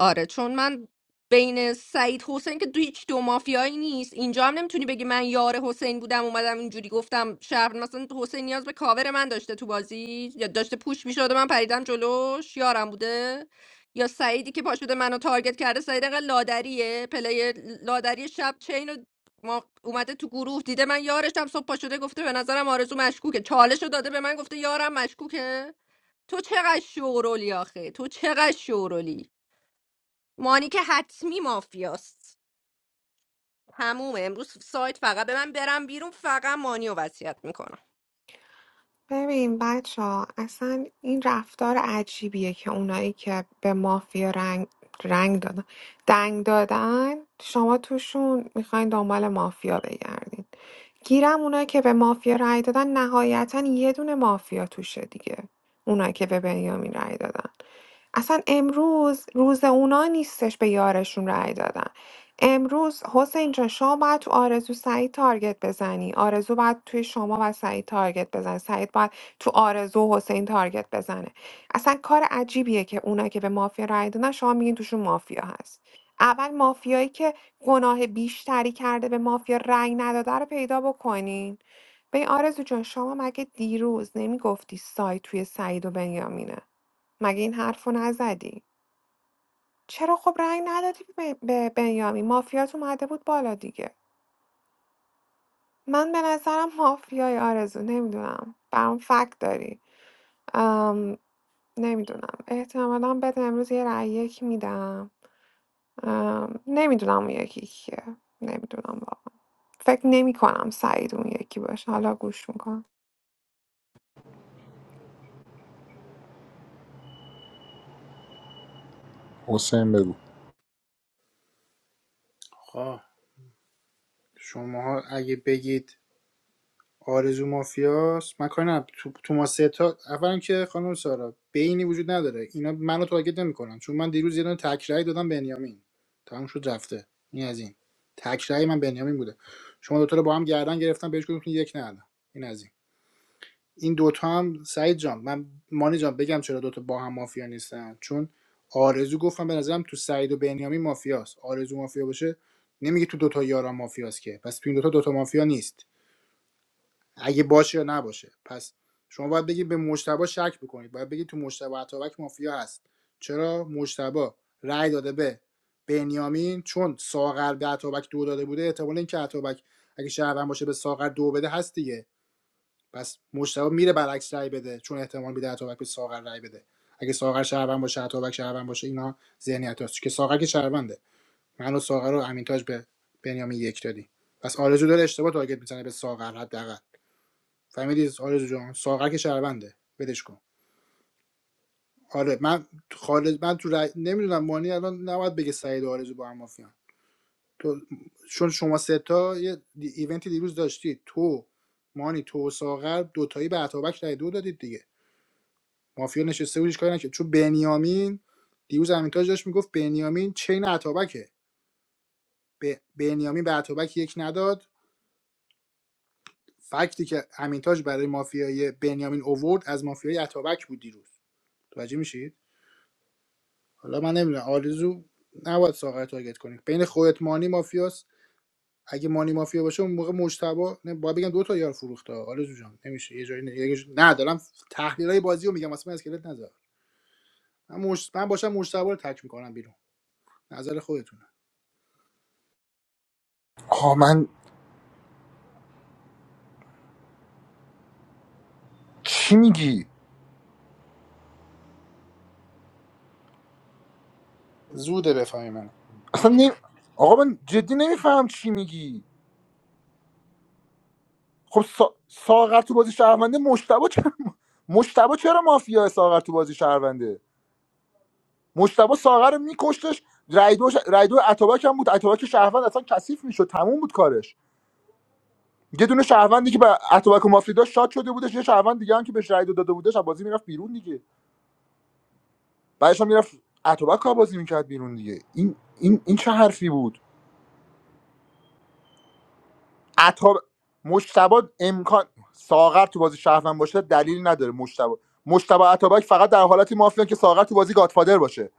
Speaker 3: آره چون من بین سعید حسین که دو هیچ دو مافیایی نیست اینجا هم نمیتونی بگی من یار حسین بودم اومدم اینجوری گفتم شهر مثلا حسین نیاز به کاور من داشته تو بازی یا داشته پوش میشده من پریدم جلوش یارم بوده یا سعیدی که پاش بوده منو تارگت کرده سعید انقدر لادریه پلی لادری شب چین رو ما اومده تو گروه دیده من یارشم صبح پا شده گفته به نظرم آرزو مشکوکه چالش رو داده به من گفته یارم مشکوکه تو چقدر شورولی آخه تو چقدر شورولی مانی که حتمی مافیاست تمومه امروز سایت فقط به من برم بیرون فقط مانی رو وصیت میکنم
Speaker 19: ببین بچه ها اصلا این رفتار عجیبیه که اونایی که به مافیا رنگ رنگ دادن دنگ دادن شما توشون میخواین دنبال مافیا بگردین گیرم اونایی که به مافیا رأی دادن نهایتا یه دونه مافیا توشه دیگه اونایی که به بنیامین رأی دادن اصلا امروز روز اونا نیستش به یارشون رأی دادن امروز حسین جان شما باید تو آرزو سعید تارگت بزنی آرزو باید توی شما و سعید تارگت بزنه سعید باید تو آرزو و حسین تارگت بزنه اصلا کار عجیبیه که اونا که به مافیا رای دادن شما میگین توشون مافیا هست اول مافیایی که گناه بیشتری کرده به مافیا رأی نداده رو پیدا بکنین به آرزو جان شما مگه دیروز نمیگفتی سایت توی سعید و بنیامینه مگه این حرف رو نزدی چرا خب رأی ندادی به به بنیامین مافیات اومده بود بالا دیگه من به نظرم مافیای آرزو نمیدونم برام فکت داری ام نمیدونم احتمالا بهت امروز یه رأی یک میدم ام نمیدونم اون یکی کیه نمیدونم واقعا فکر نمی کنم سعید اون یکی باشه حالا گوش میکنم
Speaker 1: آقا شماها اگه بگید آرزو مافیاست من کاری ندارم. تو, تو ما سه تا اولا که خانم سارا بینی وجود نداره اینا منو تارگت نمیکنن چون من دیروز یه دونه تکرای دادم بنیامین تموم شد رفته این از این تکرای من بنیامین بوده شما دوتا رو با هم گردن گرفتم بهش گفتم یک ندادم این از این این دوتا هم سعید جان من مانی جان بگم چرا دوتا با هم مافیا نیستن چون آرزو گفتم به نظرم تو سعید و بنیامین مافیاست آرزو مافیا باشه نمیگه تو دوتا یارا مافیاست که پس تو این دوتا دوتا مافیا نیست اگه باشه یا نباشه پس شما باید بگید به مجتبا شک بکنید باید بگید تو مجتبا اتابک مافیا هست چرا مجتبا رأی داده به بنیامین چون ساغر به اتابک دو داده بوده احتمال اینکه اتابک اگه شهروند باشه به ساغر دو بده هست دیگه پس مجتبا میره برعکس رأی بده چون احتمال میده اتابک به ساغر رأی بده اگه ساغر شهروند باشه اتابک شهروند باشه اینا ذهنیت هست که ساغر که شهرونده من و ساغر رو امینتاج به بنیامین یک دادی پس آرزو داره اشتباه تارگت میزنه به ساغر حداقل فهمیدی آرزو جان ساغر که شهرونده بدش کن آره من خالد من تو رای... نمیدونم مانی الان نباید بگه سعید و آرزو با هم مافیان تو چون شما سه تا یه دی- ایونتی دیروز داشتید تو مانی تو و ساغر دوتایی به عطابک رای دو دادید دیگه مافیا نشسته بود هیچ کاری نکرد چون بنیامین دیروز امینتاج داشت میگفت بنیامین چین عطابکه به بنیامین به عطابک یک نداد فکتی که امینتاج برای مافیای بنیامین اوورد از مافیای عطابک بود دیروز توجه میشید حالا من نمیدونم آرزو نباید ساغر رو تارگت کنیم بین خودت مانی مافیاست اگه مانی مافیا باشه اون موقع مجتبا نه باید بگم دو تا یار فروخته آرزو جان نمیشه یه جایی نه, یه جایی- نه دارم تحلیل های بازی رو میگم اصلا اسکلت نذار من مش... من باشم مجتبا رو تک میکنم بیرون نظر خودتونه
Speaker 15: آه من چی میگی
Speaker 1: زوده بفهمی من
Speaker 15: اصلا نمی... آقا من جدی نمیفهم چی میگی خب سا... ساغر تو بازی شهرونده مشتبه چرا مشتبه چرا مافیا ساغر تو بازی شهرونده مشتبه ساغر رو میکشتش رای دو, ش... رای دو اتابک هم بود اتابک شهروند اصلا کثیف میشد تموم بود کارش یه دونه شهروندی که به اتابک و مافیا داشت شاد شده بودش یه شهروند دیگه هم که بهش رای دو داده بودش از بازی میرفت بیرون دیگه بعدش هم میرفت اتابک رو بازی میکرد بیرون دیگه این این این چه حرفی بود عطا مجتبا امکان ساغر تو بازی شهروند باشه دلیل نداره مجتبا مجتبا عطابک فقط در حالتی مافیان که ساغر تو بازی گادفادر باشه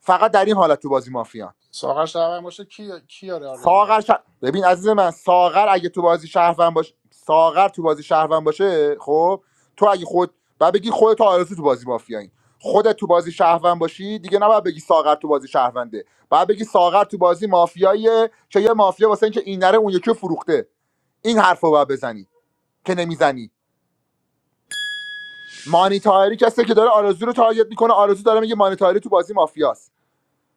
Speaker 15: فقط در این حالت تو بازی مافیان
Speaker 1: ساغر شهروند باشه کی کی یار آرزوه
Speaker 15: ساغر ش... ببین عزیز من ساغر اگه تو بازی شهروند باشه ساغر تو بازی شهروند باشه خب تو اگه خود و بگی خودت و آرزو تو بازی مافیایی خودت تو بازی شهروند باشی دیگه نباید بگی ساغر تو بازی شهرونده بعد بگی ساغر تو بازی مافیاییه که یه مافیا واسه اینکه این نره اون یکی رو فروخته این حرفو رو باید بزنی که نمیزنی مانی تاهری کسی که داره آرزو رو تارگت میکنه آرزو داره میگه مانی طاهری تو بازی مافیاست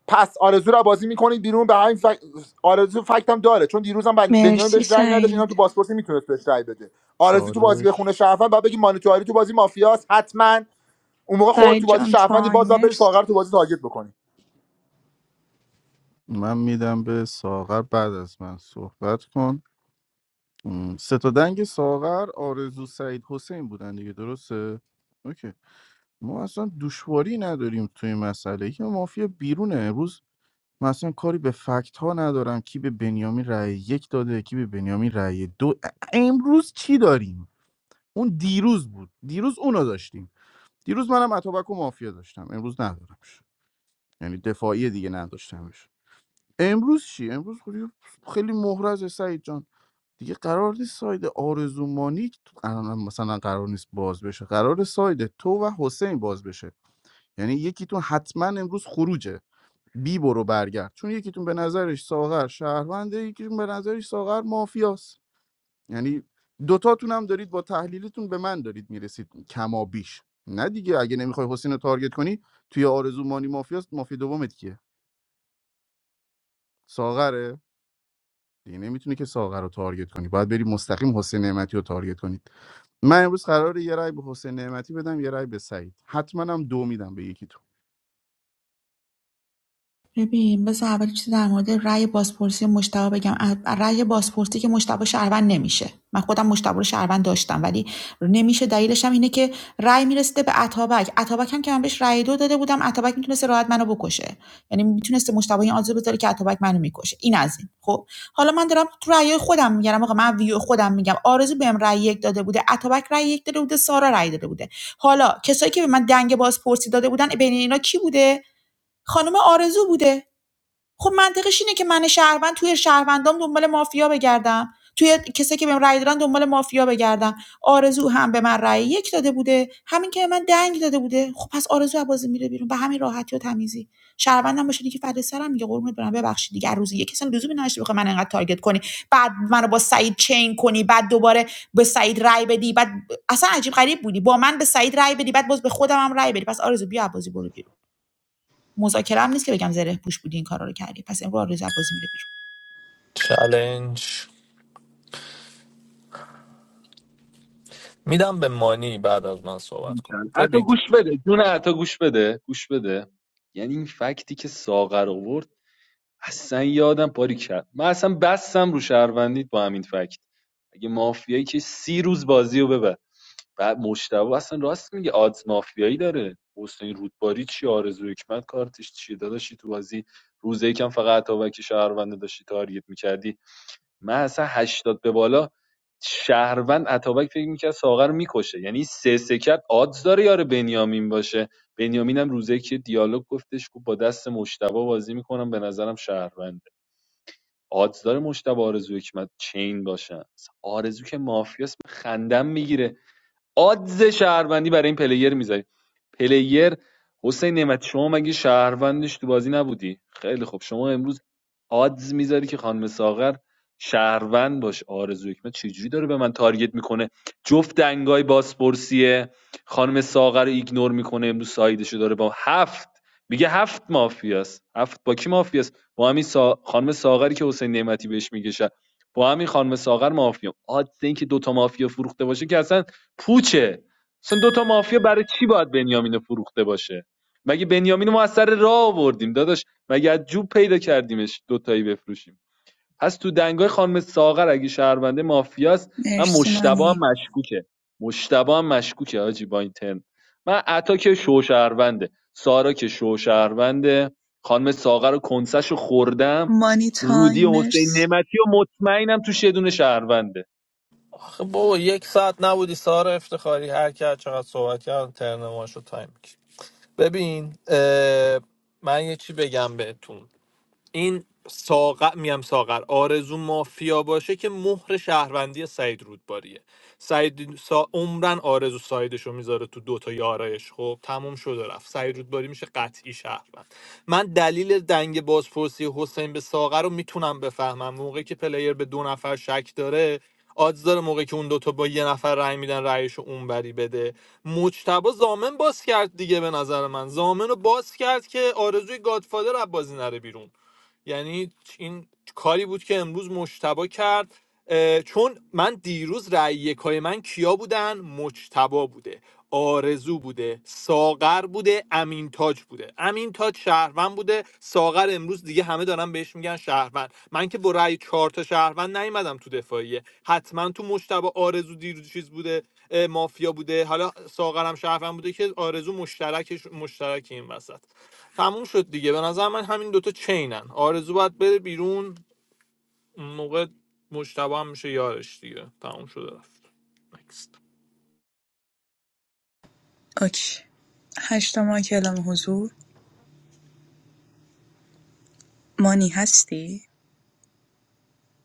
Speaker 15: پس آرزو رو بازی میکنید بیرون به همین فک... آرزو فکت هم داره چون دیروزم هم بن- بنیامین
Speaker 18: مرسی
Speaker 15: بهش رأی نداشت
Speaker 18: سعید
Speaker 15: اینم تو پاسپورت میتونست بهش رأی بده آرزو تو بازی
Speaker 7: چالش
Speaker 15: بخونه شرفن بعد بگی مانی طاهری تو بازی مافیاست حتما اون موقع خود
Speaker 18: سعید
Speaker 15: تو بازی
Speaker 18: جان
Speaker 15: شرفندی باز باید بری
Speaker 18: تایمرز
Speaker 15: ساغر تو بازی تارگت بکنی
Speaker 7: من میدم به ساغر بعد از من صحبت کن م، سه تا دنگ ساغر آرزو سعید حسین بودن دیگه درسته اوکی ما اصلا دشواری نداریم توی این مسئله که مافیا بیرونه امروز من اصلا کاری به فکت ها ندارم کی به بنیامین رأی یک داده کی به بنیامین رأی دو ا- امروز چی داریم اون دیروز بود دیروز اونو داشتیم دیروز منم اتابک و مافیا داشتم امروز ندارمش یعنی دفاعی دیگه نداشتمش امروز چی امروز خیلی خیلی مهرز سعید جان دیگه قرار نیست ساید آرزومانی الان مثلا قرار نیست باز بشه قرار ساید تو و حسین باز بشه یعنی یکیتون حتما امروز خروجه بی برو برگرد چون یکیتون به نظرش ساغر شهرونده یکیتون به نظرش ساغر مافیاست یعنی دوتاتون هم دارید با تحلیلتون به من دارید میرسید کما بیش نه دیگه اگه نمیخوای حسین رو تارگت کنی توی آرزومانی مافیاست مافیا دومت کیه ساغره دیگه نمیتونی که ساغر رو تارگت کنی باید بری مستقیم حسین نعمتی رو تارگت کنید من امروز قراره یه رای به حسین نعمتی بدم یه رای به سعید حتما هم دو میدم به یکی تو
Speaker 2: ببین بذار اول چیزی در مورد رأی بازپرسی مشتبه بگم ا- رأی بازپرسی که مشتبه شهروند نمیشه من خودم مشتبه رو شهروند داشتم ولی نمیشه دلیلش هم اینه که رأی میرسیده به عطابک عطابک هم که من بهش رأی دو داده بودم عطابک میتونسته راحت منو بکشه یعنی میتونسته مشتبه این آزو بذاره که عطابک منو میکشه این از این خب حالا من دارم تو رأی خودم میگم آقا من ویو خودم میگم آرزو بهم رأی یک داده بوده عطابک رأی یک داده بوده سارا رأی داده بوده حالا کسایی که به من دنگ بازپرسی داده بودن بین اینا کی بوده خانم آرزو بوده خب منطقش اینه که من شهروند توی شهروندام دنبال مافیا بگردم توی کسی که بهم رأی دادن دنبال مافیا بگردم آرزو هم به من رأی یک داده بوده همین که من دنگ داده بوده خب پس آرزو از بازی میره بیرون به همین راحتی و تمیزی شهروندم باشه که فرد سرم میگه قربونت برم ببخشید دیگه هر روزی یک کسی لزومی نداشته بخوای من انقدر تارگت کنی بعد منو با سعید چین کنی بعد دوباره به سعید رأی بدی بعد اصلا عجیب غریب بودی با من به سعید رأی بدی بعد باز به خودم هم رأی بدی پس آرزو بیا بازی برو بیرون. مذاکره هم نیست که بگم زره پوش بودی این کارا رو کردی پس امروز آرزو بازی میره بیرون
Speaker 5: چلنج میدم به مانی بعد از من صحبت کن
Speaker 14: بیرون. حتی
Speaker 5: ببین
Speaker 14: گوش بده جون حتی گوش بده گوش بده یعنی این فکتی که ساغر آورد اصلا یادم پاری کرد من اصلا بستم رو شهروندیت با همین فکت اگه مافیایی که سی روز بازی رو ببر بعد مشتبه اصلا راست میگه آدز مافیایی داره حسین رودباری چی آرزو حکمت کارتش چیه داداشی تو بازی روز یکم فقط اتابک شهرونده داشتی تارگت میکردی من اصلا هشتاد به بالا شهروند اتابک فکر میکرد ساغر میکشه یعنی سه سه کرد آدز داره یار بنیامین باشه بنیامین هم روزه که دیالوگ گفتش گفت با دست مشتبه بازی میکنم به نظرم شهروند آدز داره مشتبه آرزو که من چین باشن اصلا آرزو که مافیاس من خندم میگیره آدز شهروندی برای این پلیر میذاری پلیر حسین نعمتی شما مگه شهروندش تو بازی نبودی خیلی خوب شما امروز آدز میذاری که خانم ساغر شهروند باش آرزو حکمت چجوری داره به من تارگت میکنه جفت دنگای بازپرسیه خانم ساغر رو ایگنور میکنه امروز سایدشو داره با هفت میگه هفت مافیاست هفت با کی مافیاست با همین سا... خانم ساغری که حسین نعمتی بهش میگه شه- با همین خانم ساغر مافیا آدز این که دوتا مافیا فروخته باشه که اصلا پوچه مثلا دو تا مافیا برای چی باید بنیامینو فروخته باشه مگه بنیامینو ما از سر راه آوردیم داداش مگه از جوب پیدا کردیمش دوتایی بفروشیم پس تو دنگای خانم ساغر اگه شهرونده مافیاست من
Speaker 18: مرسی
Speaker 14: مشتبه هم
Speaker 18: مانی
Speaker 14: مشکوکه مشتبه هم مشکوکه حاجی با این ترم من عطا که شو شهرونده سارا که شو شهرونده خانم ساغر و کنسش رو خوردم
Speaker 18: مانی
Speaker 14: رودی و حسین
Speaker 18: تایمرز
Speaker 14: نعمتی و مطمئنم تو شدون شهرونده
Speaker 5: آخه بابا یک ساعت نبودی سارا افتخاری هر کی هر چقدر صحبت کرد ترنماشو تایم کی. ببین اه، من یه چی بگم بهتون این ساغر میم ساغر آرزو مافیا باشه که مهر شهروندی سعید رودباریه سعید سا... عمرن آرزو سایدشو میذاره تو دوتا یارایش خب تموم شد و رفت سعید رودباری میشه قطعی شهروند من دلیل دنگ بازپرسی حسین به ساغر رو میتونم بفهمم موقعی که پلیر به دو نفر شک داره آدز داره موقعی که اون دوتا با یه نفر رأی میدن رأیشو اونوری بده مجتبا زامن باز کرد دیگه به نظر من زامن رو باز کرد که آرزوی گادفادر از بازی نره بیرون یعنی این کاری بود که امروز مجتبا کرد چون من دیروز رأی یکای من کیا بودن مجتبا بوده آرزو بوده ساغر بوده امین تاج بوده امین تاج شهروند بوده ساغر امروز دیگه همه دارن بهش میگن شهروند من که با رأی چهار تا شهروند نیومدم تو دفاعیه حتما تو مجتبا آرزو دیروز چیز بوده مافیا بوده حالا ساغرم شهروند بوده که آرزو مشترک مشترک این وسط تموم شد دیگه به نظر من همین دوتا چینن آرزو باید بره بیرون اون موقع مجتبی هم میشه یارش دیگه تموم شده رفت Next.
Speaker 18: اوکی هشت ماه که حضور مانی هستی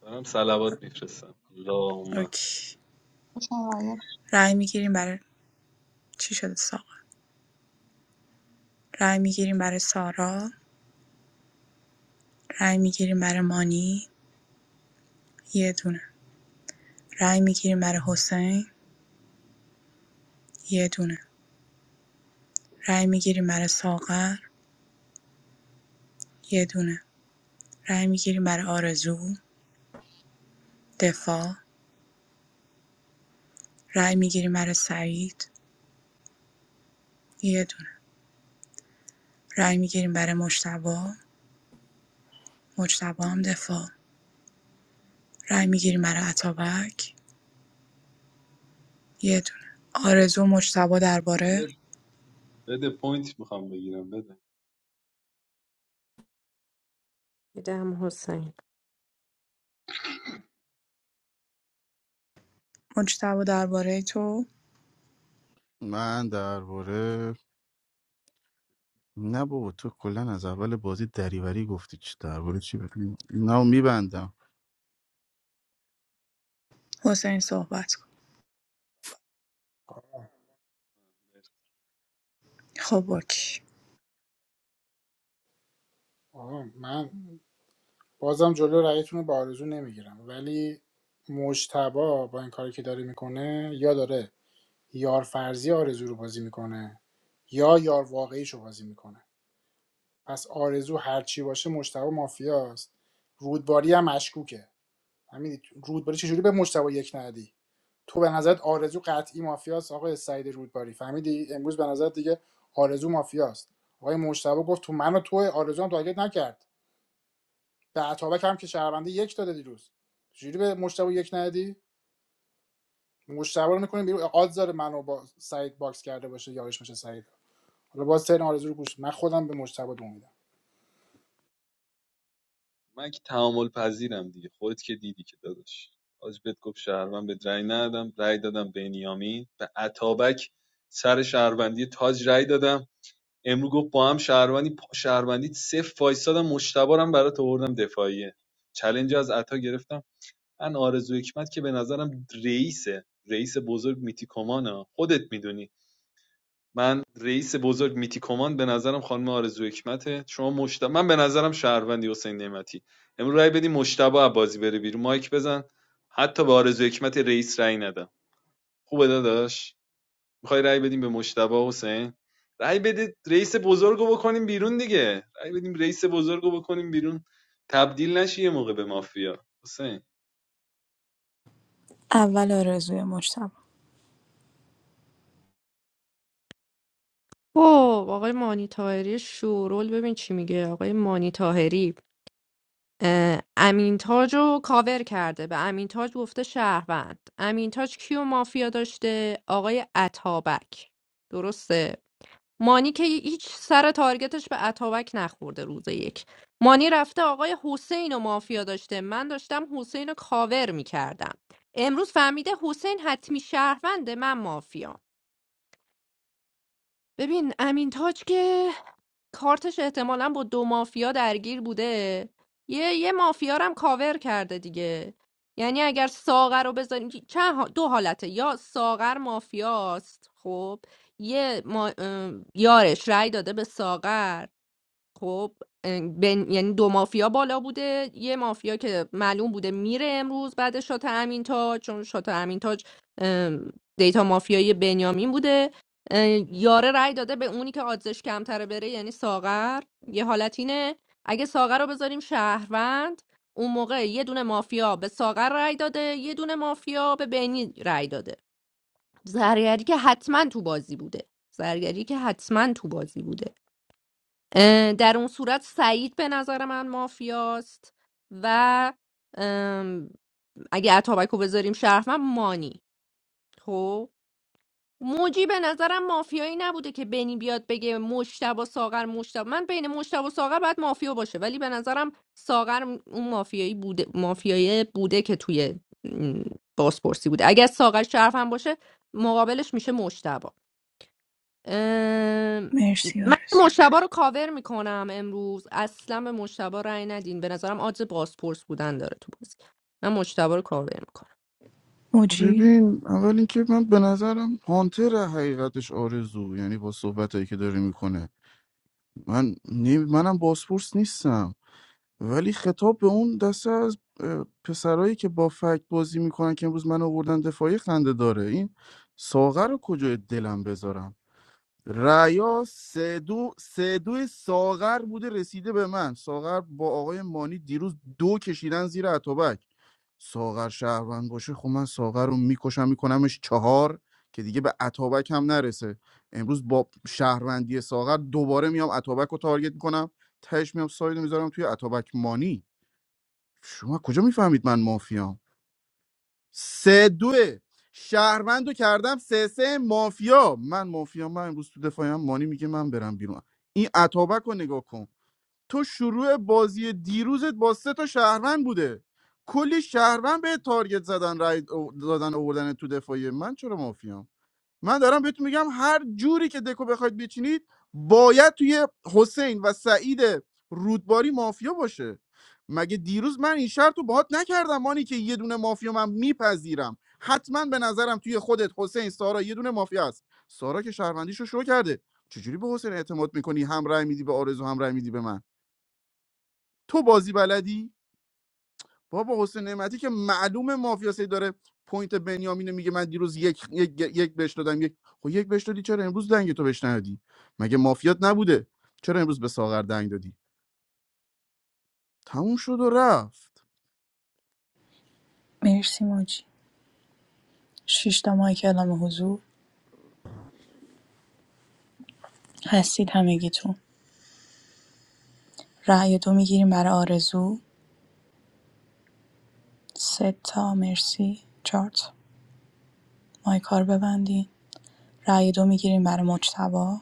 Speaker 14: دارم صلوات میفرستم اللهم
Speaker 18: اوکی
Speaker 2: شاید
Speaker 18: رای میگیریم برای چی شده ساقا رای میگیریم برای سارا رای میگیریم برای مانی یه دونه رای میگیریم برای حسین یه دونه رای میگیریم برای ساغر یه دونه رای میگیریم برای آرزو دفاع رای میگیریم برای سعید یه دونه رای میگیریم برای مشتبه مجتبی هم دفاع رای می‌گیریم برای اتابک یه دونه آرزو مجتبی
Speaker 14: بده
Speaker 18: درباره
Speaker 14: بده پوینت میخوام بگیرم بده
Speaker 3: دیدم حسین
Speaker 18: مجتبی درباره تو
Speaker 7: من درباره نه بابا تو کلا از اول بازی دریوری گفتی چی درباره چی بگم نه میبندم
Speaker 18: حسین صحبت کن خب اوکی
Speaker 1: آقا من بازم جلو رأیتون رو به آرزو نمیگیرم ولی مجتبا با این کاری که داره میکنه یا داره یار فرضی آرزو رو بازی میکنه یا یار واقعیش رو بازی میکنه پس آرزو هرچی باشه مشتبه مافیاست رودباری هم مشکوکه همین رودباری چجوری به مشتبه یک ندی تو به نظرت آرزو قطعی مافیاست آقای سعید رودباری فهمیدی امروز به نظرت دیگه آرزو مافیاست آقای مشتبه گفت تو منو تو آرزو هم تارگت نکرد به عطابک هم که شهرونده یک داده دیروز چجوری به مشتبه یک ندی مشتبه رو میکنیم بیرون آدز منو با سعید باکس کرده باشه یارش میشه سعید حالا باز ترن آرزو رو گوش من خودم به مجتبی دو میدم
Speaker 14: من که تعامل پذیرم دیگه خودت که دیدی که داداش آج بهت گفت شهروند به رأی ندادم رأی دادم بنیامین به عطابک سر شهروندی تاج رأی دادم امرو گفت با هم شهروندی پا شهروندی صفر وایسادم مشتبارم برات آوردم دفاعیه چلنج از عطا گرفتم من آرزو حکمت که به نظرم رئیسه رئیس بزرگ میتیکومانه خودت میدونی من رئیس بزرگ میتی کمان به نظرم خانم آرزو حکمته شما مشت... من به نظرم شهروندی حسین نعمتی امروز رای بدی مشتبه عبازی بره بیرون مایک بزن حتی به آرزو حکمت رئیس رای ندم خوبه داداش میخوای رای بدیم به مشتبه حسین رای بدید رئیس بزرگو بکنیم بیرون دیگه رای بدیم رئیس بزرگو بکنیم بیرون تبدیل نشی یه موقع به مافیا حسین
Speaker 18: اول آرزوی مجتبی
Speaker 3: او آقای مانی تاهری شورول ببین چی میگه آقای مانی تاهری اه، امین تاج رو کاور کرده به امین تاج گفته شهروند امین تاج کیو مافیا داشته آقای عطابک درسته مانی که هیچ سر تارگتش به عطابک نخورده روز یک مانی رفته آقای حسین و مافیا داشته من داشتم حسین رو کاور میکردم امروز فهمیده حسین حتمی شهرونده من مافیا ببین امین تاج که کارتش احتمالا با دو مافیا درگیر بوده یه یه مافیا رو هم کاور کرده دیگه یعنی اگر ساغر رو بذاریم که چند ها- دو حالته یا ساغر مافیاست خب یه ما... ام، یارش رأی داده به ساغر خب اه، بین یعنی دو مافیا بالا بوده یه مافیا که معلوم بوده میره امروز بعد شات امین تاج چون شات امین تاج ام، دیتا مافیایی بنیامین بوده اه، یاره رای داده به اونی که آدزش کمتره بره یعنی ساغر یه حالت اینه اگه ساغر رو بذاریم شهروند اون موقع یه دونه مافیا به ساغر رای داده یه دونه مافیا به بینی رای داده زرگری که حتما تو بازی بوده زرگری که حتما تو بازی بوده اه، در اون صورت سعید به نظر من مافیاست و ام، اگه اتابک رو بذاریم شرف من مانی خب موجی به نظرم مافیایی نبوده که بنی بیاد بگه مشتبا ساغر مشتبا من بین مشتبا ساغر باید مافیا باشه ولی به نظرم ساغر اون مافیایی بوده مافیایی بوده که توی م، بازپرسی بوده اگر ساغر شرف هم باشه مقابلش میشه مشتبا اه،
Speaker 18: مرسی
Speaker 3: من
Speaker 18: آرزو
Speaker 3: مشتبه رو کاور میکنم امروز اصلا به مشتبه رأی ندین به نظرم آدز بازپرس بودن داره تو بازی من مشتبه رو کاور میکنم
Speaker 18: موجی
Speaker 7: ببین اول اینکه من به نظرم هانتر حقیقتش آرزو یعنی با صحبت هایی که داره میکنه من نی... منم باسپورس نیستم ولی خطاب به اون دسته از اه، پسرایی که با فکت بازی میکنن که امروز من آوردن دفاعی خنده داره این ساغر رو کجای دلم بذارم ریا سه دو سه دوی ساغر بوده رسیده به من ساغر با آقای مانی دیروز دو کشیدن زیر اتابک ساغر شهروند باشه خب من ساغر رو میکشم میکنمش چهار که دیگه به اتابک هم نرسه امروز با شهروندی ساغر دوباره میام اتابک رو تارگت میکنم تهش میام ساید میذارم توی اتابک مانی شما کجا میفهمید من مافیام سه دوه شهروند رو کردم سه سه مافیا من مافیا من امروز تو دفاعیم مانی میگه من برم بیرون این عطابک رو نگاه کن تو شروع بازی دیروزت با سه تا شهروند بوده کلی شهروند به تارگت زدن رای او- دادن اوردن تو دفاعی من چرا مافیام من دارم بهتون میگم هر جوری که دکو بخواید بچینید باید توی حسین و سعید رودباری مافیا باشه مگه دیروز من این شرط رو باهات نکردم مانی که یه دونه مافیا من میپذیرم حتما به نظرم توی خودت حسین سارا یه دونه مافیا هست سارا که شهروندیش رو شروع کرده چجوری به حسین اعتماد میکنی هم رأی میدی به آرزو هم رأی میدی به من تو بازی بلدی بابا حسین نعمتی که معلومه مافیاسی داره پوینت بنیامینو میگه من دیروز یک یک, یک بهش دادم یک خب یک بهش دادی چرا امروز دنگ تو بهش ندادی مگه مافیات نبوده چرا امروز به ساغر دنگ دادی تموم شد و رفت
Speaker 18: مرسی موجی شش تا مایک اعلام حضور هستید همگیتون رأی دو میگیریم برای آرزو سه تا مرسی چهار تا مایک ها رو ببندین رأی دو میگیریم برای مجتبی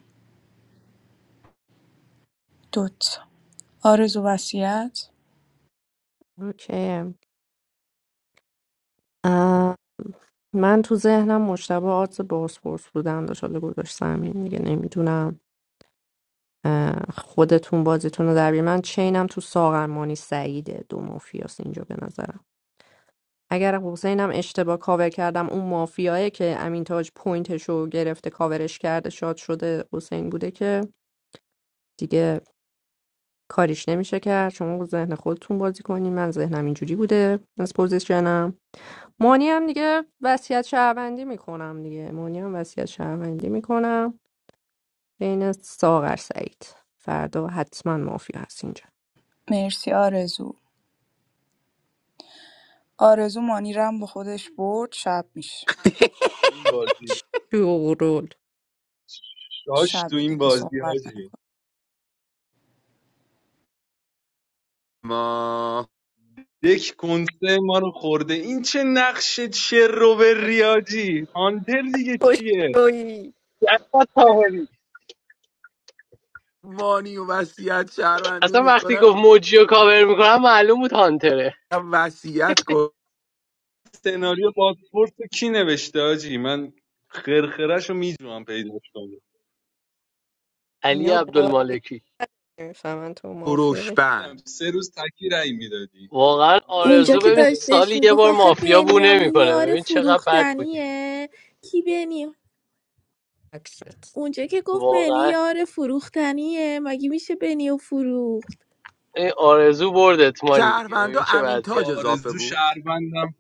Speaker 18: دوت آرزو وصیت
Speaker 3: اوکی اه، من تو ذهنم مشتبه آدز بازپرس بودن داشت حالا گذاشتم این دیگه نمیدونم خودتون بازیتون رو در بیارین. من چینم تو ساغر مانی سعیده دو مافیاس اینجا به نظرم اگر حسینم اشتباه کاور کردم اون مافیایی که امین تاج پوینتشو گرفته کاورش کرده شاد شده حسین بوده که دیگه کاریش نمیشه کرد شما با ذهن خودتون بازی کنین من ذهنم اینجوری بوده از پوزیشنم مانی هم دیگه وصیت شهروندی میکنم دیگه مانی هم وصیت شهروندی میکنم بین ساغر سعید فردا حتما مافیا هست اینجا
Speaker 18: مرسی آرزو آرزو مانیرم با خودش برد شب میشه
Speaker 14: تو این بازی
Speaker 3: شورول
Speaker 14: داش تو
Speaker 18: شب
Speaker 14: این
Speaker 18: دیگه
Speaker 14: بازی
Speaker 18: صحبت
Speaker 14: حاجی.
Speaker 18: نکن
Speaker 10: ما
Speaker 14: یک کنسه ما رو خورده این چه نقش به ریاجی هانتر دیگه چیه
Speaker 3: خوشویی
Speaker 8: در سطح کاوری.
Speaker 10: مانی و وصیت شهروندی
Speaker 8: اصلا وقتی
Speaker 10: میکنم
Speaker 8: گفت موجی رو کاور میکنم معلوم بود هانتره
Speaker 10: وصیت کن
Speaker 14: سناریو پاسپورت رو کی نوشته آجی من خرخرش رو میجوام پیداش کنم
Speaker 8: علی
Speaker 3: اینا بازی
Speaker 8: عبدالمالکی
Speaker 3: نمیفهمن تو مافیا
Speaker 14: دیدم
Speaker 10: بند
Speaker 14: سه روز تکی رأی میدادی
Speaker 8: واقعا
Speaker 14: من که
Speaker 21: اونجا
Speaker 8: آرزو
Speaker 21: که
Speaker 8: ببین
Speaker 14: هانتر بودم.
Speaker 21: داشتش
Speaker 8: سالی یه
Speaker 21: میگفت
Speaker 8: بار
Speaker 21: آخه
Speaker 8: مافیا بو
Speaker 21: بنیامین
Speaker 8: نمیکنه
Speaker 21: یار
Speaker 8: ببین چقدر بد بودی
Speaker 21: فروختنیه کی بنی
Speaker 3: عکست
Speaker 21: اونجا که گفت بنی
Speaker 8: واقعا
Speaker 21: یار فروختنیه مگه میشه بنی و فروخت
Speaker 8: این آرزو بردت مانی دیگه
Speaker 10: شهروندا
Speaker 8: ببین چه
Speaker 10: امین تاج
Speaker 8: وضعیتی
Speaker 10: اضافه
Speaker 14: آرزو
Speaker 10: بود
Speaker 14: شهروندم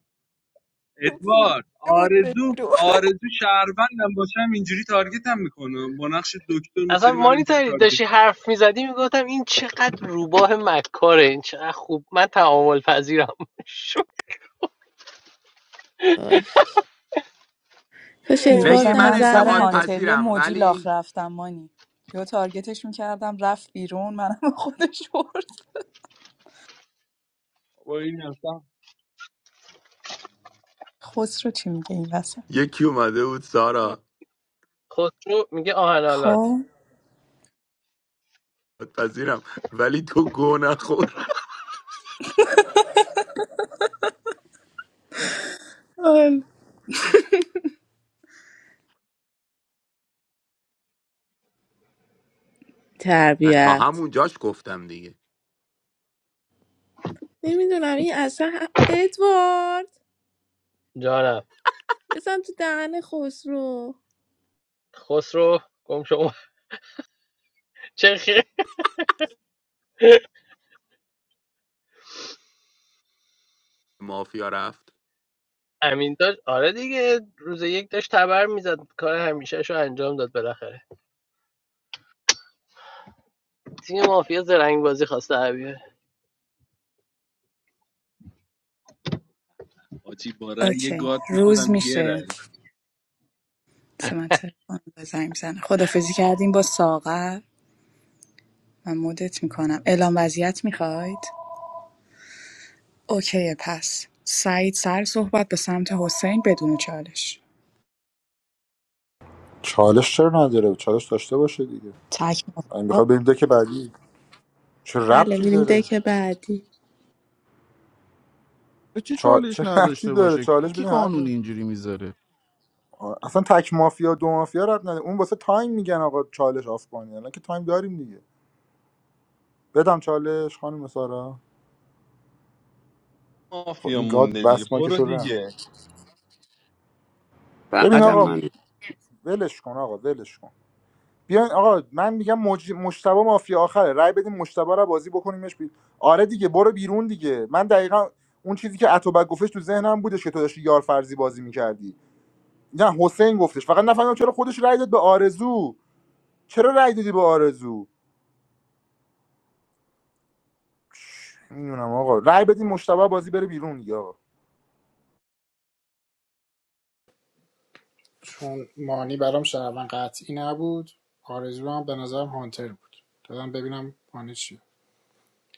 Speaker 3: تو
Speaker 14: ادوارد
Speaker 3: فروخته بود به
Speaker 14: آرزو
Speaker 3: نیرو
Speaker 14: آرزو شهروندم باشم اینجوری تارگتم میکنم با نقش دکتر
Speaker 8: اصلا
Speaker 14: نوسری من
Speaker 8: مانی
Speaker 14: اینجوری
Speaker 8: تاری
Speaker 14: تارگت
Speaker 8: داشتی
Speaker 14: میکنم
Speaker 8: حرف میزدی میگفتم این چقدر روباه مکاره این چقدر خوب من تعامل پذیرم شو.
Speaker 21: آش کاش ادوارد
Speaker 10: نگیر
Speaker 18: دیروزم
Speaker 10: من
Speaker 18: من
Speaker 21: نظر
Speaker 18: سر
Speaker 10: انتقاد
Speaker 21: نده
Speaker 18: هانتری
Speaker 10: پذیرم
Speaker 18: موجی لاخ
Speaker 10: ولی
Speaker 18: رفتم مانی یا تارگتش میکردم رفت بیرون منم با خودش برد
Speaker 14: با این اصلا
Speaker 18: خسرو چی میگه این وسط
Speaker 10: یکی اومده بود
Speaker 3: ما
Speaker 10: سارا
Speaker 8: خسرو میگه آهنالات
Speaker 18: خب
Speaker 10: پذیرم ولی تو گو نخور
Speaker 18: آل.
Speaker 10: تا
Speaker 21: تربیت
Speaker 10: همون جاش گفتم دیگه
Speaker 21: نمیدونم این اصلا هم- ادوارد
Speaker 8: جانم
Speaker 21: بزن تو دهن خسرو
Speaker 8: خسرو گم شما چه خیر
Speaker 10: مافیا رفت
Speaker 8: امین تاج آره دیگه روز یک داشت تبر میزد کار همیشه شو انجام داد بالاخره تیم مافیا زرنگ بازی خواسته در بیاره
Speaker 14: آجی با رأی
Speaker 18: اوکی
Speaker 14: گاد
Speaker 18: روز
Speaker 14: میشدم یه رأی
Speaker 18: میشه سمت تلفن بزنیم زنه خدافزی کردیم با ساغر من مدت میکنم اعلام وضعیت میخواید اوکی پس سعید سر صحبت به سمت حسین بدون چالش
Speaker 15: چالش چرا نداره چالش داشته باشه دیگه
Speaker 18: تک
Speaker 15: این
Speaker 18: مافیا
Speaker 15: میخواد بریم دک بعدی چه
Speaker 21: بله
Speaker 15: ربطی
Speaker 21: میریم
Speaker 15: داره
Speaker 21: دک بعدی
Speaker 7: چی
Speaker 15: چا...
Speaker 7: چالش
Speaker 15: چه ربطی
Speaker 7: نداشته
Speaker 15: داره
Speaker 7: باشه
Speaker 15: چالش
Speaker 7: کی
Speaker 15: بدین حرف
Speaker 7: قانون اینجوری میذاره
Speaker 15: آه، اصلا تک مافیا دو مافیا رد نده اون واسه تایم میگن آقا چالش آف کنی الان که تایم داریم دیگه بدم چالش خانم سارا خب
Speaker 14: مافیا
Speaker 15: این گاد
Speaker 14: مونده دیگه
Speaker 15: بس ما که
Speaker 14: برو
Speaker 15: شده
Speaker 14: دیگه
Speaker 15: ببین
Speaker 17: فقط هم
Speaker 15: آقا
Speaker 17: من
Speaker 15: ولش کن آقا ولش کن بیاین آقا من میگم مج... مشتبه مافیا آخره رای بدیم مشتبه رو بازی بکنیمش بی... آره دیگه برو بیرون دیگه من دقیقا اون چیزی که اتوبک گفتش تو ذهنم بودش که تو داشتی یار فرضی بازی میکردی نه حسین گفتش فقط نفهمیدم چرا خودش رای داد به آرزو چرا رای دادی به آرزو میدونم آقا رأی بدین مشتبه بازی بره بیرون دیگه آقا
Speaker 1: چون مانی برام شهروند قطعی نبود آرزو هم به نظرم هانتر بود دادم ببینم مانی چیه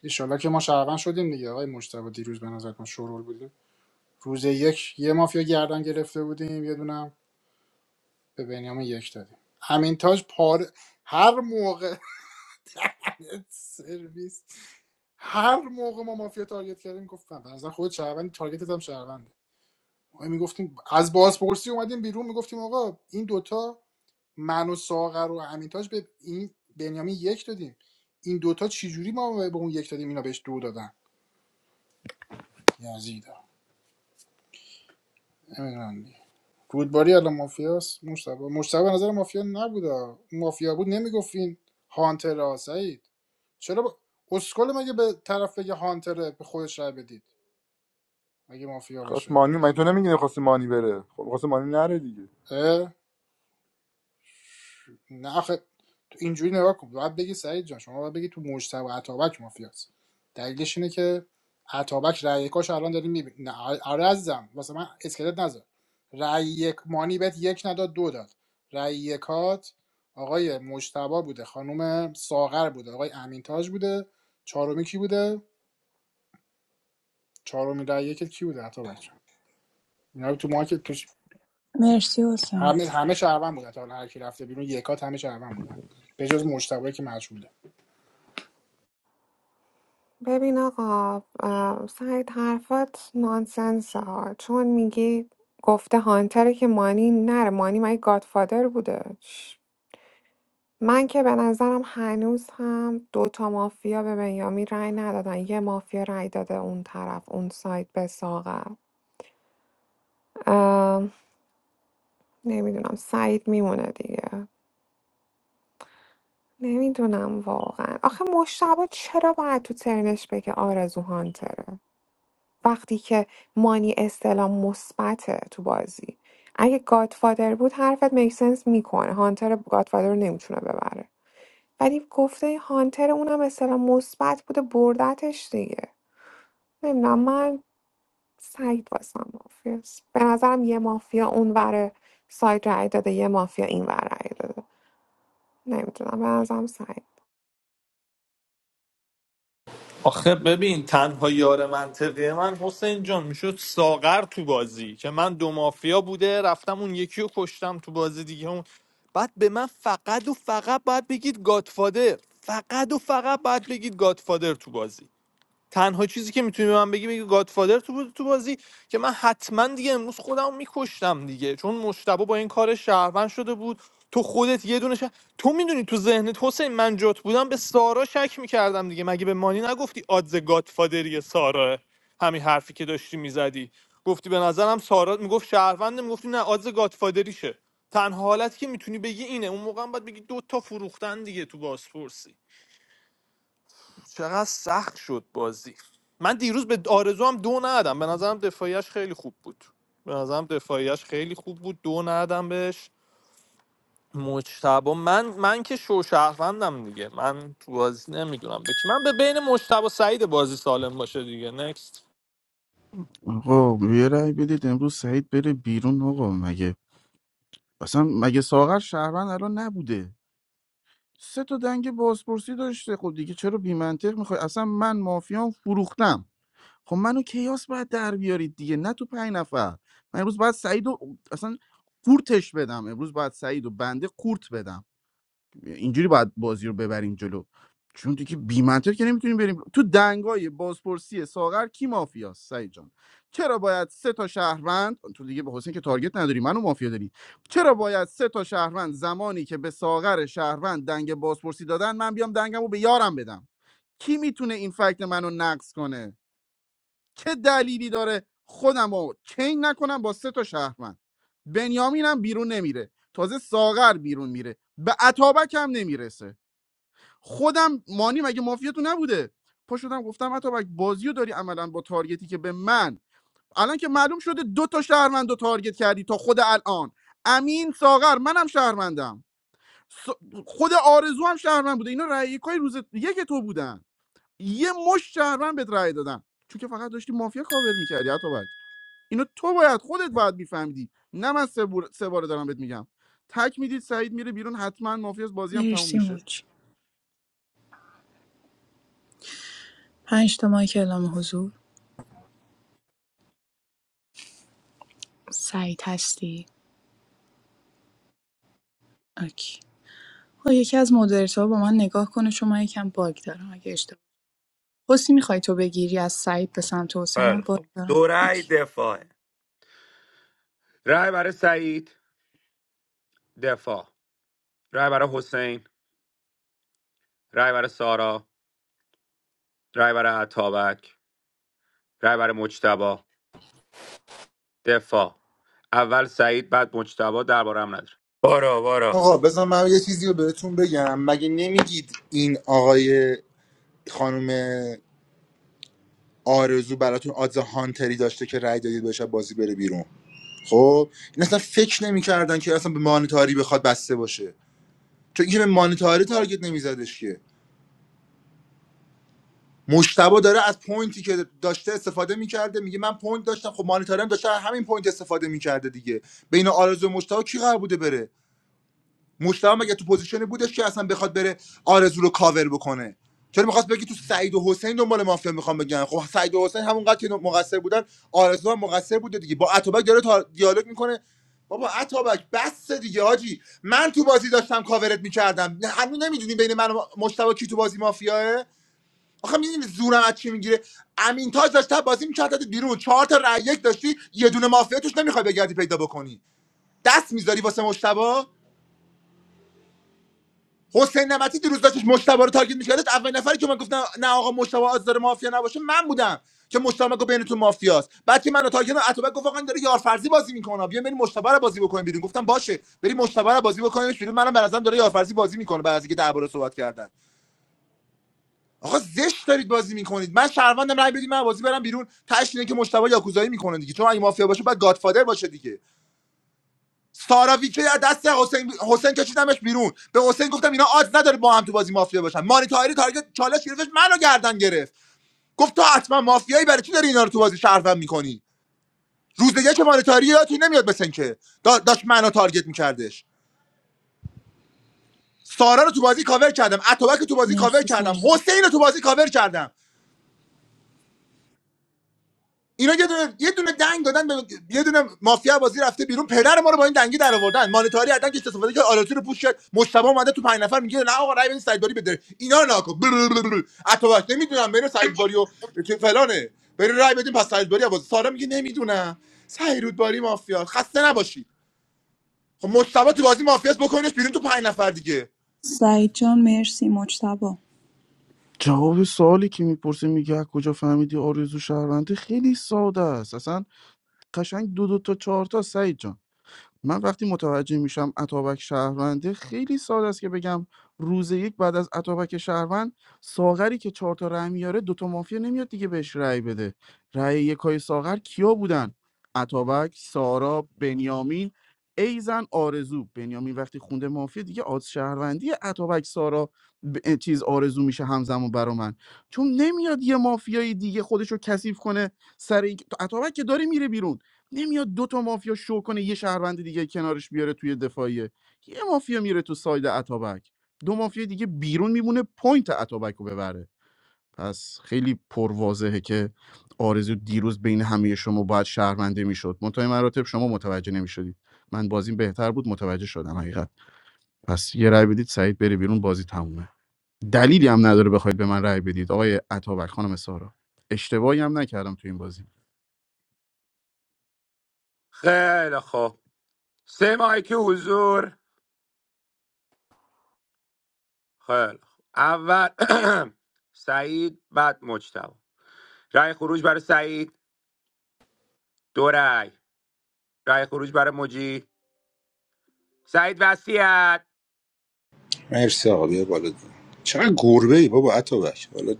Speaker 1: ایشالله که ما شهروند شدیم دیگه آقای مجتبی دیروز به نظر من شورول بودیم روز یک یه مافیا گردن گرفته بودیم یه دونم به بنیامین یک دادیم همین تاج پار هر موقع سرویس هر موقع ما مافیا تارگت کردیم گفتم به نظر خود شهروند تارگتت هم شهروند ما میگفتیم از بازپرسی اومدیم بیرون میگفتیم آقا این دوتا من و ساغر و امینتاج به این بنیامین یک دادیم این دوتا چجوری ما به اون یک دادیم اینا بهش دو دادن یزیدا نمیدونم دیگه. رودباری الان مافیاست مشتبه مشتبه به نظر مافیا نبود اون مافیا بود نمیگفت این هانتر سعید چرا با... اسکل مگه به طرف بگه هانتره به خودش رای بدید مگه مافیا
Speaker 15: خواست
Speaker 1: باشه
Speaker 15: مانی من تو نمیگی خواست مانی بره خب خواست مانی نره دیگه
Speaker 1: اه؟ نه آخه تو اینجوری نگاه کن باید بگی سعید جان شما باید بگی تو مجتبی و عطابک مافیاست دلیلش اینه که عطابک رأی یکاش الان داریم میبینی نه آره عزیزم واسه من اسکلت نذار رأی یک مانی بهت یک نداد دو داد رأی یکات آقای مجتبی بوده خانم ساغر بوده آقای امین تاج بوده چهارمی کی بوده چهارمی رأی یکت کی بوده عطابک جان اینا تو مارکت توش
Speaker 18: مرسی حسین
Speaker 1: همه همه شهروند بودن تا حالا هر کی رفته بیرون یکات همه شهروند بودن به جز مجتبی که مجهوله
Speaker 19: ببین آقا ام، سعید حرفات نانسنس ها چون میگی گفته هانتره که مانی نره مانی مگه گادفادر بوده من که به نظرم هنوز هم دوتا مافیا به بنیامین رأی ندادن یه مافیا رأی داده اون طرف اون سایت به ساغر نمیدونم سعید میمونه دیگه نمیدونم واقعا آخه مشتبه چرا باید تو ترنش بگه آرزو هانتره وقتی که مانی استلام مثبته تو بازی اگه گادفادر بود حرفت میکسنس میکنه هانتر گادفادر رو نمیتونه ببره ولی گفته هانتر اونم مثلا مثبت بوده بردتش دیگه نمیدونم من سعید واسم مافیاست به نظرم یه مافیا اون ور سایت رای داده یه مافیا این ور رای داده نمیدونم به نظرم سعید
Speaker 5: آخه ببین تنها یار منطقی من حسین جان میشد ساغر تو بازی که من دو مافیا بوده رفتم اون یکی رو کشتم تو بازی دیگه اون بعد به من فقط و فقط باید بگید گادفادر فقط و فقط باید بگید گادفادر تو بازی تنها چیزی که میتونی به من بگی میگه گادفادر تو بود تو بازی که من حتما دیگه امروز خودم میکشتم دیگه چون مشتبه با این کار شهروند شده بود تو خودت یه دونه شه- تو میدونی تو ذهنت حسین من جات بودم به سارا شک میکردم دیگه مگه به مانی نگفتی آدز گادفادری سارا همین حرفی که داشتی میزدی گفتی به نظرم سارا میگفت شهرونده میگفتی نه آدز گادفادریشه تنها حالتی که میتونی بگی اینه اون موقع هم باید بگی دو تا فروختن دیگه تو بازپرسی چقدر سخت شد بازی من دیروز به آرزو هم دو ندادم به نظرم دفاعیش خیلی خوب بود به نظرم دفاعیش خیلی خوب بود دو ندادم بهش مجتبا من من که شوشهروندم دیگه من تو بازی نمیدونم به کی من به بین مجتبا سعید بازی سالم باشه دیگه نکست
Speaker 7: آقا یه رأی بدید امروز سعید بره بیرون آقا مگه اصلا مگه ساغر شهروند الان نبوده سه تا دنگ بازپرسی داشته خب دیگه چرا بی منطق میخوای اصلا من مافیام فروختم خب منو کیاس باید در بیارید دیگه نه تو پنج نفر من امروز باید سعید رو اصلا قورتش بدم امروز باید سعید و بنده قورت بدم اینجوری باید بازی رو ببریم جلو چون دیگه بی منطق که نمیتونیم بریم تو دنگای بازپرسی ساغر کی مافیاست سعید جان چرا باید سه تا شهروند تو دیگه به حسین که تارگت نداری منو مافیا داری چرا باید سه تا شهروند زمانی که به ساغر شهروند دنگ بازپرسی دادن من بیام دنگمو به یارم بدم کی میتونه این فکت منو نقض کنه چه دلیلی داره خودم رو چین نکنم با سه تا شهروند بنیامینم بیرون نمیره تازه ساغر بیرون میره به اتابک هم نمیرسه خودم مانی مگه مافیا تو نبوده پا شدم گفتم اتابک بازی رو داری عملا با تارگتی که به من الان که معلوم شده دو تا شهروند رو تارگت کردی تا خود الان امین ساغر منم شهروندم س- خود آرزو هم شهروند بوده اینا رأی یکای روز یک تو بودن یه مش شهروند بهت رأی دادن چون که فقط داشتی مافیا کاور میکردی اتابک. اینو تو باید خودت باید میفهمیدی نه من سه, بور... سه باره دارم بهت میگم تک میدید سعید میره بیرون حتما مافیا از بازی هم تموم
Speaker 18: مرسی
Speaker 7: میشه
Speaker 18: موج پنج تا مایک اعلام حضور سعید هستی اوکی خب یکی از مدیرتورها با من نگاه کنه چون من یکم باگ دارم اگه اشتباه حسی میخوای تو بگیری از سعید به سمت حسین من
Speaker 10: خیلی
Speaker 18: باگ
Speaker 10: خب
Speaker 18: دارم
Speaker 10: دو رأی
Speaker 18: اوکی
Speaker 10: دفاعه رای برای سعید دفاع رای برای حسین رای برای سارا رای برای عطابک رای برای مجتبی دفاع اول سعید بعد مجتبی درباره هم نداره بارا بارا
Speaker 15: آقا بذار من یه چیزی رو بهتون بگم مگه نمیگید این آقای خانم آرزو براتون آدز هانتری داشته که رأی دادید بهش از بازی بره بیرون خب این اصلا فکر نمیکردن که اصلا به مانیتاری بخواد بسته باشه چون اینکه به مانیتاری تارگت نمیزدش که مشتبه داره از پوینتی که داشته استفاده میکرده میگه من پوینت داشتم خب مانیتارم داشته از همین پوینت استفاده میکرده دیگه بین آرزو و مشتبه کی قرار بوده بره مشتبه مگه تو پوزیشنی بودش که اصلا بخواد بره آرزو رو کاور بکنه چرا میخواست بگی تو سعید و حسین دنبال مافیا میخوام بگن خب سعید و حسین همونقدر که مقصر بودن آرزو هم مقصر بوده دیگه با اتابک داره تا دیالوگ میکنه بابا اتابک بس دیگه حاجی من تو بازی داشتم کاورت میکردم هنوز نمیدونی بین من و مشتبه کی تو بازی مافیاه آخه میدونی زورم از چی میگیره امین تاج داشته بازی میکرد بیرون چهار تا رای یک داشتی یه دونه مافیا توش نمیخوای بگردی پیدا بکنی دست میذاری واسه مشتبا حسین نمتی دیروز داشتش مشتبه رو تارگت میکردش اول نفری که من گفتم نه آقا مشتبه از داره مافیا نباشه من بودم که مشتبه گفت بینتون مافیاست بعد که منو تارگت عتوبک گفت آقا این داره یارفرزی بازی میکنه بیا بریم مشتبه رو بازی بکنیم بیرون گفتم باشه بریم مشتبا رو بازی بکنیم بیرون منم به نظرم داره یارفرزی بازی میکنه بعد از اینکه درباره صحبت کردن آقا زشت دارید بازی میکنید من شهروندم رای بدید من بازی برم بیرون تاش اینه که مشتبه یاکوزایی میکنه دیگه چون اگه مافیا باشه بعد گادفادر باشه دیگه سارا ویکی از دست حسین حسین کشیدمش بیرون به حسین گفتم اینا آز نداره با هم تو بازی مافیا باشن مانی تاهری تارگت چالش گرفتش منو گردن گرفت گفت تو حتما مافیایی برای چی داری اینا رو تو بازی شهروند میکنی روز دیگه که مانی تاهری یادتون نمیاد بسن که دا- داشت منو تارگت میکردش سارا رو تو بازی کاور کردم اتوبک رو تو بازی کاور
Speaker 18: مرسی
Speaker 15: کردم
Speaker 18: سعید
Speaker 15: حسین رو تو بازی کاور کردم اینا یه دونه یه دونه دنگ دادن به یه دونه مافیا بازی رفته بیرون پدر ما رو با این دنگی در آوردن مانیتاری حداقل که استفاده کرد آلاتی رو پوش کرد مجتبی اومده تو پنج نفر میگه نه آقا رای بدین سعید باری بده اینا رو نکن اتوبک نمیدونم بین سعید باری و که فلانه برین رای بدین پس سعید باری باز سارا میگه نمیدونم سعید باری مافیا خسته نباشید خب مجتبی تو بازی مافیاس بکنش بیرون تو پنج نفر دیگه
Speaker 18: سعید جان مرسی مجتبا
Speaker 7: جواب سوالی که میپرسه میگه از کجا فهمیدی آرزو شهرونده خیلی ساده است اصلا قشنگ دو دو تا چهار تا سعید جان من وقتی متوجه میشم اتابک شهرونده خیلی ساده است که بگم روز یک بعد از اتابک شهروند ساغری که چهار تا رأی میاره دوتا مافیا نمیاد دیگه بهش رأی بده رأی یکای ساغر کیا بودن اتابک سارا بنیامین ایزن آرزو بنیامین وقتی خونده مافیا دیگه آز شهروندی اتابک سارا ب... چیز آرزو میشه همزمان برا من چون نمیاد یه مافیای دیگه خودشو کثیف کنه سر این که- اتابک که داره میره بیرون نمیاد دو تا مافیا شو کنه یه شهروند دیگه کنارش بیاره توی دفاعیه یه مافیا میره تو ساید اتابک دو مافیا دیگه بیرون میمونه پوینت اتابک رو ببره پس خیلی پرواضحه که آرزو دیروز بین همه شما باید شهرونده میشد منتهای مراتب شما متوجه نمیشدید من بازیم بهتر بود متوجه شدم حقیقت پس یه رأی بدید سعید بره بیرون بازی تمومه دلیلی هم نداره بخواید به من رأی بدید آقای عطابک خانم سارا اشتباهی هم نکردم تو این بازی
Speaker 10: خیلی خوب سه ماهی که حضور خیلی خوب اول سعید بعد مجتبی. رای خروج برای سعید دو رای رای خروج برای مجی سعید وصیت
Speaker 15: مرسی آقا بیا بالا دیگه. چقدر گربه ای بابا عطا بک حالا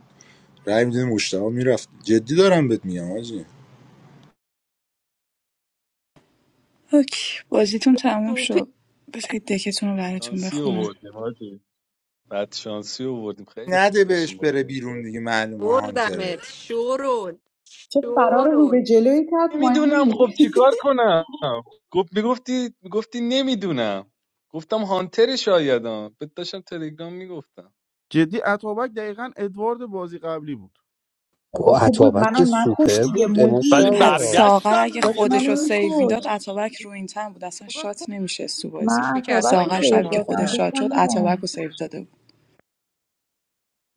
Speaker 15: رای میدونی مشتاق میرفت جدی دارم بهت میگم حاجی.
Speaker 18: اوکی بازیتون تموم
Speaker 3: سوپ
Speaker 18: شد بذارید دکتون رو براتون
Speaker 14: شانسی
Speaker 18: بخونم
Speaker 14: آوردیم حاجی بعد شانسی آوردیم خیلی خوب
Speaker 15: نده بهش
Speaker 14: داشتیم بازی
Speaker 15: بره بیرون
Speaker 14: می‌کردیم
Speaker 15: دیگه معلومه هانتره
Speaker 3: بردمت شورون
Speaker 2: فرار رو به
Speaker 3: شورون
Speaker 2: جلوی کرد
Speaker 14: نمیدونم خب
Speaker 2: مانی
Speaker 14: چیکار کنم گفت میگفتی میگفتی نمیدونم گفتم هانتر شایدم بهت داشتم تلگرام میگفتم
Speaker 7: جدی عطابک دقیقا ادوارد بازی قبلی بود
Speaker 2: بابا
Speaker 17: با
Speaker 2: خوب بود
Speaker 17: اتابک که
Speaker 2: منو نکش
Speaker 17: سوپر
Speaker 2: دیگه
Speaker 17: بود
Speaker 2: مدی
Speaker 5: ولی
Speaker 18: بعد
Speaker 17: مشتبا
Speaker 18: ساغر
Speaker 5: برگشتم
Speaker 18: اگه
Speaker 2: داشت
Speaker 5: دیگه
Speaker 18: خودش
Speaker 2: منو
Speaker 18: رو
Speaker 5: داداش
Speaker 18: سیو
Speaker 2: میکش
Speaker 18: میداد اتابک رو این تن بود اصلا
Speaker 3: بابا
Speaker 18: شات
Speaker 3: کت
Speaker 18: نمیشست تو بازی
Speaker 3: پوش
Speaker 2: من
Speaker 3: میکرد
Speaker 2: اصابت
Speaker 3: با
Speaker 2: رو
Speaker 3: این
Speaker 18: ساغر
Speaker 3: دوتا
Speaker 18: شبی
Speaker 2: شیر
Speaker 18: که
Speaker 2: دادم
Speaker 18: خودش
Speaker 3: مافیا
Speaker 18: شات
Speaker 2: گفتم
Speaker 18: شد اتابک
Speaker 2: میزنم
Speaker 18: رو سیو داده بود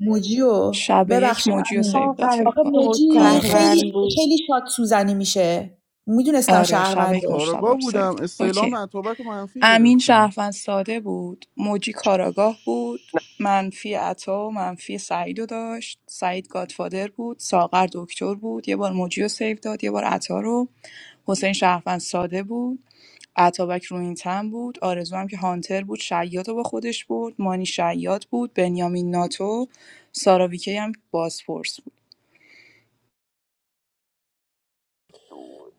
Speaker 2: موجیو
Speaker 18: شب یک
Speaker 2: ببخشید
Speaker 20: بعد
Speaker 18: موجی رو
Speaker 2: امیر
Speaker 18: سیو داد
Speaker 20: چقدر
Speaker 18: فکر
Speaker 2: آخه
Speaker 18: کنم
Speaker 20: تو
Speaker 2: موجی
Speaker 18: کاراگاه رو سیو
Speaker 20: شهرون
Speaker 2: خیلی
Speaker 20: بود
Speaker 2: خیلی شاد سوزنی میشه میدونستم
Speaker 18: آره شب یک
Speaker 2: شهرونده
Speaker 18: مجتبی
Speaker 7: کاراگاه
Speaker 18: رو سیو
Speaker 7: بودم
Speaker 18: داد اوکی
Speaker 7: استعلام اتابک و منفی
Speaker 18: امین
Speaker 7: گرفتم
Speaker 18: شهروند ساده بود موجی کاراگاه بود منفی عطا و منفی سعید رو داشت سعید گادفادر بود ساغر دکتر بود یه بار موجی رو سیو داد یه بار عطا رو حسین شهروند ساده بود عطابک روینتن بود آرزو هم که هانتر بود شیاد رو با خودش بود مانی شیاد بود بنیامین ناتو سارا ویکی هم بازپرس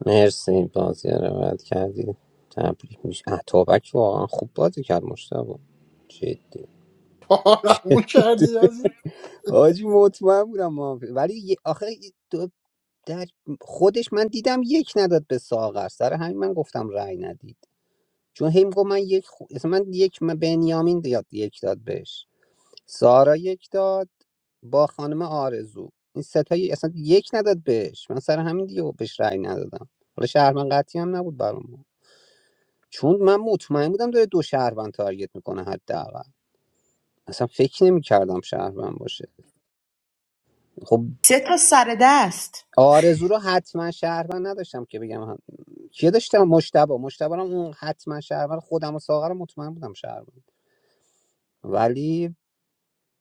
Speaker 17: مرسی بازی رو روایت کردی تبریک میشه اتابک واقعا خوب بازی کرد مشتبا جدی
Speaker 1: پارمون کردی یزید
Speaker 17: آجی مطمئن بودم ما ولی یه- آخه یه دو در خودش من دیدم یک نداد به ساغر سر همین من گفتم رأی ندید چون هی گفت من یک خو... اصلا من یک من بنیامین یاد یک داد بهش سارا یک داد با خانم آرزو این ستایی اصلا یک نداد بهش من سر همین دیگه بهش رأی ندادم حالا شهروند قطعی هم نبود برام چون من مطمئن بودم داره دو شهروند تارگت میکنه حداقل اصلا فکر نمیکردم شهروند باشه خب
Speaker 2: سه تا سر دست
Speaker 17: آرزو رو حتما شهروند نداشتم که بگم هم کیه داشتم مشتبه مشتبه رو هم اون حتما شهروند خودم و ساغر رو مطمئن بودم شهروند ولی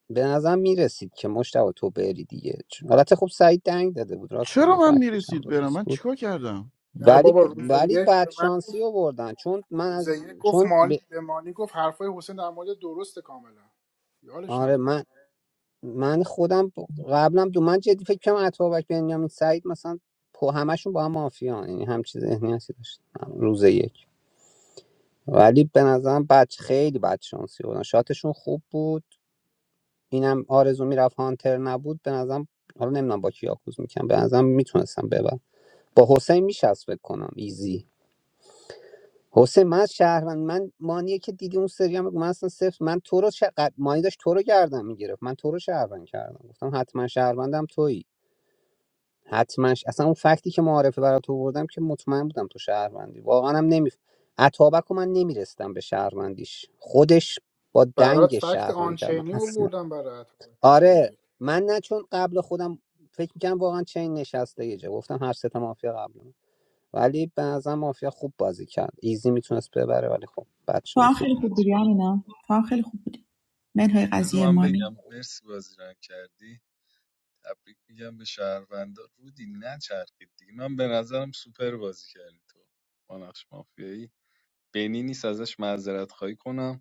Speaker 17: به نظر میرسید که مشتبه تو بری دیگه چون البته خب سعید دنگ داده بود راست
Speaker 7: چرا
Speaker 17: می
Speaker 7: من
Speaker 17: فکتش هم
Speaker 7: میرسید برم
Speaker 17: درست
Speaker 7: من
Speaker 17: بود
Speaker 7: چیکار کردم
Speaker 1: نه
Speaker 17: ولی
Speaker 1: بابا روز
Speaker 17: ولی
Speaker 1: یک
Speaker 17: بعد
Speaker 1: به من
Speaker 17: شانسی آوردن چون من
Speaker 1: روز
Speaker 17: از
Speaker 1: یک گفت
Speaker 17: چون
Speaker 1: مال
Speaker 17: به
Speaker 1: به مانی گفت حرفای حسین در مورد درست کاملا یادش
Speaker 17: آره
Speaker 1: نبود
Speaker 17: من من خودم قبلا دو من جدی فکر کنم اتابک بنیامین سعید مثلا پو همشون با هم مافیان یعنی همچین ذهنیتی داشت روز یک ولی به نظرم بعد خیلی بد شانسی بودن شاتشون خوب بود اینم آرزو میرفت هانتر نبود به نظرم حالا نمیدونم با کی یاکوز میکنم به نظرم میتونستم ببرم با حسین میشست فکر کنم ایزی حسین من از شهروند من مانیه که دیدی اون سری هم من اصلا صفر من تو رو چه- مانی داشت تو رو گردم میگرفت من تو رو شهروند کردم گفتم حتما شهروندم تویی حتما ش- اصلا اون فکتی که معارفه برات تو بردم که مطمئن بودم تو شهروندی واقعا هم نمی عطابک و من نمیرستم به شهروندیش خودش با
Speaker 1: برات
Speaker 17: دنگ
Speaker 1: فکت
Speaker 17: شهروند کرد من
Speaker 1: آنچینی
Speaker 17: اصلا
Speaker 1: آوردم برات روز
Speaker 17: آره
Speaker 1: یک
Speaker 17: من نه چون قبل خودم فکر میکنم واقعا چین نشسته یه جا گفتم هر سه تا مافیا قبل ولی به نظر مافیا خوب بازی کرد ایزی میتونست ببره ولی خب بعد
Speaker 2: تو هم
Speaker 17: شانسی
Speaker 2: خیلی
Speaker 17: بود
Speaker 2: خوب
Speaker 14: بعد
Speaker 2: بودی
Speaker 14: شانس
Speaker 2: امینا تو هم خیلی خوب بودی منهای
Speaker 14: آوردیم بذار
Speaker 2: قضیه
Speaker 14: من
Speaker 2: مانی
Speaker 14: بگم مرسی بازی رنگ کردی تبریک میگم به شهروندا رودی نچرخید دیگه من به نظرم سوپر بازی کردی تو با نقش مافیایی بینی نیست ازش معذرت خواهی کنم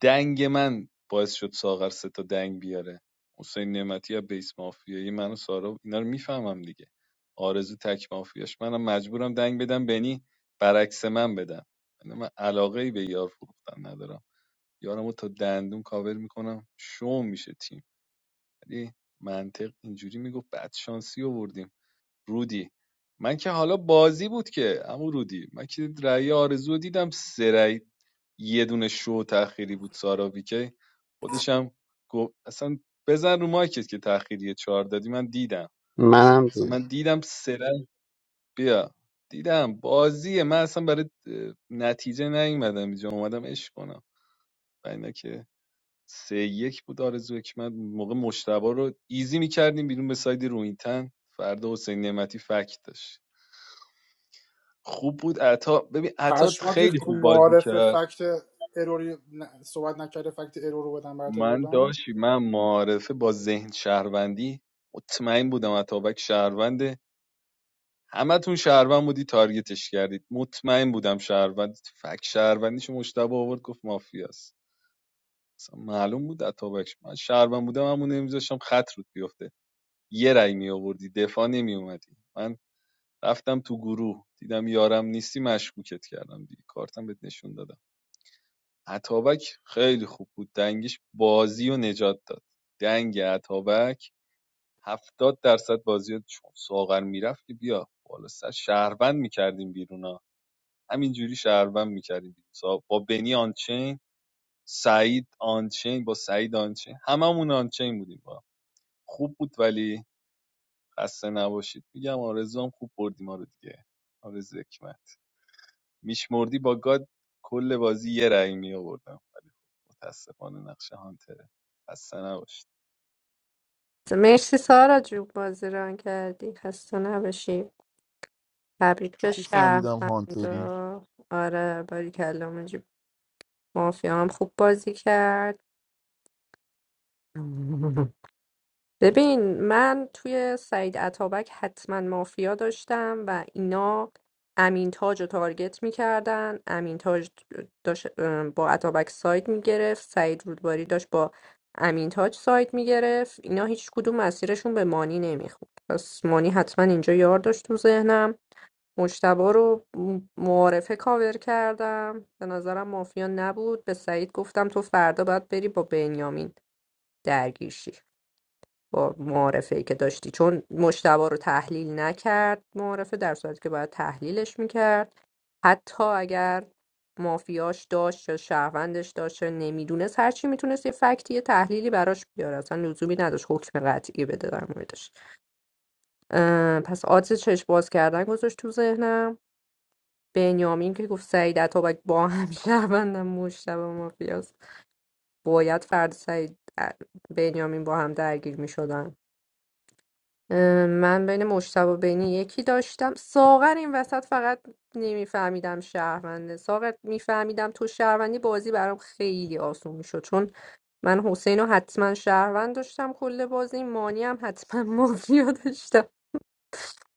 Speaker 14: دنگ من باعث شد ساغر سه تا دنگ بیاره حسین نعمتی از بیس مافیایی من و سارا اینا رو میفهمم دیگه آرزو تک مافیاش منم مجبورم دنگ بدم بنی برعکس من بدم یعنی من علاقه به یار فروختن ندارم یارمو تا دندون کاور میکنم شوم میشه تیم ولی منطق اینجوری میگفت بعد شانسی آوردیم رودی من که حالا بازی بود که عمو رودی من که رأی آرزو دیدم سه رأی یه دونه شو تأخیری بود سارا ویکی خودشم گفت اصلا بزن رو مایکت که تأخیری چهار دادی من دیدم
Speaker 17: منم
Speaker 14: اصلا من
Speaker 17: دیدم
Speaker 14: دیدم سه رأی بیا دیدم بازیه من اصلا برای اه، نتیجه نیومدم اینجا اومدم عشق کنم و اینا که سه یک بود آرزو که من موقع مشتبه رو ایزی میکردیم بیرون به ساید روینتن فردا حسین نعمتی فکت داشت خوب بود عطا ببین عطا
Speaker 1: پشمات
Speaker 14: خیلی
Speaker 1: ریخت تو
Speaker 14: خوب بازی
Speaker 1: معارف
Speaker 14: کرد
Speaker 1: فکت اروری نه، صحبت نکرده فکت ارور رو بدم برات
Speaker 14: من
Speaker 1: آوردم
Speaker 14: داشتی من معارفه با ذهن شهروندی مطمئن بودم عطابک شهرونده همتون شهروند بودی تارگتش کردید مطمئن بودم شهروند فک شهروندیش مشتبه آورد گفت مافیاست اصلا معلوم بود عطابکش من شهروند بودم همون نمیذاشتم خط رود بیفته یه رأی می آوردی دفاع نمی اومدی من رفتم تو گروه دیدم یارم نیستی مشکوکت کردم دیگه کارتم بهت نشون دادم اتابک خیلی خوب بود دنگش بازی و نجات داد دنگ اتابک هفتاد درصد بازی رو چون ساغر میرفت که بیا بالا سر شهروند میکردیم بیرون ها همینجوری شهروند میکردیم بیرون با بنی آنچین سعید آنچین با سعید آنچین هممون آنچین بودیم با خوب بود ولی خسته نباشید میگم آرزو هم خوب بردیم ما رو دیگه آرزو حکمت میشمردی با گاد کل بازی یه رأی میآوردم متاسفانه نقش هانتره خسته نباشید
Speaker 3: مرسی سارا جون بازی ران کردی خسته نباشی تبریک
Speaker 7: چه
Speaker 3: به
Speaker 7: خوب فهمیدم هانتری
Speaker 3: شهروندا آره باری کلام مافیا هم خوب بازی کرد ببین من توی سعید اتابک حتما مافیا داشتم و اینا امین تاج رو تارگت میکردن امین تاج داشت اه، با اتابک ساید میگرفت سعید رودباری داشت با امین تاج ساید میگرفت اینا هیچ کدوم مسیرشون به مانی نمیخورد پس مانی حتما اینجا یار داشت تو ذهنم مجتبا رو م- معارفه کاور کردم به نظرم مافیا نبود به سعید گفتم تو فردا باید بری با بنیامین درگیر شی با معارفه ای که داشتی چون مشتبه رو تحلیل نکرد معارفه در صورتی که باید تحلیلش میکرد حتی اگر مافیاش داشت یا شهروندش داشت نمیدونست هرچی میتونست یه فکتی یه تحلیلی براش بیاره اصلا لزومی نداشت حکم قطعی بده در موردش اه، پس آدز چشم باز کردن گذاشت تو ذهنم بنیامین که گفت سعید اتابک با هم شهروندم مشتبه مافیاست باید فرد سعید بنیامین با هم درگیر میشدن اه، من بین مشتبه و بینی یکی داشتم ساغر این وسط فقط نمیفهمیدم شهرونده ساغر میفهمیدم تو شهروندی بازی برام خیلی آسون میشد چون من حسین رو حتما شهروند داشتم کل بازی مانی هم حتما مافیا داشتم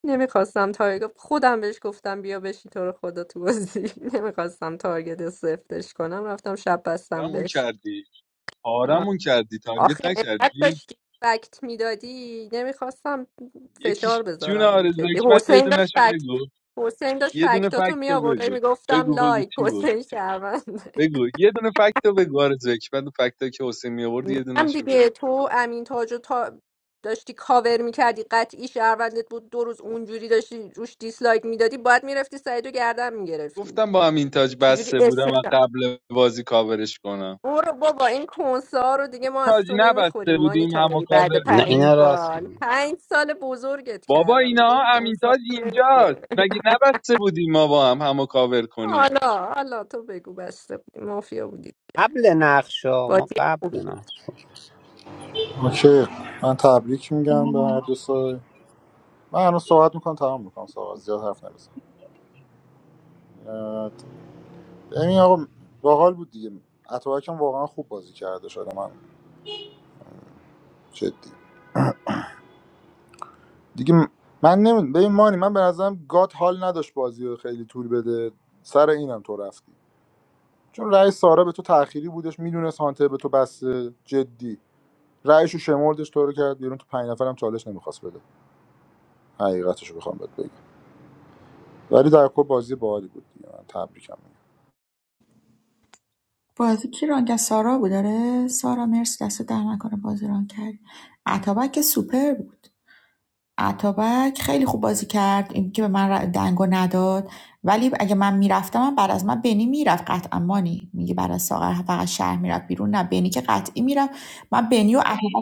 Speaker 3: نمیخواستم تارگت خودم بهش گفتم بیا بشی تو رو خدا تو بازی نمیخواستم تارگت سفتش کنم رفتم شب بستم
Speaker 14: پارمون
Speaker 3: بهش
Speaker 14: کردی پارمون کردی
Speaker 3: آخه
Speaker 14: تارگت
Speaker 3: انقدر
Speaker 14: نکردی
Speaker 3: داشتی فکت میدادی نمیخواستم فشار
Speaker 14: یکیش جون
Speaker 3: بذارم رو
Speaker 14: آرزو
Speaker 3: جدی
Speaker 14: حکمت یه
Speaker 3: حسین داشت
Speaker 14: دونهشو
Speaker 3: فکت
Speaker 14: بگو
Speaker 3: حسین داشت
Speaker 14: یه دونه
Speaker 3: فکتاتو می
Speaker 14: فکتو
Speaker 3: آورده
Speaker 14: بگو
Speaker 3: میگفتم
Speaker 14: بگو بگو
Speaker 3: لایک
Speaker 14: چی بود
Speaker 3: حسین شهرونده
Speaker 14: بگو یه دونه فکتو بگو آرزو حکمت فکتو که حسین می آورد یه
Speaker 3: هم
Speaker 14: دونهشو
Speaker 3: دیگه
Speaker 14: بگو
Speaker 3: تو امین تاج رو تا داشتی کاور میکردی قطعی شهروندت بود دو روز اونجوری داشتی روش دیسلایک میدادی باید میرفتی سعید رو گردن میگرفتی
Speaker 14: گفتم با همین تاج
Speaker 3: چجوری
Speaker 14: بسته بودم و
Speaker 3: اسمش
Speaker 14: قبل بازی کاورش کنم
Speaker 3: برو بابا این کنسا رو دیگه ما از
Speaker 14: تاج
Speaker 3: تو
Speaker 14: نبسته
Speaker 3: نمیخوریم مانی
Speaker 14: بودیم همو
Speaker 3: تایری بعد
Speaker 14: کاور
Speaker 17: نه
Speaker 3: پنج
Speaker 17: اینا
Speaker 14: کنیم
Speaker 17: راست
Speaker 3: سال
Speaker 17: میگن.
Speaker 3: پنج سال بزرگت
Speaker 14: بابا
Speaker 3: کردم
Speaker 14: اینا
Speaker 3: دیگه این کنسا
Speaker 14: امینتاج
Speaker 3: رو
Speaker 14: اینجاست
Speaker 3: نمیخوریم
Speaker 14: مگه نبسته بودیم ما با هم همو کاور کنیم
Speaker 3: حالا حالا تو بگو بسته بودی مافیا بودی
Speaker 17: قبل نقشا ما
Speaker 3: بازی
Speaker 17: قبل
Speaker 3: خوبی بود.
Speaker 17: نقش
Speaker 15: اوکی من تبریک میگم به هر دو سایه من الان صحبت میکنم تمام میکنم صحبت زیاد حرف نمیزنم ببین آقا باحال بود دیگه اتوبک هم واقعا خوب بازی کرده شده من جدی دیگه م- من نمیدونم ببین مانی من به نظرم گات حال نداشت بازی رو خیلی طول بده سر اینم تو رفتی چون رأی سارا به تو تأخیری بودش میدونست هانتر به تو بسته جدی رأیشو شمردش تو رو کرد بیرون تو پنج نفرم چالش نمیخواست بده حقیقتشو بخوام بهت بگم ولی در کل بازی باحالی بود دیگه من تبریکم میگم
Speaker 2: بازی کی ران کرد سارا بود داره سارا مرسی دست در نکنه بازی ران کرد عطابک که سوپر بود عطابک خیلی خوب بازی کرد این که به من ر- دنگو نداد ولی اگه من میرفتم من بعد از من بنی میرفت قطعا مانی میگه بعد از ساغر فقط شهر میرفت بیرون نه بنی که قطعی میرفت من بنی و عطابک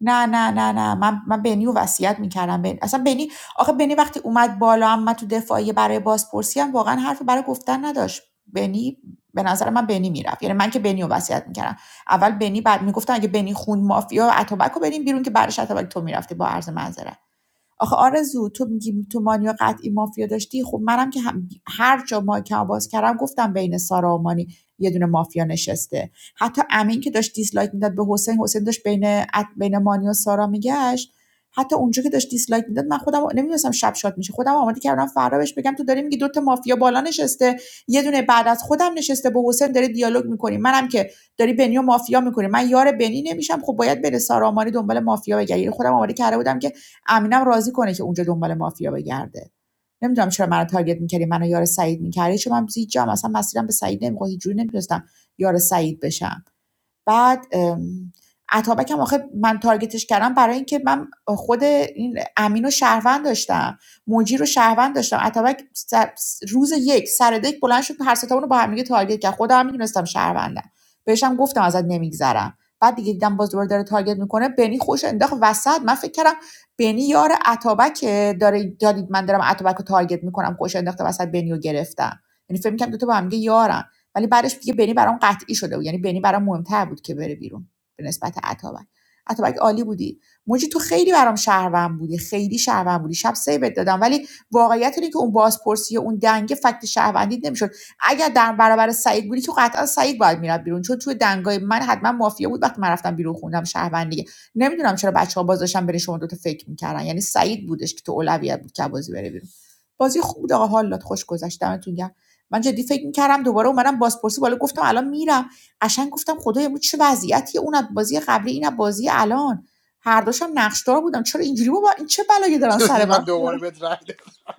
Speaker 2: نه نه نه نه من من بنیو رو وصیت میکردم بنی اصلا بنی آخه بنی وقتی اومد بالا هم من تو دفاعی برای بازپرسی هم واقعا حرفی برای گفتن نداشت بنی به نظر من بنی میرفت یعنی من که بنیو رو وصیت میکردم اول بنی بعد میگفتن اگه بنی خون مافیا اتوبک رو بریم بیرون که بعدش اتوبک تو میرفتی با عرض معذرت آخه آرزو تو میگی تو مانیا قطعی مافیا داشتی خب منم که هر جا مایکمو باز کردم گفتم بین سارا و مانی یه دونه مافیا نشسته حتی امین که داشت دیسلایک میداد به حسین حسین داشت بین بین مانی و سارا میگشت حتی اونجا که داشت دیسلایک میداد من خودم نمیدونستم شب شاد میشه خودم آماده کردم فردا بهش بگم تو داری میگی دوتا مافیا بالا نشسته یه دونه بعد از خودم نشسته با حسین داری دیالوگ میکنی منم که داری بنی مافیا میکنی من یار بنی نمیشم خب باید بره سارا مانی دنبال مافیا بگردی یعنی خودم آماده کرده بودم امینم راضی کنه که اونجا دنبال مافیا بگرده نمیدونم چرا منو تارگت میکردی منو یار سعید میکردی چون من هیچ جام مثلا مسیرم به سعید نمیخورد هیچ جوری نمیتونستم یار سعید بشم بعد اتابک هم آخه من تارگتش کردم برای اینکه من خود این امین رو شهروند داشتم موجی رو شهروند داشتم اتابک روز یک سر دک بلند شد هر ستامون رو با هم دیگه تارگت کرد خودم هم میدونستم شهروندم بهشم گفتم ازت نمیگذرم بعد دیگه دیدم باز دوباره داره تارگت میکنه بنی خوش انداخت وسط من فکر کردم بنی یار اتابک داره دارید من دارم اتابک رو تارگت میکنم خوش انداخته وسط بنی رو گرفتم یعنی فکر میکنم دو تا با هم دیگه یارن. ولی بعدش دیگه بنی برام قطعی شده بود یعنی بنی برام مهمتر بود که بره بیرون به نسبت عطابک عطابک عالی بودی موجی تو خیلی برام شهروند بودی خیلی شهروند بودی شب سیبت دادم ولی واقعیت اینه که اون بازپرسی اون دنگه فکت شهروندی نمیشد اگر در برابر سعید بودی که قطعا سعید باید میرفت بیرون چون توی دنگای من حتما مافیا بود وقتی من رفتم بیرون خوندم شهروندی نمیدونم چرا بچه‌ها باز داشتن بین شما دوتا فکر میکردن یعنی سعید بودش که تو اولویت بود که بازی بره بیرون بازی خوب بود آقا حال داد خوش گذشت دمتون گرم من جدی فکر میکردم دوباره اومدم بازپرسی بالا گفتم الان میرم قشنگ گفتم خدای بود چه وضعیتی اون از بازی قبلی این از بازی الان هر دوشم نقشدار بودم چرا اینجوری بابا این چه بلایی دارن
Speaker 1: چیزی
Speaker 2: سر من
Speaker 1: من دوباره
Speaker 2: میارن؟
Speaker 1: بهت رای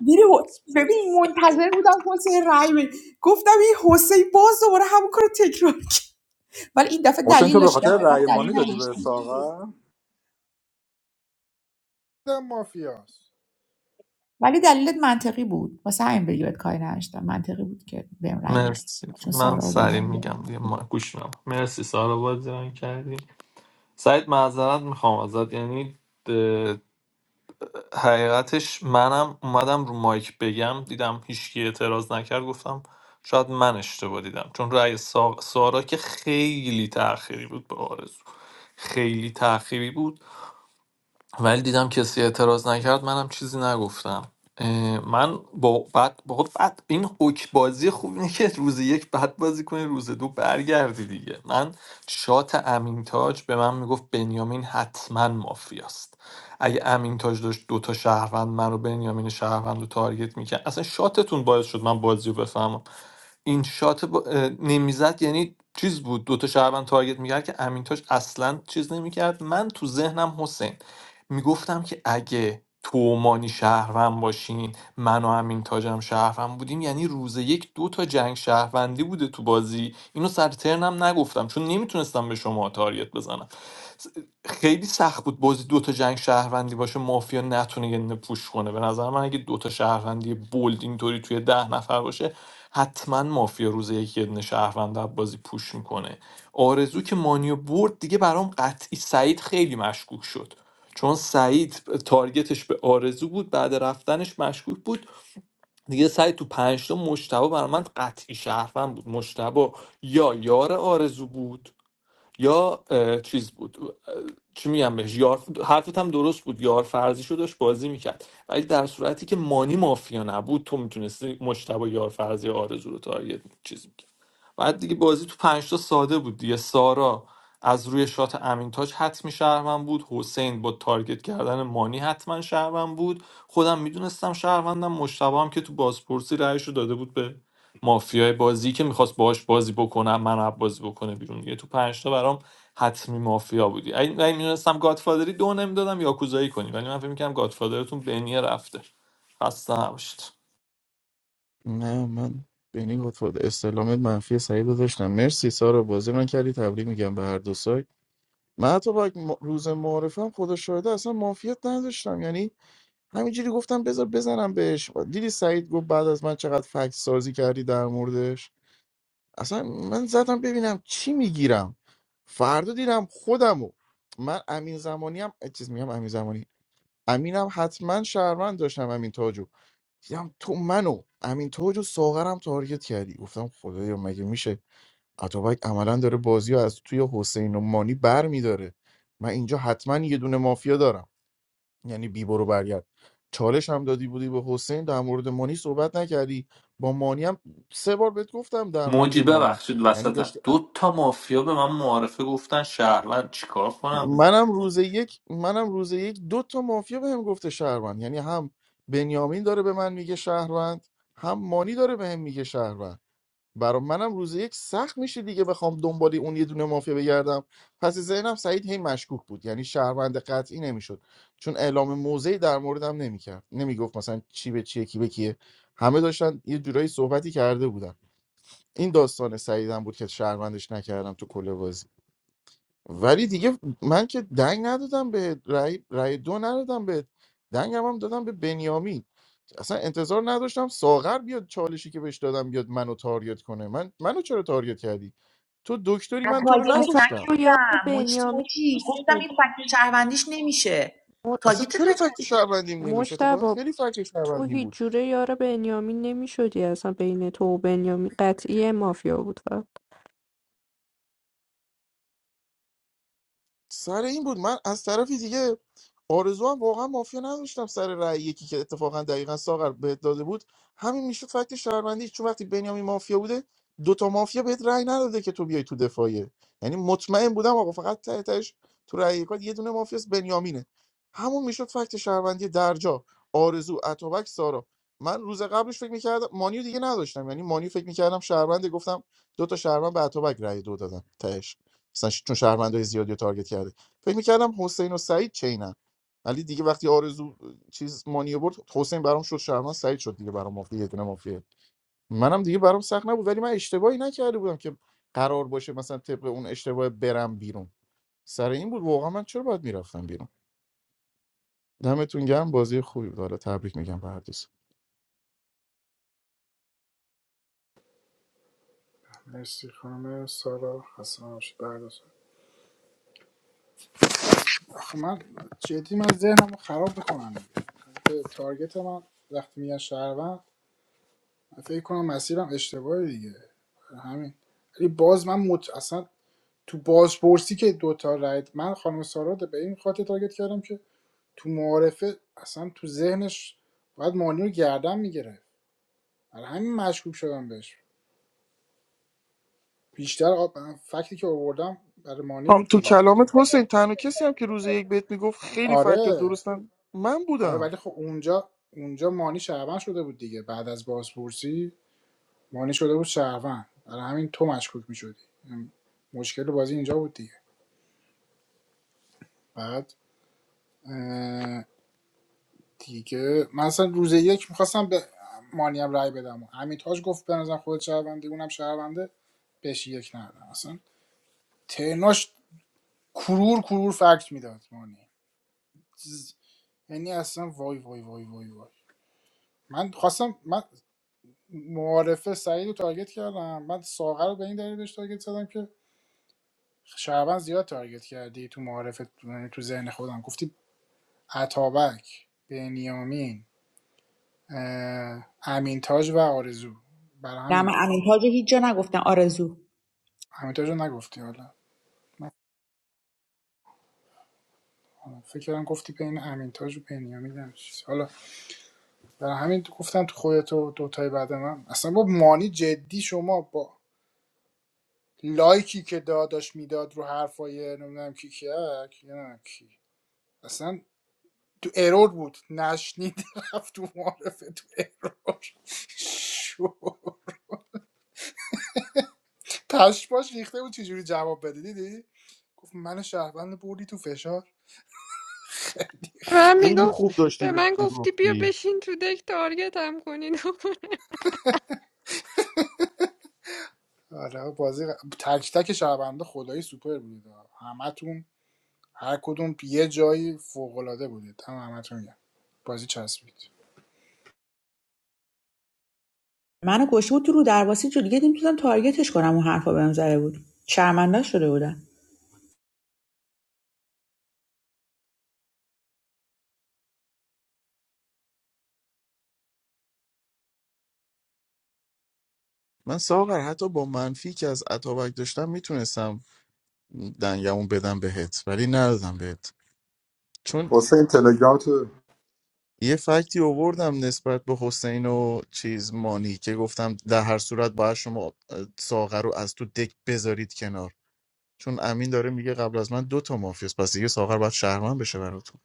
Speaker 2: دیدی ببین منتظر بودم حسین رای گفتم این حسین باز دوباره همون کارو تکرار کرد ولی این دفعه
Speaker 15: حسین
Speaker 2: دلیل
Speaker 15: تو به
Speaker 2: داشت دفعه
Speaker 15: خاطر رأی
Speaker 2: دلیل
Speaker 15: مانی دادی به
Speaker 2: نداشتی
Speaker 15: ساغر
Speaker 1: دیدم مافیاست
Speaker 2: ولی دلیلت منطقی بود واسه همین بهت کاری نداشتم منطقی بود که بهم رای بدی
Speaker 5: مرسی
Speaker 2: چون
Speaker 5: من
Speaker 2: سارا و
Speaker 5: سریع
Speaker 2: بابا
Speaker 5: میگم دیگه ما گوش میدم مرسی سارا بازی رنگ کردی سعید معذرت میخوام ازت یعنی حقیقتش منم اومدم رو مایک بگم دیدم هیچکی اعتراض نکرد گفتم شاید من اشتباه دیدم چون رأی سا... سارا که خیلی تأخیری بود به آرزو خیلی تأخیری بود ولی دیدم کسی اعتراض نکرد منم چیزی نگفتم اه، من با بعد با بعد این حک بازی خوب اینه که روز یک بعد بازی کنی روز دو برگردی دیگه من شات امین تاج به من میگفت بنیامین حتما مافیاست اگه امین تاج داشت دوتا شهروند من رو بنیامین شهروند رو تارگت میکرد اصلا شاتتون باعث شد من بازی رو بفهمم این شات با... نمیزد یعنی چیز بود دوتا شهروند تارگت میکرد که امین تاج اصلا چیز نمیکرد من تو ذهنم حسین میگفتم که اگه تو و مانی شهروند باشین من و امین تاجم شهروند بودیم یعنی روز یک دو تا جنگ شهروندی بوده تو بازی اینو سر ترنم نگفتم چون نمیتونستم به شما تاریت بزنم خیلی سخت بود بازی دوتا جنگ شهروندی باشه مافیا نتونه یه دونه پوش کنه به نظر من اگه دوتا شهروندی بولد اینطوری توی ده نفر باشه حتما مافیا روز یکی یه دونه شهروند رو بازی پوش میکنه آرزو که مانیو برد دیگه برام قطعی سعید خیلی مشکوک شد چون سعید تارگتش به آرزو بود بعد رفتنش مشکوک بود دیگه سعید تو پنجتا مشتبه برای من قطعی شهروند بود مشتبه یا یار آرزو بود یا چیز بود اه، چی میگم بهش یار حرفت هم درست بود یار فرضیشو داشت بازی میکرد ولی در صورتی که مانی مافیا نبود تو میتونستی مجتبی یار فرضی آرزو رو تارگت چیز میکرد بعد دیگه بازی تو پنج تا ساده بود دیگه سارا از روی شات امین تاج حتمی شهروند بود حسین با تارگت کردن مانی حتما شهروند بود خودم میدونستم شهروندم مجتبی هم که تو بازپرسی رأیشو داده بود به مافیای بازی که میخواست باهاش بازی بکنم من بازی بکنه بیرون دیگه تو پنج تا برام حتمی مافیا بودی اگه اگه میدونستم گادفادری دو نمیدادم یاکوزایی کنی ولی من فکر میکنم گادفادرتون بنیه رفته خسته نباشید
Speaker 7: نه من بینی گفتم استعلامت منفی سعید رو داشتم مرسی سارا بازی من کردی تبریک میگم به هر دو سایت من اتابک م- روز معارفم خدا شاهده اصلا مافیات نداشتم یعنی همینجوری گفتم بذار بزنم بهش دیدی سعید گفت بعد از من چقدر فکت سازی کردی در موردش اصلا من زدم ببینم چی میگیرم فردا دیدم خودمو من امین زمانی هم چیز میگم امین زمانی امینم حتما شهروند داشتم امین تاجو دیدم تو منو امین تاجو ساغرم تارگت کردی گفتم خدایا مگه میشه اتابک عملا داره بازی رو از توی حسین و مانی بر میداره من اینجا حتما یه دونه مافیا دارم یعنی بی برو برگرد چالش هم دادی بودی به حسین در مورد مانی صحبت نکردی با مانی هم سه بار بهت گفتم در مورد
Speaker 5: موجی
Speaker 7: مانی
Speaker 5: ببخشید
Speaker 7: یعنی
Speaker 5: وسطم
Speaker 7: داشتی
Speaker 5: دو تا مافیا به من معارفه گفتن شهروند چیکار کنم
Speaker 7: منم روز یک منم روز یک دو تا مافیا بهم گفته شهروند یعنی هم بنیامین داره به من میگه شهروند هم مانی داره بهم میگه شهروند برا منم روز یک سخت میشه دیگه بخوام دنبال اون یه دونه مافیا بگردم پس ذهنم سعید هی مشکوک بود یعنی شهروند قطعی نمیشد چون اعلام موضعی در موردم نمیکرد نمیگفت مثلا چی به چیه کی به کیه همه داشتن یه جورایی صحبتی کرده بودن این داستان سعیدم بود که شهروندش نکردم تو کل بازی ولی دیگه من که دنگ ندادم به رای, رای دو ندادم به دنگم هم دادم به بنیامین اصلا انتظار نداشتم ساغر بیاد چالشی که بهش دادم بیاد منو تاریت کنه من منو چرا تاریت کردی تو دکتری من تو رو
Speaker 2: تارگتت
Speaker 3: اصلا
Speaker 7: نکشتم
Speaker 3: تو یار
Speaker 2: نکردم مجتی
Speaker 3: بنیامین
Speaker 2: مجتی گفتم این
Speaker 3: شدی
Speaker 2: فکر شهروندیش نمیشه
Speaker 3: م-
Speaker 7: اصلا
Speaker 2: تارگتت
Speaker 7: چرا
Speaker 2: نکردم
Speaker 7: فکت شهروندیم نمیشه اتفاقا
Speaker 3: مشتبه
Speaker 7: خیلی فکت
Speaker 3: تو
Speaker 7: شهروندیم بود
Speaker 3: هیچ جوره یار بنیامین نمیشدی اصلا بین تو و بنیامین قطعی مافیا بود فقط
Speaker 7: سر این بود من از طرفی دیگه آرزو هم واقعا مافیا نداشتم سر رأی یکی که اتفاقا دقیقا ساغر بهت داده بود همین میشد فکت شهروندی چون وقتی بنیامین مافیا بوده دوتا مافیا بهت رأی نداده که تو بیای تو دفاعیه یعنی مطمئن بودم آقا فقط ته تهش تو رأی یکات یه دونه مافیاس بنیامینه همون میشد فکت شهروندی درجا آرزو اتوبک سارا من روز قبلش فکر میکردم مانیو دیگه نداشتم یعنی مانیو فکر میکردم شهرونده گفتم دوتا تا شهروند به اتوبک رأی دو دادن تهش مثلا ش- چون شهروندای زیادی رو تارگت کرده فکر میکردم حسین و سعید چینن ولی دیگه وقتی آرزو چیز مانیو برد حسین برام شد شهروند سعید شد دیگه برام مافیا یه دونه مافیا منم دیگه برام سخت نبود ولی من اشتباهی نکرده بودم که قرار باشه مثلا طبق اون اشتباه برم بیرون سر این بود واقعا من چرا باید میرفتم بیرون دمتون گرم بازی خوبی بود حالا تبریک میگم به هر دوست
Speaker 1: مرسی خانم سارا خسته نباشید برداشت آخه من جدی من ذهنم خراب بکنم تارگت من وقتی میگن شهروند من فکر کنم مسیرم اشتباهه دیگه همین ولی باز من مت... اصلا تو بازپرسی که دوتا رای من خانم سارا رو به این خاطر تارگت کردم که تو معارفه اصلا تو ذهنش باید مانی رو گردن میگرفت برای همین مشکوک شدم بهش بیشتر آ- فکتی که آوردم برای مانی
Speaker 7: هم
Speaker 1: بود
Speaker 7: تو
Speaker 1: دیگه
Speaker 7: کلامت حسین تنها کسی هم که روز یک بهت میگفت خیلی فکت
Speaker 1: آره
Speaker 7: درستن من
Speaker 1: آره
Speaker 7: بودم
Speaker 1: ولی خب اونجا اونجا مانی شهروند شده بود دیگه بعد از بازپرسی مانی شده بود شهروند برای همین تو مشکوک میشدی مشکل بازی اینجا بود دیگه بعد دیگه من اصلا روز یک میخواستم به مانی هم رای بدم همین تاج گفت به نظر خودت شهرونده اونم شهرونده بهش یک ندادم اصلا ترناش کرور کرور فکت میداد مانی چیز- یعنی اصلا وای وای وای وای وای من خواستم من معارفه سعید رو تارگت کردم من ساغر رو به این دلیل بهش تارگت زدم که شعبان زیاد تارگت کردی تو معارفت تو ذهن خودم گفتی عطابک بنیامین اه، امینتاج و آرزو برای
Speaker 2: نه
Speaker 1: همین
Speaker 2: من
Speaker 1: گفتم
Speaker 2: امین تاج رو هیچ جا نگفتم آرزو
Speaker 1: امینتاج رو نگفتی حالا نکنم. فکر کردم گفتی بین امینتاج و بنیامین هم چیزی. حالا برای همین تو گفتم تو خودت و دوتای بعد من اصلا با مانی جدی شما با لایکی که داداش میداد رو حرفای نمیدونم کی کیک یا نه کی اصلا تو ارور بود نشنید رفت تو معارفه تو ارور شو پشماش ریخته بود چجوری جواب بده دیدی گفت من شهروند بردی تو فشار
Speaker 3: به من
Speaker 7: خیلی
Speaker 3: میگفت
Speaker 7: خوب داشتی
Speaker 3: به
Speaker 7: بهش
Speaker 3: من گفتی بیا
Speaker 7: میگفتی
Speaker 3: بشین تو دک تارگت هم کنین
Speaker 1: آره بازی ق- تک تک شهرونده خدایی سوپر بودید همتون هر کدوم یه جایی فوق العاده بودید هم همتون میگم بازی چسبید
Speaker 2: منو کشته بود تو رو درواسی تو دیگه نمیتونم تارگتش کنم اون حرفا بهم زده بود شرمنده شده بودم
Speaker 7: من ساغر حتی با منفی که از اتابک داشتم میتونستم دنگمون بدم بهت ولی ندادم بهت چون
Speaker 15: حسین تلگرام تو
Speaker 7: یه فکتی آوردم نسبت به حسین و چیز مانی که گفتم در هر صورت باید شما اه، ساغر رو از تو دک بذارید کنار چون امین داره میگه قبل از من دو تا مافیاس پس دیگه ساغر باید شهرمن بشه براتون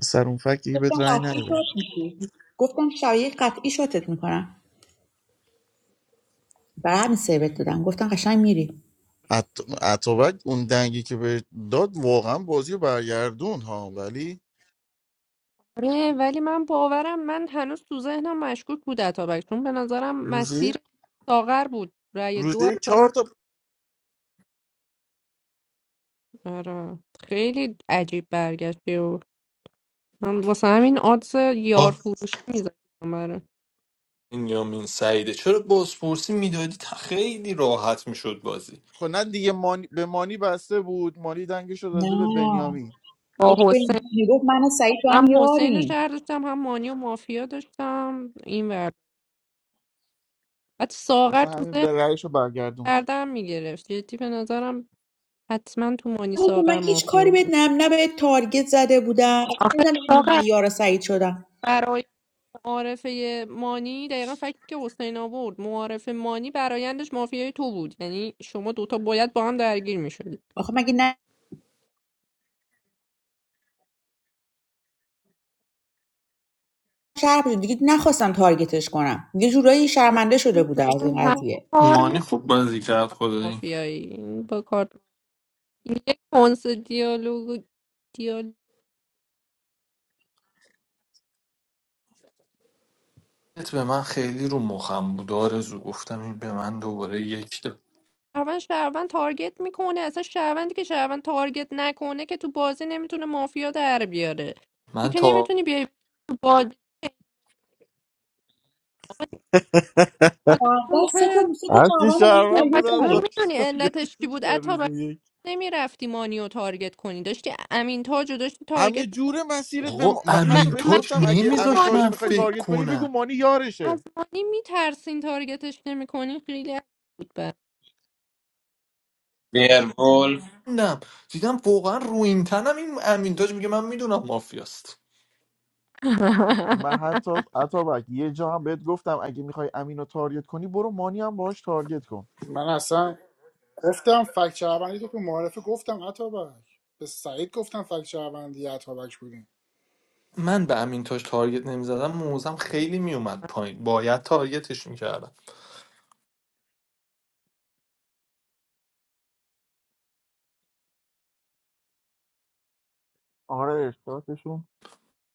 Speaker 7: سر اون فکت دیگه بهت
Speaker 2: گفتم
Speaker 7: رأی
Speaker 2: قطعی شات
Speaker 7: ندادم
Speaker 2: میشی گفتم شبیه قطعی شاتت میکنم برای همین سیبت دادم گفتم قشنگ میری
Speaker 7: عط- عطابک اون دنگی که بهت داد واقعا بازی رو برگردون ها ولی
Speaker 3: آره ولی من باورم من هنوز تو ذهنم مشکوک بود اتابک چون به نظرم
Speaker 7: روزی
Speaker 3: مسیر ساغر بود رأی دو از
Speaker 7: روزی چهار تا
Speaker 3: ساغر آره. خیلی عجیب برگشتی و من واسه همین آدز یار
Speaker 5: آه،
Speaker 3: فروشی میذاشتم برای
Speaker 5: این یامین سعیده چرا بازپرسی میدادی تا خیلی راحت میشد بازی
Speaker 7: خب نه دیگه مانی... به مانی بسته بود مانی دنگش رو
Speaker 2: نه
Speaker 7: داده به بنیامین
Speaker 3: با
Speaker 2: داشت به
Speaker 3: حسین
Speaker 2: میگفت من و سعید تو هم
Speaker 3: هم حسین رو
Speaker 2: یاریم
Speaker 3: شهر داشتم هم مانی و مافیا داشتم این ورد بعد ساغر
Speaker 7: واسه
Speaker 3: تو
Speaker 7: همین
Speaker 3: ذهن
Speaker 7: درگرش رو برگردوند
Speaker 3: کردم میگرفت جدی به نظرم حتما تو مانی
Speaker 2: من
Speaker 3: ساغر
Speaker 2: هیچ
Speaker 3: مافیا
Speaker 2: کاری بهت
Speaker 3: بود
Speaker 2: نم نه به تارگت زده بودم اصلا
Speaker 3: آخه
Speaker 2: نمیدونم من یار سعید شدم
Speaker 3: ساغر معارفه مانی دقیقا فکر که حسین آورد معارفه مانی برایندش مافیای تو بود یعنی شما دوتا باید با هم درگیر میشدید
Speaker 2: آخه مگه شهر بوده دیگه نخواستم تارگتش کنم یه جورایی شرمنده شده بوده از این
Speaker 3: همه
Speaker 2: قضیه
Speaker 3: کار
Speaker 5: مانی
Speaker 3: میکنه
Speaker 5: خوب بازی کرد خدایی
Speaker 3: مافیایی این با کار یه کنس دیالوگ دیالوگ
Speaker 5: ات به من خیلی رو مخم بود آرزو گفتم این به من دوباره یک داد
Speaker 3: شهروند شهروند تارگت میکنه اصلا شهروندی که شهروند تارگت نکنه که تو بازی نمیتونه مافیا در بیاره تو
Speaker 5: من
Speaker 3: که
Speaker 5: تا
Speaker 3: نمیتونی بیای تو بازی حالا اون
Speaker 2: فردا سه تا
Speaker 3: که
Speaker 2: سه تا
Speaker 7: هرچی
Speaker 2: چهارم رو به این
Speaker 7: شهرون
Speaker 2: تولید
Speaker 3: بخواد
Speaker 7: بودن
Speaker 3: اون
Speaker 2: کردیم
Speaker 7: داشت
Speaker 3: میدونی علتش چی
Speaker 7: که
Speaker 3: بود
Speaker 7: روز یک
Speaker 3: نمیرفتی مانی رو تارگت کنی داشتی امین تاج رو داشتی
Speaker 7: همه
Speaker 3: تارگت
Speaker 7: جوره مسیرت به
Speaker 5: آقا
Speaker 7: ما... من
Speaker 3: م...
Speaker 7: حتی
Speaker 5: امین
Speaker 7: بهش
Speaker 5: تاج
Speaker 7: گفتم اگه
Speaker 3: مسیرتون
Speaker 5: نمیذاش
Speaker 3: مانی
Speaker 7: امیتاج رو
Speaker 5: من
Speaker 7: میخوای
Speaker 3: بود من
Speaker 5: فکر
Speaker 7: تارگت کنی بگو
Speaker 5: کنم
Speaker 7: مانی
Speaker 3: از
Speaker 7: یارشه
Speaker 3: مانی میترسین تارگتش نمیکنی خیلی عجیب بود بر-
Speaker 11: بیرولف
Speaker 5: نم دیدم واقعا رو این تنم این امین تاج میگه من میدونم مافیاست
Speaker 7: من حتی اتابک یه جا هم بهت گفتم اگه میخوای امین رو تارگت کنی برو مانی هم باهاش تارگت کن
Speaker 1: من اصلا گفتم فک شهروندی تو که معارفه گفتم عطابک به سعید گفتم فک شهروندی عطابک بودیم
Speaker 5: من به امین تاج تارگت نمیزدم موزم خیلی میومد پایین باید تارگتش میکردم
Speaker 7: آره شاتشون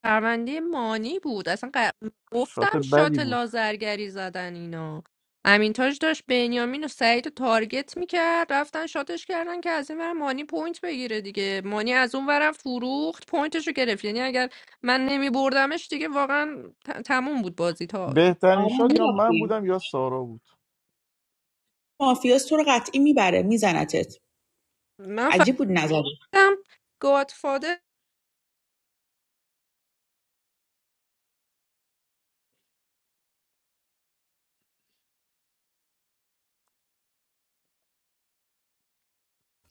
Speaker 3: پرونده مانی بود اصلا ق-
Speaker 7: شات
Speaker 3: گفتم
Speaker 7: بدی
Speaker 3: شات
Speaker 7: بود
Speaker 3: لازرگری زدن اینا امین تاج داشت بنیامین و سعید رو تارگت میکرد رفتن شاتش کردن که از این ور مانی پوینت بگیره دیگه مانی از اون ورم فروخت پوینتش رو گرفت یعنی اگر من نمی بردمش دیگه واقعا ت- تموم بود بازی تا
Speaker 7: بهترین
Speaker 2: آره
Speaker 7: شات یا من
Speaker 2: میرفتیم
Speaker 7: بودم یا سارا بود
Speaker 2: مافیاس تو رو قطعی میبره میزنتت
Speaker 3: من
Speaker 2: عجیب بود نظری
Speaker 3: فقطم گادفادر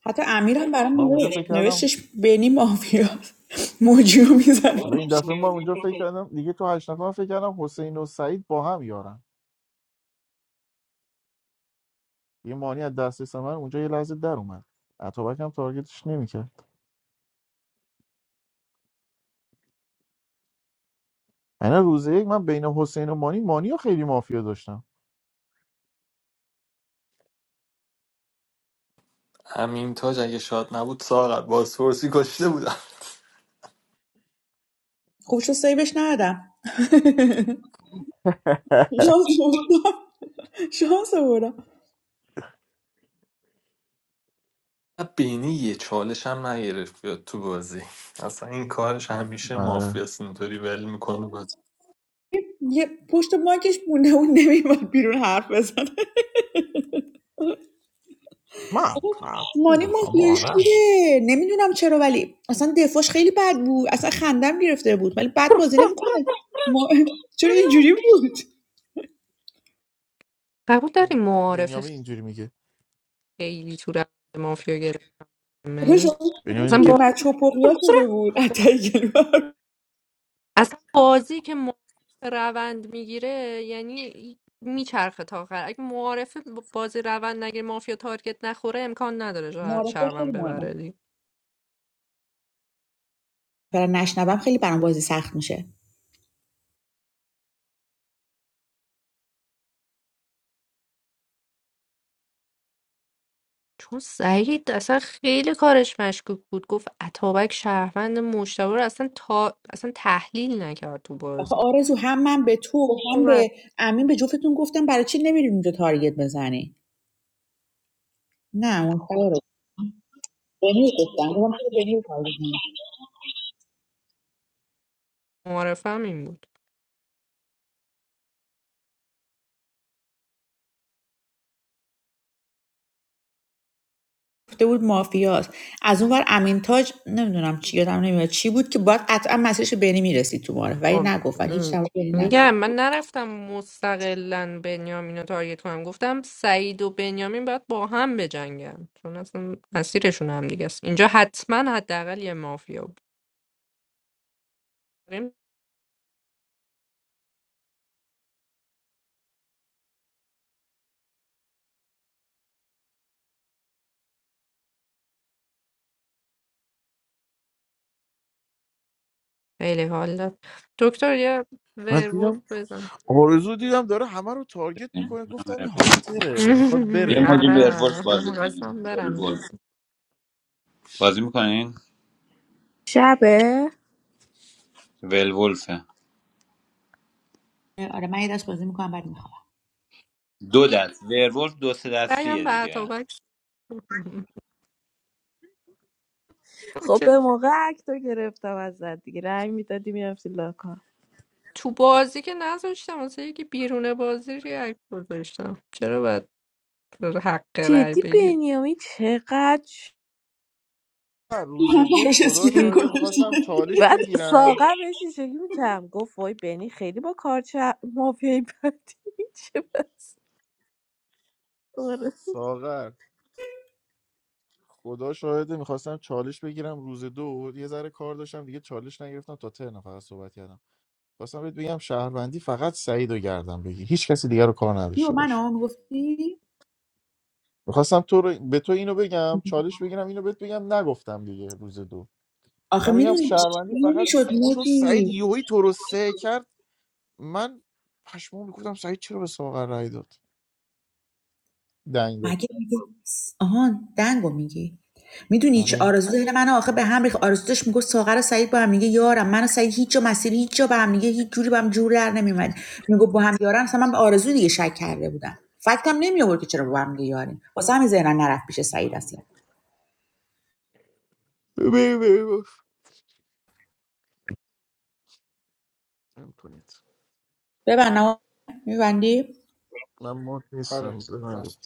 Speaker 2: حتی امیرم برام
Speaker 7: من اونجا
Speaker 2: نوشت
Speaker 7: فکر کردم
Speaker 2: نوشتش بینی مافیاس موجیو میزنه
Speaker 7: حالا این دفعه ما اونجا فکر کردم دیگه تو هشت نفر فکر کردم حسین و سعید با هم یارن یه مانی از دسترس من اونجا یه لحظه در اومد اتابک هم تارگتش نمیکرد یعنی روز یک من بین حسین و مانی مانی رو خیلی مافیا داشتم
Speaker 5: امین تاج اگه شاد نبود ساقت بازپرسی کشته بودم
Speaker 2: خوب شد سیبش ندادم شانس آوردم شانس آوردم
Speaker 5: بینی یه چالش هم نگرفت بیاد تو بازی اصلا این کارش همیشه
Speaker 7: آره.
Speaker 5: مافیاست اینطوری ول میکنه
Speaker 2: یه پشت ماکش مونده اون نمیومد بیرون حرف بزنه
Speaker 7: من
Speaker 2: بابا،
Speaker 7: قطعی
Speaker 2: مانی
Speaker 7: به
Speaker 2: مافیای
Speaker 7: شما رنگ
Speaker 2: شیره نمیدونم چرا ولی اصلا دفاعش خیلی بد بود اصلا خندم گرفته بود ولی بد بازی نمیکنه ما... چرا اینجوری بود
Speaker 3: قبول داری
Speaker 7: این
Speaker 3: معارفه
Speaker 7: بنیامین اینجوری میگه
Speaker 3: خیلی تو روند مافیا
Speaker 2: آره، شما
Speaker 3: گرفتمه
Speaker 2: خدا
Speaker 7: بنیامین
Speaker 3: اصلا,
Speaker 7: میگه
Speaker 3: با...
Speaker 2: مچ و پقیا شده بود اتای
Speaker 3: اصلا بازی که معارفه روند میگیره یعنی میچرخه تا آخر اگه معارفه ب- بازی روند نگیره مافیا تارگت نخوره امکان نداره جا-
Speaker 2: معرفه خیلی
Speaker 3: شهروند
Speaker 2: مهمه
Speaker 3: ببره دیگه
Speaker 2: برای نشنوم خیلی برام بازی سخت میشه
Speaker 3: چون سعید اصلا خیلی کارش مشکوک بود گفت اتابک شهروند مشتبه رو اصلا تا... اصلا تحلیل نکرد تو
Speaker 2: آخه
Speaker 3: بازی
Speaker 2: آرزو هم من به تو هم
Speaker 3: خوبه.
Speaker 2: به امین به جفتتون گفتم برای چی نمیریم اونجا تارگت بزنی نه اون خیلی رو بنی گفتم گفتم چرا بنی رو تارگت
Speaker 3: معارفه هم این بود
Speaker 2: گفته بود مافیاست از اون ور امین تاج نمیدونم چی یادم نمیاد چی بود که باید قطعا مسیرش به بینی میرسید تو معارف ولی
Speaker 3: خب
Speaker 2: نگفت ولی هیچ
Speaker 3: م-
Speaker 2: جواب بینی نگفت
Speaker 3: میگم من نرفتم مستقلا بنیامین رو تارگت کنم گفتم سعید و بنیامین باید با هم بجنگن چون اصلا مسیرشون هم دیگه است اینجا حتما حداقل یه مافیا بود خیلی حال داد دکتر یه
Speaker 7: من دیدم
Speaker 3: ورولف بزن
Speaker 7: آرزو دیدم داره همه رو تارگت
Speaker 11: من
Speaker 7: میکنه گفتم این
Speaker 11: ولولف.
Speaker 7: هانتره میخواد
Speaker 11: یه
Speaker 7: بره
Speaker 11: موجی ورولف
Speaker 3: آره
Speaker 11: بازی
Speaker 3: میخواستم
Speaker 11: کنیم
Speaker 3: برم
Speaker 11: ورولف
Speaker 3: جدی
Speaker 11: بازی میکنین
Speaker 21: شبه
Speaker 11: ورولفه
Speaker 2: آره من یه دست بازی میکنم بعد میخوام
Speaker 11: دو دست ورولف دو سه دستیه
Speaker 3: بگم به
Speaker 11: دیگه
Speaker 3: اتابک
Speaker 21: خب
Speaker 3: که
Speaker 21: به موقع اکتو گرفتم از دیگه رنگ میدادی میرفتی لاکا
Speaker 3: تو بازی که نذاشتم واسه یکی بیرون بازی ریاکت گذاشتم چرا باید حق رأی
Speaker 21: جدی
Speaker 3: بگیری
Speaker 21: بنیامین چقدر
Speaker 7: من روز دو
Speaker 2: براش
Speaker 7: خدا
Speaker 2: اسکلت
Speaker 7: شاهده
Speaker 2: گذاشتی.
Speaker 7: میخواستم چالش
Speaker 21: بعد
Speaker 7: بگیرم
Speaker 21: ساغر بهش این شکلی میکرم گفت وای بنی خیلی با کار چه مافیایی بدی چه بس آره.
Speaker 7: ساغر خدا شاهده میخواستم چالش بگیرم روز دو یه ذره کار داشتم دیگه چالش نگرفتم تا ترن فقط صحبت کردم خواستم بهت بگم شهروندی فقط سعید رو گردم بگی هیچ کسی دیگر رو کار
Speaker 2: یو
Speaker 7: نداشته باش
Speaker 2: منو میگفتی
Speaker 7: میخواستم تو رو به تو اینو بگم چالش بگیرم اینو بهت بگم نگفتم دیگه روز دو
Speaker 2: آخه
Speaker 7: مثلا بگم
Speaker 2: میدونی چی
Speaker 7: شهروندی فقط
Speaker 2: میشد
Speaker 7: چون سعید
Speaker 2: موجی؟
Speaker 7: یوهی تو رو سه کرد من پشمام میگفتم سعید چرا به ساغر رای داد دنگ داد
Speaker 2: مگه میگه آهان دنگو میگی میدونی چه
Speaker 7: آره
Speaker 2: آرزو ذهن من آخه به هم ریخت آرزو داشت میگفت ساغر و سعید با هم دیگه یارم من و سعید هیچ جا مسیر هیچ جا با هم دیگه هیچ جوری به هم جور در نمیومد میگفت با هم یارم اصلا من به آرزو دیگه شک کرده بودم فکتم نمی آورد که چرا با هم دیگه یاریم واسه همین ذهنم نرفت پیش سعید اصلا
Speaker 7: ببین ببین ببین. نمی‌کنید.
Speaker 2: ببند نه میبندی
Speaker 7: من مات
Speaker 1: آره
Speaker 7: نیستم
Speaker 1: بس